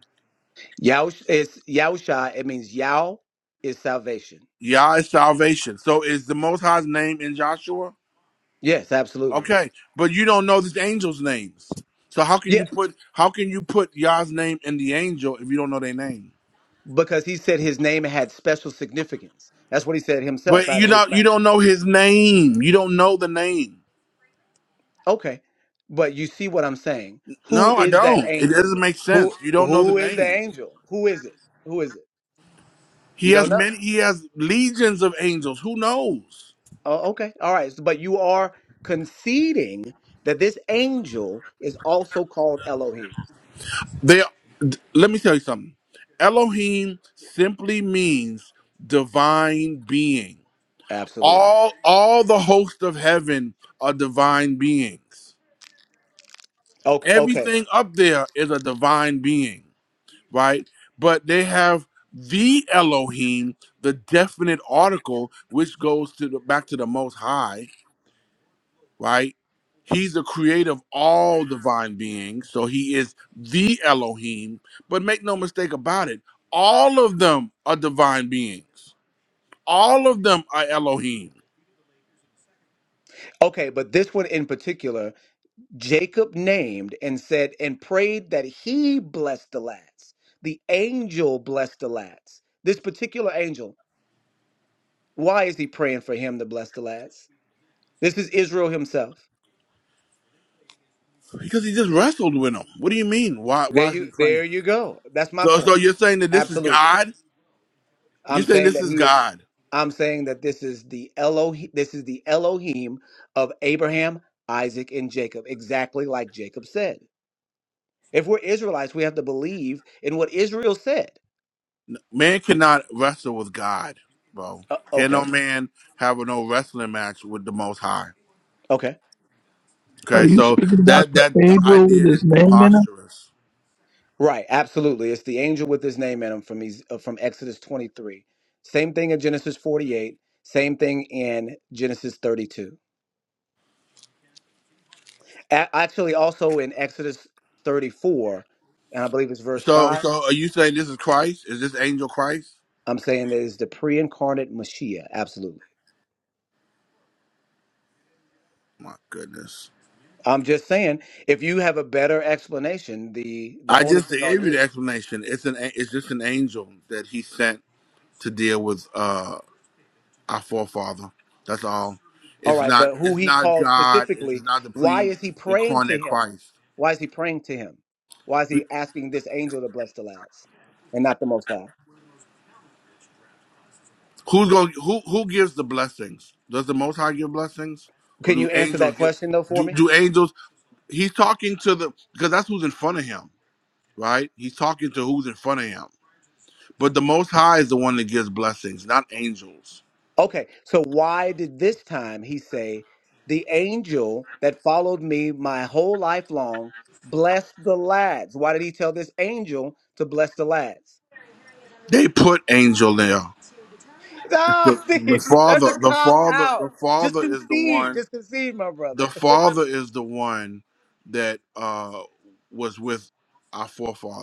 Speaker 7: Yahush is Yahusha, it means Yao is salvation.
Speaker 2: Yah is salvation. So is the Most High's name in Joshua?
Speaker 7: Yes, absolutely.
Speaker 2: Okay, but you don't know the angels' names. So how can
Speaker 7: Yeah,
Speaker 2: you put how can you put Yah's name in the angel if you don't know their name?
Speaker 7: because he said his name had special significance. That's what he said himself
Speaker 2: But
Speaker 7: out
Speaker 2: you
Speaker 7: of his
Speaker 2: not you
Speaker 7: mouth.
Speaker 2: don't know his name. You don't know the name.
Speaker 7: Okay. But you see what I'm saying. Who
Speaker 2: No, I
Speaker 7: is that
Speaker 2: don't. It
Speaker 7: angel?
Speaker 2: doesn't make sense.
Speaker 7: Who
Speaker 2: You don't know the
Speaker 7: who is the
Speaker 2: name.
Speaker 7: angel? Who is it? Who is it? You
Speaker 2: He
Speaker 7: don't
Speaker 2: has
Speaker 7: know.
Speaker 2: many. He has legions of angels. Who knows?
Speaker 7: Oh, okay. All right. So- But you are conceding that this angel is also called Elohim.
Speaker 2: They. d- Let me tell you something. Elohim simply means divine being.
Speaker 7: Absolutely.
Speaker 2: All all the hosts of heaven are divine beings.
Speaker 7: Okay, okay.
Speaker 2: Everything up there is a divine being, right? But they have the Elohim, the definite article, which goes to the back to the Most High, right? He's the creator of all divine beings, so he is the Elohim. But make no mistake about it, all of them are divine beings. All of them are Elohim
Speaker 7: Okay, but this one in particular, Jacob named and said and prayed that he blessed the lads. The angel blessed the lads. This particular angel, why is he praying for him to bless the lads? This is Israel himself.
Speaker 2: because he just wrestled with them. What do you mean? Why?
Speaker 7: There
Speaker 2: Why is
Speaker 7: you
Speaker 2: he praying?
Speaker 7: there you go. That's my
Speaker 2: So,
Speaker 7: point.
Speaker 2: so you're saying that this is
Speaker 7: Absolutely.
Speaker 2: God?
Speaker 7: I'm
Speaker 2: You're saying
Speaker 7: saying
Speaker 2: this
Speaker 7: that
Speaker 2: is
Speaker 7: he is
Speaker 2: God?
Speaker 7: I'm saying that this is the Elohim this is the Elohim of Abraham, Isaac, and Jacob, exactly like Jacob said. If we're Israelites, we have to believe in what Israel said.
Speaker 2: Man cannot wrestle with God, bro.
Speaker 7: Uh,
Speaker 2: Can
Speaker 7: okay.
Speaker 2: no man have a no wrestling match with the Most High?
Speaker 7: Okay.
Speaker 4: Are
Speaker 2: Okay,
Speaker 4: you
Speaker 2: so
Speaker 4: speaking about
Speaker 2: that
Speaker 4: the
Speaker 2: that the
Speaker 4: angel with
Speaker 2: idea is
Speaker 4: his name in it?
Speaker 2: preposterous.
Speaker 7: Right, absolutely. It's the angel with his name in him from Ez- uh, from Exodus 23. Same thing in Genesis 48, same thing in Genesis 32. A- Actually, also in Exodus 34, and I believe it's verse
Speaker 2: So
Speaker 7: 5,
Speaker 2: so are you saying this is Christ? Is this angel Christ?
Speaker 7: I'm saying that is the pre incarnate Mashiach. Absolutely.
Speaker 2: My goodness.
Speaker 7: I'm just saying, if you have a better explanation, the, the
Speaker 2: I just
Speaker 7: onus is on
Speaker 2: gave you
Speaker 7: you.
Speaker 2: the explanation. It's an a- it's just an angel that he sent to deal with uh our forefather. That's all.
Speaker 7: All
Speaker 2: It's
Speaker 7: right,
Speaker 2: not
Speaker 7: but who
Speaker 2: it's
Speaker 7: he
Speaker 2: not
Speaker 7: called
Speaker 2: God. It's
Speaker 7: specifically,
Speaker 2: not the
Speaker 7: why
Speaker 2: pre
Speaker 7: is he praying to
Speaker 2: incarnate
Speaker 7: him?
Speaker 2: Christ.
Speaker 7: Why is he praying to him? Why is he asking this angel to bless the lads and not the Most High?
Speaker 2: Who's going? Who who gives the blessings? Does the Most High give blessings, or
Speaker 7: Can you
Speaker 2: do
Speaker 7: answer
Speaker 2: angels
Speaker 7: that
Speaker 2: give?
Speaker 7: question, though, for
Speaker 2: Do
Speaker 7: me?
Speaker 2: do angels? He's talking to the because that's who's in front of him, right? He's talking to who's in front of him. But the Most High is the one that gives blessings, not angels.
Speaker 7: Okay, so why did this time he say, The angel that followed me my whole life long blessed the lads? Why did he tell this angel to bless the lads?
Speaker 2: They put angel there. The,
Speaker 7: Ah, see,
Speaker 2: the
Speaker 7: that's a
Speaker 2: father, the
Speaker 7: cop
Speaker 2: father,
Speaker 7: out.
Speaker 2: the
Speaker 7: Just
Speaker 2: father is the
Speaker 7: concede.
Speaker 2: one.
Speaker 7: Just concede, my brother.
Speaker 2: The father is the one that uh was with our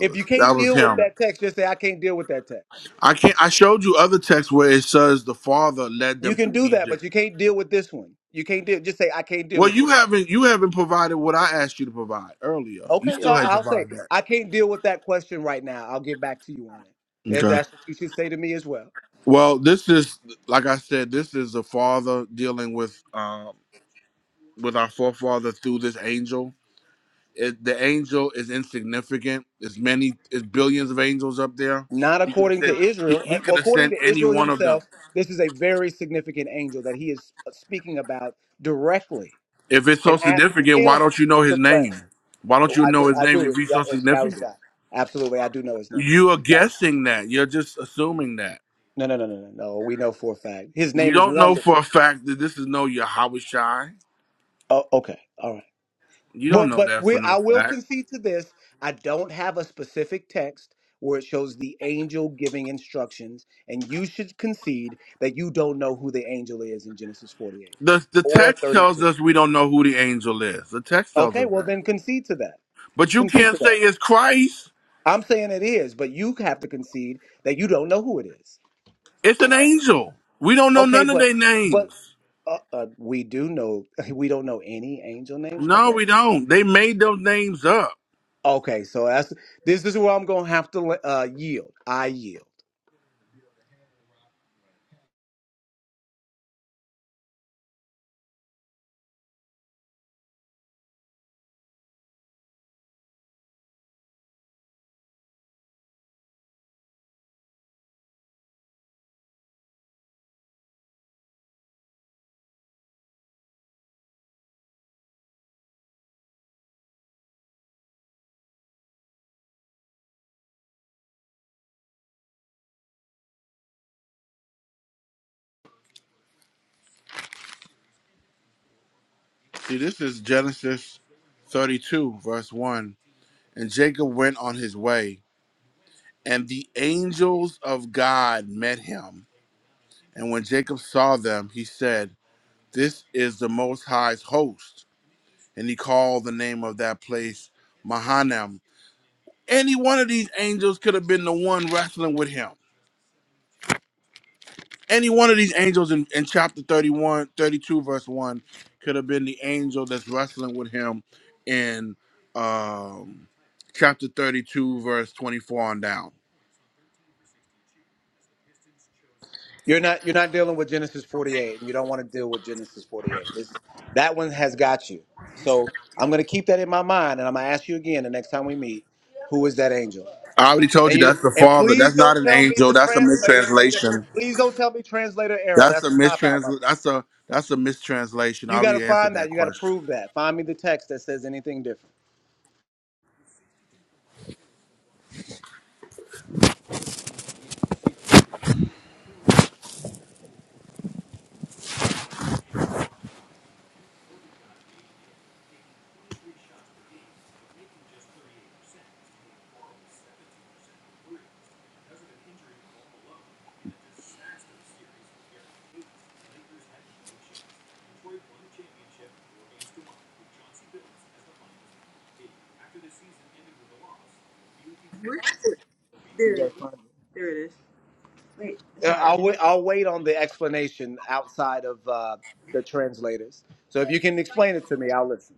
Speaker 7: If you
Speaker 2: That
Speaker 7: can't
Speaker 2: was
Speaker 7: deal with
Speaker 2: him.
Speaker 7: that text, just say, I can't deal with that text.
Speaker 2: I can't. I showed you other texts where it says the father led
Speaker 7: You
Speaker 2: them
Speaker 7: can
Speaker 2: through
Speaker 7: do that, but
Speaker 2: Egypt.
Speaker 7: you can't deal with this one. You can't deal. Just say, I can't deal
Speaker 2: Well,
Speaker 7: with
Speaker 2: you
Speaker 7: this.
Speaker 2: haven't. You haven't provided what I asked you to provide earlier. You
Speaker 7: Okay,
Speaker 2: still
Speaker 7: I-
Speaker 2: ain't
Speaker 7: I'll say,
Speaker 2: provide that.
Speaker 7: I can't deal with that question right now. I'll get back to you on it. If
Speaker 2: Okay.
Speaker 7: that's what you should say to me as well.
Speaker 2: Well, this is like I said. This is the father dealing with um, with our forefather through this angel. It, the angel is insignificant. There's many. There's billions of angels up there.
Speaker 7: not
Speaker 2: He could have
Speaker 7: according to
Speaker 2: sent. He,
Speaker 7: Israel. Uh,
Speaker 2: he could have
Speaker 7: According
Speaker 2: sent
Speaker 7: to
Speaker 2: any
Speaker 7: Israel
Speaker 2: one of them.
Speaker 7: himself, this is a very significant angel that he is speaking about directly
Speaker 2: If it's so
Speaker 7: and asking
Speaker 2: significant, why
Speaker 7: him
Speaker 2: don't you know
Speaker 7: to
Speaker 2: his
Speaker 7: bless.
Speaker 2: name? Why don't
Speaker 7: Oh,
Speaker 2: you
Speaker 7: I do.
Speaker 2: know his
Speaker 7: I
Speaker 2: name
Speaker 7: do.
Speaker 2: if
Speaker 7: It's,
Speaker 2: he's
Speaker 7: Ya-
Speaker 2: so
Speaker 7: it's
Speaker 2: significant?
Speaker 7: Yahusha. Absolutely. I do know his name.
Speaker 2: You are
Speaker 7: Yahusha.
Speaker 2: guessing that. You're just assuming that.
Speaker 7: No, no, no, no, no, no. We know for a fact. His
Speaker 2: You
Speaker 7: name is
Speaker 2: don't know for a
Speaker 7: wonderful.
Speaker 2: fact that this is no Yahushai.
Speaker 7: Oh, okay. All right.
Speaker 2: You
Speaker 7: Well,
Speaker 2: don't know
Speaker 7: but
Speaker 2: that for
Speaker 7: we,
Speaker 2: no
Speaker 7: I will
Speaker 2: fact.
Speaker 7: concede to this. I don't have a specific text where it shows the angel giving instructions, and you should concede that you don't know who the angel is in Genesis 48
Speaker 2: The the
Speaker 7: or
Speaker 2: text tells
Speaker 7: 32.
Speaker 2: us we don't know who the angel is. The text tells
Speaker 7: Okay,
Speaker 2: us
Speaker 7: well,
Speaker 2: that.
Speaker 7: then concede to that.
Speaker 2: But you
Speaker 7: Concede to
Speaker 2: can't say
Speaker 7: that.
Speaker 2: it's Christ.
Speaker 7: I'm saying it is, but you have to concede that you don't know who it is.
Speaker 2: It's an angel. We don't know
Speaker 7: Okay,
Speaker 2: none of
Speaker 7: but
Speaker 2: their
Speaker 7: but
Speaker 2: names.
Speaker 7: uh, uh, we do know we don't know any angel names, my
Speaker 2: No,
Speaker 7: brother.
Speaker 2: we don't. They made those names up.
Speaker 7: Okay, so that's this is where I'm gonna have to uh, yield. I yield.
Speaker 2: See, this is Genesis 32, verse 1. And Jacob went on his way, and the angels of God met him And when Jacob saw them, he said, This is the Most High's host. And he called the name of that place Mahanaim. Any one of these angels could have been the one wrestling with him. Any one of these angels in, in chapter 31, 32, verse 1 could have been the angel that's wrestling with him in um, chapter 32, verse 24 on down.
Speaker 7: You're not you're not dealing with Genesis 48, and you don't want to deal with Genesis 48. It's, that one has got you. So I'm going to keep that in my mind, and I'm going to ask you again the next time we meet, who is that angel?
Speaker 2: I already told
Speaker 7: And
Speaker 2: you
Speaker 7: you
Speaker 2: that's the
Speaker 7: and
Speaker 2: father.
Speaker 7: please
Speaker 2: That's not
Speaker 7: don't
Speaker 2: an
Speaker 7: tell me
Speaker 2: angel.
Speaker 7: the
Speaker 2: That's a
Speaker 7: translators made it.
Speaker 2: mistranslation.
Speaker 7: Please don't tell me translator error.
Speaker 2: That's
Speaker 7: That's
Speaker 2: a
Speaker 7: a cop out, my brother.
Speaker 2: mistrans. That's a that's a mistranslation. I
Speaker 7: You got to
Speaker 2: already answered
Speaker 7: find that.
Speaker 2: that
Speaker 7: You got to
Speaker 2: question.
Speaker 7: prove that. Find me the text that says anything different. Uh, I'll wait. I'll wait on the explanation outside of uh, the translators. So if you can explain it to me, I'll listen.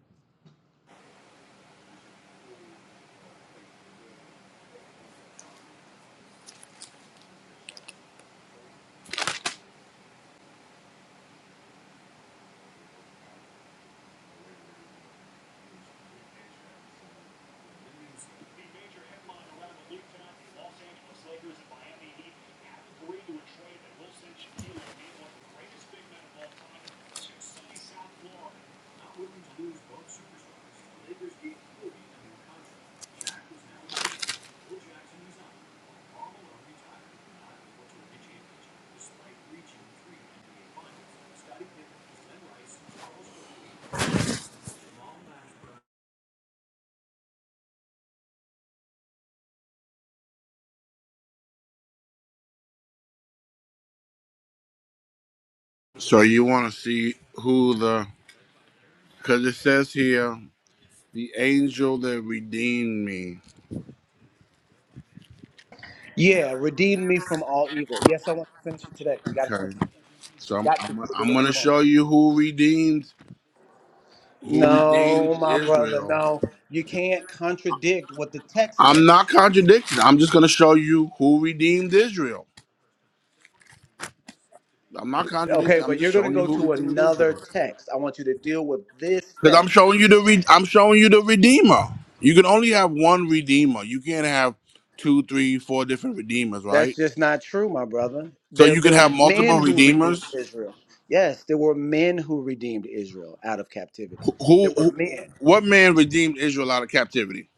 Speaker 2: So you want to see who the because it says here the angel that redeemed me.
Speaker 7: Yeah, redeem me from all evil. Yes, I want to finish it today. You got to finish
Speaker 2: Okay,
Speaker 7: it.
Speaker 2: so I'm
Speaker 7: Got to.
Speaker 2: I'm,
Speaker 7: We're
Speaker 2: I'm
Speaker 7: doing
Speaker 2: going
Speaker 7: it
Speaker 2: to
Speaker 7: tomorrow.
Speaker 2: show you who redeemed who redeemed
Speaker 7: No, my brother.
Speaker 2: Israel.
Speaker 7: No, you can't contradict what the text
Speaker 2: I'm not
Speaker 7: says.
Speaker 2: contradicting. I'm just going to show you who redeemed Israel. I'm not
Speaker 7: Okay,
Speaker 2: contradicting. I'm
Speaker 7: but
Speaker 2: just
Speaker 7: you're going to
Speaker 2: showing you
Speaker 7: go
Speaker 2: who
Speaker 7: to
Speaker 2: redeemed
Speaker 7: another
Speaker 2: Israel.
Speaker 7: text. I want you to deal with this
Speaker 2: Because I'm
Speaker 7: text.
Speaker 2: showing you the re- I'm showing you the redeemer. You can only have one redeemer. You can't have two, three, four different redeemers,
Speaker 7: That's
Speaker 2: right?
Speaker 7: just not true, my brother.
Speaker 2: So
Speaker 7: There
Speaker 2: you can
Speaker 7: there was
Speaker 2: have
Speaker 7: men
Speaker 2: multiple
Speaker 7: who redeemed
Speaker 2: redeemers.
Speaker 7: Israel. Yes, there were men who redeemed Israel out of captivity.
Speaker 2: Who,
Speaker 7: There were
Speaker 2: who
Speaker 7: men.
Speaker 2: what man redeemed Israel out of captivity?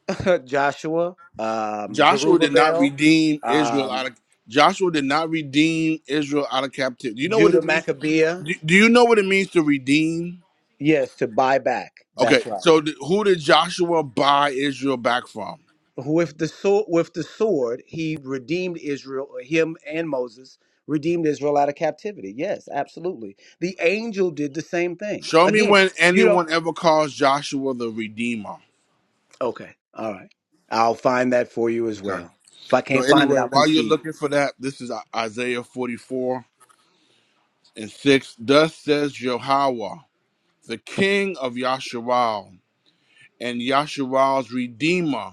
Speaker 7: Joshua, um,
Speaker 2: Joshua did not
Speaker 7: Zerubbabel,
Speaker 2: redeem Israel
Speaker 7: um,
Speaker 2: out of Joshua did not redeem Israel out of captivity. Do you know what
Speaker 7: Judah
Speaker 2: it means?
Speaker 7: Maccabea.
Speaker 2: Do, do you know what it means to redeem?
Speaker 7: Yes, to buy back.
Speaker 2: Okay,
Speaker 7: That's right.
Speaker 2: so th- who did Joshua buy Israel back from?
Speaker 7: With the sword with the sword, he redeemed Israel, uh, him and Moses redeemed Israel out of captivity. Yes, absolutely. The angel did the same thing.
Speaker 2: Show me
Speaker 7: Again,
Speaker 2: when
Speaker 7: you don't.
Speaker 2: anyone ever calls Joshua the redeemer.
Speaker 7: Okay. All right. I'll find that for you as
Speaker 2: Okay.
Speaker 7: well. If I
Speaker 2: So
Speaker 7: can't find it,
Speaker 2: anyway,
Speaker 7: I'll
Speaker 2: while you're
Speaker 7: concede.
Speaker 2: looking for that, this is Isaiah 44 and 6. Thus says Jehovah, the king of Yasharal, and Yasharal's redeemer,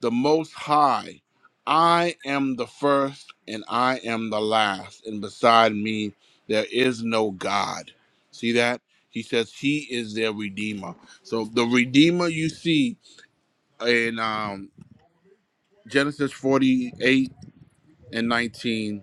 Speaker 2: the most high. I am the first and I am the last, and beside me there is no God. See that? He says he is their redeemer. So the redeemer you see in um, Genesis 48 and 19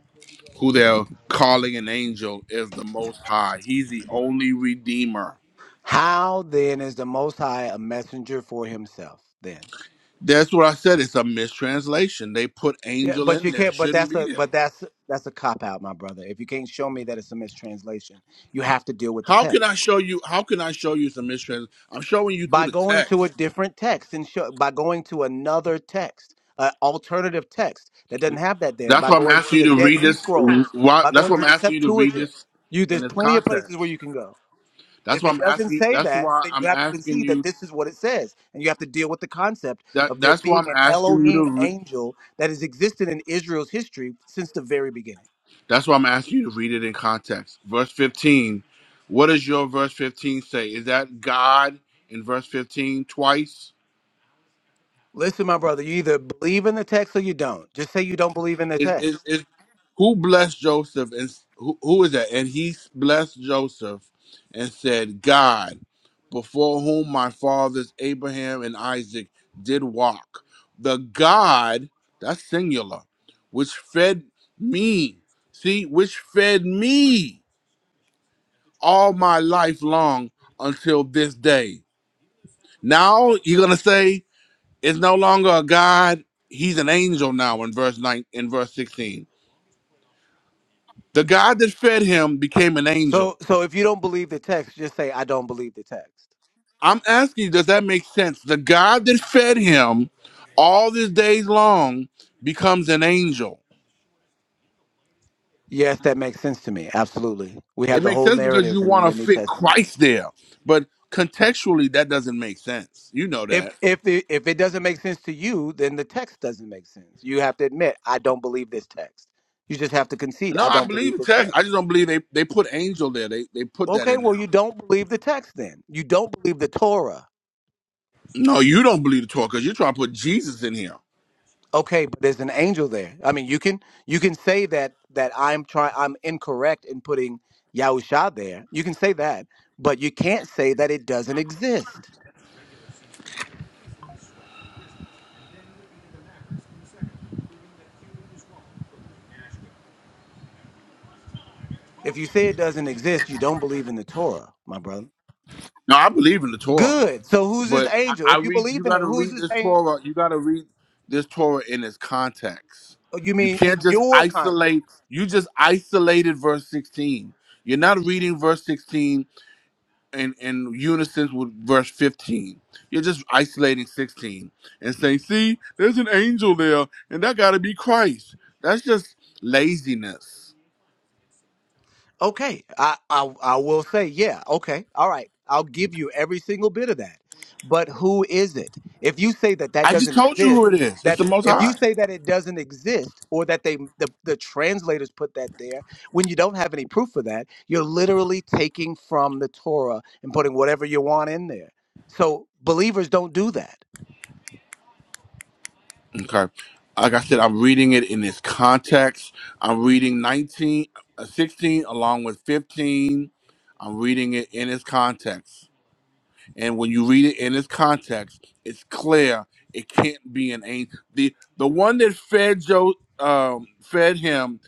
Speaker 2: who they're calling an angel is the most high. He's the only redeemer.
Speaker 7: How then is the Most High a messenger for Himself? Then.
Speaker 2: That's what I said. It's a mistranslation. They put
Speaker 7: Yeah,
Speaker 2: angel
Speaker 7: but
Speaker 2: in
Speaker 7: you
Speaker 2: there. It
Speaker 7: can't. But
Speaker 2: shouldn't
Speaker 7: that's
Speaker 2: be
Speaker 7: a
Speaker 2: there.
Speaker 7: but that's that's a cop out, my brother. If you can't show me that it's a mistranslation, you have to deal with the
Speaker 2: How can
Speaker 7: text
Speaker 2: I show you how can I show you some mistrans? I'm showing you through
Speaker 7: by
Speaker 2: the
Speaker 7: going to a
Speaker 2: text.
Speaker 7: different text and show by going to another text, an alternative text that doesn't have that there.
Speaker 2: That's
Speaker 7: By
Speaker 2: why I'm
Speaker 7: going to
Speaker 2: asking you
Speaker 7: the
Speaker 2: to
Speaker 7: Dead
Speaker 2: read
Speaker 7: Sea
Speaker 2: this
Speaker 7: Scrolls,
Speaker 2: why
Speaker 7: by
Speaker 2: that's
Speaker 7: going
Speaker 2: why
Speaker 7: to
Speaker 2: I'm
Speaker 7: the
Speaker 2: asking you to read
Speaker 7: Septuagint,
Speaker 2: this
Speaker 7: you there's
Speaker 2: in its
Speaker 7: plenty of places where
Speaker 2: context.
Speaker 7: you can go.
Speaker 2: That's
Speaker 7: If
Speaker 2: why
Speaker 7: it
Speaker 2: I'm
Speaker 7: doesn't
Speaker 2: asking
Speaker 7: say
Speaker 2: that's
Speaker 7: that,
Speaker 2: why
Speaker 7: then you
Speaker 2: I'm
Speaker 7: have to
Speaker 2: asking
Speaker 7: concede that
Speaker 2: you
Speaker 7: this is what it says. And you have to deal with the concept
Speaker 2: that
Speaker 7: of there
Speaker 2: that's why
Speaker 7: being
Speaker 2: I'm
Speaker 7: an
Speaker 2: asking you
Speaker 7: Elohim
Speaker 2: to
Speaker 7: angel that has existed in Israel's history since the very beginning.
Speaker 2: That's why I'm asking you to read it in context. Verse 15. What does your verse 15 say? Is that God in verse 15 twice?
Speaker 7: Listen, my brother, you either believe in the text or you don't. Just say you don't believe in the
Speaker 2: Is, is,
Speaker 7: text.
Speaker 2: is who blessed Joseph and s- who, who is that? And he blessed Joseph and said, God, before whom my fathers Abraham and Isaac did walk, the God, that's singular, which fed me, see, which fed me all my life long until this day. Now you're gonna say it's no longer a God, he's an angel now in verse 9 in verse 16. The God that fed him became an
Speaker 7: So
Speaker 2: angel.
Speaker 7: so if you don't believe the text, just say I don't believe the text.
Speaker 2: I'm asking you, does that make sense? The God that fed him all these days long becomes an angel.
Speaker 7: Yes, that makes sense to me. Absolutely. We have
Speaker 2: It
Speaker 7: the
Speaker 2: makes
Speaker 7: whole
Speaker 2: sense because
Speaker 7: narrative
Speaker 2: you
Speaker 7: in
Speaker 2: want
Speaker 7: the
Speaker 2: to
Speaker 7: New
Speaker 2: fit
Speaker 7: Testament.
Speaker 2: Christ there. But contextually, that doesn't make sense. You know
Speaker 7: If
Speaker 2: that.
Speaker 7: if it, if it doesn't make sense to you, then the text doesn't make sense. You have to admit, I don't believe this text. You just have to concede,
Speaker 2: No,
Speaker 7: I
Speaker 2: I
Speaker 7: don't
Speaker 2: believe
Speaker 7: believe
Speaker 2: the
Speaker 7: this
Speaker 2: text.
Speaker 7: text.
Speaker 2: I just don't believe they, they put angel there. They they put that
Speaker 7: Okay,
Speaker 2: in
Speaker 7: well
Speaker 2: there.
Speaker 7: you don't believe the text then. You don't believe the Torah.
Speaker 2: No, you don't believe the Torah because you're trying to put Jesus in here.
Speaker 7: Okay, but there's an angel there. I mean, you can you can say that that I'm trying I'm incorrect in putting Yahusha there. You can say that, but you can't say that it doesn't exist. If you say it doesn't exist, you don't believe in the Torah, my brother.
Speaker 2: No, I believe in the Torah,
Speaker 7: Good. So who's this
Speaker 2: but I,
Speaker 7: angel?
Speaker 2: I
Speaker 7: If you
Speaker 2: read.
Speaker 7: believe
Speaker 2: You
Speaker 7: in
Speaker 2: got
Speaker 7: it,
Speaker 2: to
Speaker 7: who's
Speaker 2: read
Speaker 7: this
Speaker 2: this
Speaker 7: angel?
Speaker 2: Torah. You got to read this Torah in its context.
Speaker 7: Oh, You
Speaker 2: You
Speaker 7: mean in
Speaker 2: can't just
Speaker 7: your context?
Speaker 2: isolate. You just isolated verse 16. You're not reading verse 16 in, in unison with verse 15. You're just isolating 16 and saying, see, there's an angel there, and that got to be Christ. That's just laziness.
Speaker 7: Okay, I, I I will say, yeah, okay, all right. I'll give you every single bit of that. But who is it? If you say that that
Speaker 2: I just
Speaker 7: doesn't
Speaker 2: told you who
Speaker 7: exist,
Speaker 2: it is. It's the
Speaker 7: that
Speaker 2: Most
Speaker 7: if you
Speaker 2: High.
Speaker 7: say that it doesn't exist, or that they the, the translators put that there, when you don't have any proof for that, you're literally taking from the Torah and putting whatever you want in there. So believers don't do that.
Speaker 2: Okay. Like I said, I'm reading it in its context. I'm reading 19, uh, 16 along with 15. I'm reading it in its context. And when you read it in its context, it's clear it can't be an angel. The the one that fed Joe um, fed him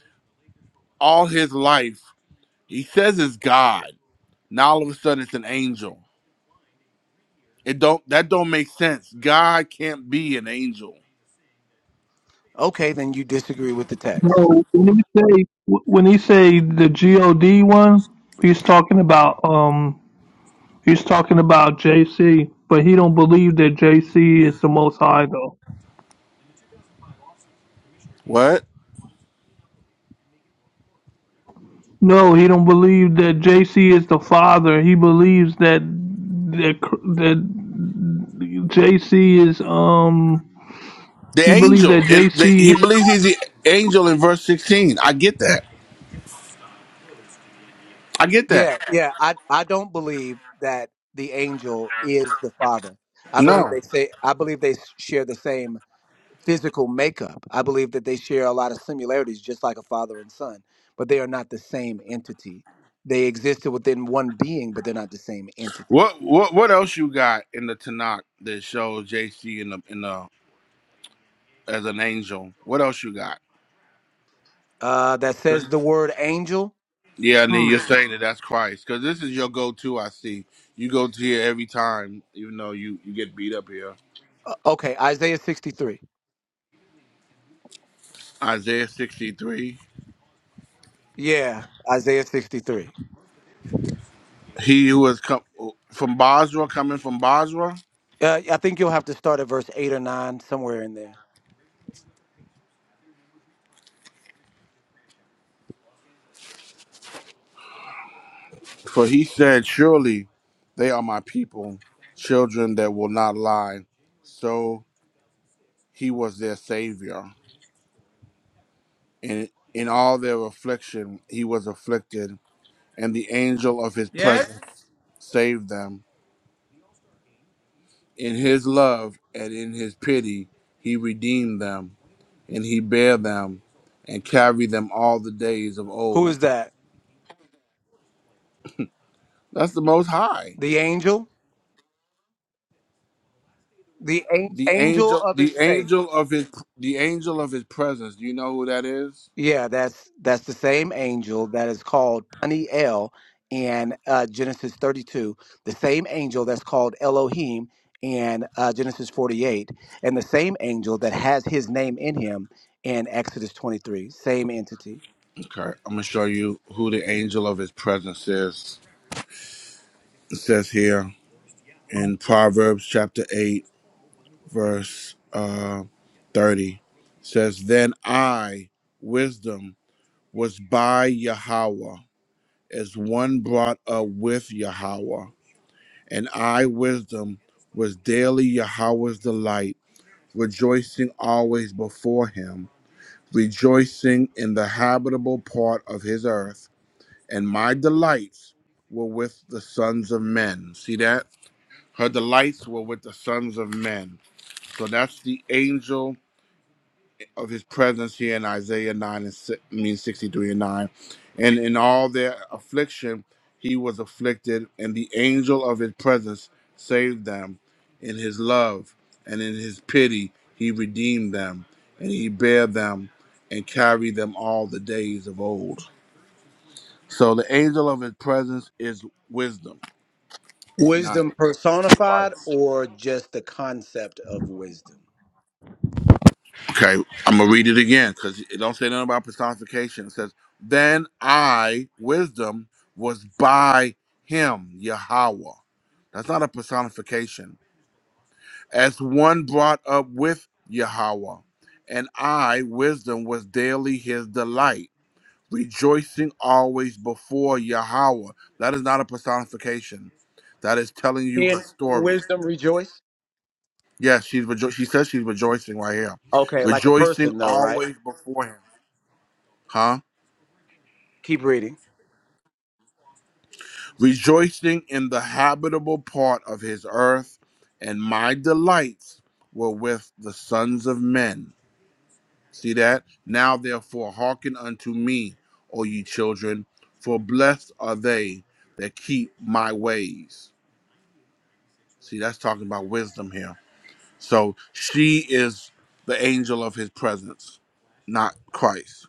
Speaker 2: all his life, he says is God. Now all of a sudden it's an angel. It don't that don't make sense. God can't be an angel.
Speaker 7: Okay, then you disagree with the text.
Speaker 4: No. When he say when he say the God one, he's talking about um he's talking about JC, but he don't believe that JC is the Most High though.
Speaker 2: What?
Speaker 4: No, he don't believe that JC is the father. He believes that that that JC is um.
Speaker 2: The
Speaker 4: He believes
Speaker 2: angel.
Speaker 4: that
Speaker 2: It, the, he
Speaker 4: JC
Speaker 2: believes he's the angel in verse 16. I get that. I get that.
Speaker 7: Yeah, yeah. I I don't believe that the angel is the father. I believe
Speaker 2: No.
Speaker 7: they say I believe they s- share the same physical makeup. I believe that they share a lot of similarities just like a father and son, but they are not the same entity. They existed within one being, but they're not the same entity.
Speaker 2: What what what else you got in the Tanakh that shows JC in the in the as an angel? What else you got?
Speaker 7: Uh that
Speaker 2: 'Cause-
Speaker 7: says the word angel.
Speaker 2: Yeah, and then you're
Speaker 7: Hmm.
Speaker 2: saying that that's Christ because this is your go-to. I see you go to here every time, even though you you get beat up here.
Speaker 7: Okay, Isaiah 63.
Speaker 2: Isaiah 63.
Speaker 7: Yeah, Isaiah 63.
Speaker 2: He who has come from Basra, coming from Basra.
Speaker 7: Uh, I think you'll have to start at verse 8 or 9 somewhere in there.
Speaker 2: For he said, Surely they are my people, children that will not lie. So he was their savior. In, in all their affliction, he was afflicted, and the angel of his
Speaker 7: Yes.
Speaker 2: presence saved them. In his love and in his pity, he redeemed them, and he bare them and carried them all the days of
Speaker 7: Who is
Speaker 2: old.
Speaker 7: that?
Speaker 2: That's the most high.
Speaker 7: The angel? the a-
Speaker 2: The
Speaker 7: angel
Speaker 2: angel,
Speaker 7: of
Speaker 2: the
Speaker 7: his faith.
Speaker 2: angel of his, the angel of his presence. Do you know who that is?
Speaker 7: Yeah, that's that's the same angel that is called Paniel in uh, Genesis 32. The same angel that's called Elohim in uh, Genesis 48, and the same angel that has his name in him in Exodus 23. Same entity.
Speaker 2: Okay, I'm gonna show you who the angel of his presence is. It says here in Proverbs chapter 8, verse uh, 30, says, Then I, wisdom, was by Yahweh, as one brought up with Yahweh, and I, wisdom, was daily Yahweh's delight, rejoicing always before him, rejoicing in the habitable part of his earth and my delights were with the sons of men. See that? Her delights were with the sons of men. So that's the angel of his presence here in Isaiah 9 and si- I mean 63 and 9. And in all their affliction, he was afflicted, and the angel of his presence saved them. In his love and in his pity, he redeemed them, and he bare them and carried them all the days of old. So the angel of his presence is wisdom. It's not
Speaker 7: Wisdom personified, or just the concept of wisdom.
Speaker 2: okay. I'm gonna read it again because it don't say nothing about personification. It says, "Then I, wisdom, was by him, Yahweh." That's not a personification. As one brought up with Yahweh, and I, wisdom, was daily his delight, rejoicing always before Yahweh. That is not a personification. That is telling you
Speaker 7: He in
Speaker 2: her
Speaker 7: in
Speaker 2: story.
Speaker 7: wisdom rejoice.
Speaker 2: Yeah, she's rejo- she says she's rejoicing right here.
Speaker 7: Okay, like a
Speaker 2: Rejoicing
Speaker 7: person though, right?
Speaker 2: always before him. Huh?
Speaker 7: Keep reading.
Speaker 2: Rejoicing in the habitable part of his earth, and my delights were with the sons of men. See that? Now therefore hearken unto me, O ye children, for blessed are they that keep my ways. See, that's talking about wisdom here. So she is the angel of his presence, not Christ.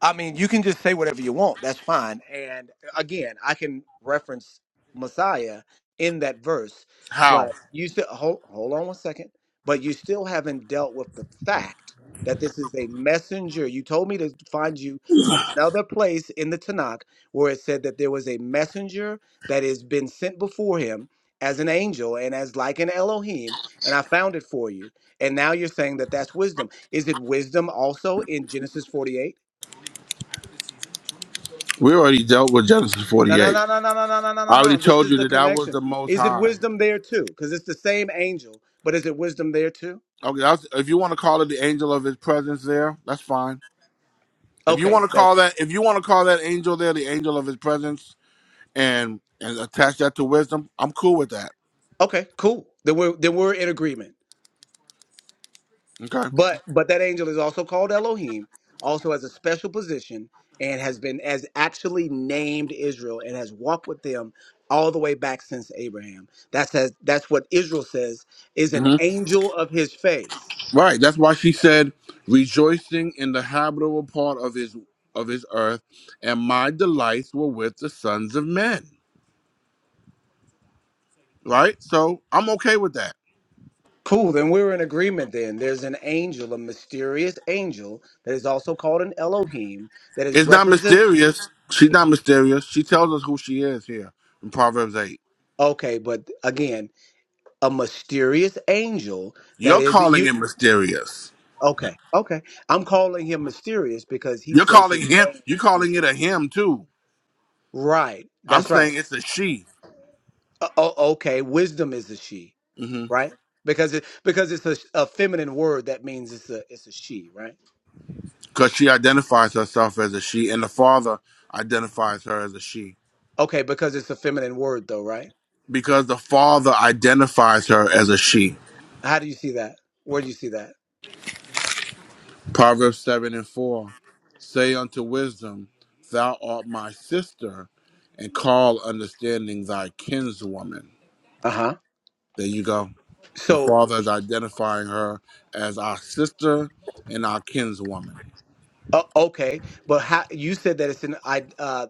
Speaker 7: I mean, you can just say whatever you want. That's fine. And again, I can reference Messiah in that verse,
Speaker 2: How?
Speaker 7: but you still hold hold on one second. But you still haven't dealt with the fact that this is a messenger. You told me to find you another place in the Tanakh where it said that there was a messenger that has been sent before him as an angel and as like an Elohim, and I found it for you. And now you're saying that that's wisdom. Is it wisdom also in Genesis 48?
Speaker 2: We already dealt with Genesis
Speaker 7: No, no,
Speaker 2: 48.
Speaker 7: no, no, no, no, no, no, no, no,
Speaker 2: I already
Speaker 7: no. This
Speaker 2: told
Speaker 7: is
Speaker 2: you
Speaker 7: the
Speaker 2: that that was
Speaker 7: connection.
Speaker 2: the most
Speaker 7: Is it
Speaker 2: high.
Speaker 7: wisdom there too? Because it's the same angel, but is it wisdom there too?
Speaker 2: Okay, that's, if you want to call it the angel of his presence there, that's fine. If you
Speaker 7: Okay,
Speaker 2: want to
Speaker 7: that's
Speaker 2: call that if you want to call that angel there the angel of his presence and and attach that to wisdom, I'm cool with that.
Speaker 7: okay, cool. Then we're then we're in agreement.
Speaker 2: Okay.
Speaker 7: But but that angel is also called Elohim, also has a special position, and has been as actually named Israel and has walked with them all the way back since Abraham. That's as, that's what Israel says is an
Speaker 2: hmm
Speaker 7: angel of his face.
Speaker 2: Right, that's why she said rejoicing in the habitable part of his of his earth and my delights were with the sons of men. Right? So, I'm okay with that.
Speaker 7: Cool, then we're in agreement then. There's an angel, a mysterious angel that is also called an Elohim that is
Speaker 2: It's not
Speaker 7: represent
Speaker 2: mysterious. She's not mysterious. She tells us who she is here in Proverbs 8.
Speaker 7: Okay, but again, a mysterious angel that
Speaker 2: You're
Speaker 7: is
Speaker 2: calling
Speaker 7: you
Speaker 2: it mysterious.
Speaker 7: Okay, okay. I'm calling him mysterious because he
Speaker 2: You're
Speaker 7: says
Speaker 2: calling
Speaker 7: his
Speaker 2: him. You're
Speaker 7: mis-
Speaker 2: calling it a him too.
Speaker 7: Right.
Speaker 2: I'm
Speaker 7: That's right.
Speaker 2: saying it's a she
Speaker 7: Uh, o- okay, wisdom is a she,
Speaker 2: hmm
Speaker 7: right? Because it because it's a, a feminine word that means it's a it's a she, right?
Speaker 2: because she identifies herself as a she, and the father identifies her as a she
Speaker 7: Okay, because it's a feminine word though, right?
Speaker 2: because the father identifies her as a she.
Speaker 7: How do you see that? Where do you see that?
Speaker 2: Proverbs seven and four say unto wisdom, Thou art my sister, and call understanding thy kinswoman.
Speaker 7: Uh-huh.
Speaker 2: There you go. The
Speaker 7: So
Speaker 2: Father is identifying her as our sister and our kinswoman.
Speaker 7: Uh, okay, but how you said that it's in I, uh,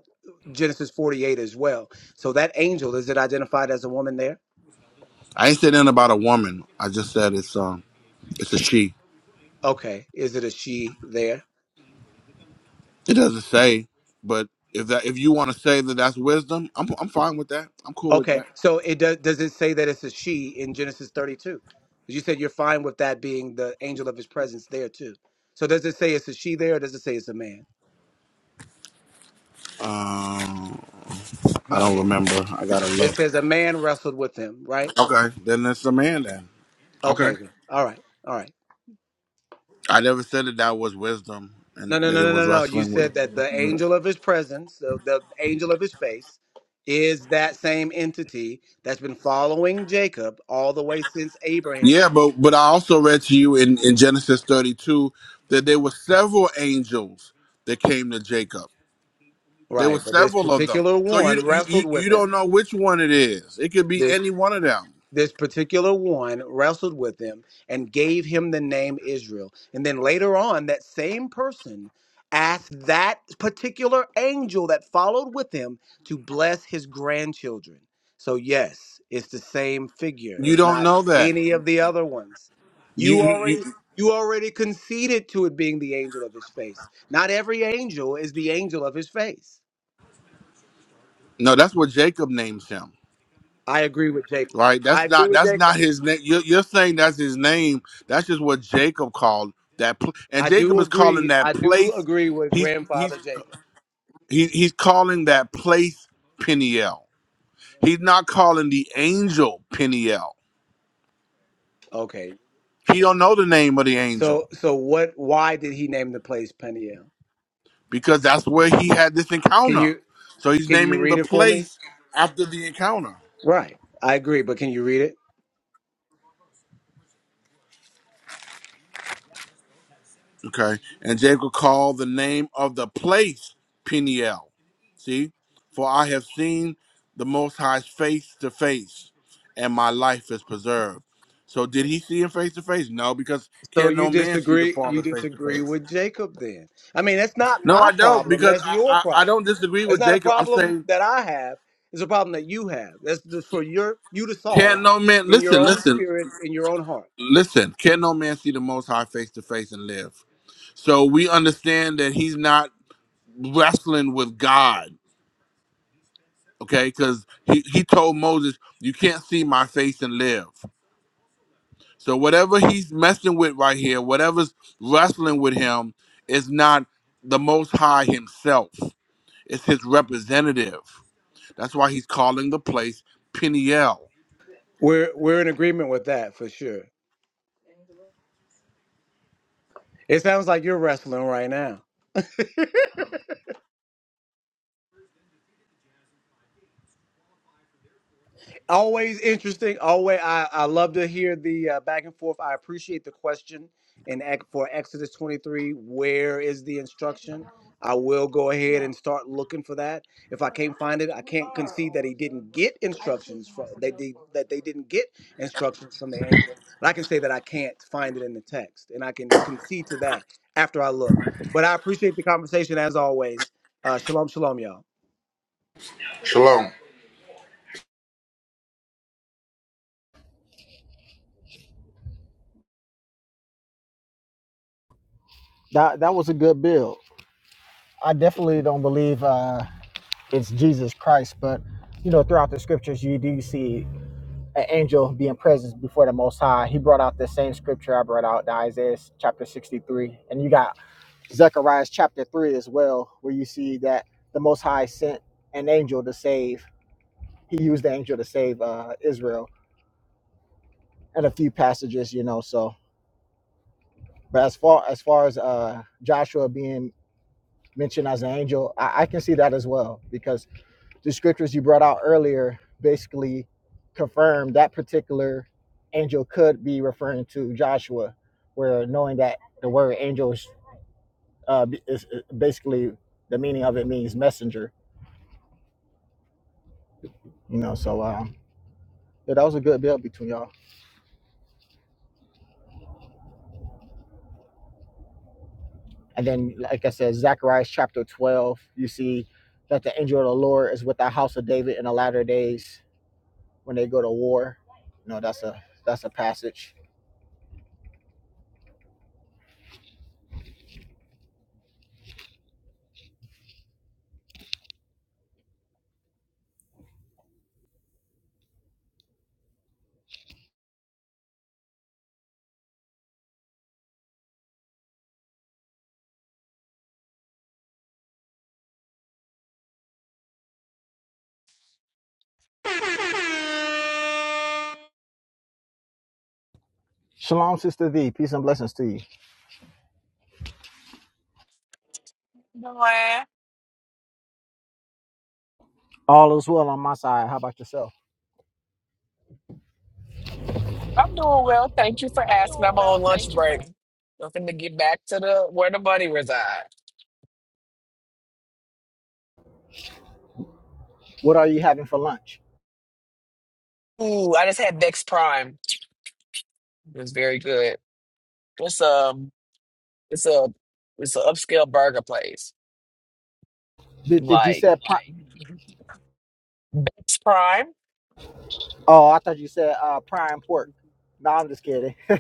Speaker 7: Genesis 48 as well. So that angel is it identified as a woman there?
Speaker 2: I ain't said nothing about a woman. I just said it's um it's a she.
Speaker 7: Okay, is it a she there?
Speaker 2: It doesn't say, but if that if you want to say that that's wisdom, I'm I'm fine with that. I'm cool with
Speaker 7: Okay,
Speaker 2: that.
Speaker 7: so it does. Does it say that it's a she in Genesis 32? You said you're fine with that being the angel of his presence there too. So does it say it's a she there, or does it say it's a man?
Speaker 2: Um, I don't remember. I gotta
Speaker 7: It
Speaker 2: look.
Speaker 7: says a man wrestled with him, right?
Speaker 2: Okay, then it's a man then. Okay,
Speaker 7: Okay, then. all right, all right.
Speaker 2: I never said that that was wisdom and
Speaker 7: No, no,
Speaker 2: that
Speaker 7: no,
Speaker 2: it
Speaker 7: no,
Speaker 2: was
Speaker 7: no, no. You
Speaker 2: wrestling with.
Speaker 7: said that the angel of his presence, the, the angel of his face, is that same entity that's been following Jacob all the way since Abraham.
Speaker 2: Yeah, but but I also read to you in, in Genesis 32 that there were several angels that came to Jacob. There were
Speaker 7: Right. But this
Speaker 2: several of them.
Speaker 7: particular
Speaker 2: So you
Speaker 7: one
Speaker 2: you you
Speaker 7: wrestled
Speaker 2: you
Speaker 7: with him.
Speaker 2: don't know which one it is. It could be any one of them.
Speaker 7: this particular one wrestled with him and gave him the name Israel. And then later on, that same person asked that particular angel that followed with him to bless his grandchildren. So, yes, it's the same figure.
Speaker 2: You
Speaker 7: It's
Speaker 2: don't
Speaker 7: not
Speaker 2: know that.
Speaker 7: any of the other ones.
Speaker 2: You
Speaker 7: You
Speaker 2: you, you
Speaker 7: already. You already conceded to it being the angel of his face. Not every angel is the angel of his face.
Speaker 2: no, that's what Jacob names him.
Speaker 7: I agree with Jacob.
Speaker 2: Right?
Speaker 7: I
Speaker 2: That's
Speaker 7: agree
Speaker 2: not
Speaker 7: with
Speaker 2: that's
Speaker 7: Jacob.
Speaker 2: not his name. You're, you're saying that's his name. That's just what Jacob called that. Pl- and
Speaker 7: I
Speaker 2: Jacob
Speaker 7: do
Speaker 2: is calling
Speaker 7: agree. I
Speaker 2: that
Speaker 7: do
Speaker 2: place.
Speaker 7: agree with
Speaker 2: He's he's
Speaker 7: grandfather Jacob.
Speaker 2: he, he's calling that place Peniel. He's not calling the angel Peniel.
Speaker 7: Okay.
Speaker 2: He don't know the name of the
Speaker 7: So
Speaker 2: angel
Speaker 7: so what why did he name the place Peniel?
Speaker 2: because that's where he had this
Speaker 7: Can
Speaker 2: encounter.
Speaker 7: you
Speaker 2: So he's
Speaker 7: can you
Speaker 2: naming the
Speaker 7: read it for me?
Speaker 2: place after the encounter.
Speaker 7: Right. I agree, but can you read it?
Speaker 2: Okay. And Jacob called the name of the place Peniel. See? For I have seen the Most High's face to face, and my life is preserved. So did he see him face to face? No, because
Speaker 7: So
Speaker 2: can
Speaker 7: you
Speaker 2: no man see the
Speaker 7: disagree you
Speaker 2: Father face to
Speaker 7: disagree
Speaker 2: face?
Speaker 7: with Jacob then. I mean, that's not
Speaker 2: No,
Speaker 7: my
Speaker 2: I don't,
Speaker 7: problem,
Speaker 2: because
Speaker 7: that's
Speaker 2: I,
Speaker 7: your
Speaker 2: I, I
Speaker 7: problem.
Speaker 2: don't disagree
Speaker 7: It's
Speaker 2: with
Speaker 7: not a
Speaker 2: Jacob. I'm
Speaker 7: problem
Speaker 2: saying
Speaker 7: that I have. It's a problem that you have. That's just for your you to solve
Speaker 2: Can not no man
Speaker 7: in your
Speaker 2: listen,
Speaker 7: own
Speaker 2: listen,
Speaker 7: spirit, in your own heart.
Speaker 2: listen. Can no man see the most high face to face and live? So we understand that he's not wrestling with God, okay? Because he, he told Moses, You can't see my face and live. So whatever he's messing with right here, whatever's wrestling with him, is not the most high himself. It's his representative. That's why he's calling the place Peniel.
Speaker 7: We're we're in agreement with that for sure. It sounds like you're wrestling right now. always interesting. Always, I, I love to hear the uh, back and forth. I appreciate the question. And ec- for Exodus 23, where is the instruction? I will go ahead and start looking for that. If I can't find it, I can't concede that he didn't get instructions from they did that they didn't get instructions from the angel. But I can say that I can't find it in the text, and I can concede to that after I look. But I appreciate the conversation as always. Uh, shalom, shalom, y'all.
Speaker 2: Shalom.
Speaker 5: that that was a good build. I definitely don't believe uh it's Jesus Christ, but you know throughout the scriptures you do see an angel being present before the Most High. He brought out the same scripture I brought out, the Isaiah chapter sixty three, and you got Zechariah chapter three as well, where you see that the Most High sent an angel to save. He used the angel to save uh Israel, and a few passages, you know. So, but as far as far as uh Joshua being mentioned as an angel, I, I can see that as well because the scriptures you brought out earlier basically confirm that particular angel could be referring to Joshua, where knowing that the word angel is, uh, is is basically the meaning of it means messenger, you know. So, um, yeah, that was a good build between y'all. And then, like I said, Zechariah chapter 12, you see that the angel of the Lord is with the house of David in the latter days when they go to war. You know, that's a that's a passage
Speaker 8: Doing.
Speaker 5: Shalom, Sister V. Peace and blessings to you. All is well on my side. How about yourself?
Speaker 8: I'm doing well. Thank you for asking. I'm on lunch break. Looking to get back to the where the money resides.
Speaker 5: What are you having for lunch?
Speaker 8: Ooh, I just had Bex Prime. It was very good. It's um, it's a it's an upscale burger place.
Speaker 5: Did, did you
Speaker 8: Like
Speaker 5: say? Pri-
Speaker 8: Bex Prime.
Speaker 5: oh, I thought you said uh, prime pork. No, I'm just kidding.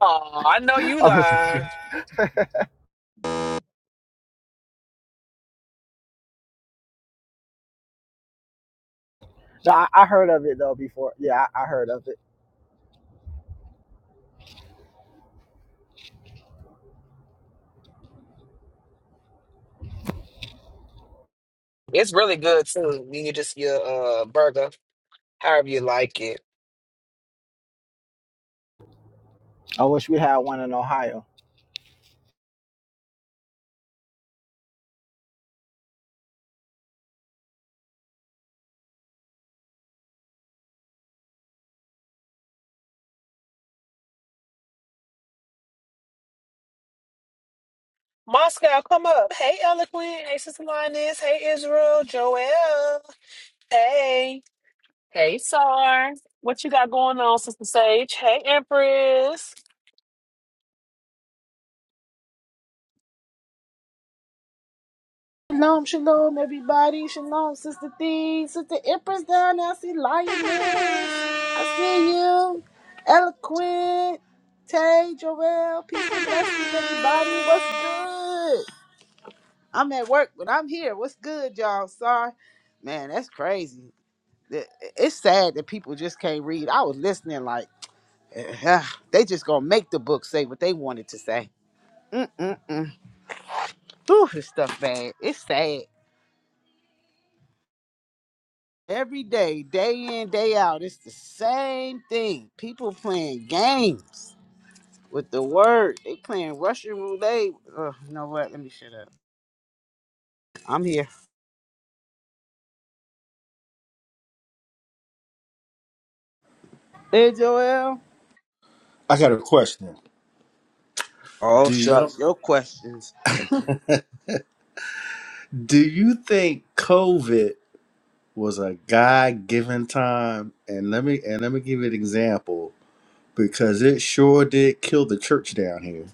Speaker 8: Oh, I know you
Speaker 5: I'm just
Speaker 8: lying.
Speaker 5: kidding. No, I, I heard of it though before. Yeah, I, I heard of it.
Speaker 8: It's really good too. You can just your uh burger, however you like it.
Speaker 5: I wish we had one in Ohio.
Speaker 8: Moscow, come up. Hey, Eloquent. Hey, Sister Lioness. Hey, Israel. Joel. Hey, hey, Sar. What you got going on, Sister Sage? Hey, Empress.
Speaker 3: Shalom, shalom, everybody. Shalom, Sister Thee, Sister Empress down there. I see Lioness. I see you. Eloquent, Tay, Joel. Peace and blessings, everybody. What's good? I'm at work, but I'm here. What's good, y'all? Sorry. Man, that's crazy. It- It's sad that people just can't read. I was listening like, eh, they just gonna make the book say what they wanted to say. Mm-mm-mm. Ooh, this stuff bad. It's sad. Every day, day in, day out, it's the same thing. People playing games with the word. They playing Russian roulette. Ugh, you know what? Let me shut up. I'm here. Hey, Joel.
Speaker 9: I got a question.
Speaker 3: Oh,
Speaker 9: Do you
Speaker 3: shucks. Your questions.
Speaker 9: do you think COVID was a God given time? And let me and let me give you an example because it sure did kill the church down here.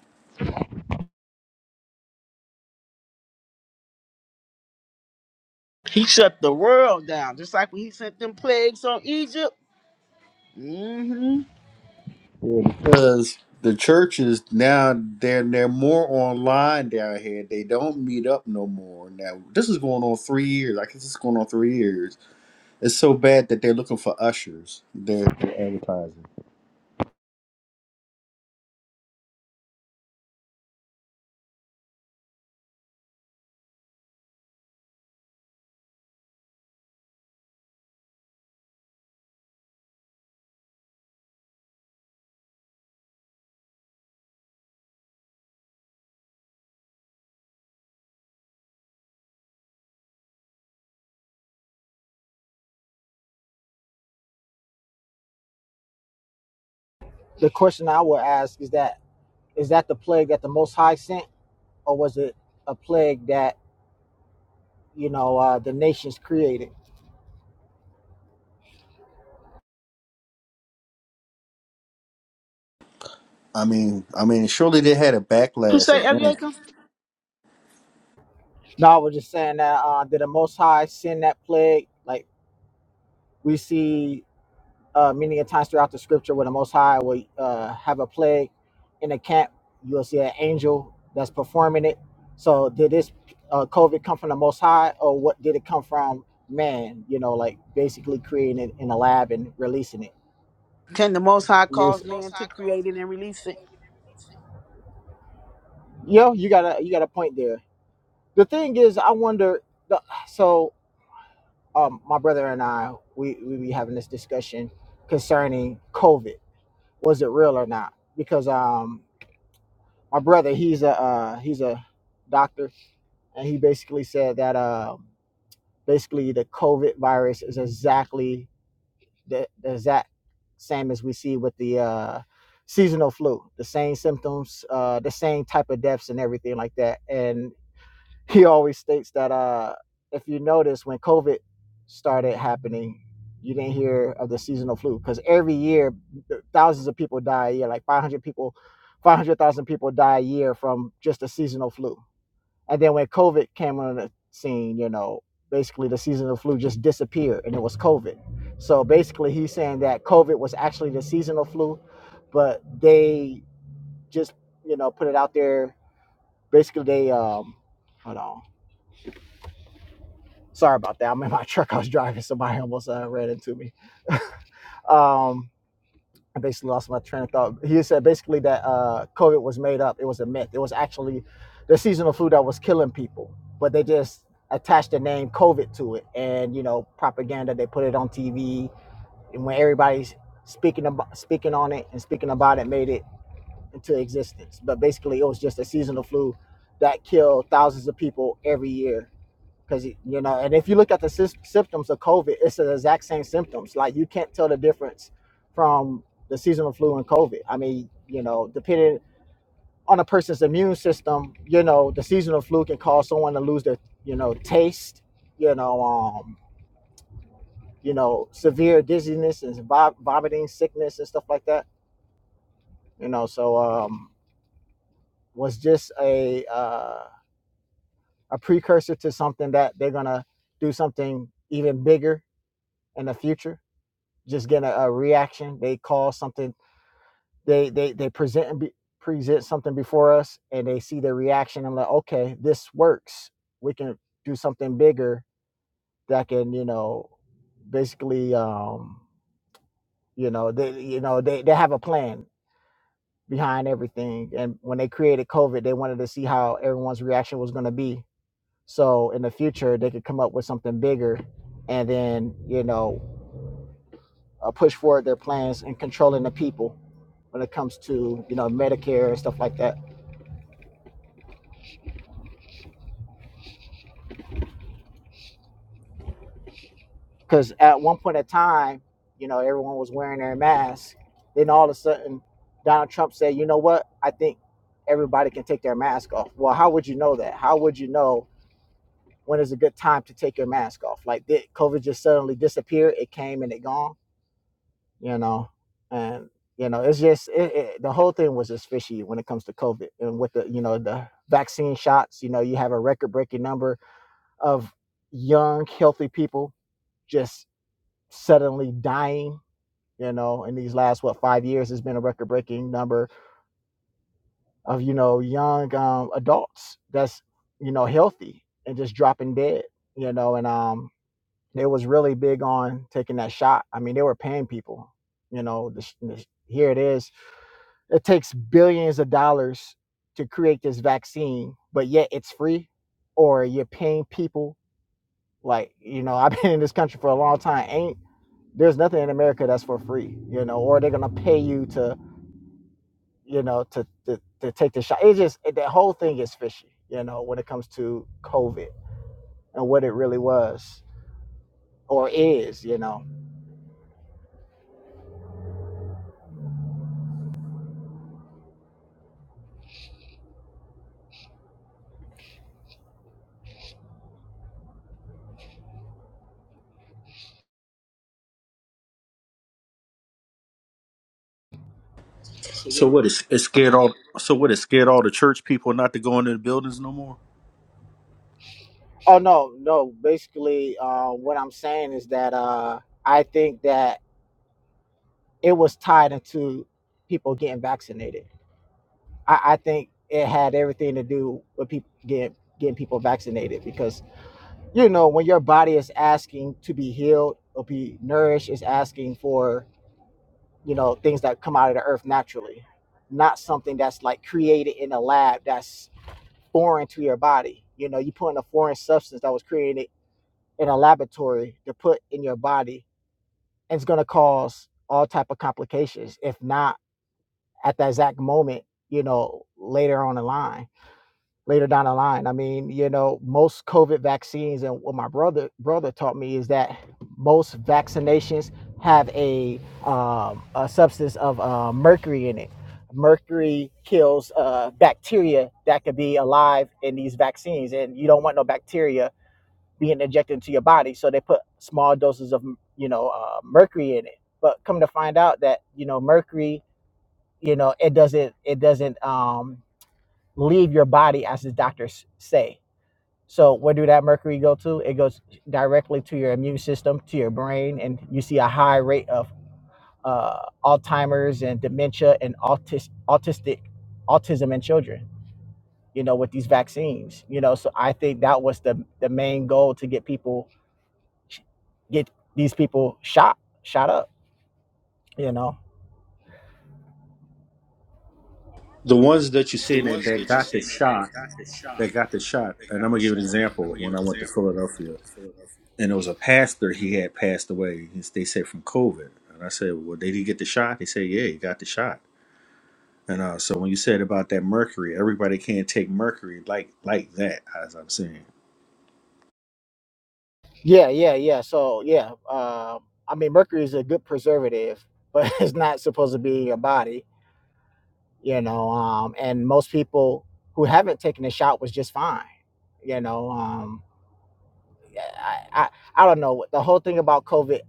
Speaker 3: He shut the world down, just like when he sent them plagues on Egypt. Mm-hmm.
Speaker 9: Yeah, because the churches now they're they're more online down here. They don't meet up no more. Now this is going on three years. I guess it's going on three years. It's so bad that they're looking for ushers. They're, they're advertising.
Speaker 5: The question I would ask is that is that the plague that the Most High sent, or was it a plague that you know uh, the nations created?
Speaker 9: I mean, I mean, surely they had a
Speaker 3: You
Speaker 9: backlash
Speaker 3: say,
Speaker 9: again.
Speaker 3: Eliakim?
Speaker 5: No, I was just saying that uh, did the Most High send that plague? Like we see uh, many a times throughout the scripture where the Most High will uh, have a plague in the camp, you'll see an angel that's performing it. So did this uh, COVID come from the Most High, or what did it come from man? You know, like basically creating it in a lab and releasing it.
Speaker 3: Can the Most High cause man to create it and release it?
Speaker 5: Yo, you got a you got a point there. The thing is, I wonder. The, so, um, my brother and I, we we be having this discussion concerning COVID. Was it real or not? Because um. my brother he's a uh, he's a doctor and he basically said that uh, basically the covid virus is exactly the, the exact same as we see with the uh, seasonal flu the same symptoms uh, the same type of deaths and everything like that and he always states that uh, if you notice when covid started happening you didn't hear of the seasonal flu because every year thousands of people die a year like 500 people 500000 people die a year from just a seasonal flu and then when COVID came on the scene, you know, basically the seasonal flu just disappeared and it was COVID. So basically he's saying that COVID was actually the seasonal flu, but they just, you know, put it out there. Basically they um hold on. Sorry about that. I'm in my truck. I was driving. Somebody almost uh, ran into me. Um I basically lost my train of thought. He said basically that uh, COVID was made up. It was a myth. It was actually the seasonal flu that was killing people, but they just attached the name COVID to it, and you know, propaganda. They put it on TV, and when everybody's speaking about speaking on it and speaking about it, made it into existence. But basically, it was just a seasonal flu that killed thousands of people every year because you know and if you look at the sys- symptoms of covid it's the exact same symptoms like you can't tell the difference from the seasonal flu and covid i mean you know depending on a person's immune system you know the seasonal flu can cause someone to lose their you know taste you know um you know severe dizziness and vom- vomiting sickness and stuff like that you know so um was just a uh a precursor to something that they're gonna do something even bigger in the future just getting a, a reaction. They call something, they they they present be, present something before us, and they see their reaction. I'm like, okay, this works. We can do something bigger that can, you know, basically, um, you know, they you know they they have a plan behind everything. And when they created COVID, they wanted to see how everyone's reaction was going to be. So in the future, they could come up with something bigger, and then you know, uh, push forward their plans and controlling the people when it comes to you know Medicare and stuff like that. Because at one point in time, you know, everyone was wearing their mask. Then all of a sudden, Donald Trump said, "You know what? I think everybody can take their mask off." Well, how would you know that? How would you know when is a good time to take your mask off? Like did COVID just suddenly disappear? It came and it gone. You know, and you know, it's just it, it, the whole thing was just fishy when it comes to COVID and with the you know the vaccine shots. You know, you have a record breaking number of young, healthy people just suddenly dying. You know, in these last what five years, has been a record-breaking number of you know young um, adults that's you know healthy and just dropping dead. You know, and um, they was really big on taking that shot. I mean, they were paying people. You know, this, this, here it is. It takes billions of dollars to create this vaccine, but yet it's free, or you're paying people Like, you know, I've been in this country for a long time. Ain't there's nothing in America that's for free, you know, or they're gonna pay you to, you know, to to, to take the shot. It just it, that whole thing is fishy, you know, when it comes to COVID and what it really was or is, you know.
Speaker 9: So what is it scared all? So what it scared all the church people not to go into the buildings no more?
Speaker 5: Oh no, no. Basically, uh, what I'm saying is that uh, I think that it was tied into people getting vaccinated. I, I think it had everything to do with people getting getting people vaccinated because you know when your body is asking to be healed or be nourished is asking for you know things that come out of the earth naturally not something that's like created in a lab that's foreign to your body you know you put in a foreign substance that was created in a laboratory to put in your body and it's going to cause all type of complications if not at that exact moment you know later on the line later down the line. I mean, you know, most COVID vaccines and what my brother brother taught me is that most vaccinations have a um, a substance of uh, mercury in it. Mercury kills uh, bacteria that could be alive in these vaccines, and you don't want no bacteria being injected into your body. So they put small doses of you know uh, mercury in it. But come to find out that you know mercury, you know, it doesn't it doesn't um, leave your body as the doctors say so where do that mercury go to? It goes directly to your immune system, to your brain, and you see a high rate of uh, Alzheimer's and dementia and autis- autistic autism in children. You know, with these vaccines. You know, so I think that was the the main goal to get people get these people shot shot up. You know.
Speaker 9: The ones that you seen that, that got the shot, that got the shot. And I'm gonna give an example. When I went to Philadelphia, and it was a pastor, he had passed away. He's- They said from COVID, and I said, "Well, did he get the shot?" He said, "Yeah, he got the shot." And uh, so when you said about that mercury, everybody can't take mercury like like that, as I'm saying.
Speaker 5: Yeah, yeah, yeah. So yeah, um, I mean, mercury is a good preservative, but it's not supposed to be in your body you know um and most people who haven't taken a shot was just fine you know um yeah, i i, I don't know the whole thing about covid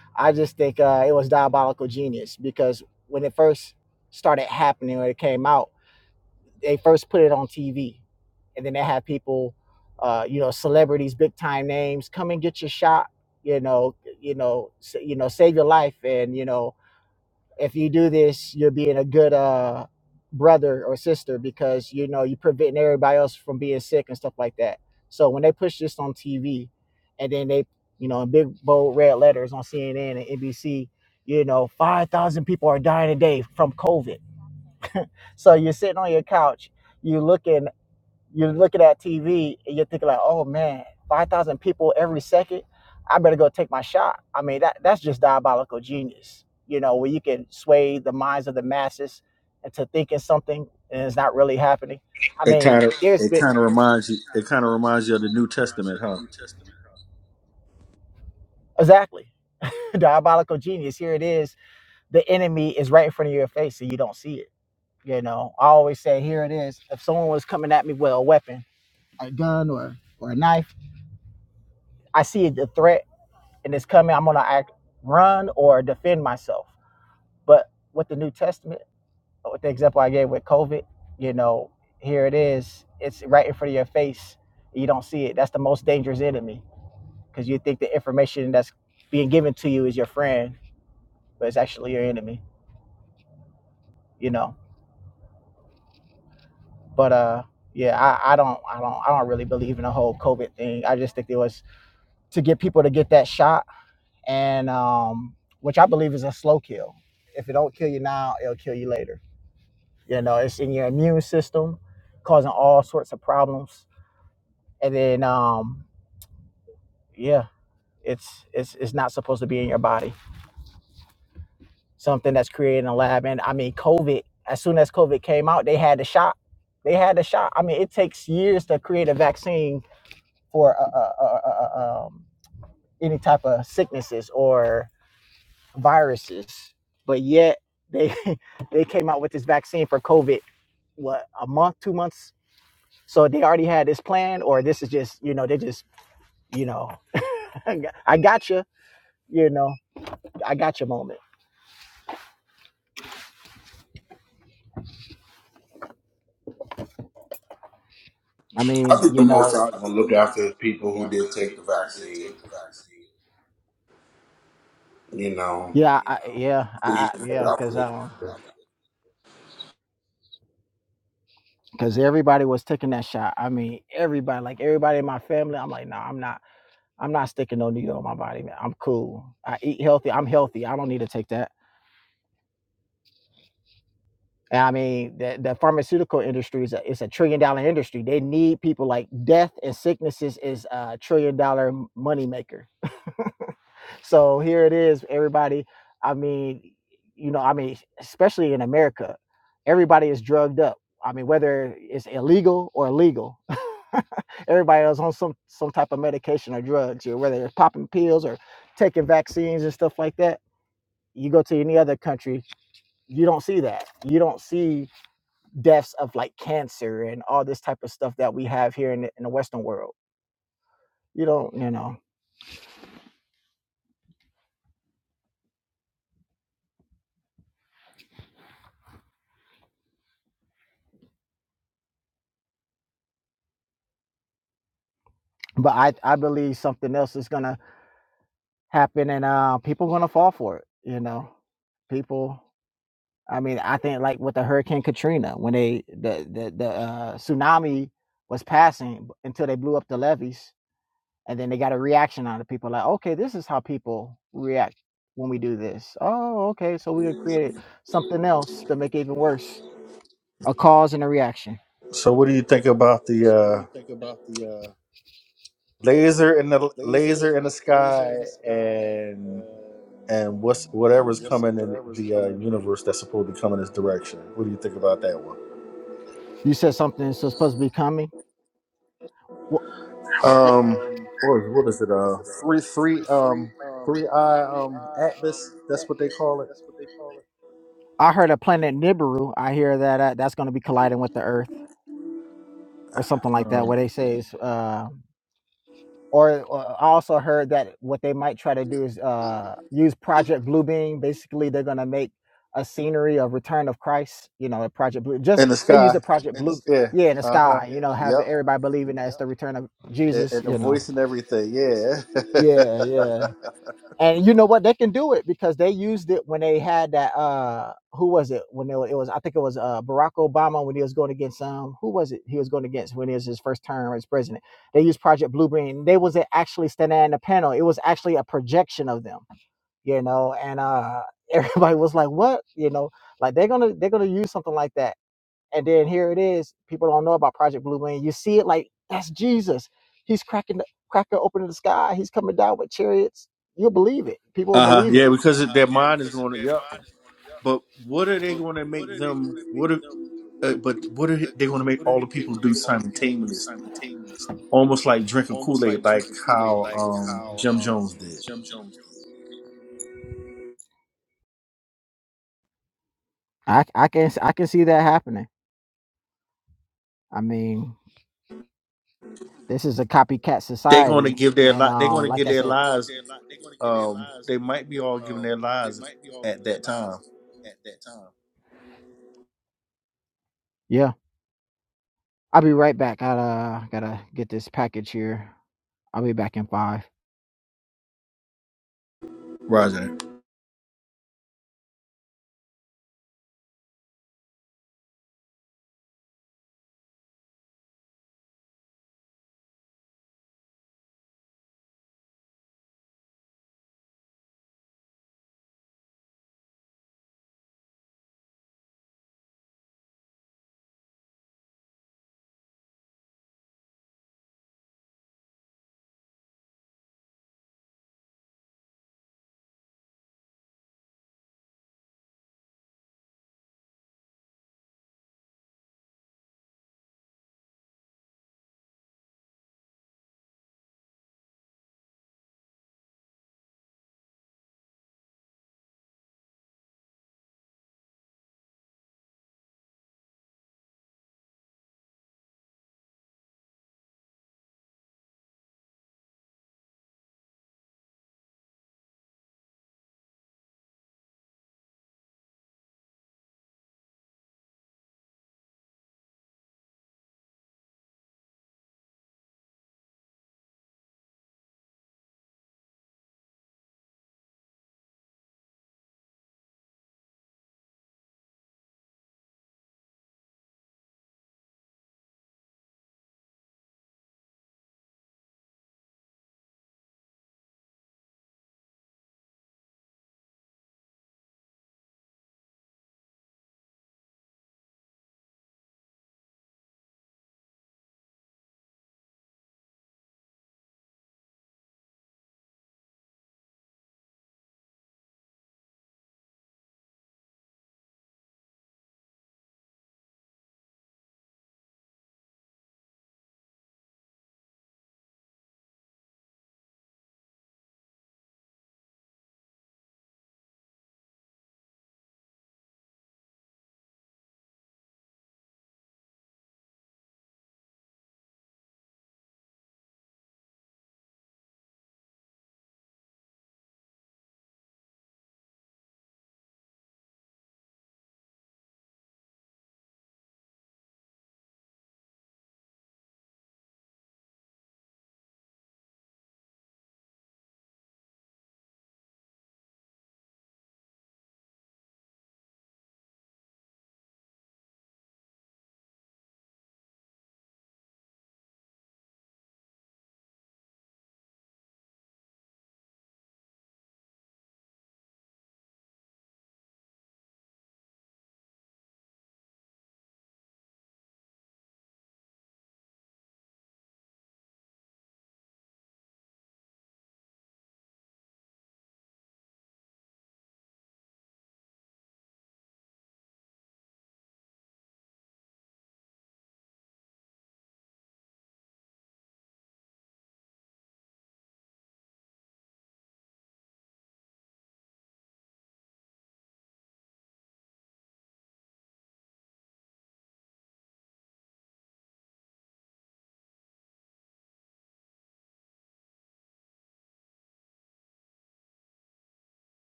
Speaker 5: i just think uh it was diabolical genius because when it first started happening when it came out they first put it on tv and then they had people uh you know celebrities big time names come and get your shot you know you know sa- you know save your life and you know if you do this, you're being a good uh, brother or sister because you know you're preventing everybody else from being sick and stuff like that. So when they push this on TV, and then they, you know, in big bold red letters on CNN and NBC, you know, five thousand people are dying a day from COVID. So you're sitting on your couch, you looking you're looking at TV and you're thinking like, oh man, five thousand people every second. I better go take my shot. I mean, that that's just diabolical genius. You know, where you can sway the minds of the masses into thinking something and it's not really happening. I
Speaker 9: It
Speaker 5: mean,
Speaker 9: kind of
Speaker 5: there's
Speaker 9: it
Speaker 5: been
Speaker 9: kind of reminds you. It kind of reminds you of the New Testament, huh?
Speaker 5: exactly diabolical genius. Here it is. The enemy is right in front of your face and you don't see it. You know, I always say, here it is. If someone was coming at me with a weapon, a gun or or a knife, I see the threat and it's coming, I'm going to act, run or defend myself. But with the New Testament, with the example I gave with COVID, you know, here it is. It's right in front of your face. You don't see it. That's the most dangerous enemy because you think the information that's being given to you is your friend, but it's actually your enemy, you know. But, uh, yeah, I, I don't, I don't, I don't really believe in the whole COVID thing. I just think it was to get people to get that shot, and um, which I believe is a slow kill. If it don't kill you now, it'll kill you later You know, it's in your immune system, causing all sorts of problems. And then, um, yeah, it's it's it's not supposed to be in your body. Something that's created in a lab. And I mean, COVID. As soon as COVID came out, they had the shot. They had the shot. I mean, it takes years to create a vaccine for uh, uh, uh, uh, uh, um, any type of sicknesses or viruses, but yet they they came out with this vaccine for COVID. What a month, two months So they already had this plan, or this is just, you know, they just, you know, I got you, you know, I got your moment. I
Speaker 2: I
Speaker 5: mean,
Speaker 2: think the
Speaker 5: you
Speaker 2: Most
Speaker 5: know,
Speaker 2: High is going to look after his people who did take the vaccine.
Speaker 5: yeah, I, yeah, I, I, yeah, because um, because everybody was taking that shot. I mean, everybody, like everybody in my family. I'm like, no, nah, I'm not, I'm not sticking no needle in my body, man. I'm cool. I eat healthy. I'm healthy. I don't need to take that. And I mean, the, the pharmaceutical industry is a, it's a trillion dollar industry. They need people like death and sicknesses is a trillion dollar moneymaker So here it is, everybody. I mean, you know, I mean, especially in America, everybody is drugged up. I mean, whether it's illegal or legal, everybody is on some some type of medication or drugs, or whether they're popping pills or taking vaccines and stuff like that. You go to any other country, you don't see that. You don't see deaths of like cancer and all this type of stuff that we have here in the, in the Western world. You don't, you know. But I, I believe something else is gonna happen and uh people gonna fall for it you know people i mean i think like with the hurricane katrina when they the the, the uh tsunami was passing until they blew up the levees and then they got a reaction out of people like okay this is how people react when we do this oh okay so we gonna create something else to make it even worse a cause and a reaction
Speaker 9: So what do you think about the? laser in the laser in the sky and and what's whatever's coming in the uh, universe that's supposed to be coming this direction. What do you think about that one?
Speaker 5: you said something so supposed to be coming well
Speaker 9: Um, what is, what is it? Uh, three three um three eye um atlas. That's what they call it.
Speaker 5: i heard a planet nibiru i hear that uh, that's going to be colliding with the earth or something like that, where
Speaker 9: Um,
Speaker 5: they say it's uh, or, or I also heard that what they might try to do is uh, use Project Bluebeam. Basically, they're going to make a scenery of Return of Christ. You know, a Project Blue. Just
Speaker 9: in the
Speaker 5: they use
Speaker 9: sky.
Speaker 5: the Project Blue.
Speaker 9: Yeah.
Speaker 5: Yeah, in the Yeah,
Speaker 9: Uh huh.
Speaker 5: sky. You know, have
Speaker 9: Yep.
Speaker 5: everybody believing that it's the return of
Speaker 9: And,
Speaker 5: Jesus.
Speaker 9: and the
Speaker 5: You know.
Speaker 9: voice and
Speaker 5: And,
Speaker 9: everything. Yeah.
Speaker 5: everything. Yeah, yeah. And you know what? They can do it because they used it when they had that. Uh, who was it? When it was, it was I think it was uh, Barack Obama when he was going against um, who was it? He was going against when it was his first term as president. They used Project Blueprint. They wasn't actually standing in the panel. It was actually a projection of them, you know. And uh, everybody was like, "What?" You know, like they're gonna they're gonna use something like that and then here it is. People don't know about Project Blue Wing. You see it like that's Jesus. He's cracking the cracker open in the sky. He's coming down with chariots. You'll believe it. People will
Speaker 9: uh huh.
Speaker 5: believe it.
Speaker 9: Yeah, because it- their mind is going. Yep. But what are they going to make them? What? Are, uh, but what are they going to make all the people do simultaneously? Almost like drinking Kool Aid, like how um, Jim Jones did.
Speaker 5: I I can I can see that happening. I mean, this is a copycat
Speaker 9: They're going to
Speaker 5: society,
Speaker 9: give their
Speaker 5: and
Speaker 9: li- They're
Speaker 5: um,
Speaker 9: going to
Speaker 5: like
Speaker 9: give
Speaker 5: they I
Speaker 9: their
Speaker 5: said, gonna give
Speaker 9: lives.
Speaker 5: their li- they're gonna give their
Speaker 9: Um,
Speaker 5: lives.
Speaker 9: they might be all giving their lives at that time.
Speaker 5: yeah, I'll be right back. I uh, gotta get this package here. I'll be back in five.
Speaker 9: Roger.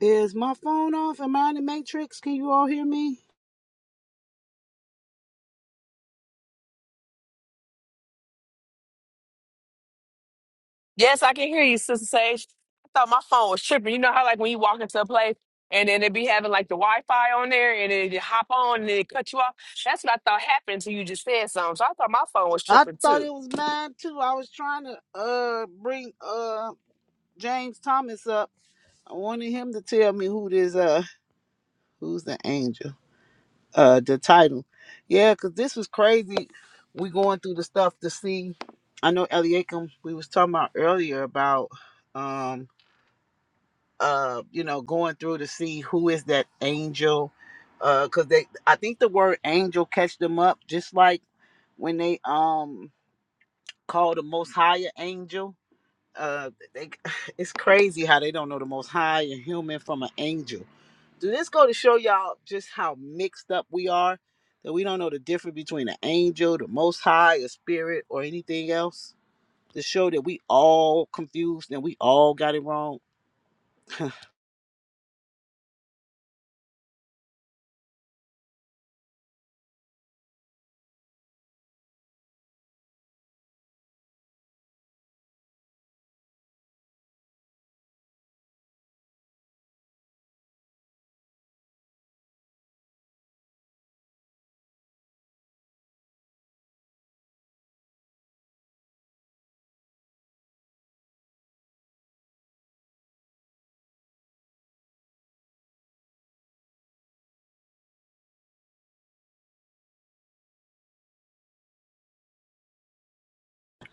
Speaker 3: Is my phone off? Am I in the Matrix? Can you all hear me?
Speaker 8: Yes, I can hear you, Sister Sage. I thought my phone was tripping. You know how, like, when you walk into a place and then it be having like the Wi-Fi on there, and then you hop on and then it cut you off. That's what I thought happened until you just said something. So I thought my phone was
Speaker 3: I
Speaker 8: tripping
Speaker 3: thought
Speaker 8: too.
Speaker 3: it was mine too. I was trying to uh bring uh James Thomas up. I wanted him to tell me who this uh who's the angel. Uh the title. Yeah, cause this was crazy. We going through the stuff to see. I know Eliakim we was talking about earlier about um uh you know going through to see who is that angel. Uh cause they I think the word angel catch them up just like when they um call the most higher angel uh they it's crazy how they don't know the most high and human from an angel do this go to show y'all just how mixed up we are that we don't know the difference between an angel the most high a spirit or anything else to show that we all confused and we all got it wrong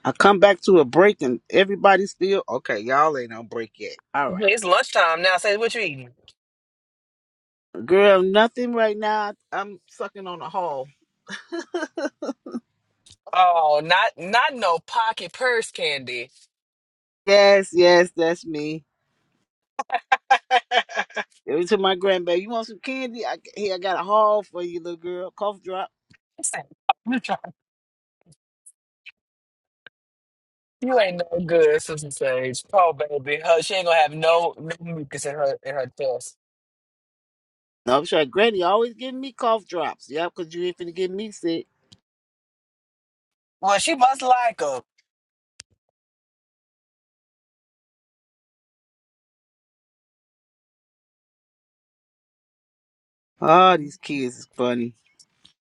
Speaker 3: i come back to a break and everybody still okay y'all ain't on break yet all
Speaker 8: Mhm,
Speaker 3: right
Speaker 8: It's lunchtime now. Say what you eating?
Speaker 3: girl nothing right now i'm sucking on the hall
Speaker 8: Oh, not not no pocket purse candy.
Speaker 3: yes yes that's me Every time my grandbaby, you want some candy? I, here, I got a haul for you, little girl. Cough drop.
Speaker 8: Listen. You ain't no good, Sister Sage. Oh, baby. Her, she ain't gonna have no, no mucus in her in her chest.
Speaker 3: No, I'm sure Granny always giving me cough drops. Yeah, because you ain't finna get me sick.
Speaker 8: Well, she must like 'em.
Speaker 3: Oh, these kids is funny.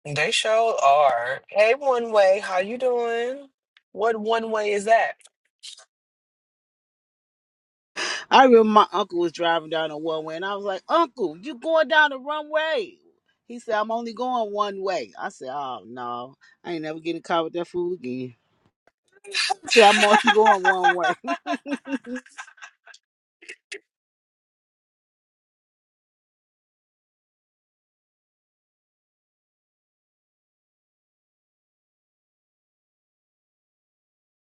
Speaker 8: They sure are. Hey, one way, how you doing? What one way is that?
Speaker 3: I remember my uncle was driving down the one way, and I was like, Uncle, you going down the wrong way. He said, I'm only going one way. I said, Oh, no. I ain't never getting caught with that fool again. He said, I'm only going one way.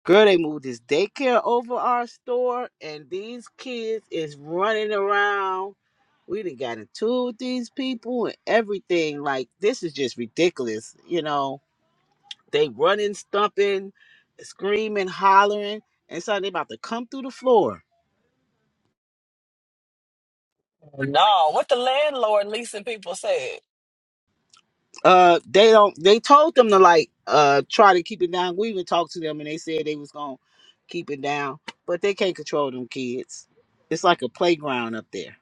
Speaker 3: Girl, they moved this daycare over our store, and these kids is running around. We done got into it with these people and everything. Like, this is just ridiculous. You know, they running, stumping, screaming, hollering, and so they about to come through the floor.
Speaker 8: No, what the landlord leasing people said.
Speaker 3: Uh, they don't. They told them to like uh try to keep it down. We even talked to them, and they said they was gonna keep it down, but they can't control them kids. It's like a playground up there.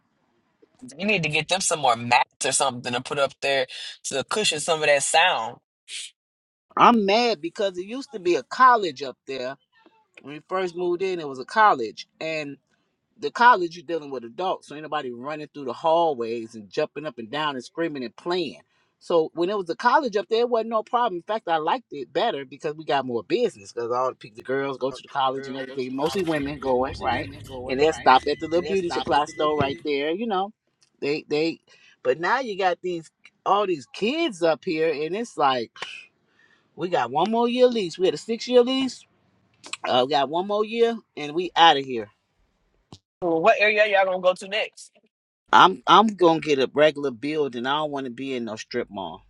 Speaker 8: You need to get them some more mats or something to put up there to cushion some of that sound.
Speaker 3: I'm mad because it used to be a college up there. When we first moved in, it was a college. And the college, you're dealing with adults. So ain't nobody running through the hallways and jumping up and down and screaming and playing. So when it was a college up there, it wasn't no problem. In fact, I liked it better because we got more business because all the, pe- the girls go to the college and everything, mostly women going, right? And they'll stop at the little beauty supply store right there, you know. They, they, but now you got these, all these kids up here and it's like, we got one more year lease. We had a six year lease. Uh, we got one more year, and we out of here.
Speaker 8: Well, What area y'all gonna go to next?
Speaker 3: I'm I'm gonna get a regular building. I don't want to be in no strip mall.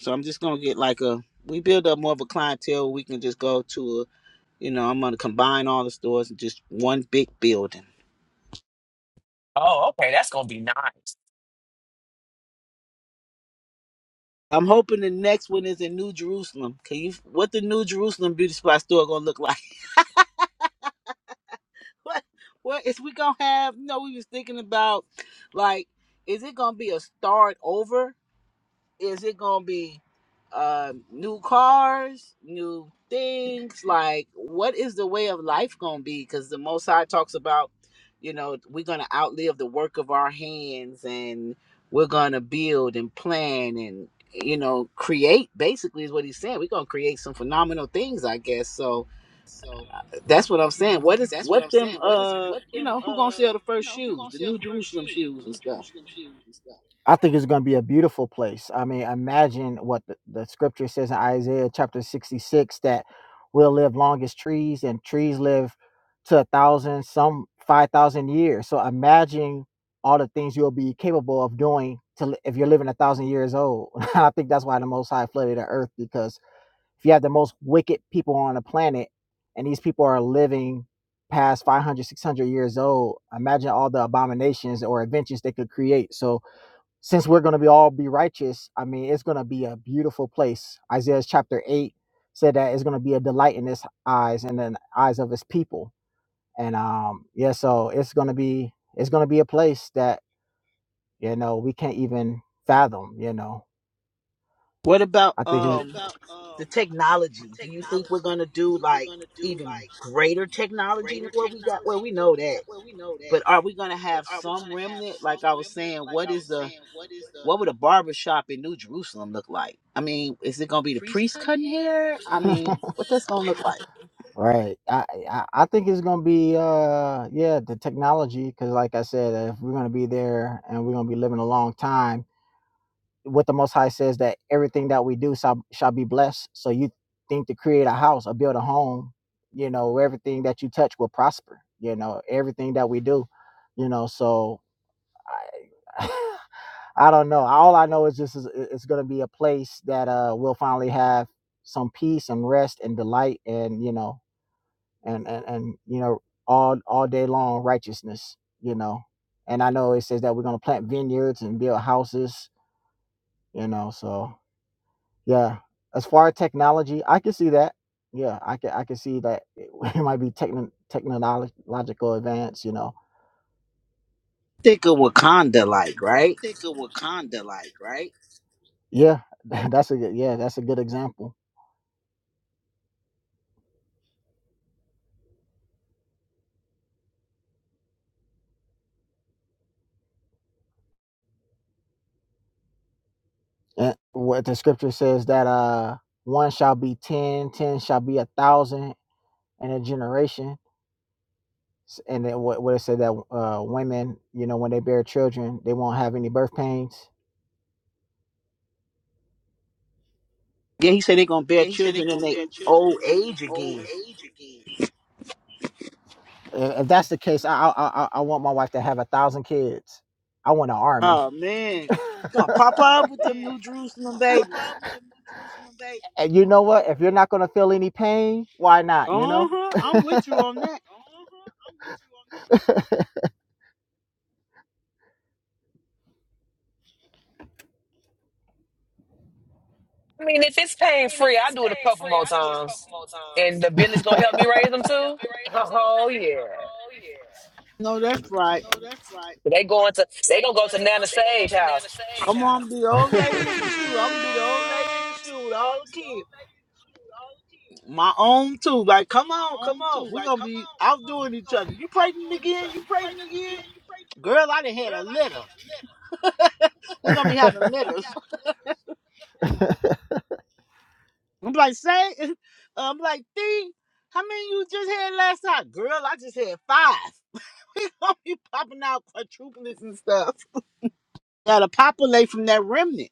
Speaker 3: So I'm just gonna get like a. We build up more of a clientele. We can just go to a. You know, I'm gonna combine all the stores in just one big building.
Speaker 8: Oh, okay, that's gonna be nice.
Speaker 3: I'm hoping the next one is in New Jerusalem. Can you? What the New Jerusalem beauty spot store gonna look like? what? What is we gonna have? You know, we was thinking about, like, is it gonna be a start over? Is it gonna be uh, new cars, new things? Like, what is the way of life gonna be? Because the Most High talks about, you know, we're gonna outlive the work of our hands, and we're gonna build and plan and you know create. Basically, is what he's saying. We're gonna create some phenomenal things, I guess. So that's what I'm saying. What is what them? Uh, you know, who gonna sell the first shoes, the New Jerusalem shoes and stuff?
Speaker 5: I think it's going to be a beautiful place. I mean, imagine what the, the scripture says in Isaiah chapter 66 that we'll live long as trees, and trees live to a thousand, some 5,000 years. So imagine all the things you'll be capable of doing to, li- if you're living a thousand years old. I think that's why the Most High flooded the earth because if you have the most wicked people on the planet and these people are living past 500, 600 years old, imagine all the abominations or inventions they could create. So since we're going to be all be righteous, I mean, it's going to be a beautiful place. Isaiah chapter 8 said that it's going to be a delight in his eyes and in the eyes of his people. And um yeah, so it's going to be it's going to be a place that, you know, we can't even fathom, you know.
Speaker 3: What about
Speaker 5: I think What it's
Speaker 3: um
Speaker 5: about um
Speaker 3: the technology? Do you think we're gonna do like even greater technology than what we got? Well, we know that, but are we gonna have some remnant? Like I was saying, what is the what would a barber shop in New Jerusalem look like? I mean, is it gonna be the
Speaker 5: priests
Speaker 3: priest
Speaker 5: cutting
Speaker 3: cutting
Speaker 5: hair?
Speaker 3: hair? I mean,
Speaker 5: Um
Speaker 3: what that's gonna look like?
Speaker 5: right. I, I I think it's gonna be uh yeah the technology because like I said, if we're gonna be there and we're gonna be living a long time, what the Most High says that everything that we do shall, shall be blessed. So you think to create a house or build a home, you know, everything that you touch will prosper. You know, everything that we do, you know. So I, I don't know. All I know is this is it's going to be a place that uh we'll finally have some peace and rest and delight and you know and and and you know all all day long righteousness. You know, and I know it says that we're going to plant vineyards and build houses. You know, so yeah. As far as technology, I can see that. Yeah, I can I can see that it, it might be techno technological advance, you know.
Speaker 3: Think of Wakanda, like right?
Speaker 5: Yeah, that's a good yeah, that's a good example. And what the scripture says that uh one shall be ten, ten shall be a thousand in a generation. S- And then what, what it said that uh, women, you know, when they bear children, they won't have any birth pains.
Speaker 3: Yeah, he said they're gonna bear children in their old age again.
Speaker 5: I- If that's the case, I I, I I want my wife to have a thousand kids. I want an army.
Speaker 3: Oh man, gonna pop up with them New Jerusalem babies.
Speaker 5: And you know what? If you're not gonna feel any pain, why not?
Speaker 3: Uh
Speaker 5: You know.
Speaker 3: huh. I'm with you on that.
Speaker 8: I mean, if it's pain free, I do it a couple more times, and the village gonna help me raise them too. Oh oh, yeah,
Speaker 3: No, that's right.
Speaker 8: they going to they gonna go to Nana Sage house.
Speaker 3: I'm gonna be the old
Speaker 8: I
Speaker 3: lady in the shoe. I'm gonna be the old lady in the shoe with all the kids. My own too. Like, come on, come on. We're gonna be outdoing each other. You pregnant again? You pregnant again? Girl, I done had a litter. We're gonna be having litters. I'm like, say I'm like, D, how many you just had last time? Girl, I just had five. We gonna be popping out quadruplets and stuff. Gotta populate from that remnant.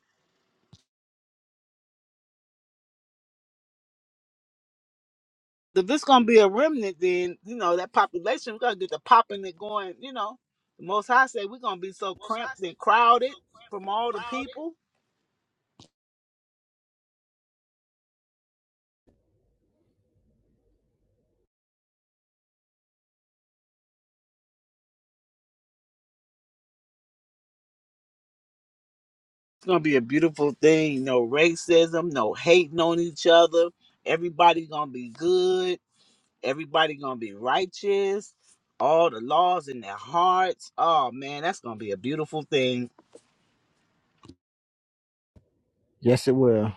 Speaker 3: if this gonna be a remnant, then you know that population we gotta get the popping and going. You know, the Most High say we're gonna be so cramped and crowded from all the people. It's gonna be a beautiful thing. No racism, no hating on each other. Everybody gonna be good. Everybody gonna be righteous. All the laws in their hearts. Oh man, that's gonna be a beautiful thing.
Speaker 5: Yes, it will.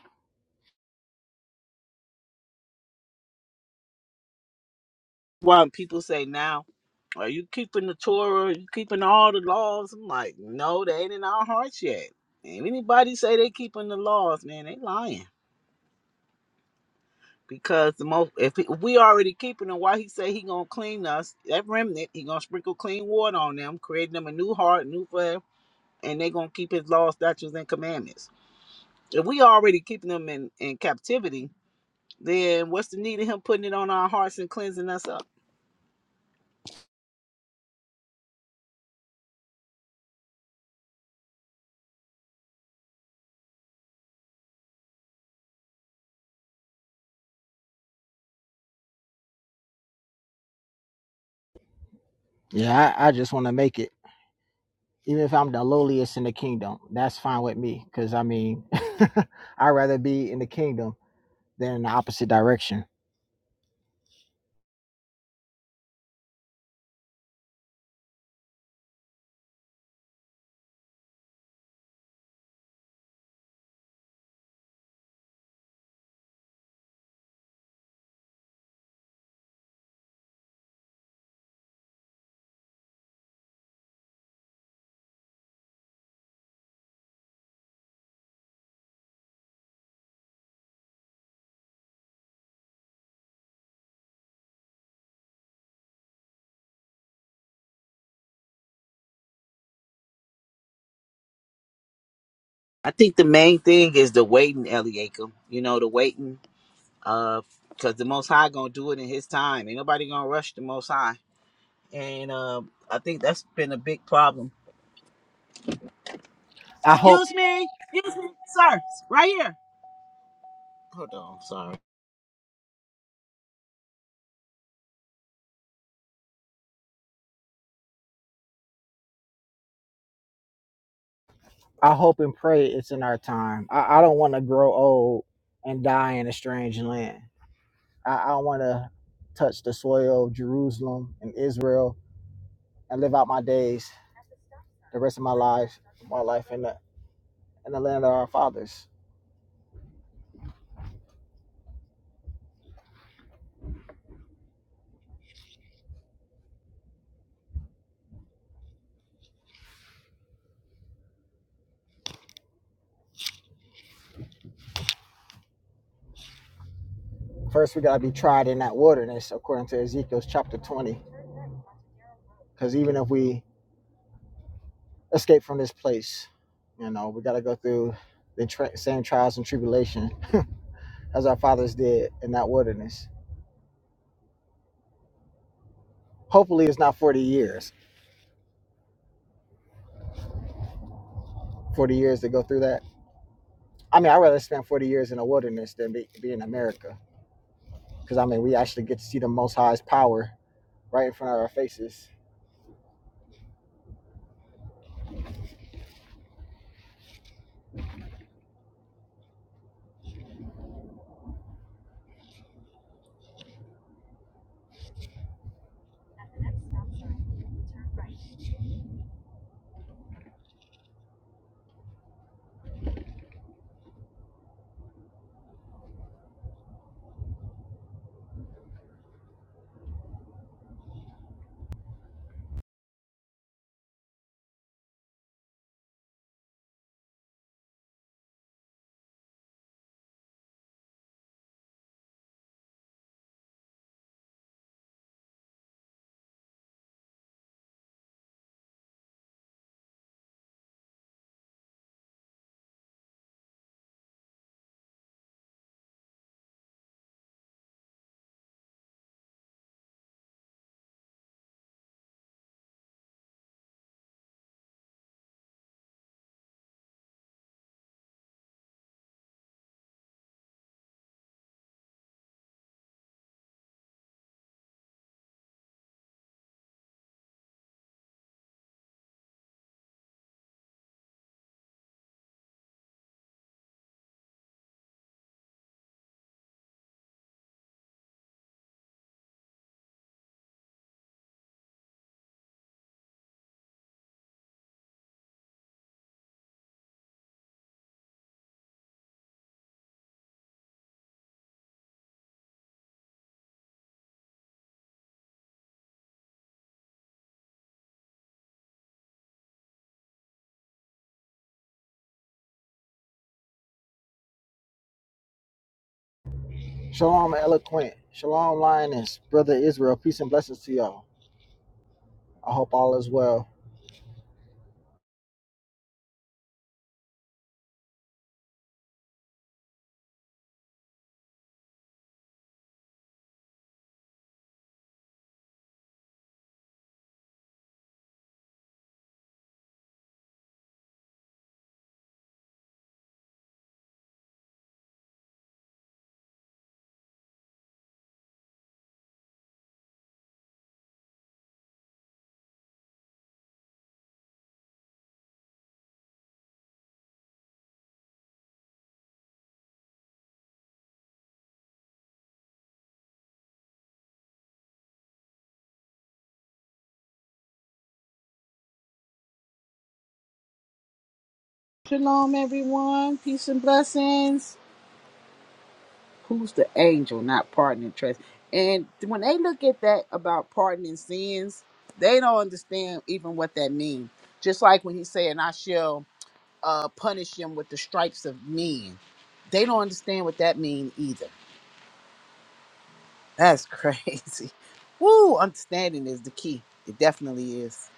Speaker 3: Why people say now? Are you keeping the Torah? Are you keeping all the laws? I'm like, no, they ain't in our hearts yet. And anybody say they keeping the laws, man, they lying. Because the most, if, he- if we already keeping them, why he say he gonna clean us? That remnant, he gonna sprinkle clean water on them, creating them a new heart, new forever, and they gonna keep his laws, statutes, and commandments. If we already keeping them in in captivity, then what's the need of him putting it on our hearts and cleansing us up?
Speaker 5: Yeah, I, I just want to make it. Even if I'm the lowliest in the kingdom, that's fine with me. Cause I mean, I'd rather be in the kingdom than in the opposite direction.
Speaker 3: I think the main thing is the waiting, Eliakim. You know, the waiting uh because the most high gonna do it in his time ain't nobody gonna rush the most high and um i think that's been a big problem
Speaker 5: I hope.
Speaker 3: excuse me excuse me sir right here hold on sorry
Speaker 5: I hope and pray it's in our time. I, I don't want to grow old and die in a strange land. I, I want to touch the soil of Jerusalem and Israel and live out my days, the rest of my life, my life in the in the land of our fathers. First, we gotta be tried in that wilderness, according to Ezekiel chapter 20. Because even if we escape from this place, you know, we gotta go through the tra- same trials and tribulation as our fathers did in that wilderness. Hopefully, it's not 40 years. 40 years to go through that. I mean, I'd rather spend 40 years in the wilderness than be, be in America. Because, I mean, we actually get to see the Most High's power right in front of our faces. Shalom, eloquent. Shalom, lioness. Brother Israel, peace and blessings to y'all. I hope all is well.
Speaker 3: shalom everyone peace and blessings who's the angel not pardoning trust and when they look at that about pardoning sins they don't understand even what that means just like when he said and i shall uh punish him with the stripes of men they don't understand what that means either That's crazy. Woo, understanding is the key. It definitely is.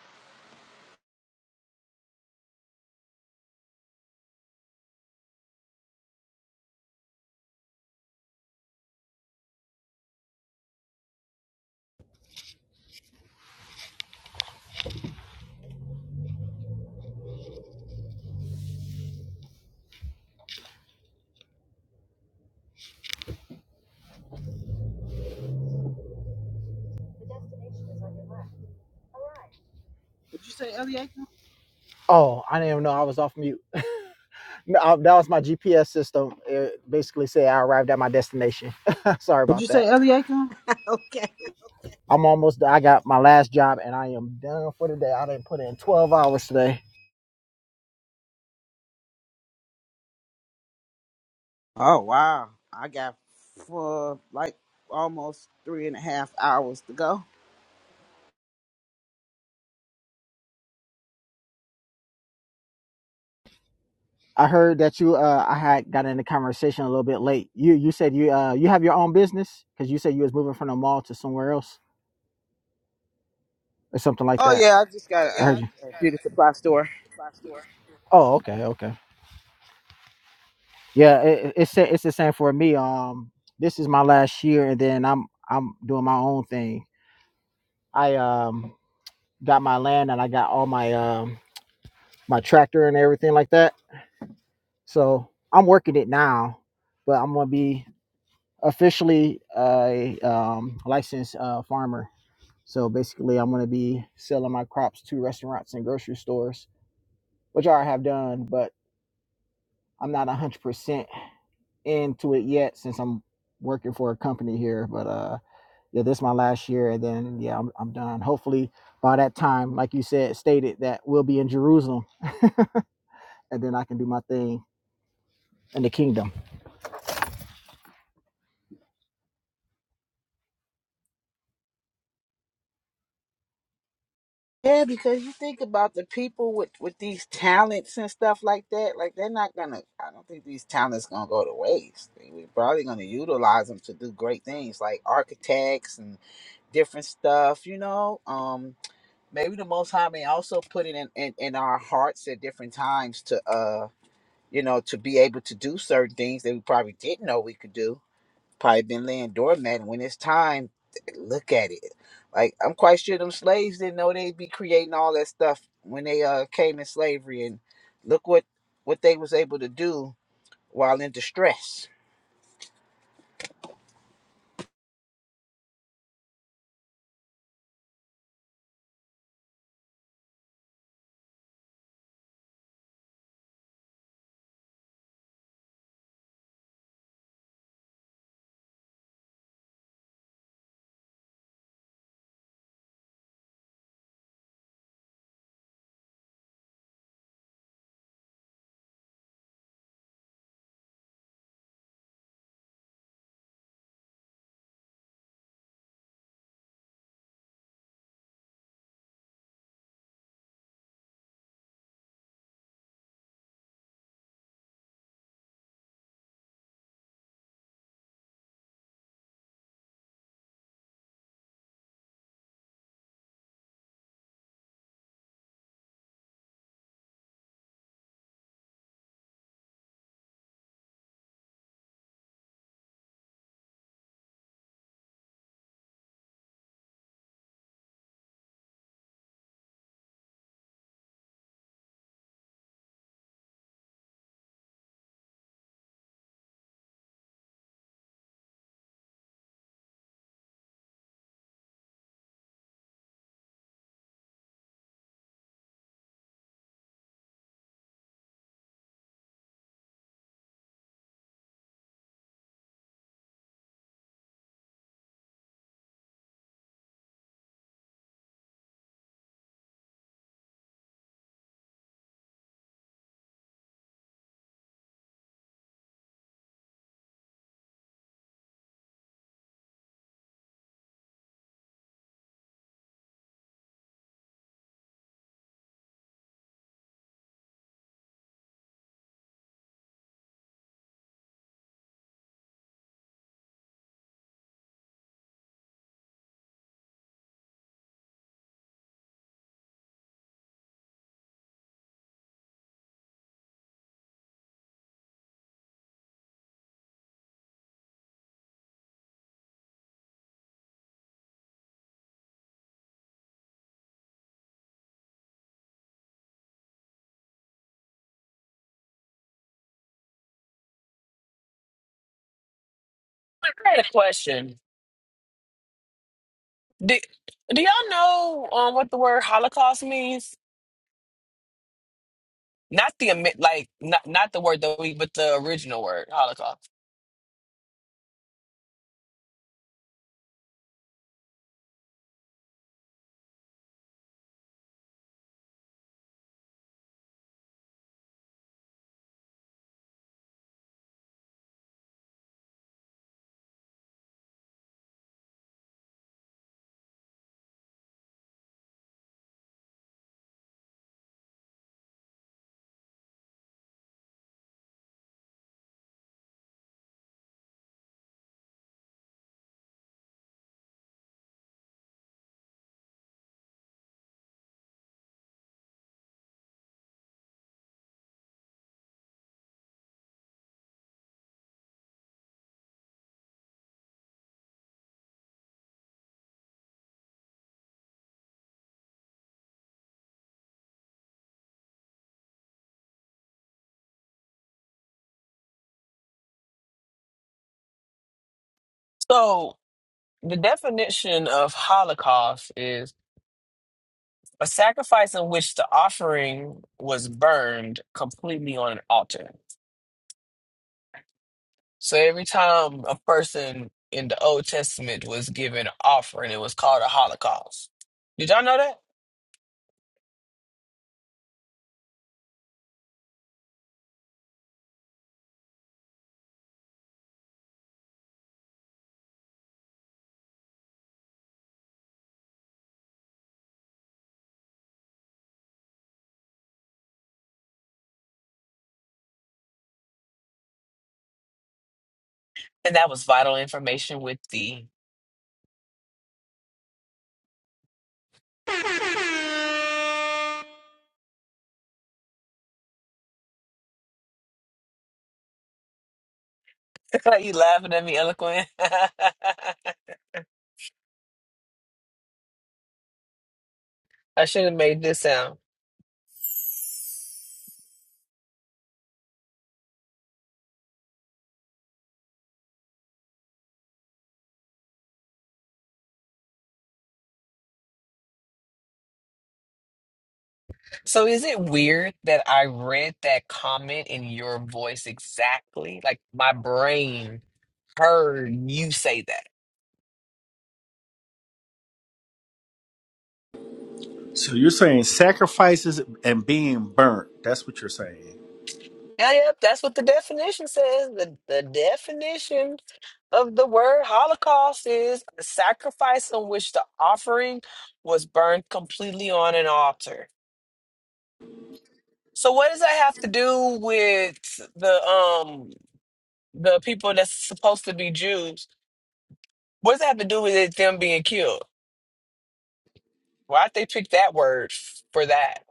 Speaker 5: Oh, I didn't even know I was off mute. No, I- that was my GPS system. It basically said I arrived at my destination. Sorry
Speaker 3: What'd
Speaker 5: about
Speaker 3: you
Speaker 5: that.
Speaker 3: say, Eliakim?
Speaker 5: I'm almost, done. I got my last job and I am done for the day. I didn't put in 12 hours today.
Speaker 3: Oh wow. I got for like almost three and a half hours to go.
Speaker 5: I heard that you uh I had got in the conversation a little bit late. You you said you uh you have your own business because you said you was moving from the mall to somewhere else or something like
Speaker 3: Oh
Speaker 5: that.
Speaker 3: yeah, I just
Speaker 5: Oh
Speaker 3: got
Speaker 5: I yeah,
Speaker 3: I
Speaker 5: heard I
Speaker 3: got
Speaker 5: you. just
Speaker 3: a
Speaker 5: got
Speaker 3: beauty
Speaker 5: it.
Speaker 3: supply store.
Speaker 5: Oh okay okay yeah it, it- it's the- it's the same for me. Um this is my last year and then I'm I'm doing my own thing. I um got my land and I got all my um my tractor and everything like that. So I'm working it now, but I'm gonna be officially a um licensed uh farmer So basically, I'm going to be selling my crops to restaurants and grocery stores, which I have done, but I'm not 100% into it yet since I'm working for a company here. But uh, yeah, this is my last year, and then yeah, I'm, I'm done. Hopefully, by that time, like you said, stated that we'll be in Jerusalem, and then I can do my thing and the kingdom.
Speaker 3: Yeah, because you think about the people with with these talents and stuff like that. Like they're not gonna. I don't think these talents gonna go to waste. They- We're probably gonna utilize them to do great things, like architects and different stuff. You know, um, maybe the most high may also put it in, in in our hearts at different times to uh you know to be able to do certain things that we probably didn't know we could do probably been laying doormat and when it's time look at it like i'm quite sure them slaves didn't know they'd be creating all that stuff when they uh came in slavery and look what what they was able to do while in distress
Speaker 8: had a question. Do, do y'all know um, what the word Holocaust means? Not the ami- like not not the word that we, but the original word Holocaust. So the definition of Holocaust is. A sacrifice in which the offering was burned completely on an altar. So every time a person in the Old Testament was given an offering, it was called a holocaust. Did y'all know that? And that was vital information with the. you laughing at me, eloquent? I should have made this sound. So is it weird that I read that comment in your voice exactly? Like my brain heard you say that.
Speaker 9: So you're saying sacrifices and being burnt. That's what you're saying.
Speaker 8: Yeah, yep, that's what the definition says. The the definition of the word Holocaust is a sacrifice on which the offering was burned completely on an altar. So what does that have to do with the um the people that's supposed to be Jews? What does that have to do with it them being killed? Why'd they pick that word f- for that?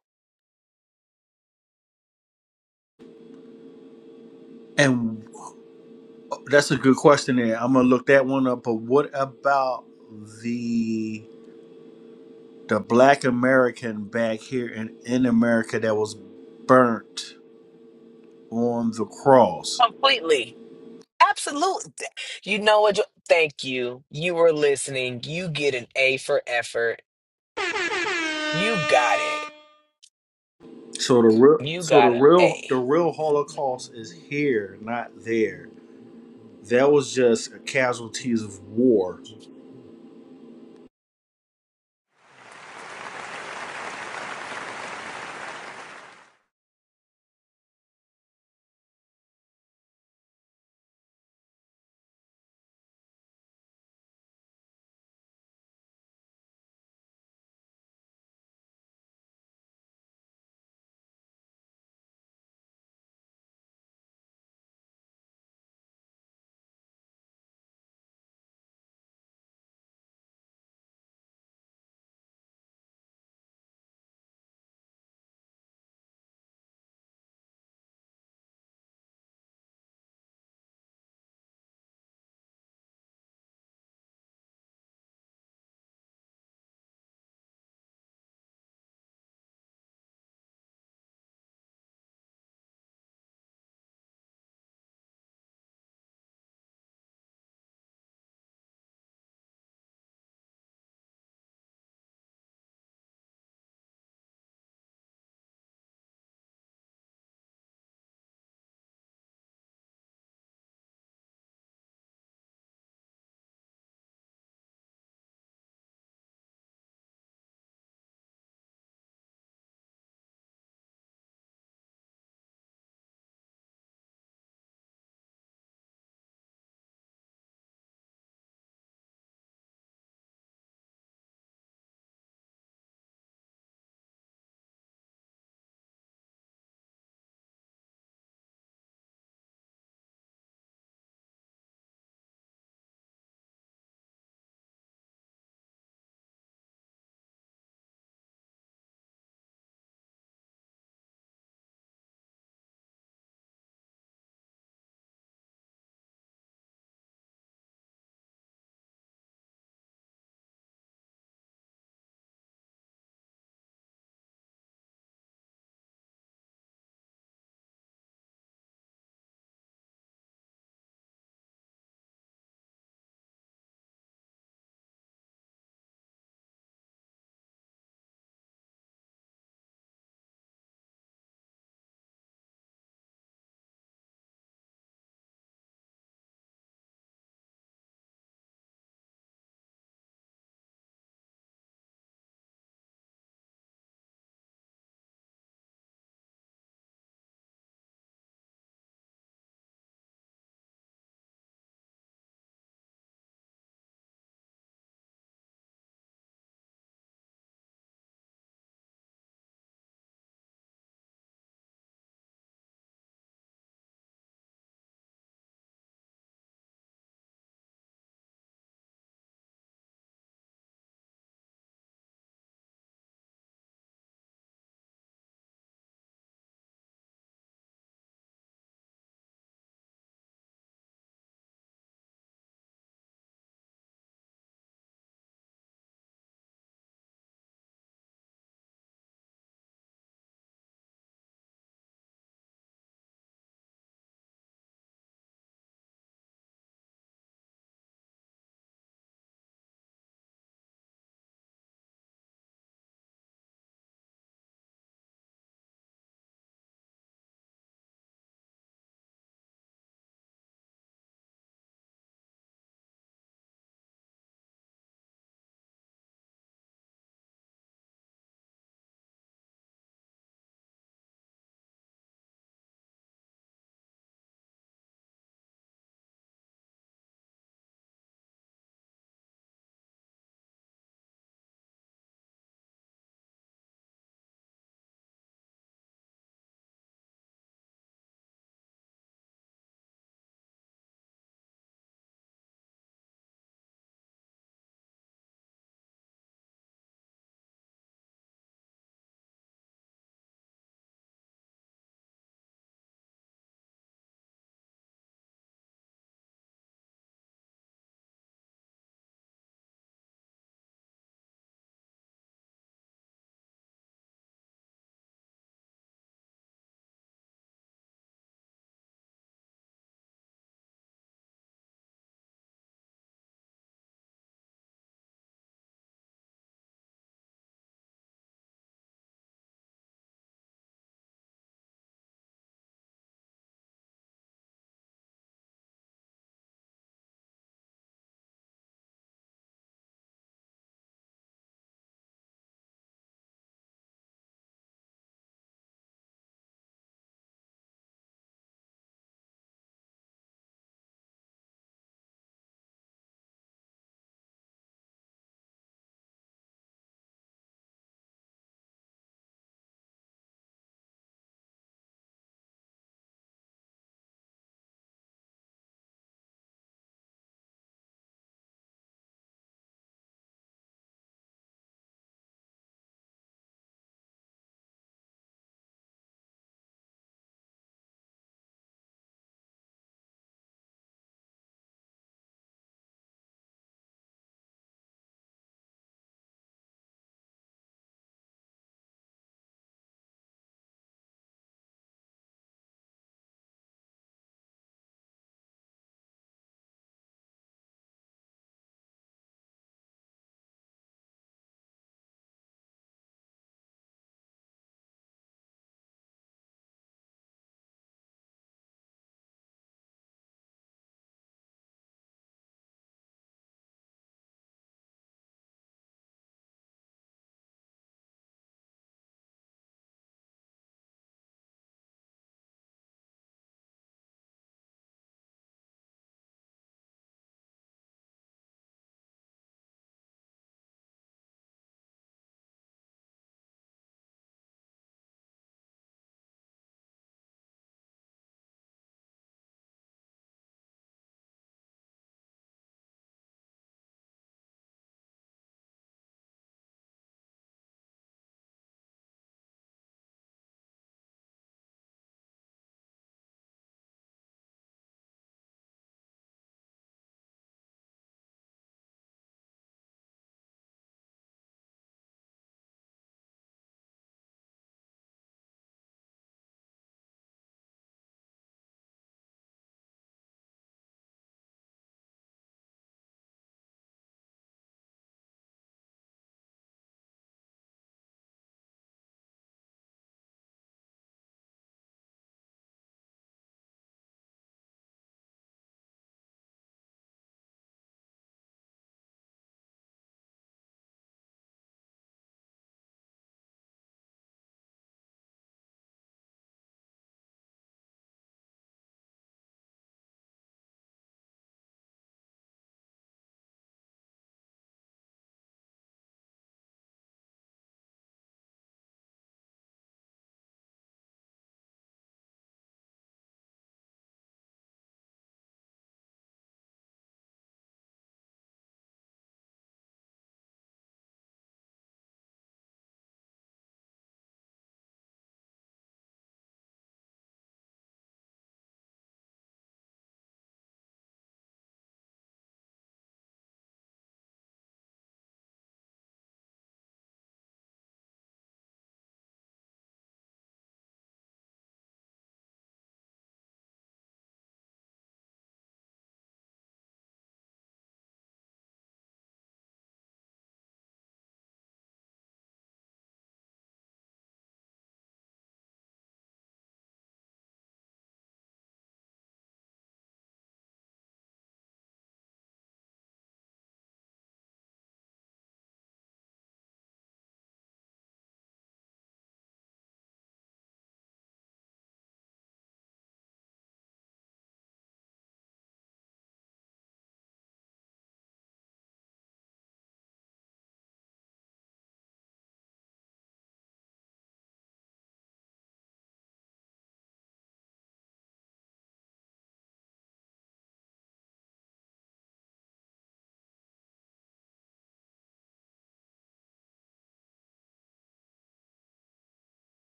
Speaker 9: And that's a good question. There, I'm gonna look that one up. But what about the the black American back here in, in America that was burnt on the cross.
Speaker 8: Completely. Absolutely. You know what? Jo- Thank you. You were listening. You get an A for effort. You got it.
Speaker 9: So the real
Speaker 8: You
Speaker 9: so the
Speaker 8: got an
Speaker 9: real
Speaker 8: A.
Speaker 9: the real Holocaust is here, not there. That was just casualties of war.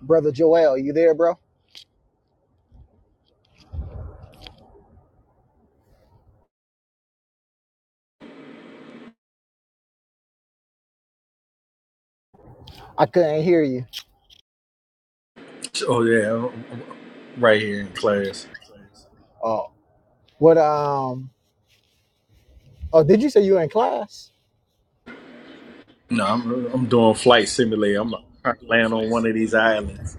Speaker 5: Brother Joel, you there, bro? I couldn't hear you.
Speaker 9: Oh yeah, I'm- I'm right here in class.
Speaker 5: Oh, what? Um, oh, did you say you were in class?
Speaker 9: No, I'm I'm doing flight simulator. I'm trying to land on one of these islands.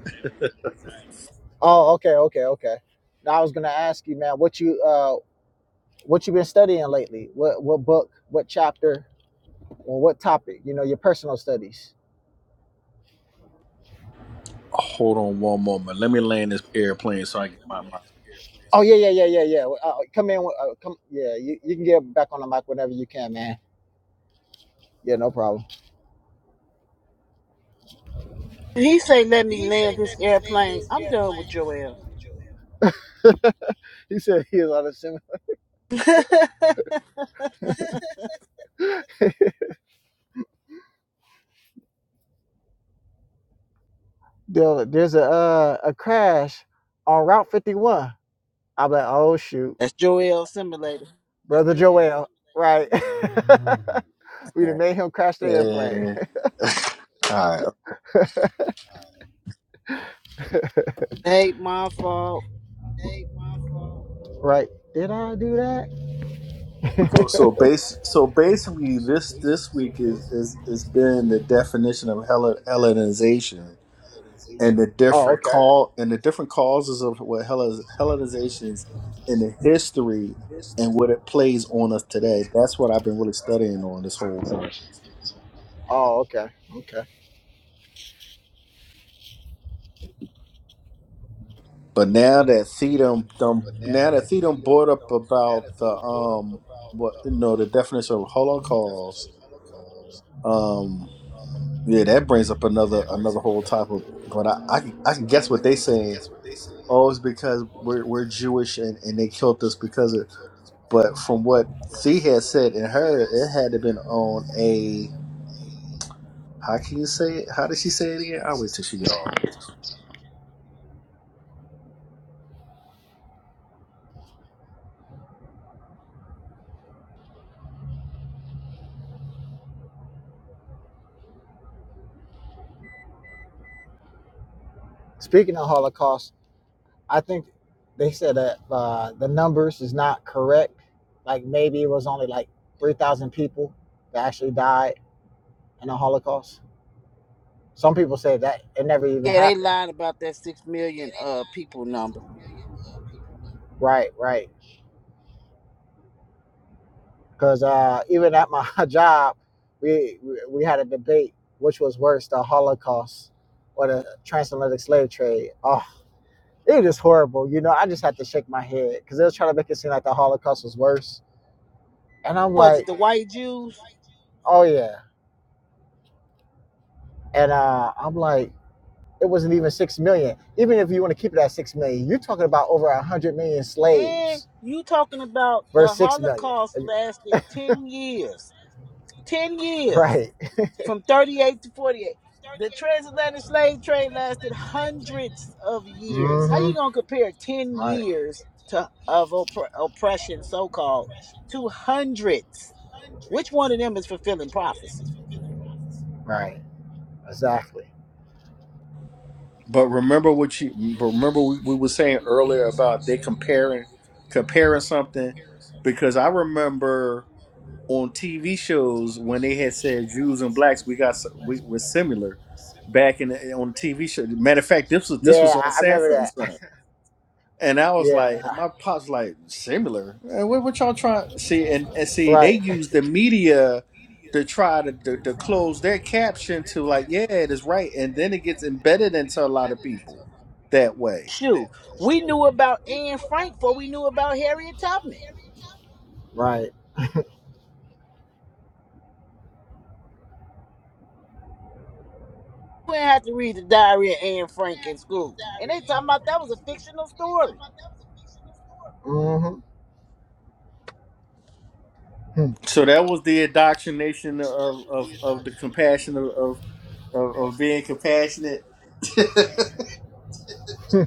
Speaker 5: Oh, okay, okay, okay. Now I was gonna ask you, man, what you uh, what you been studying lately? What what book? What chapter? Well, what topic? You know, your personal studies.
Speaker 9: Hold on one moment. Let me land this airplane so I get my my.
Speaker 5: Oh yeah, yeah, yeah, yeah, yeah. Uh, come in, uh, come. Yeah, you, you can get back on the mic whenever you can, man. Yeah, no problem.
Speaker 3: He say, "Let me land this airplane." I'm done with Joel.
Speaker 5: He said he was on the seminar. There, there's a uh, a crash on Route 51. I'm like, oh shoot,
Speaker 3: that's Joel Simulator.
Speaker 5: brother Joel, right? we done made him crash the airplane,
Speaker 9: Uh, all right.
Speaker 3: Ain't my fault.
Speaker 5: right? Did I do that?
Speaker 9: So so base so basically this this week is is has been the definition of Hellen, Hellenization and the
Speaker 5: Oh,
Speaker 9: different
Speaker 5: okay.
Speaker 9: call and the different causes of what Hellen, Hellenizations in the history and what it plays on us today. That's what I've been really studying on this whole thing.
Speaker 5: Oh, okay. okay,
Speaker 9: But now that Theodem dum now that Theodem brought up about the um what you know the definition of Holocaust, um Yeah, that brings up another another whole topic. But I I, can- I can guess what they saying. Oh, it's because we're we're Jewish and, and they killed us because of. But from what she had said in her, it had to been on a. How can you say it? How did she say it again? I'll wait till she get off.
Speaker 5: Speaking of Holocaust, I think they said that uh, the numbers is not correct. Like maybe it was only like three thousand people that actually died in the Holocaust. Some people say that it never even
Speaker 3: Yeah, they
Speaker 5: happened.
Speaker 3: lied about that six million uh people number.
Speaker 5: Right, right. Because uh, even at my job, we we had a debate which was worse, the Holocaust or the transatlantic slave trade. Oh, it was horrible. You know, I just had to shake my head because they was trying to make it seem like the Holocaust was worse, and I'm
Speaker 3: Was it
Speaker 5: like,
Speaker 3: the white Jews?
Speaker 5: oh yeah And uh, I'm like, it wasn't even six million. Even if you want to keep it at six million, you're talking about over a hundred million
Speaker 3: And
Speaker 5: slaves
Speaker 3: you talking about the
Speaker 5: versus six million,
Speaker 3: Holocaust lasted ten years. Ten years.
Speaker 5: right?
Speaker 3: From thirty eight to forty eight. The transatlantic slave trade lasted hundreds of years. How you
Speaker 5: Mm-hmm.
Speaker 3: gonna compare ten
Speaker 5: Right.
Speaker 3: years to of oppre- oppression so called to hundreds? Which one of them is fulfilling prophecy?
Speaker 5: Right. Exactly.
Speaker 9: But remember what you. But remember we, we were saying earlier about they comparing comparing something because I remember. on TV shows when they had said Jews and blacks we got we were similar back in the, eh, on the TV show. Matter of fact, this was this
Speaker 5: Yeah,
Speaker 9: was on
Speaker 5: I, I remember
Speaker 9: Sanford and
Speaker 5: that.
Speaker 9: Son, and I was
Speaker 5: Yeah.
Speaker 9: like, and my pops like similar. Eh, What, what y'all trying see and, and see? They
Speaker 5: Right.
Speaker 9: use the media to try to, to to close their caption to like, yeah, it is right, and then it gets embedded into a lot of people that way.
Speaker 3: Shoot, we knew about Anne Frank before we knew about Harriet Tubman.
Speaker 5: Right.
Speaker 3: We didn't have to read the diary of Anne Frank in school. And they talking about that was a fictional story.
Speaker 5: Mm-hmm.
Speaker 9: So that was the indoctrination of of, of the compassion of, of of of being compassionate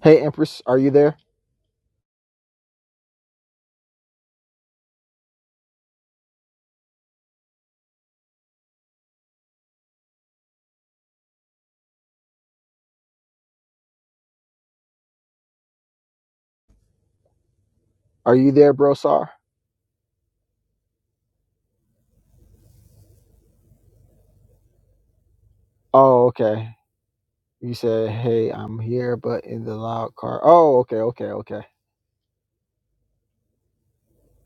Speaker 5: Hey, Empress, are you there? Are you there, Brosar? Oh, okay. You said, hey, I'm here, but in the loud car. Oh, okay, okay, okay.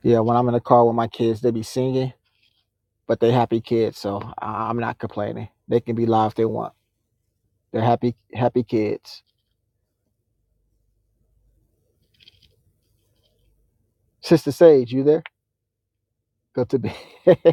Speaker 5: Yeah, when I'm in the car with my kids, they be singing, but they happy kids, so I- I'm not complaining. They can be loud if they want. They're happy, happy kids. Sister Sage, you there? got to be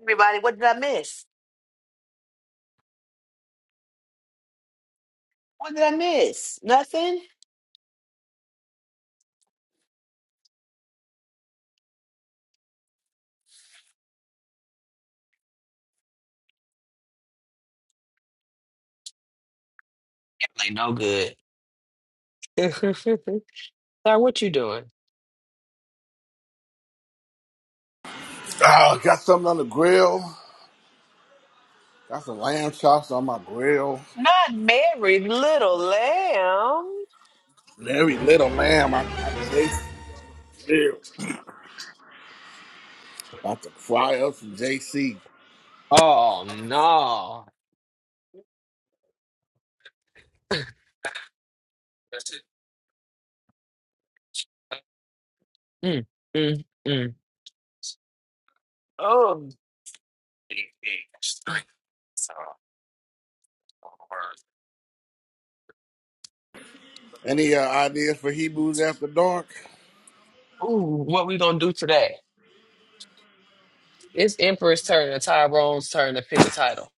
Speaker 8: Everybody, what did I miss? What did I miss? Nothing? Like no good. Sorry, what you doing?
Speaker 2: Oh, got something on the grill. Got some lamb chops on my grill.
Speaker 8: Not married, little lamb.
Speaker 2: And every little lamb I got JC grill. About to fry up some JC.
Speaker 8: Oh no. Mm, mm, mm. Oh
Speaker 2: Any uh, ideas for Hebrews after dark?
Speaker 8: Ooh, what we gonna do today? It's Emperor's turn and Tyrone's turn to pick a title.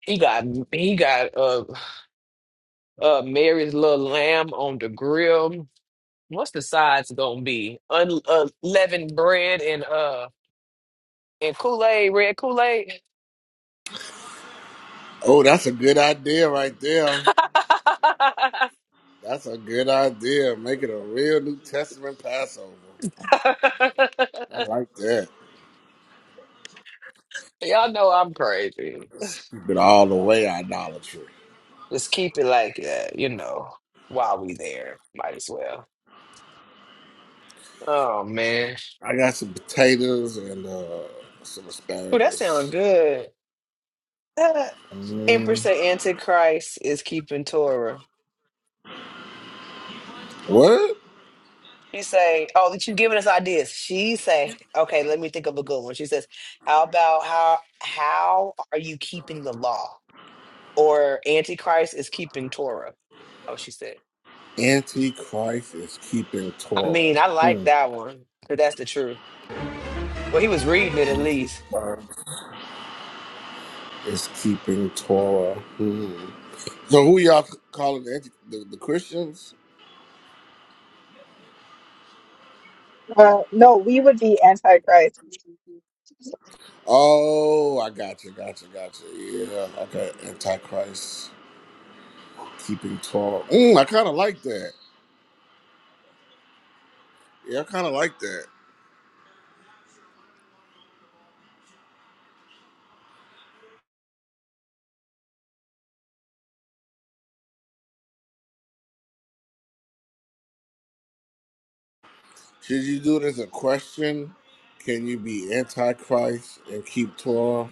Speaker 8: He got he got uh uh Mary's little lamb on the grill. What's the sides gonna be? Un- uh, leavened bread and uh and Kool Aid, red Kool Aid.
Speaker 2: Oh, that's a good idea right there. That's a good idea. Make it a real New Testament Passover. I like that.
Speaker 8: Y'all know I'm crazy.
Speaker 2: Let's keep it all the way idolatry.
Speaker 8: Just keep it like that, you know, while we there. Might as well. Oh man.
Speaker 2: I got some potatoes and uh, some
Speaker 8: oh that sounds
Speaker 2: asparagus.
Speaker 8: good. Uh, Empress
Speaker 2: Mm.
Speaker 8: say Antichrist is keeping Torah.
Speaker 2: What?
Speaker 8: She say, Oh, that you giving us ideas. She say, Okay, let me think of a good one. She says, How about how how are you keeping the law? Or Antichrist is keeping Torah. Oh, she said.
Speaker 2: Antichrist is keeping
Speaker 8: I
Speaker 2: Torah.
Speaker 8: mean, I like
Speaker 2: Hmm.
Speaker 8: that one, because that's the truth. Well, he was reading it at least.
Speaker 2: Antichrist is keeping Torah. Hmm. So who y'all c- calling the, anti- the, the Christians?
Speaker 10: Uh, no, we would be antichrist.
Speaker 2: Oh, I gotcha, gotcha, gotcha. Yeah, okay. Antichrist keeping Torah. Mm, I kind of like that. Yeah, I kind of like that. Should you do it as a question? Can you be Antichrist and keep Torah?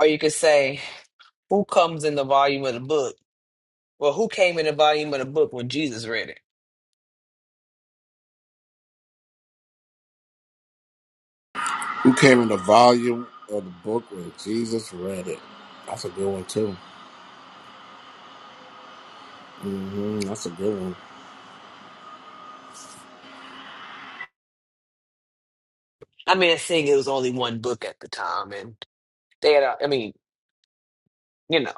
Speaker 8: Or you could say, Who comes in the volume of the book? Well, who came in the volume of the book when Jesus read it?
Speaker 2: Who came in the volume of the book when Jesus read it? That's a good one too. hmm That's a good one.
Speaker 8: I mean, seeing it was only one book at the time, and they had, a, I mean, you know.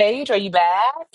Speaker 8: Sage, are you back?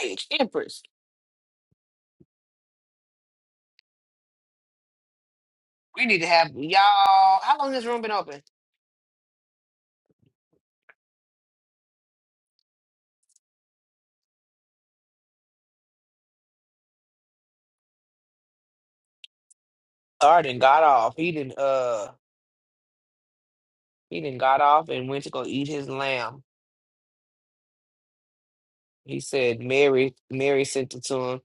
Speaker 8: Sage, Empress, we need to have y'all. How long has this room been open? Arden got off. He didn't. Uh, he didn't got off and went to go eat his lamb. He said Mary. Mary sent it to him.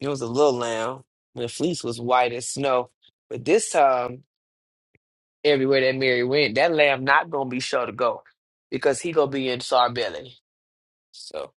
Speaker 8: It was a little lamb. The fleece was white as snow, but this time everywhere that Mary went, that lamb not gonna be sure to go because he gonna be in sore belly. So.